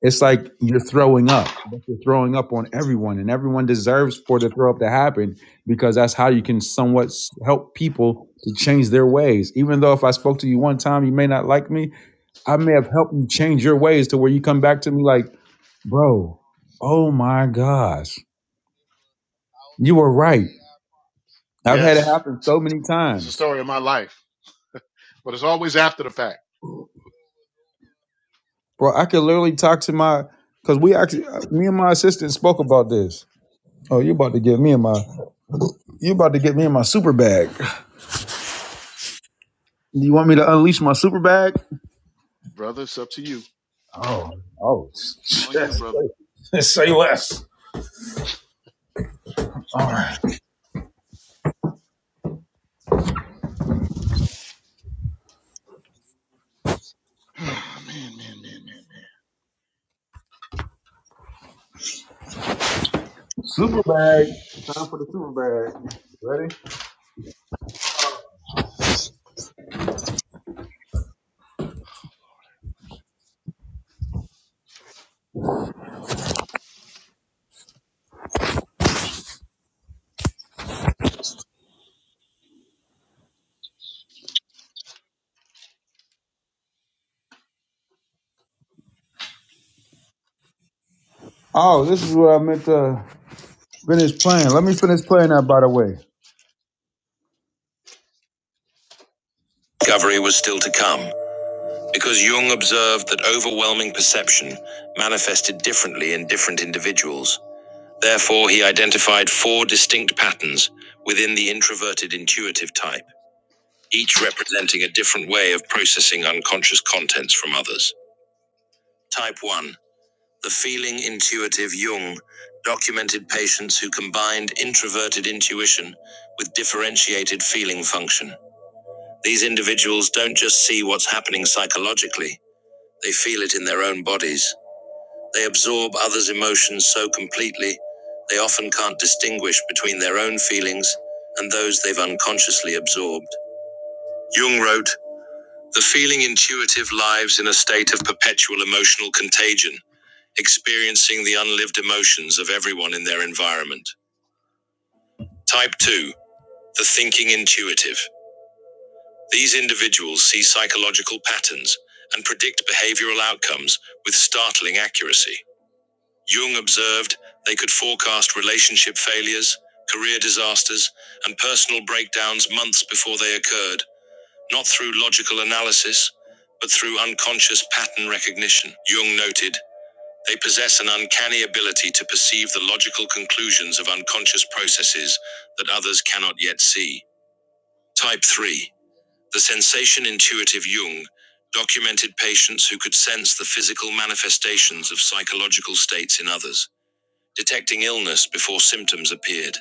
it's like you're throwing up. But you're throwing up on everyone, and everyone deserves for the throw up to happen because that's how you can somewhat s- help people to change their ways. Even though if I spoke to you one time, you may not like me. I may have helped you to me like, bro, oh my gosh You were right. I've had it
Yes.
happen so many
It's a
times,
story of my life, but it's always after the fact.
bro. I could literally talk to my because we actually uh, me and my assistant spoke about this. Oh, you about to get me in my you about to get me in my super bag. You want me to unleash my super bag?
Brother, it's up to you. It's on you, brother. man, man, man, man, man.
Super bag. Time for the super bag. Ready? Oh, this is what I meant to finish playing. Let me finish playing that. By the way, observed that overwhelming perception manifested differently in different individuals. Therefore, he identified four distinct patterns within the introverted intuitive type, each representing a different way of processing unconscious contents from others. Type 1 The feeling intuitive Jung documented patients who combined introverted intuition with differentiated feeling function. These individuals don't just see what's happening psychologically, they feel it in their own bodies. They absorb others' emotions so completely, they often can't distinguish between their own feelings and those they've unconsciously absorbed. Jung wrote The feeling intuitive lives in a state of perpetual emotional contagion, experiencing the unlived emotions of everyone in their environment. Type 2 The thinking intuitive. These individuals see psychological patterns and predict behavioral outcomes with startling accuracy. Jung observed they could forecast relationship failures, career disasters, and personal breakdowns months before they occurred, not through logical analysis, but through unconscious pattern recognition. Jung noted they possess an uncanny ability to perceive the logical conclusions of unconscious processes that others cannot yet see. Type 3 The sensation intuitive Jung documented patients who could sense the physical manifestations of psychological states in others detecting illness before symptoms appeared,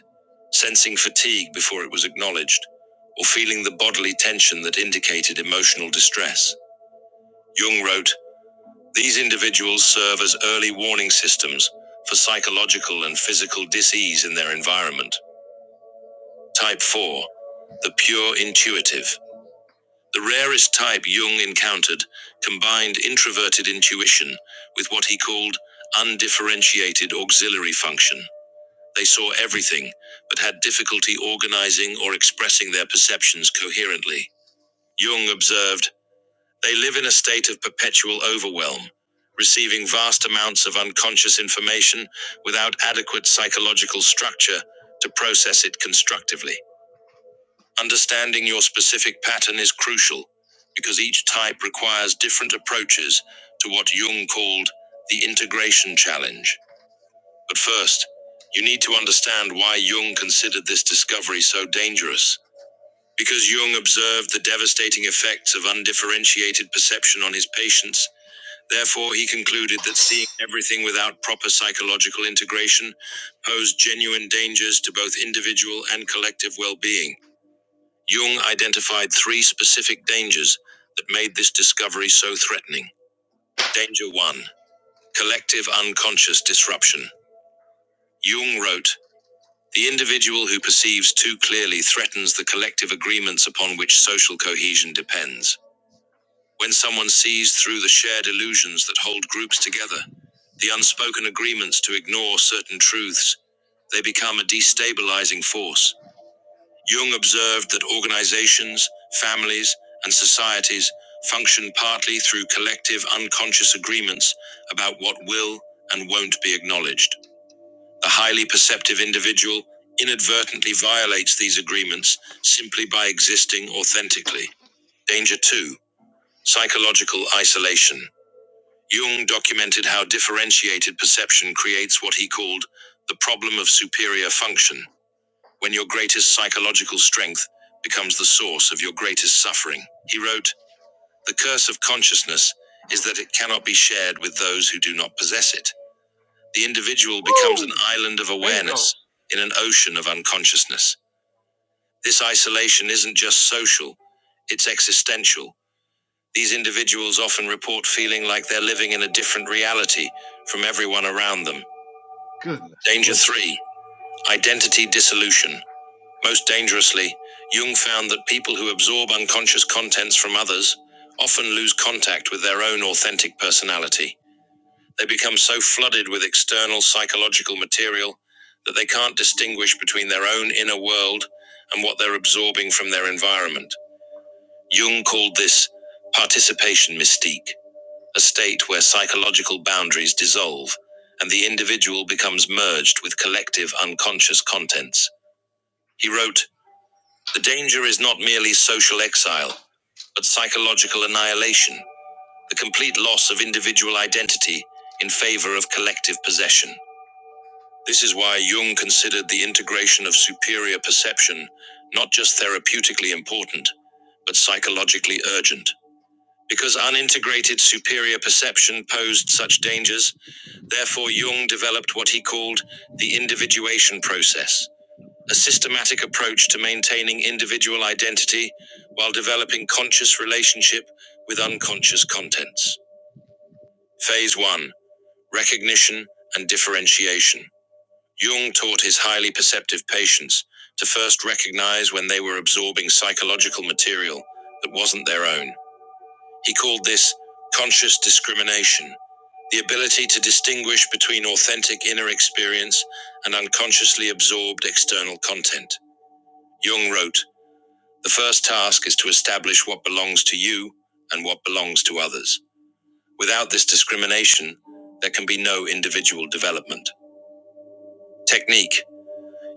sensing fatigue before it was acknowledged, or feeling the bodily tension that indicated emotional distress. Jung wrote, These individuals serve as early warning systems for psychological and physical disease in their environment. Type 4, the pure intuitive. The rarest type Jung encountered combined introverted intuition with what he called undifferentiated auxiliary function. They saw everything, but had difficulty organizing or expressing their perceptions coherently. Jung observed they live in a state of perpetual overwhelm, receiving vast amounts of unconscious information without adequate psychological structure to process it constructively. Understanding your specific pattern is crucial because each type requires different approaches to what Jung called the integration challenge. But first, you need to understand why Jung considered this discovery so dangerous. Because Jung observed the devastating effects of undifferentiated perception on his patients, therefore, he concluded that seeing everything without proper psychological integration posed genuine dangers to both individual and collective well being. Jung identified three specific dangers that made this discovery so threatening. Danger 1 Collective unconscious disruption. Jung wrote, The individual who perceives too clearly threatens the collective agreements upon which social cohesion depends. When someone sees through the shared illusions that hold groups together, the unspoken agreements to ignore certain truths, they become a destabilizing force. Jung observed that organizations, families, and societies function partly through collective unconscious agreements about what will and won't be acknowledged. A highly perceptive individual inadvertently violates these agreements simply by existing authentically. Danger two, psychological isolation. Jung documented how differentiated perception creates what he called the problem of superior function, when your greatest psychological strength becomes the source of your greatest suffering. He wrote, The curse of consciousness is that it cannot be shared with those who do not possess it the individual becomes an
Woo!
island of
Bingo!
awareness in an ocean of unconsciousness. This isolation isn't just social, it's existential. These individuals often report feeling like they're living in a different reality from everyone around them.
Goodness
Danger
gracious.
three, identity dissolution. Most dangerously, Jung found that people who absorb unconscious contents from others often lose contact with their own authentic personality. They become so flooded with external psychological material that they can't distinguish between their own inner world and what they're absorbing from their environment. Jung called this participation mystique, a state where psychological boundaries dissolve and the individual becomes merged with collective unconscious contents. He wrote, The danger is not merely social exile, but psychological annihilation, the complete loss of individual identity in favor of collective possession. This is why Jung considered the integration of superior perception not just therapeutically important, but psychologically urgent. Because unintegrated superior perception posed such dangers, therefore Jung developed what he called the individuation process, a systematic approach to maintaining individual identity while developing conscious relationship with unconscious contents. Phase 1 Recognition and Differentiation. Jung taught his highly perceptive patients to first recognize when they were absorbing psychological material that wasn't their own. He called this conscious discrimination, the ability to distinguish between authentic inner experience and unconsciously absorbed external content. Jung wrote, The first task is to establish what belongs to you and what belongs to others. Without this discrimination, there can be no individual development. Technique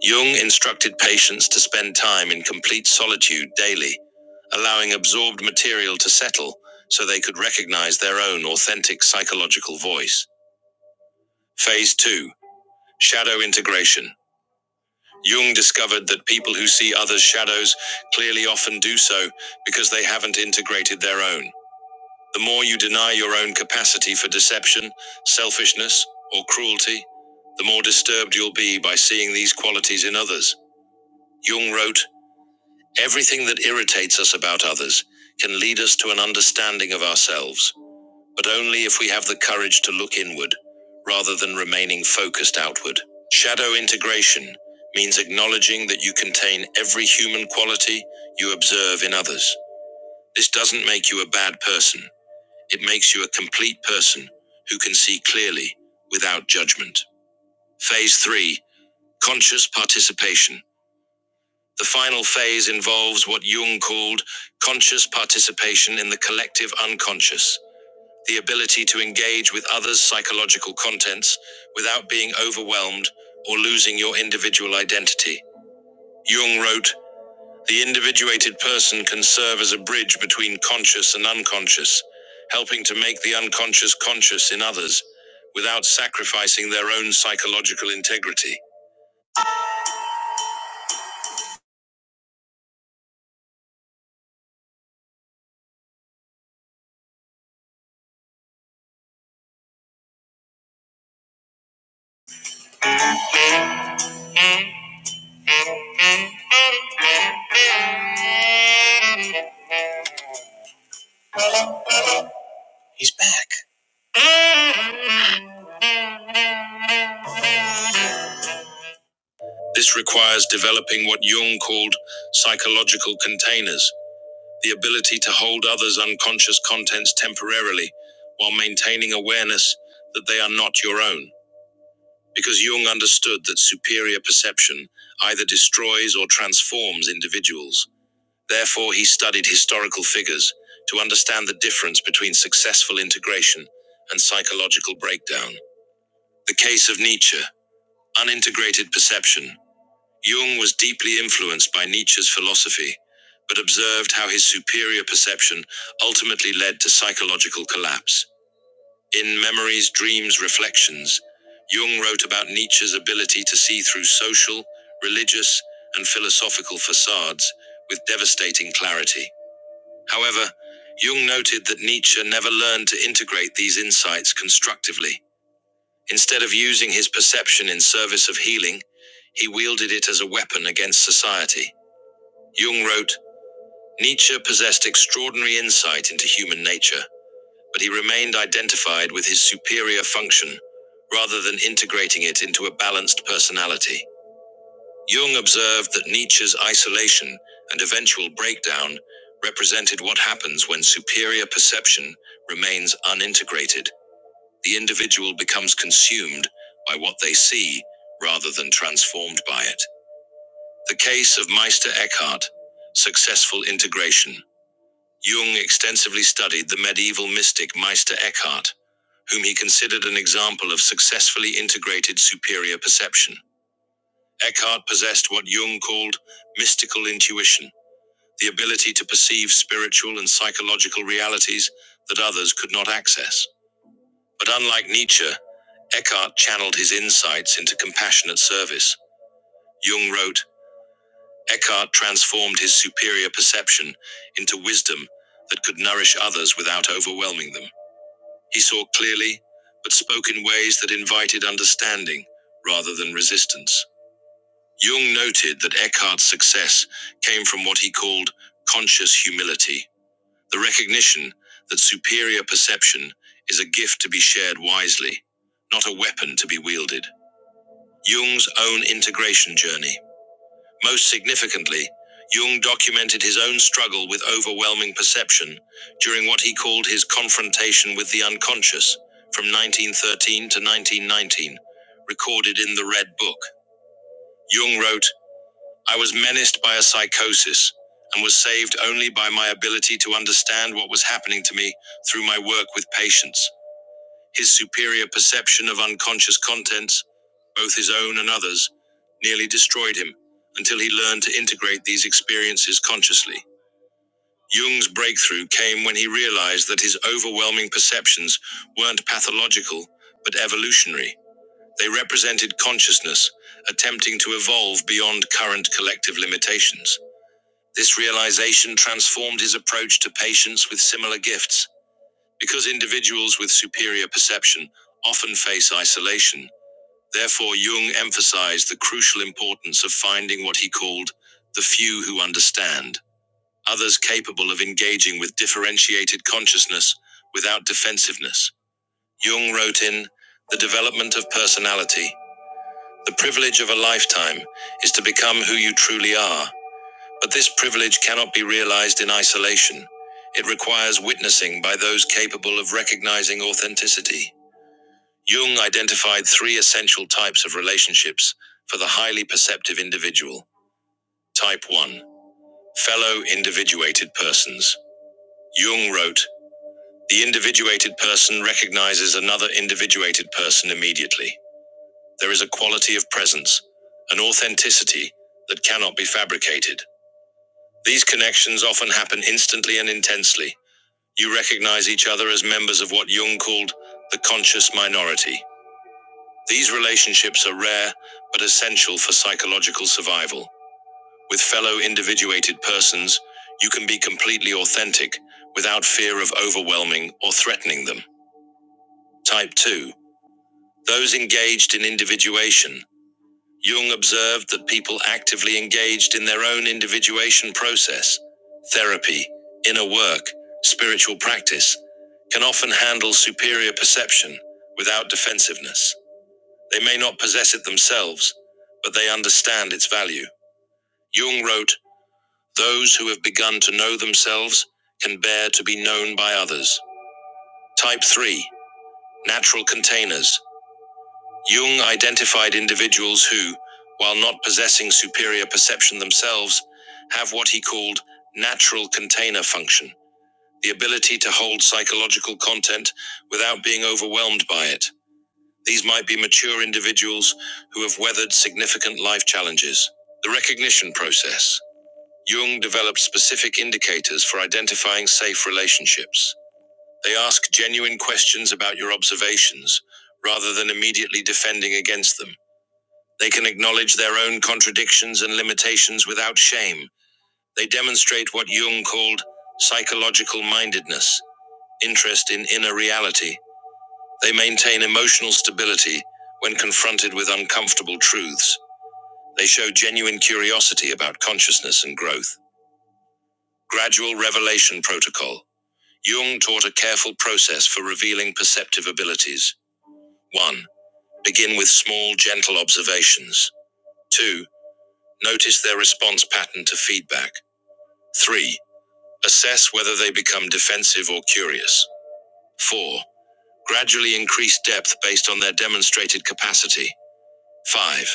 Jung instructed patients to spend time in complete solitude daily, allowing absorbed material to settle so they could recognize their own authentic psychological voice. Phase 2 Shadow Integration. Jung discovered that people who see others' shadows clearly often do so because they haven't integrated their own. The more you deny your own capacity for deception, selfishness, or cruelty, the more disturbed you'll be by seeing these qualities in others. Jung wrote, Everything that irritates us about others can lead us to an understanding of ourselves, but only if we have the courage to look inward rather than remaining focused outward. Shadow integration means acknowledging that you contain every human quality you observe in others. This doesn't make you a bad person, it makes you a complete person who can see clearly without judgment. Phase 3 Conscious Participation. The final phase involves what Jung called conscious participation in the collective unconscious, the ability to engage with others' psychological contents without being overwhelmed or losing your individual identity. Jung wrote, The individuated person can serve as a bridge between conscious and unconscious, helping to make the unconscious conscious in others without sacrificing their own psychological integrity. This requires developing what Jung called psychological containers, the ability to hold others' unconscious contents temporarily while maintaining awareness that they are not your own. Because Jung understood that superior perception either destroys or transforms individuals. Therefore, he studied historical figures to understand the difference between successful integration and psychological breakdown. The case of Nietzsche, unintegrated perception. Jung was deeply influenced by Nietzsche's philosophy, but observed how his superior perception ultimately led to psychological collapse. In Memories, Dreams, Reflections, Jung wrote about Nietzsche's ability to see through social, religious, and philosophical facades with devastating clarity. However, Jung noted that Nietzsche never learned to integrate these insights constructively. Instead of using his perception in service of healing, he wielded it as a weapon against society. Jung wrote Nietzsche possessed extraordinary insight into human nature, but he remained identified with his superior function rather than integrating it into a balanced personality. Jung observed that Nietzsche's isolation and eventual breakdown represented what happens when superior perception remains unintegrated. The individual becomes consumed by what they see rather than transformed by it. The case of Meister Eckhart, successful integration. Jung extensively studied the medieval mystic Meister Eckhart, whom he considered an example of successfully integrated superior perception. Eckhart possessed what Jung called mystical intuition, the ability to perceive spiritual and psychological realities that others could not access. But unlike Nietzsche, Eckhart channeled his insights into compassionate service. Jung wrote, Eckhart transformed his superior perception into wisdom that could nourish others without overwhelming them. He saw clearly, but spoke in ways that invited understanding rather than resistance. Jung noted that Eckhart's success came from what he called conscious humility, the recognition that superior perception is a gift to be shared wisely, not a weapon to be wielded. Jung's own integration journey most significantly, Jung documented his own struggle with overwhelming perception during what he called his confrontation with the unconscious from 1913 to 1919, recorded in the Red Book. Jung wrote, I was menaced by a psychosis and was saved only by my ability to understand what was happening to me through my work with patients. His superior perception of unconscious contents, both his own and others, nearly destroyed him until he learned to integrate these experiences consciously. Jung's breakthrough came when he realized that his overwhelming perceptions weren't pathological, but evolutionary. They represented consciousness attempting to evolve beyond current collective limitations. This realization transformed his approach to patients with similar gifts because individuals with superior perception often face isolation, therefore, Jung emphasized the crucial importance of finding what he called the few who understand, others capable of engaging with differentiated consciousness without defensiveness. Jung wrote in The development of personality, the privilege of a lifetime, is to become who you truly are, but this privilege cannot be realized in isolation. It requires witnessing by those capable of recognizing authenticity. Jung identified three essential types of relationships for the highly perceptive individual. Type 1 Fellow individuated persons. Jung wrote, The individuated person recognizes another individuated person immediately. There is a quality of presence, an authenticity that cannot be fabricated. These connections often happen instantly and intensely. You recognize each other as members of what Jung called the conscious minority. These relationships are rare but essential for psychological survival. With fellow individuated persons, you can be completely authentic without fear of overwhelming or threatening them. Type 2 Those engaged in individuation. Jung observed that people actively engaged in their own individuation process, therapy, inner work, spiritual practice, can often handle superior perception without defensiveness. They may not possess it themselves, but they understand its value. Jung wrote, Those who have begun to know themselves can bear to be known by others. Type 3 Natural containers. Jung identified individuals who, while not possessing superior perception themselves, have what he called natural container function the ability to hold psychological content without being overwhelmed by it. These might be mature individuals who have weathered significant life challenges. The recognition process. Jung developed specific indicators for identifying safe relationships. They ask genuine questions about your observations rather than immediately defending against them. They can acknowledge their own contradictions and limitations without shame. They demonstrate what Jung called psychological mindedness, interest in inner reality, they maintain emotional stability when confronted with uncomfortable truths. They show genuine curiosity about consciousness and growth. Gradual revelation protocol. Jung taught a careful process for revealing perceptive abilities. 1. Begin with small, gentle observations. 2. Notice their response pattern to feedback. 3. Assess whether they become defensive or curious. 4. Gradually increase depth based on their demonstrated capacity. 5.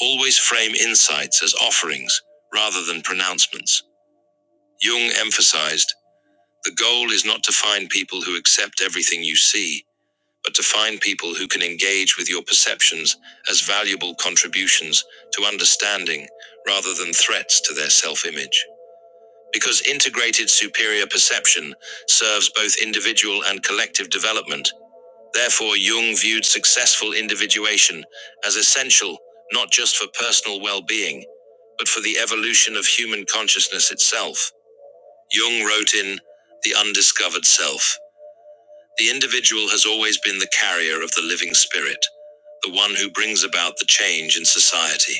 Always frame insights as offerings rather than pronouncements. Jung emphasized the goal is not to find people who accept everything you see, but to find people who can engage with your perceptions as valuable contributions to understanding rather than threats to their self image. Because integrated superior perception serves both individual and collective development, Therefore, Jung viewed successful individuation as essential not just for personal well being, but for the evolution of human consciousness itself. Jung wrote in The Undiscovered Self The individual has always been the carrier of the living spirit, the one who brings about the change in society.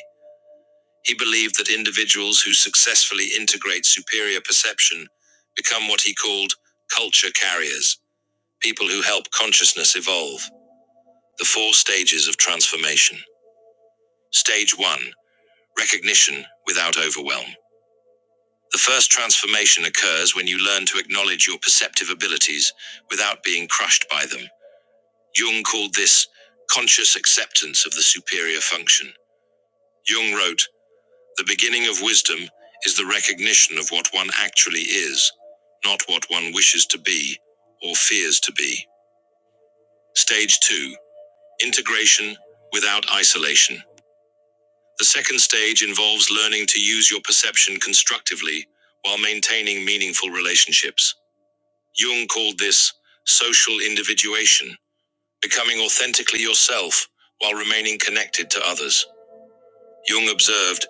He believed that individuals who successfully integrate superior perception become what he called culture carriers, people who help consciousness evolve. The four stages of transformation. Stage 1 Recognition without overwhelm. The first transformation occurs when you learn to acknowledge your perceptive abilities without being crushed by them. Jung called this conscious acceptance of the superior function. Jung wrote, The beginning of wisdom is the recognition of what one actually is, not what one wishes to be or fears to be. Stage 2 Integration without isolation. The second stage involves learning to use your perception constructively while maintaining meaningful relationships. Jung called this social individuation, becoming authentically yourself while remaining connected to others. Jung observed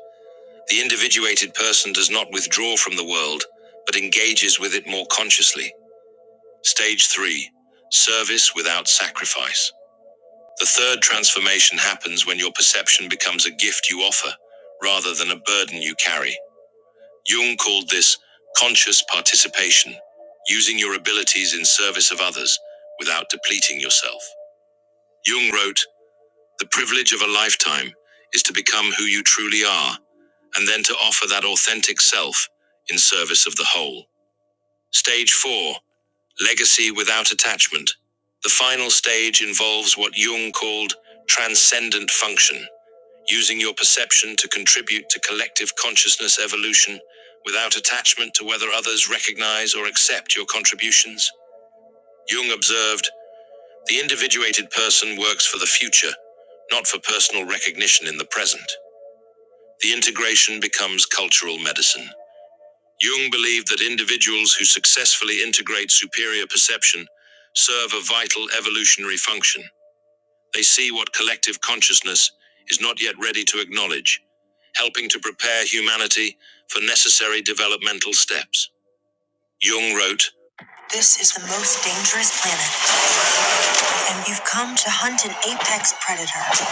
the individuated person does not withdraw from the world, but engages with it more consciously. Stage three service without sacrifice. The third transformation happens when your perception becomes a gift you offer rather than a burden you carry. Jung called this conscious participation, using your abilities in service of others without depleting yourself. Jung wrote, The privilege of a lifetime is to become who you truly are, and then to offer that authentic self in service of the whole. Stage four, legacy without attachment. The final stage involves what Jung called transcendent function using your perception to contribute to collective consciousness evolution without attachment to whether others recognize or accept your contributions. Jung observed the individuated person works for the future, not for personal recognition in the present. The integration becomes cultural medicine. Jung believed that individuals who successfully integrate superior perception serve a vital evolutionary function. They see what collective consciousness is not yet ready to acknowledge helping to prepare humanity for necessary developmental steps. This is the most dangerous planet, and you've come to hunt an apex predator.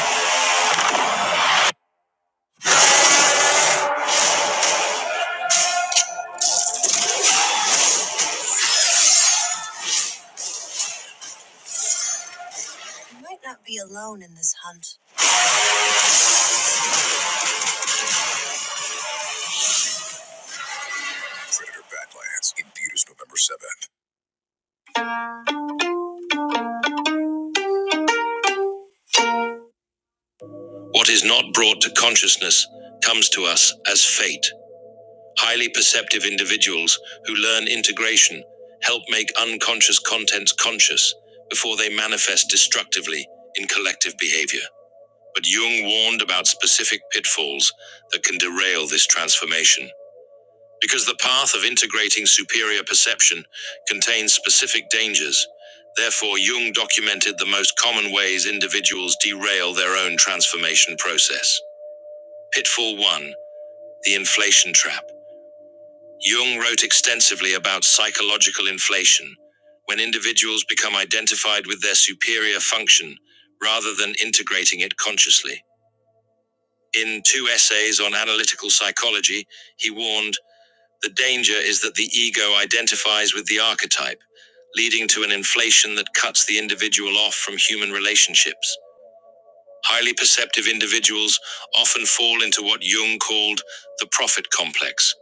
You might not be alone in this hunt. What is not brought to consciousness comes to us as fate. Highly perceptive individuals who learn integration help make unconscious contents conscious before they manifest destructively in collective behavior. But Jung warned about specific pitfalls that can derail this transformation. Because the path of integrating superior perception contains specific dangers, therefore, Jung documented the most common ways individuals derail their own transformation process. Pitfall 1 The Inflation Trap. Jung wrote extensively about psychological inflation, when individuals become identified with their superior function rather than integrating it consciously. In two essays on analytical psychology, he warned The danger is that the ego identifies with the archetype, leading to an inflation that cuts the individual off from human relationships. Highly perceptive individuals often fall into what Jung called the prophet complex,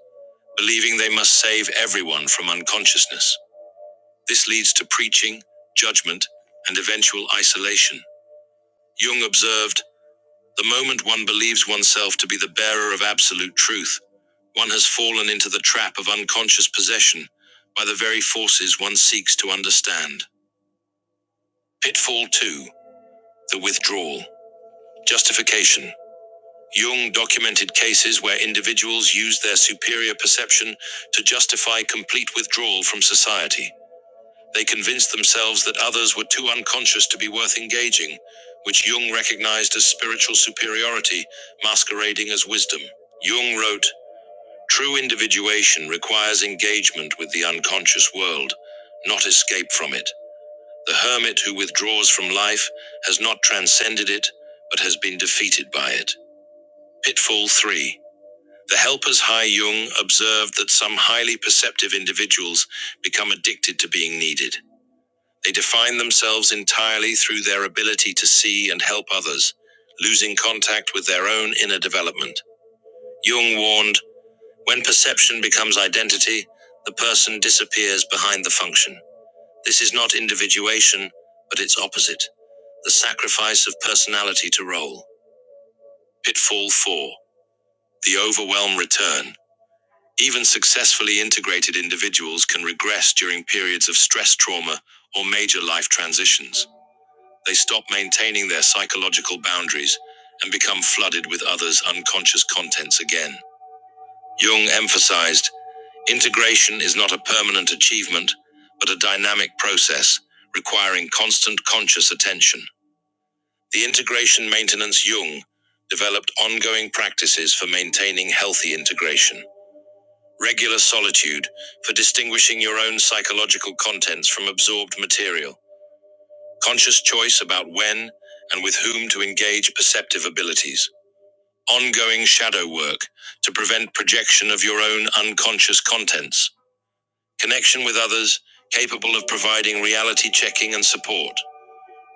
believing they must save everyone from unconsciousness. This leads to preaching, judgment, and eventual isolation. Jung observed The moment one believes oneself to be the bearer of absolute truth, one has fallen into the trap of unconscious possession by the very forces one seeks to understand. Pitfall 2 The Withdrawal. Justification. Jung documented cases where individuals used their superior perception to justify complete withdrawal from society. They convinced themselves that others were too unconscious to be worth engaging, which Jung recognized as spiritual superiority, masquerading as wisdom. Jung wrote, True individuation requires engagement with the unconscious world, not escape from it. The hermit who withdraws from life has not transcended it, but has been defeated by it. Pitfall 3. The helper's high Jung observed that some highly perceptive individuals become addicted to being needed. They define themselves entirely through their ability to see and help others, losing contact with their own inner development. Jung warned when perception becomes identity, the person disappears behind the function. This is not individuation, but its opposite the sacrifice of personality to role. Pitfall 4 The overwhelm return. Even successfully integrated individuals can regress during periods of stress trauma or major life transitions. They stop maintaining their psychological boundaries and become flooded with others' unconscious contents again. Jung emphasized integration is not a permanent achievement, but a dynamic process requiring constant conscious attention. The integration maintenance Jung developed ongoing practices for maintaining healthy integration. Regular solitude for distinguishing your own psychological contents from absorbed material conscious choice about when and with whom to engage perceptive abilities, ongoing shadow work to prevent projection of your own unconscious contents, connection with others capable of providing reality checking and support,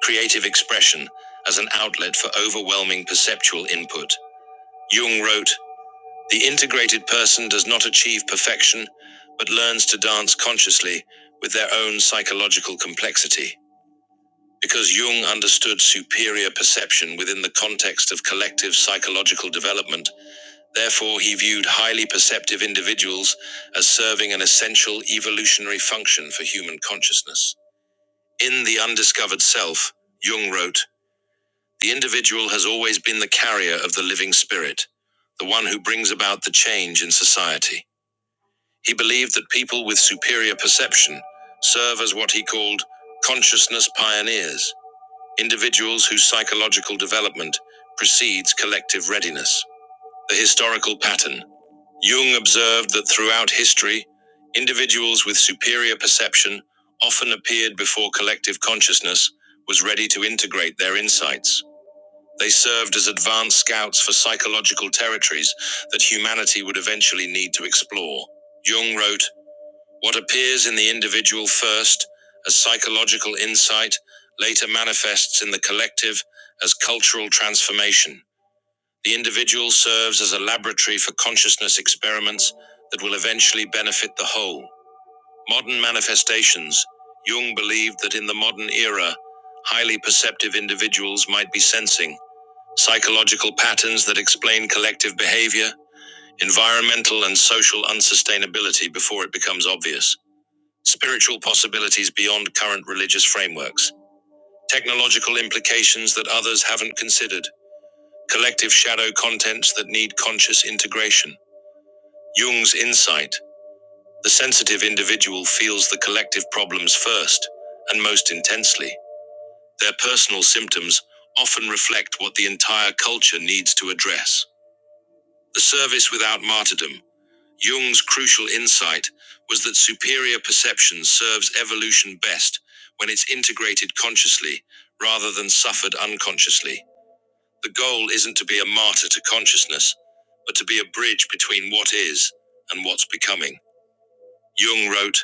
creative expression as an outlet for overwhelming perceptual input. Jung wrote, The integrated person does not achieve perfection, but learns to dance consciously with their own psychological complexity. Because Jung understood superior perception within the context of collective psychological development, therefore he viewed highly perceptive individuals as serving an essential evolutionary function for human consciousness. In The Undiscovered Self, Jung wrote, The individual has always been the carrier of the living spirit, the one who brings about the change in society. He believed that people with superior perception serve as what he called consciousness pioneers individuals whose psychological development precedes collective readiness. The historical pattern. Jung observed that throughout history, individuals with superior perception often appeared before collective consciousness was ready to integrate their insights. They served as advanced scouts for psychological territories that humanity would eventually need to explore. Jung wrote, what appears in the individual first as psychological insight later manifests in the collective as cultural transformation. The individual serves as a laboratory for consciousness experiments that will eventually benefit the whole. Modern manifestations. Jung believed that in the modern era, highly perceptive individuals might be sensing psychological patterns that explain collective behavior, environmental and social unsustainability before it becomes obvious spiritual possibilities beyond current religious frameworks, technological implications that others haven't considered, collective shadow contents that need conscious integration. Jung's insight the sensitive individual feels the collective problems first and most intensely. Their personal symptoms often reflect what the entire culture needs to address. The service without martyrdom, Jung's crucial insight was that superior perception serves evolution best when it's integrated consciously rather than suffered unconsciously. The goal isn't to be a martyr to consciousness, but to be a bridge between what is and what's becoming. Jung wrote,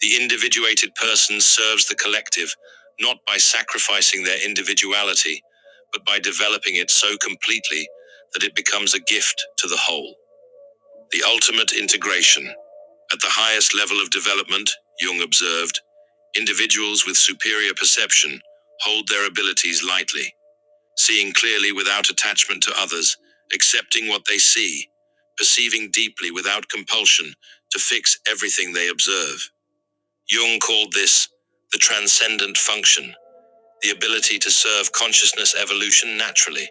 The individuated person serves the collective not by sacrificing their individuality, but by developing it so completely that it becomes a gift to the whole. The ultimate integration. At the highest level of development, Jung observed, individuals with superior perception hold their abilities lightly, seeing clearly without attachment to others, accepting what they see, perceiving deeply without compulsion to fix everything they observe. Jung called this the transcendent function, the ability to serve consciousness evolution naturally,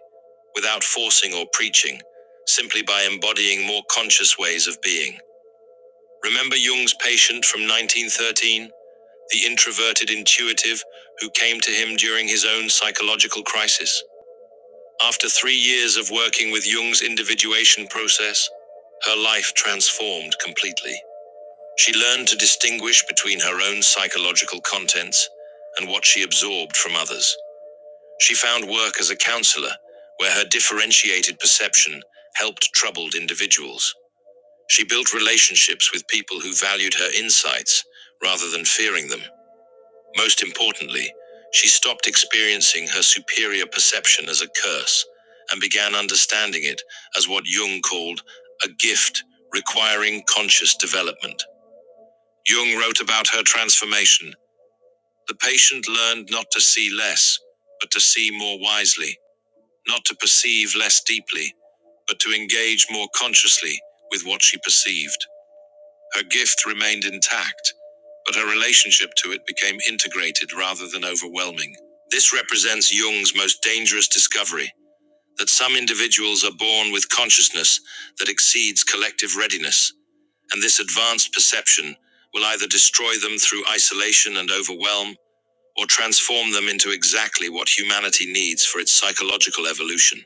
without forcing or preaching, simply by embodying more conscious ways of being. Remember Jung's patient from 1913, the introverted intuitive who came to him during his own psychological crisis? After three years of working with Jung's individuation process, her life transformed completely. She learned to distinguish between her own psychological contents and what she absorbed from others. She found work as a counselor, where her differentiated perception helped troubled individuals. She built relationships with people who valued her insights rather than fearing them. Most importantly, she stopped experiencing her superior perception as a curse and began understanding it as what Jung called a gift requiring conscious development. Jung wrote about her transformation. The patient learned not to see less, but to see more wisely, not to perceive less deeply, but to engage more consciously with what she perceived. Her gift remained intact, but her relationship to it became integrated rather than overwhelming. This represents Jung's most dangerous discovery that some individuals are born with consciousness that exceeds collective readiness, and this advanced perception will either destroy them through isolation and overwhelm or transform them into exactly what humanity needs for its psychological evolution.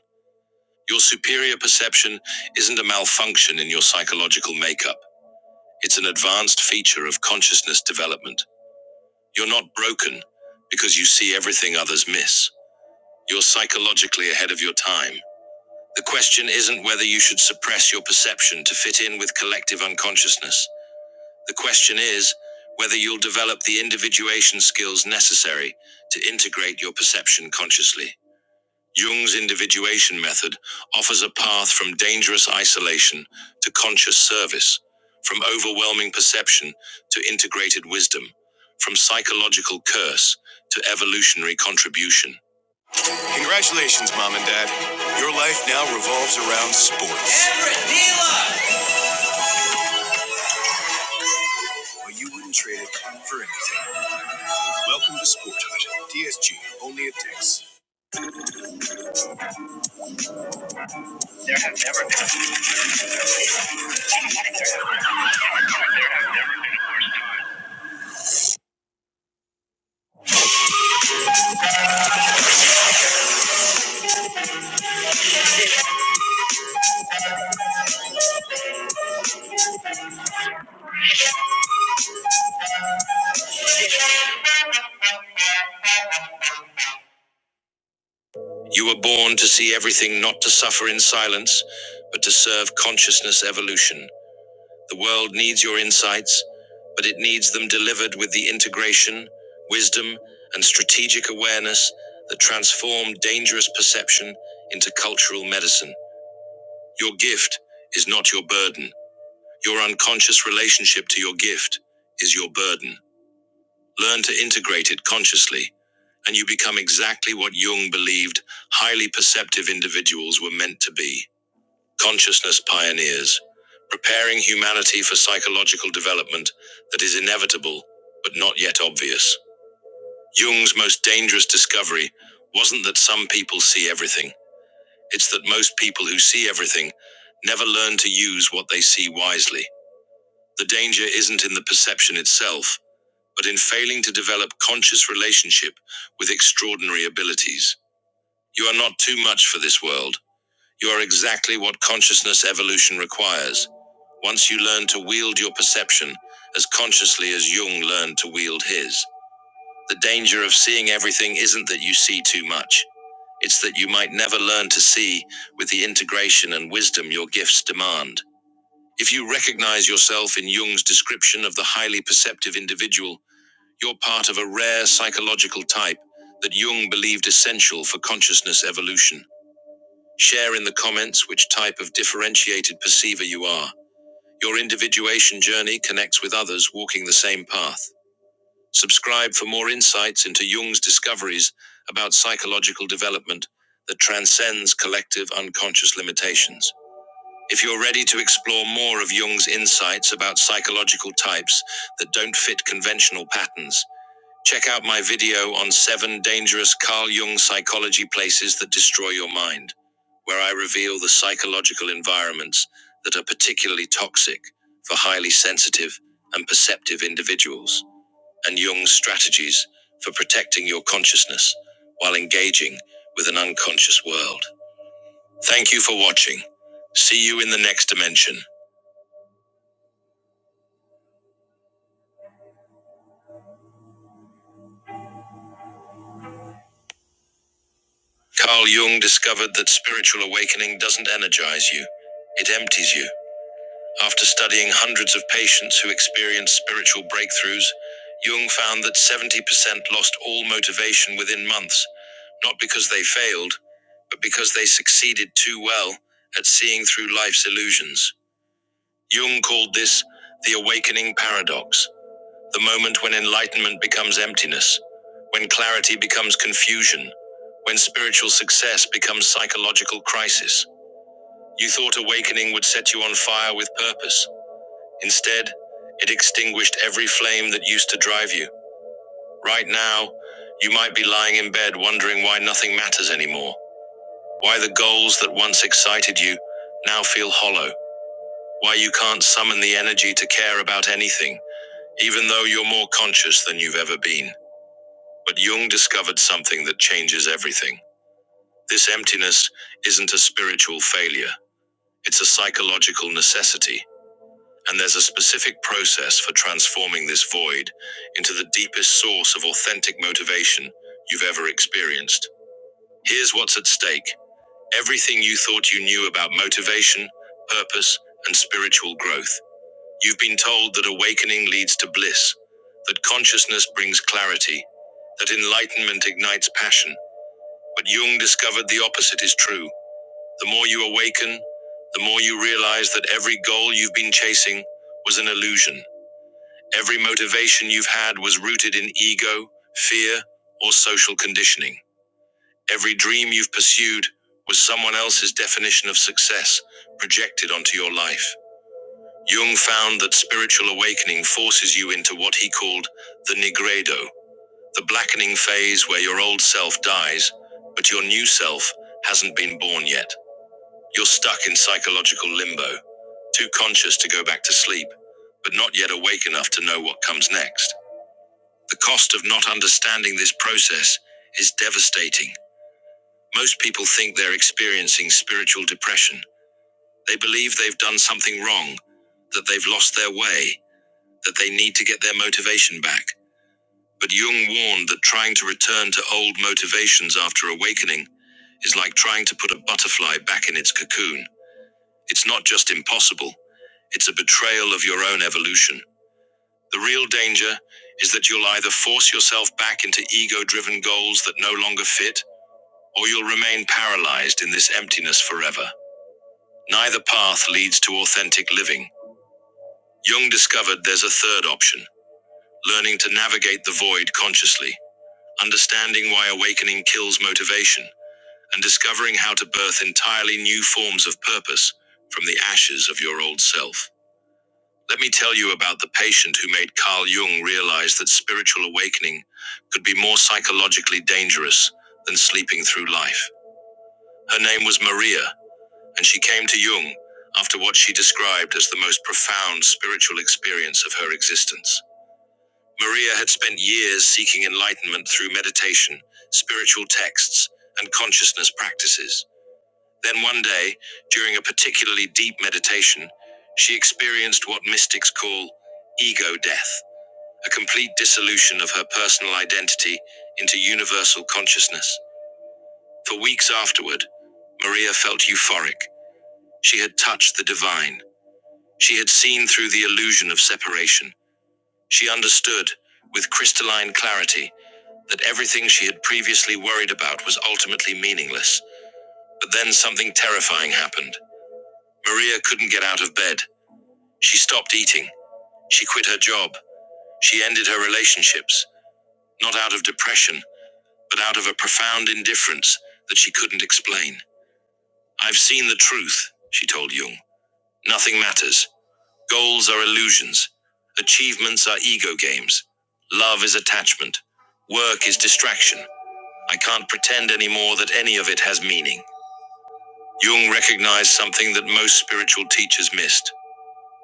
Your superior perception isn't a malfunction in your psychological makeup. It's an advanced feature of consciousness development. You're not broken because you see everything others miss. You're psychologically ahead of your time. The question isn't whether you should suppress your perception to fit in with collective unconsciousness. The question is whether you'll develop the individuation skills necessary to integrate your perception consciously. Jung's individuation method offers a path from dangerous isolation to conscious service, from overwhelming perception to integrated wisdom, from psychological curse to evolutionary contribution. You were born to see everything, not to suffer in silence, but to serve consciousness evolution. The world needs your insights, but it needs them delivered with the integration, wisdom, and strategic awareness that transform dangerous perception into cultural medicine. Your gift is not your burden. Your unconscious relationship to your gift is your burden. Learn to integrate it consciously, and you become exactly what Jung believed highly perceptive individuals were meant to be. Consciousness pioneers, preparing humanity for psychological development that is inevitable but not yet obvious. Jung's most dangerous discovery wasn't that some people see everything, it's that most people who see everything never learn to use what they see wisely. The danger isn't in the perception itself, but in failing to develop conscious relationship with extraordinary abilities. You are not too much for this world. You are exactly what consciousness evolution requires. Once you learn to wield your perception as consciously as Jung learned to wield his, the danger of seeing everything isn't that you see too much. It's that you might never learn to see with the integration and wisdom your gifts demand. If you recognize yourself in Jung's description of the highly perceptive individual, you're part of a rare psychological type that Jung believed essential for consciousness evolution. Share in the comments which type of differentiated perceiver you are. Your individuation journey connects with others walking the same path. Subscribe for more insights into Jung's discoveries about psychological development that transcends collective unconscious limitations. If you're ready to explore more of Jung's insights about psychological types that don't fit conventional patterns, Check out my video on seven dangerous Carl Jung psychology places that destroy your mind, where I reveal the psychological environments that are particularly toxic for highly sensitive and perceptive individuals, and Jung's strategies for protecting your consciousness while engaging with an unconscious world. Thank you for watching. See you in the next dimension. Carl Jung discovered that spiritual awakening doesn't energize you, it empties you. After studying hundreds of patients who experienced spiritual breakthroughs, Jung found that 70% lost all motivation within months, not because they failed, but because they succeeded too well at seeing through life's illusions. Jung called this the awakening paradox, the moment when enlightenment becomes emptiness, when clarity becomes confusion, when spiritual success becomes psychological crisis. You thought awakening would set you on fire with purpose. Instead, it extinguished every flame that used to drive you. Right now, you might be lying in bed wondering why nothing matters anymore. Why the goals that once excited you now feel hollow. Why you can't summon the energy to care about anything, even though you're more conscious than you've ever been. But Jung discovered something that changes everything. This emptiness isn't a spiritual failure, it's a psychological necessity. And there's a specific process for transforming this void into the deepest source of authentic motivation you've ever experienced. Here's what's at stake everything you thought you knew about motivation, purpose, and spiritual growth. You've been told that awakening leads to bliss, that consciousness brings clarity, that enlightenment ignites passion. But Jung discovered the opposite is true. The more you awaken, the more you realize that every goal you've been chasing was an illusion. Every motivation you've had was rooted in ego, fear, or social conditioning. Every dream you've pursued was someone else's definition of success projected onto your life. Jung found that spiritual awakening forces you into what he called the nigredo, the blackening phase where your old self dies, but your new self hasn't been born yet. You're stuck in psychological limbo, too conscious to go back to sleep, but not yet awake enough to know what comes next. The cost of not understanding this process is devastating. Most people think they're experiencing spiritual depression. They believe they've done something wrong, that they've lost their way, that they need to get their motivation back. But Jung warned that trying to return to old motivations after awakening is like trying to put a butterfly back in its cocoon. It's not just impossible, it's a betrayal of your own evolution. The real danger is that you'll either force yourself back into ego driven goals that no longer fit, or you'll remain paralyzed in this emptiness forever. Neither path leads to authentic living. Jung discovered there's a third option learning to navigate the void consciously, understanding why awakening kills motivation, and discovering how to birth entirely new forms of purpose from the ashes of your old self. Let me tell you about the patient who made Carl Jung realize that spiritual awakening could be more psychologically dangerous than sleeping through life. Her name was Maria, and she came to Jung after what she described as the most profound spiritual experience of her existence. Maria had spent years seeking enlightenment through meditation, spiritual texts, and consciousness practices. Then one day, during a particularly deep meditation, she experienced what mystics call ego death a complete dissolution of her personal identity into universal consciousness. For weeks afterward, Maria felt euphoric. She had touched the divine. She had seen through the illusion of separation. She understood, with crystalline clarity, that everything she had previously worried about was ultimately meaningless. But then something terrifying happened. Maria couldn't get out of bed. She stopped eating. She quit her job. She ended her relationships, not out of depression, but out of a profound indifference that she couldn't explain. I've seen the truth, she told Jung. Nothing matters. Goals are illusions. Achievements are ego games. Love is attachment. Work is distraction. I can't pretend anymore that any of it has meaning. Jung recognized something that most spiritual teachers missed.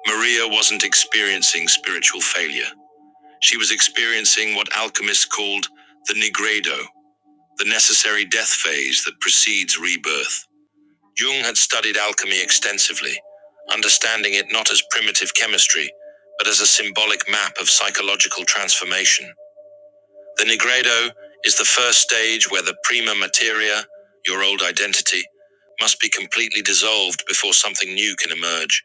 Maria wasn't experiencing spiritual failure. She was experiencing what alchemists called the nigredo, the necessary death phase that precedes rebirth. Jung had studied alchemy extensively, understanding it not as primitive chemistry, but as a symbolic map of psychological transformation. The Nigredo is the first stage where the prima materia, your old identity, must be completely dissolved before something new can emerge.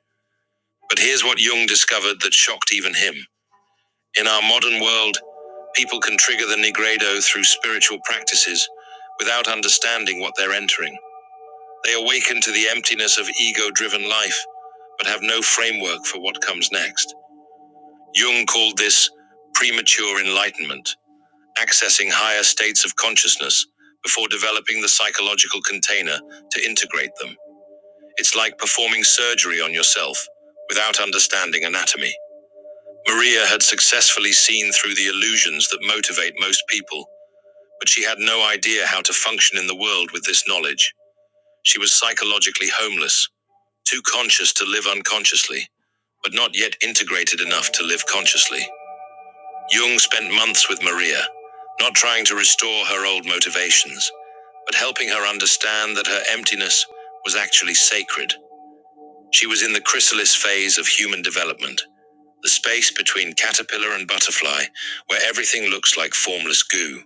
But here's what Jung discovered that shocked even him. In our modern world, people can trigger the Nigredo through spiritual practices without understanding what they're entering. They awaken to the emptiness of ego driven life, but have no framework for what comes next. Jung called this premature enlightenment, accessing higher states of consciousness before developing the psychological container to integrate them. It's like performing surgery on yourself without understanding anatomy. Maria had successfully seen through the illusions that motivate most people, but she had no idea how to function in the world with this knowledge. She was psychologically homeless, Too conscious to live unconsciously, but not yet integrated enough to live consciously. Jung spent months with Maria, not trying to restore her old motivations, but helping her understand that her emptiness was actually sacred. She was in the chrysalis phase of human development, the space between caterpillar and butterfly, where everything looks like formless goo.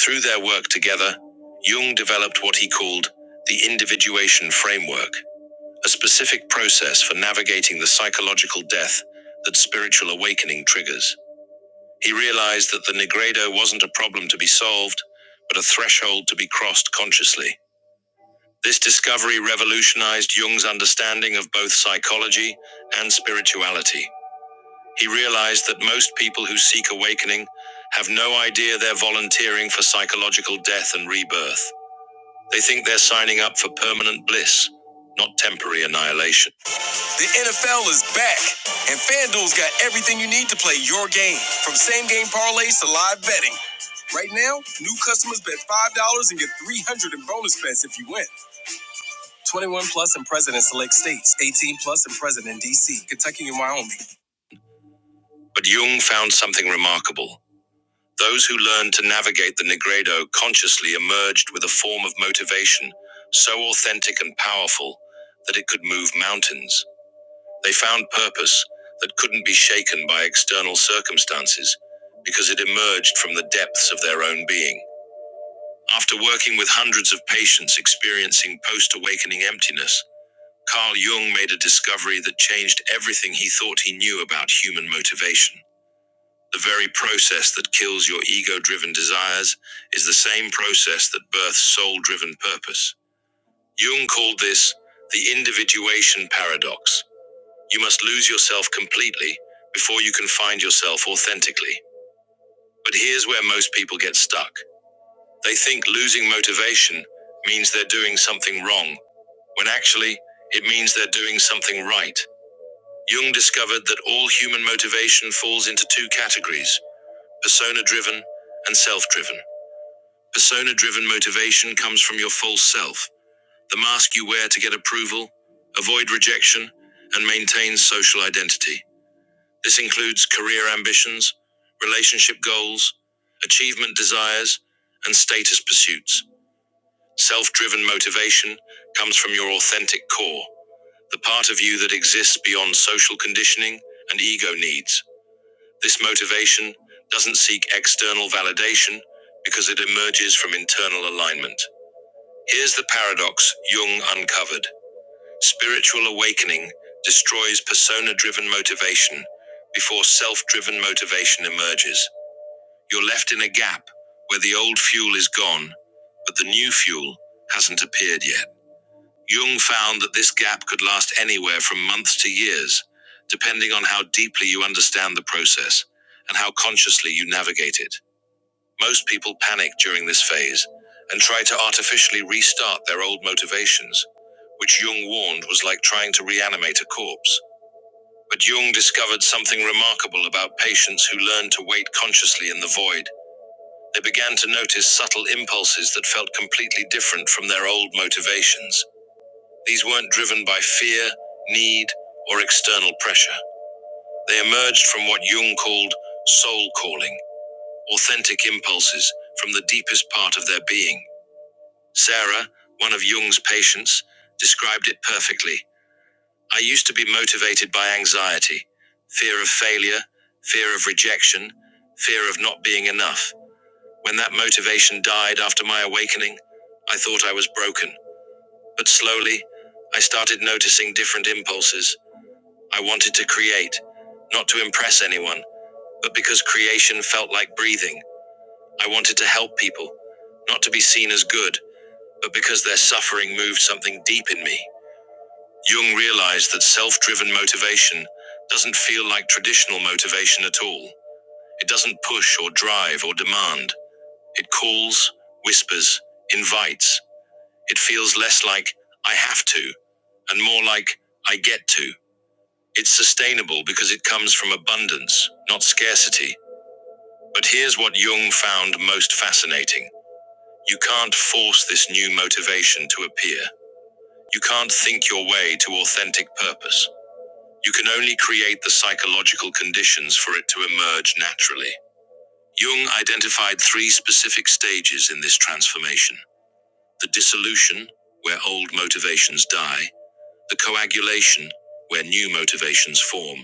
Through their work together, Jung developed what he called the individuation framework, a specific process for navigating the psychological death that spiritual awakening triggers. He realized that the Negredo wasn't a problem to be solved, but a threshold to be crossed consciously. This discovery revolutionized Jung's understanding of both psychology and spirituality. He realized that most people who seek awakening have no idea they're volunteering for psychological death and rebirth. They think they're signing up for permanent bliss, not temporary annihilation. Game from same game parlays to live betting. Right now, new customers bet $5 and get 300 in bonus bets if you win. 21 plus and present in select states, 18 plus and present in DC, Kentucky, and Wyoming. But Jung found something remarkable. Those who learned to navigate the Negredo consciously emerged with a form of motivation so authentic and powerful that it could move mountains. They found purpose that couldn't be shaken by external circumstances because it emerged from the depths of their own being. After working with hundreds of patients experiencing post awakening emptiness, Carl Jung made a discovery that changed everything he thought he knew about human motivation. The very process that kills your ego driven desires is the same process that births soul driven purpose. Jung called this the individuation paradox you must lose yourself completely before you can find yourself authentically. But here's where most people get stuck. They think losing motivation means they're doing something wrong, when actually, it means they're doing something right. Jung discovered that all human motivation falls into two categories persona driven and self driven. Persona driven motivation comes from your false self, the mask you wear to get approval, avoid rejection, and maintain social identity. This includes career ambitions, relationship goals, achievement desires, and status pursuits. Self driven motivation comes from your authentic core, the part of you that exists beyond social conditioning and ego needs. This motivation doesn't seek external validation because it emerges from internal alignment. Here's the paradox Jung uncovered. Spiritual awakening destroys persona driven motivation before self driven motivation emerges. You're left in a gap where the old fuel is gone, but the new fuel hasn't appeared yet. Jung found that this gap could last anywhere from months to years, depending on how deeply you understand the process and how consciously you navigate it. Most people panic during this phase and try to artificially restart their old motivations, which Jung warned was like trying to reanimate a corpse. But Jung discovered something remarkable about patients who learned to wait consciously in the void. They began to notice subtle impulses that felt completely different from their old motivations. These weren't driven by fear, need, or external pressure. They emerged from what Jung called soul calling, authentic impulses from the deepest part of their being. Sarah, one of Jung's patients, described it perfectly. I used to be motivated by anxiety, fear of failure, fear of rejection, fear of not being enough. When that motivation died after my awakening, I thought I was broken. But slowly, I started noticing different impulses. I wanted to create, not to impress anyone, but because creation felt like breathing. I wanted to help people, not to be seen as good, but because their suffering moved something deep in me. Jung realized that self driven motivation doesn't feel like traditional motivation at all. It doesn't push or drive or demand. It calls, whispers, invites. It feels less like, I have to, and more like, I get to. It's sustainable because it comes from abundance, not scarcity. But here's what Jung found most fascinating you can't force this new motivation to appear. You can't think your way to authentic purpose. You can only create the psychological conditions for it to emerge naturally. Jung identified three specific stages in this transformation the dissolution, where old motivations die, the coagulation, where new motivations form,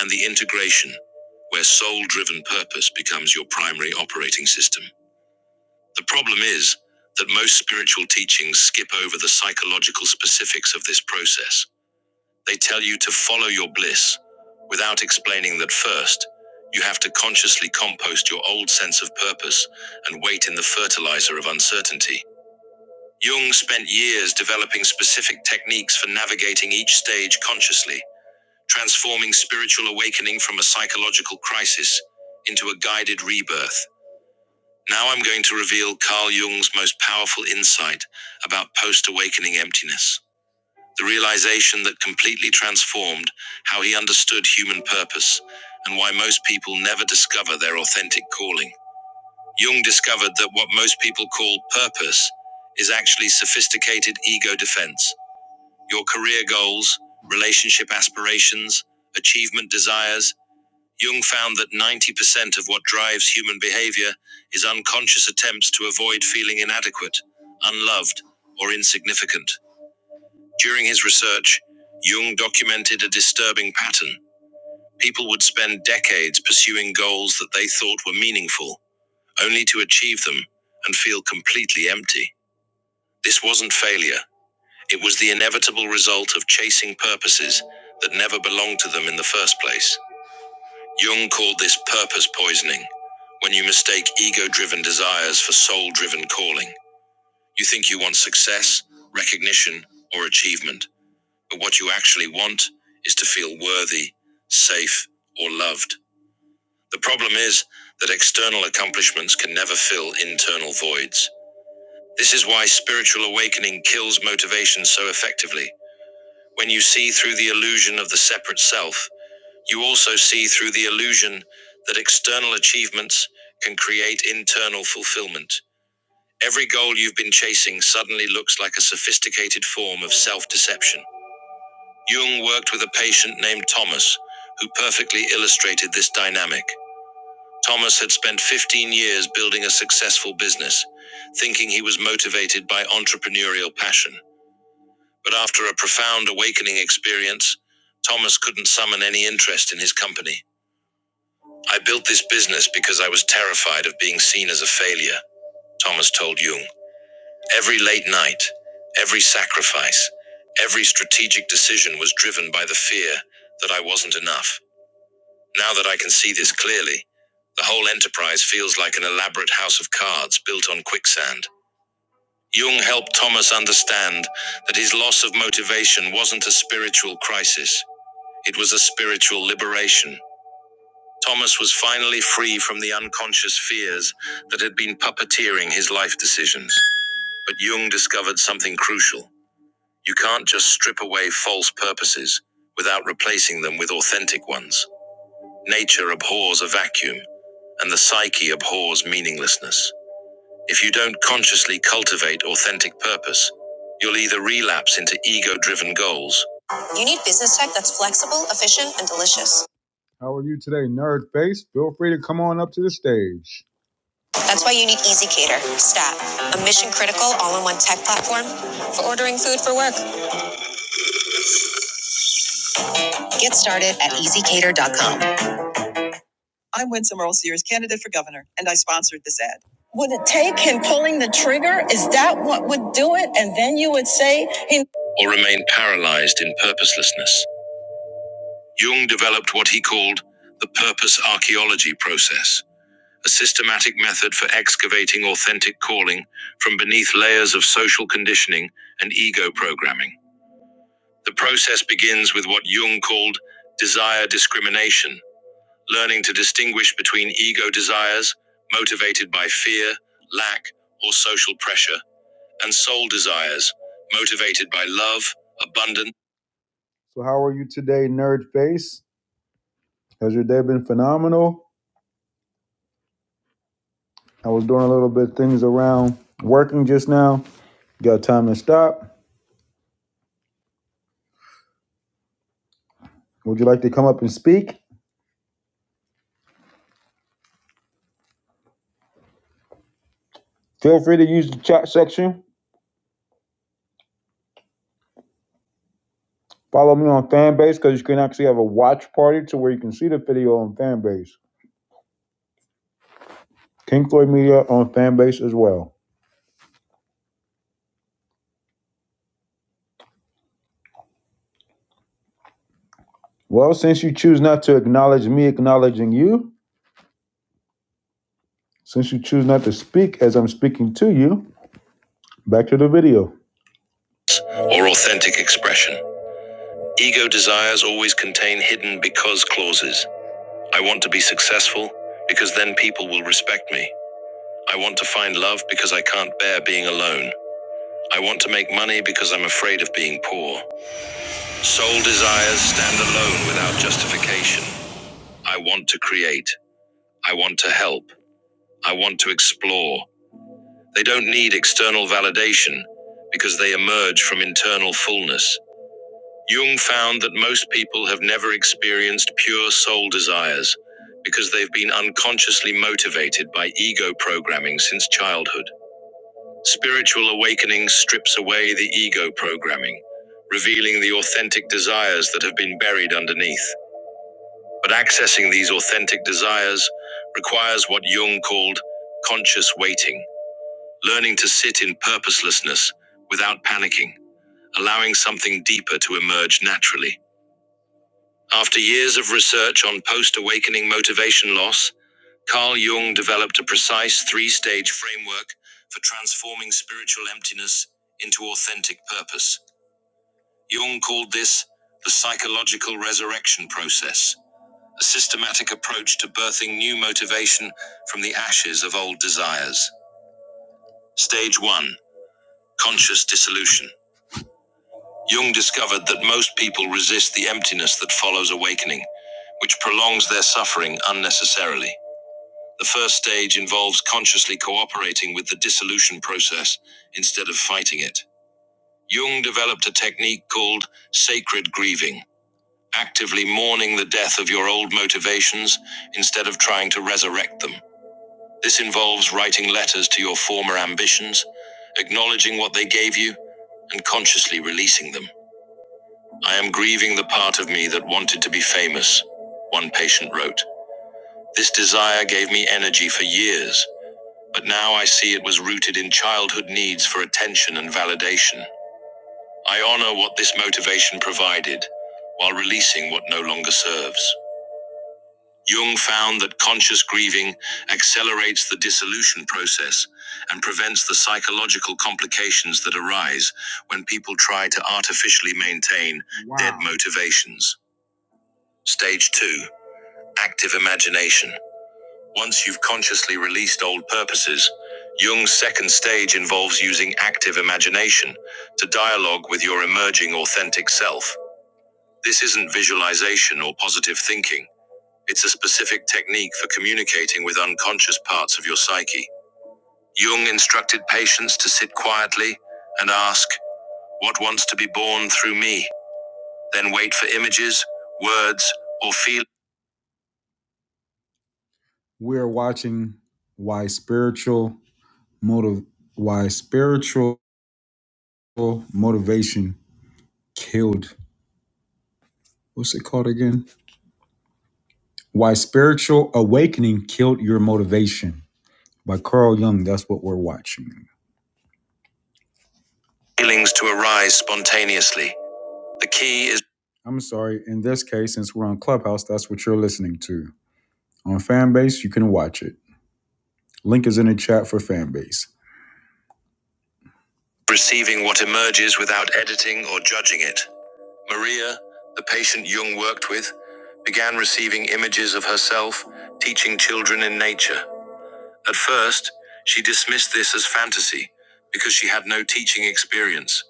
and the integration, where soul driven purpose becomes your primary operating system. The problem is that most spiritual teachings skip over the psychological specifics of this process. They tell you to follow your bliss without explaining that first, you have to consciously compost your old sense of purpose and wait in the fertilizer of uncertainty. Jung spent years developing specific techniques for navigating each stage consciously, transforming spiritual awakening from a psychological crisis into a guided rebirth. Now I'm going to reveal Carl Jung's most powerful insight about post awakening emptiness the realization that completely transformed how he understood human purpose and why most people never discover their authentic calling. Jung discovered that what most people call purpose is actually sophisticated ego defense. Your career goals, relationship aspirations, achievement desires. Jung found that 90% of what drives human behavior is unconscious attempts to avoid feeling inadequate, unloved, or insignificant. During his research, Jung documented a disturbing pattern. People would spend decades pursuing goals that they thought were meaningful, only to achieve them and feel completely empty. This wasn't failure, it was the inevitable result of chasing purposes that never belonged to them in the first place. Jung called this purpose poisoning, when you mistake ego driven desires for soul driven calling. You think you want success, recognition, or achievement But what you actually want is to feel worthy, safe, or loved. The problem is that external accomplishments can never fill internal voids. This is why spiritual awakening kills motivation so effectively. When you see through the illusion of the separate self, you also see through the illusion that external achievements can create internal fulfillment. Every goal you've been chasing suddenly looks like a sophisticated form of self deception. Jung worked with a patient named Thomas, who perfectly illustrated this dynamic. Thomas had spent 15 years building a successful business, thinking he was motivated by entrepreneurial passion. But after a profound awakening experience, Thomas couldn't summon any interest in his company. I built this business because I was terrified of being seen as a failure, Thomas told Jung. Every late night, every sacrifice, every strategic decision was driven by the fear that I wasn't enough. Now that I can see this clearly, the whole enterprise feels like an elaborate house of cards built on quicksand. Jung helped Thomas understand that his loss of motivation wasn't a spiritual crisis, it was a spiritual liberation. Thomas was finally free from the unconscious fears that had been puppeteering his life decisions. But Jung discovered something crucial. You can't just strip away false purposes without replacing them with authentic ones. Nature abhors a vacuum, and the psyche abhors meaninglessness. If you don't consciously cultivate authentic purpose, you'll either relapse into ego driven goals. You need business tech that's flexible, efficient, and delicious. How are you? Dot com. I'm Winsome Earl Sears, candidate for Gundy's. Would it take him pulling the trigger? Is that what would do it? And then you would say he Or remain paralyzed in purposelessness. Jung developed what he called the purpose archaeology process. a systematic method for excavating authentic calling from beneath layers of social conditioning and ego programming. The process begins with what Jung called desire discrimination, learning to distinguish between ego desires, motivated by fear, lack, or social pressure, and soul desires, motivated by love, abundance. So, how are you today, Nerd Face? Has your day been phenomenal? I was doing a little bit of things around working just now You got time to stop? Would you like to come up and speak? Feel free to use the chat section. Follow me on Fanbase because you can actually have a watch party to where you can see the video on Fanbase. King Floyd Media on Fanbase as well. Well, since you choose not to acknowledge me acknowledging you, since you choose not to speak as I'm speaking to you, back to the video. Or authentic expression. Ego desires always contain hidden because clauses. I want to be successful because then people will respect me. I want to find love because I can't bear being alone. I want to make money because I'm afraid of being poor. Soul desires stand alone without justification. I want to create. I want to help. I want to explore. They don't need external validation because they emerge from internal fullness. Jung found that most people have never experienced pure soul desires because they've been unconsciously motivated by ego programming since childhood. Spiritual awakening strips away the ego programming, revealing the authentic desires that have been buried underneath. But accessing these authentic desires requires what Jung called conscious waiting, learning to sit in purposelessness without panicking, allowing something deeper to emerge naturally. After years of research on post awakening motivation loss, Carl Jung developed a precise three stage framework for transforming spiritual emptiness into authentic purpose. Jung called this the psychological resurrection process, a systematic approach to birthing new motivation from the ashes of old desires. Stage 1 Conscious Dissolution. Jung discovered that most people resist the emptiness that follows awakening, which prolongs their suffering unnecessarily. The first stage involves consciously cooperating with the dissolution process instead of fighting it. Jung developed a technique called sacred grieving, actively mourning the death of your old motivations instead of trying to resurrect them. This involves writing letters to your former ambitions, acknowledging what they gave you, and consciously releasing them. I am grieving the part of me that wanted to be famous, one patient wrote. This desire gave me energy for years. But now I see it was rooted in childhood needs for attention and validation. I honor what this motivation provided while releasing what no longer serves. Jung found that conscious grieving accelerates the dissolution process and prevents the psychological complications that arise when people try to artificially maintain wow. dead Wow. motivations. Stage two active imagination. Once you've consciously released old purposes, Jung's second stage involves using active imagination to dialogue with your emerging authentic self. This isn't visualization or positive thinking, it's a specific technique for communicating with unconscious parts of your psyche. Jung instructed patients to sit quietly and ask, What wants to be born through me? Then wait for images, words, or feelings. We're watching Why Spiritual motive why spiritual motivation killed what's it called again why spiritual awakening killed your motivation by carl jung that's what we're watching feelings to arise spontaneously the key is i'm sorry in this case since we're on clubhouse that's what you're listening to on fanbase you can watch it link is in the chat for fanbase receiving what emerges without editing or judging it Maria, the patient Jung worked with, began receiving images of herself teaching children in nature. At first, she dismissed this as fantasy because she had no teaching experience,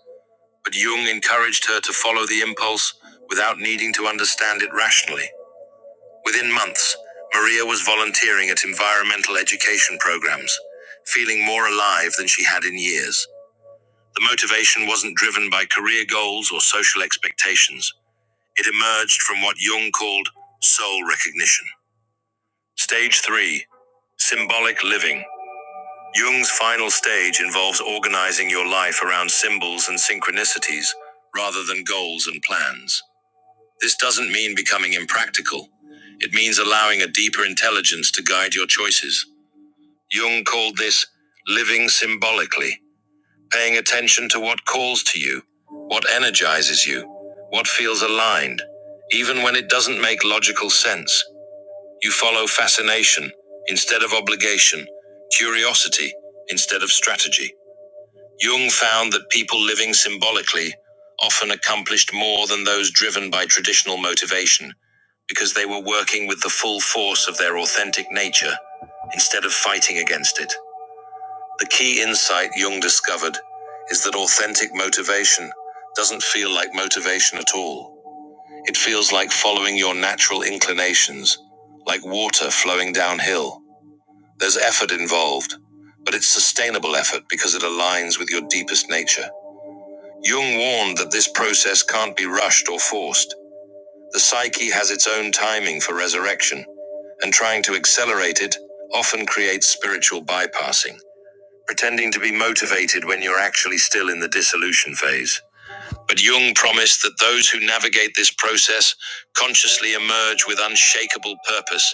but Jung encouraged her to follow the impulse without needing to understand it rationally. Within months, Maria was volunteering at environmental education programs, feeling more alive than she had in years. The motivation wasn't driven by career goals or social expectations. It emerged from what Jung called soul recognition. Stage 3 Symbolic Living. Jung's final stage involves organizing your life around symbols and synchronicities rather than goals and plans. This doesn't mean becoming impractical, it means allowing a deeper intelligence to guide your choices. Jung called this living symbolically paying attention to what calls to you, what energizes you, what feels aligned, even when it doesn't make logical sense. You follow fascination instead of obligation, curiosity instead of strategy. Jung found that people living symbolically often accomplished more than those driven by traditional motivation because they were working with the full force of their authentic nature instead of fighting against it. The key insight Jung discovered is that authentic motivation doesn't feel like motivation at all. It feels like following your natural inclinations, like water flowing downhill. There's effort involved, but it's sustainable effort because it aligns with your deepest nature. Jung warned that this process can't be rushed or forced. The psyche has its own timing for resurrection, and trying to accelerate it often creates spiritual bypassing pretending to be motivated when you're actually still in the dissolution phase. But Jung promised that those who navigate this process consciously emerge with unshakable purpose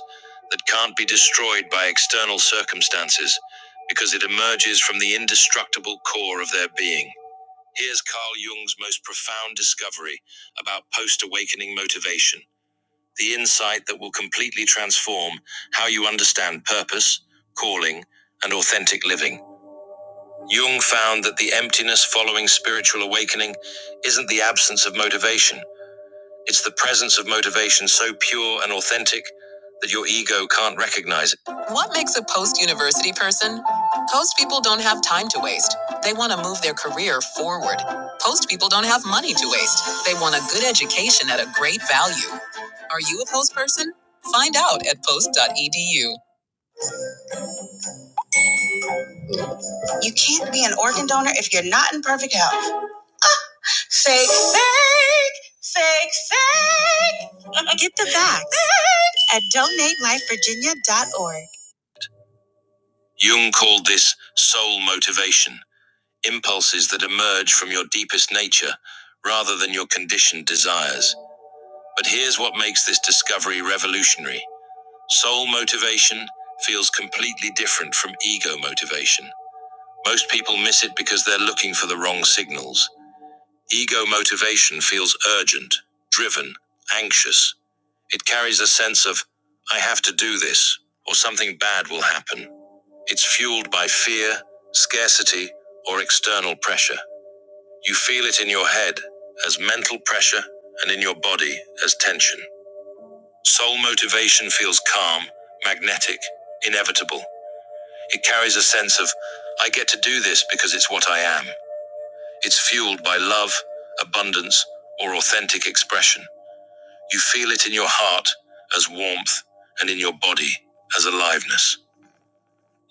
that can't be destroyed by external circumstances because it emerges from the indestructible core of their being. Here's Carl Jung's most profound discovery about post awakening motivation the insight that will completely transform how you understand purpose, calling, and authentic living. Jung found that the emptiness following spiritual awakening isn't the absence of motivation, it's the presence of motivation so pure and authentic that your ego can't recognize it. What makes a post university person? Post people don't have time to waste. They want to move their career forward. Post people don't have money to waste. They want a good education at a great value. Are you a post person? Find out at post.edu. Be an organ donor if you're not in perfect health. Fake, fake, fake, fake. Get the facts at donatelifevirginia.org. Jung called this soul motivation, impulses that emerge from your deepest nature rather than your conditioned desires. But here's what makes this discovery revolutionary soul motivation feels completely different from ego motivation. Most people miss it because they're looking for the wrong signals. Ego motivation feels urgent, driven, anxious. It carries a sense of, I have to do this, or something bad will happen. It's fueled by fear, scarcity, or external pressure. You feel it in your head as mental pressure and in your body as tension. Soul motivation feels calm, magnetic, inevitable. It carries a sense of, I get to do this because it's what I am. It's fueled by love, abundance, or authentic expression. You feel it in your heart as warmth and in your body as aliveness.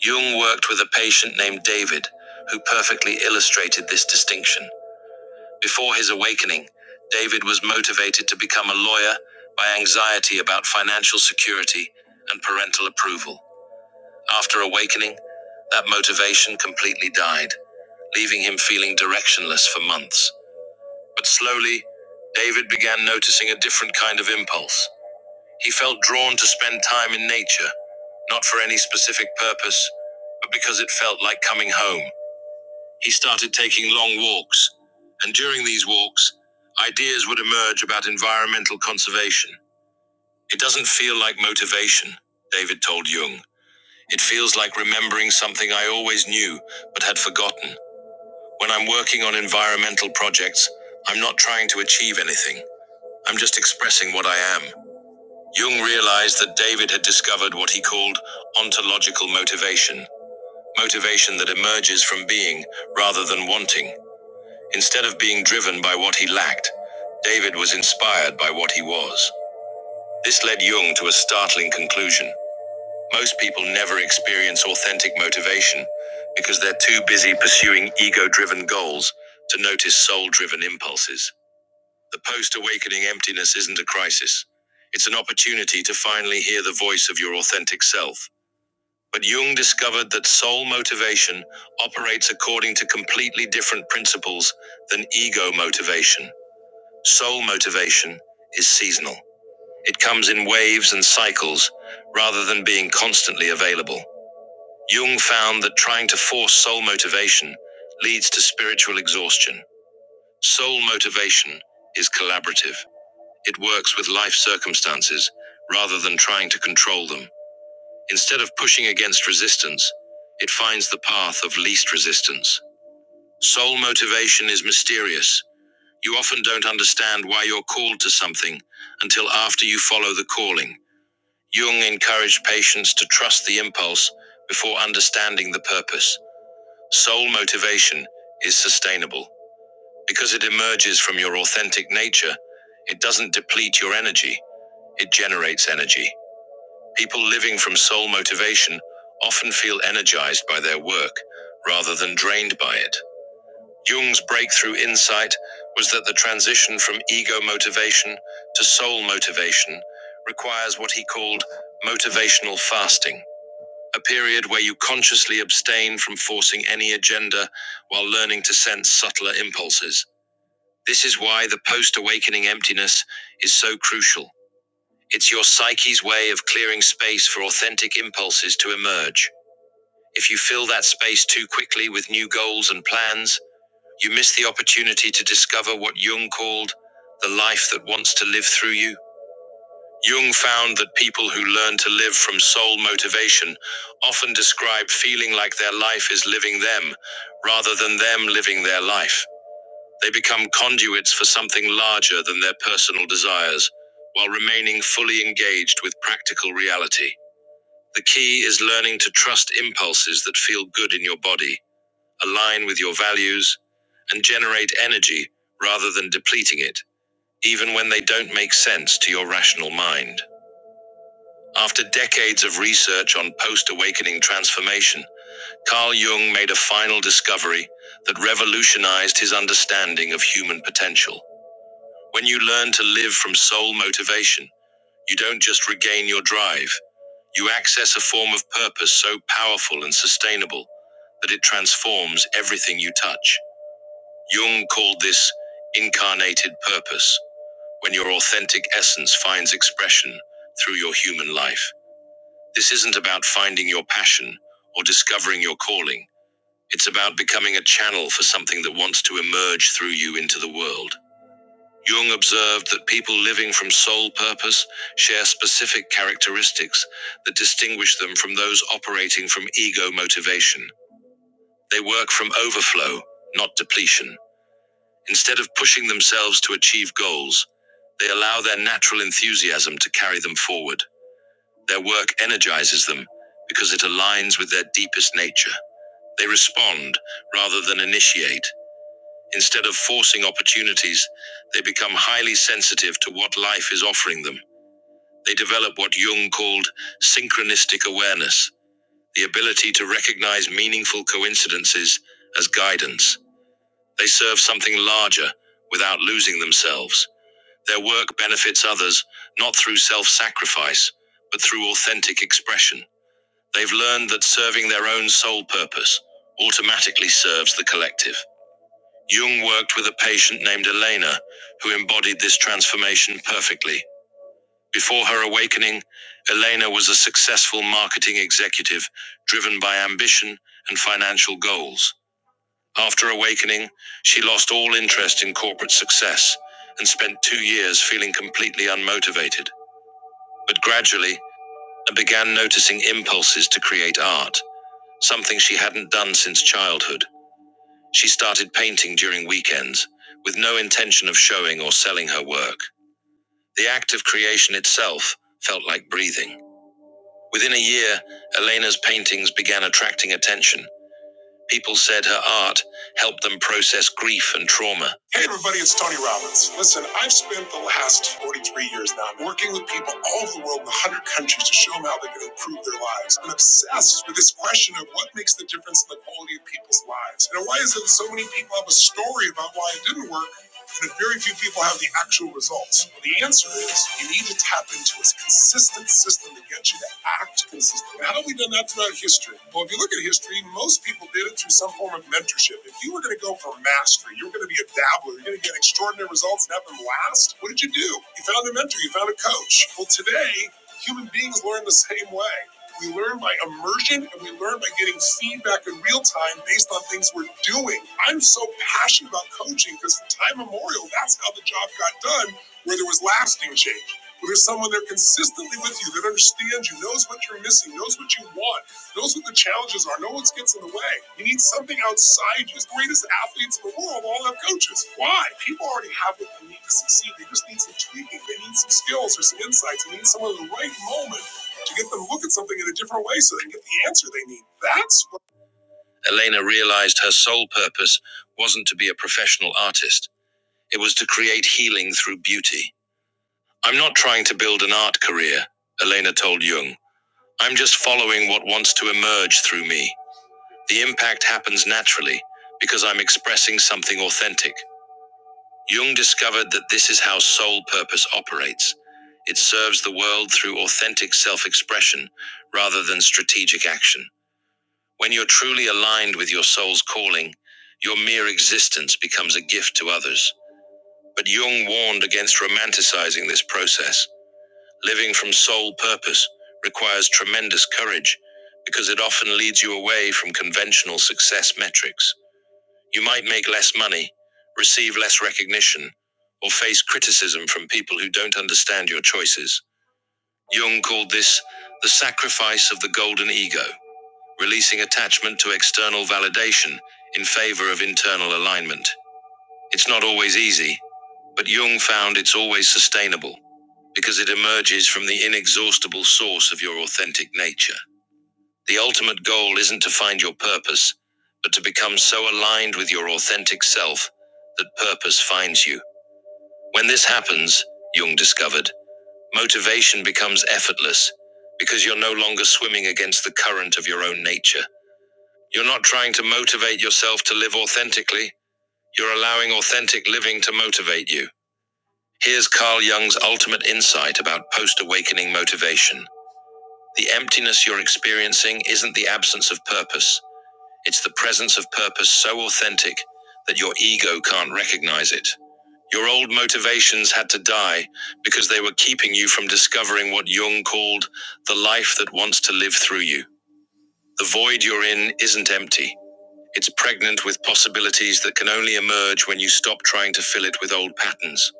Jung worked with a patient named David who perfectly illustrated this distinction. Before his awakening, David was motivated to become a lawyer by anxiety about financial security and parental approval. After awakening, that motivation completely died, leaving him feeling directionless for months. But slowly, David began noticing a different kind of impulse He felt drawn to spend time in nature, not for any specific purpose, but because it felt like coming home. He started taking long walks, and during these walks, ideas would emerge about environmental conservation. It doesn't feel like motivation, David told Jung. It feels like remembering something I always knew but had forgotten. When I'm working on environmental projects, I'm not trying to achieve anything. I'm just expressing what I am. Jung realized that David had discovered what he called ontological motivation, motivation that emerges from being rather than wanting. Instead of being driven by what he lacked, David was inspired by what he was. This led Jung to a startling conclusion. Most people never experience authentic motivation because they're too busy pursuing ego driven goals to notice soul driven impulses. The post awakening emptiness isn't a crisis. It's an opportunity to finally hear the voice of your authentic self. But Jung discovered that soul motivation operates according to completely different principles than ego motivation. Soul motivation is seasonal, it comes in waves and cycles rather than being constantly available. Jung found that trying to force soul motivation leads to spiritual exhaustion. Soul motivation is collaborative. It works with life circumstances rather than trying to control them. Instead of pushing against resistance, it finds the path of least resistance. Soul motivation is mysterious. You often don't understand why you're called to something until after you follow the calling. Jung encouraged patients to trust the impulse before understanding the purpose. Soul motivation is sustainable. Because it emerges from your authentic nature, it doesn't deplete your energy, it generates energy. People living from soul motivation often feel energized by their work rather than drained by it. Jung's breakthrough insight was that the transition from ego motivation to soul motivation requires what he called motivational fasting, a period where you consciously abstain from forcing any agenda while learning to sense subtler impulses. This is why the post awakening emptiness is so crucial. It's your psyche's way of clearing space for authentic impulses to emerge. If you fill that space too quickly with new goals and plans, you miss the opportunity to discover what Jung called the life that wants to live through you. Jung found that people who learn to live from soul motivation often describe feeling like their life is living them rather than them living their life. They become conduits for something larger than their personal desires, while remaining fully engaged with practical reality. The key is learning to trust impulses that feel good in your body, align with your values, and generate energy rather than depleting it, even when they don't make sense to your rational mind. After decades of research on post awakening transformation, Carl Jung made a final discovery that revolutionized his understanding of human potential. When you learn to live from soul motivation, you don't just regain your drive, you access a form of purpose so powerful and sustainable that it transforms everything you touch. Jung called this incarnated purpose, when your authentic essence finds expression through your human life. This isn't about finding your passion or discovering your calling, it's about becoming a channel for something that wants to emerge through you into the world. Jung observed that people living from soul purpose share specific characteristics that distinguish them from those operating from ego motivation. They work from overflow, not depletion. Instead of pushing themselves to achieve goals, they allow their natural enthusiasm to carry them forward. Their work energizes them because it aligns with their deepest nature. They respond rather than initiate, Instead of forcing opportunities, they become highly sensitive to what life is offering them. They develop what Jung called synchronistic awareness, the ability to recognize meaningful coincidences as guidance. They serve something larger without losing themselves. Their work benefits others not through self sacrifice, but through authentic expression. They've learned that serving their own sole purpose automatically serves the collective. Jung worked with a patient named Elena, who embodied this transformation perfectly. Before her awakening, Elena was a successful marketing executive driven by ambition and financial goals. After awakening, she lost all interest in corporate success and spent two years feeling completely unmotivated. But gradually, she began noticing impulses to create art, something she hadn't done since childhood. She started painting during weekends, with no intention of showing or selling her work. The act of creation itself felt like breathing. Within a year, Elena's paintings began attracting attention, People said her art helped them process grief and trauma. Hey, everybody, it's Tony Robbins. Listen, I've spent the last 43 years now working with people all over the world in 100 countries to show them how they can improve their lives. I'm obsessed with this question of what makes the difference in the quality of people's lives. And why is it so many people have a story about why it didn't work? But very few people have the actual results. Well, the answer is you need to tap into a consistent system that gets you to act consistently. How have we done that throughout history? Well, if you look at history, most people did it through some form of mentorship. If you were going to go for mastery, you were going to be a dabbler, you're going to get extraordinary results and have them last, what did you do? You found a mentor, you found a coach. Well, today, human beings learn the same way. We learn by immersion and we learn by getting feedback in real time based on things we're doing. I'm so passionate about coaching because time immemorial, that's how the job got done, where there was lasting change. Where there's someone there consistently with you that understands you, knows what you're. Elena realized her sole purpose wasn't to be a professional artist, it was to create healing through beauty. I'm not trying to build an art career, Elena told Jung. I'm just following what wants to emerge through me. The impact happens naturally because I'm expressing something authentic. Jung discovered that this is how soul purpose operates. It serves the world through authentic self expression rather than strategic action. When you're truly aligned with your soul's calling, your mere existence becomes a gift to others. But Jung warned against romanticizing this process. Living from soul purpose requires tremendous courage because it often leads you away from conventional success metrics. You might make less money, receive less recognition, or face criticism from people who don't understand your choices. Jung called this the sacrifice of the golden ego, releasing attachment to external validation in favor of internal alignment. It's not always easy, but Jung found it's always sustainable because it emerges from the inexhaustible source of your authentic nature. The ultimate goal isn't to find your purpose, but to become so aligned with your authentic self that purpose finds you. When this happens, Jung discovered, motivation becomes effortless because you're no longer swimming against the current of your own nature. You're not trying to motivate yourself to live authentically, you're allowing authentic living to motivate you. Here's Carl Jung's ultimate insight about post awakening motivation. The emptiness you're experiencing isn't the absence of purpose. It's the presence of purpose so authentic that your ego can't recognize it. Your old motivations had to die because they were keeping you from discovering what Jung called the life that wants to live through you. The void you're in isn't empty. It's pregnant with possibilities that can only emerge when you stop trying to fill it with old patterns.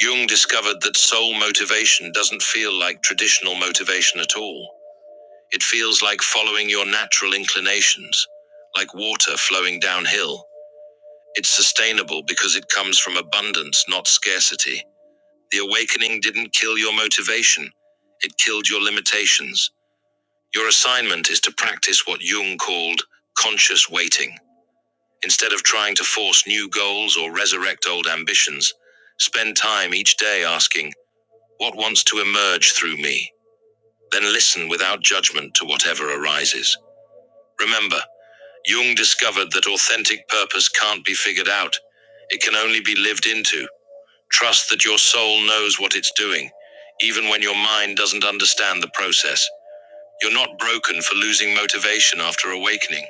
Jung discovered that soul motivation doesn't feel like traditional motivation at all. It feels like following your natural inclinations, like water flowing downhill. It's sustainable because it comes from abundance, not scarcity. The awakening didn't kill your motivation, it killed your limitations. Your assignment is to practice what Jung called conscious waiting. Instead of trying to force new goals or resurrect old ambitions, spend time each day asking, What wants to emerge through me? Then listen without judgment to whatever arises. Remember, Jung discovered that authentic purpose can't be figured out, it can only be lived into. Trust that your soul knows what it's doing, even when your mind doesn't understand the process. You're not broken for losing motivation after awakening.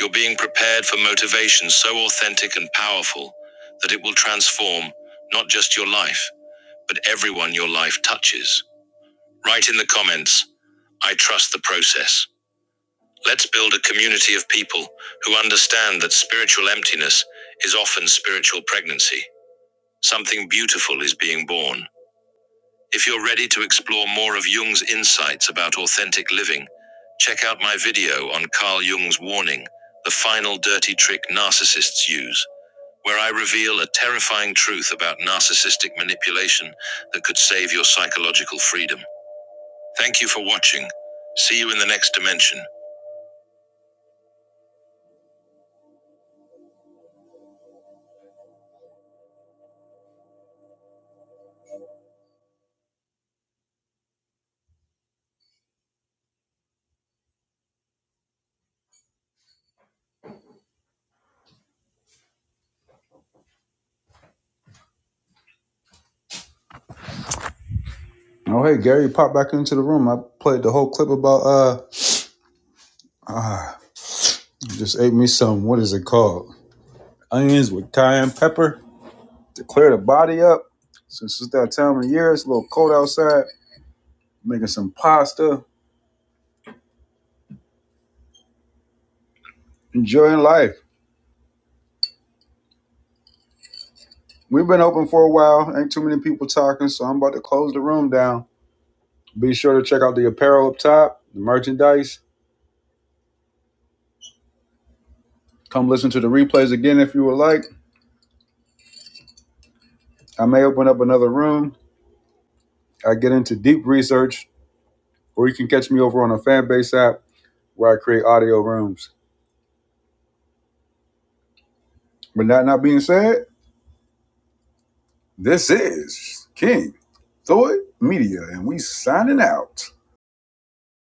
You're being prepared for motivation so authentic and powerful that it will transform not just your life, but everyone your life touches. Write in the comments, I trust the process. Let's build a community of people who understand that spiritual emptiness is often spiritual pregnancy. Something beautiful is being born. If you're ready to explore more of Jung's insights about authentic living, check out my video on Carl Jung's warning, The Final Dirty Trick Narcissists Use, where I reveal a terrifying truth about narcissistic manipulation that could save your psychological freedom. Thank you for watching. See you in the next dimension. Oh hey, Gary popped back into the room. I played the whole clip about uh, ah, just ate me some. What is it called? Onions with cayenne pepper to clear the body up. Since it's that time of year, it's a little cold outside. Making some pasta, enjoying life. We've been open for a while. Ain't too many people talking, so I'm about to close the room down. Be sure to check out the apparel up top, the merchandise. Come listen to the replays again if you would like. I may open up another room. I get into deep research, or you can catch me over on a fan base app where I create audio rooms. But that not being said, this is King Thor.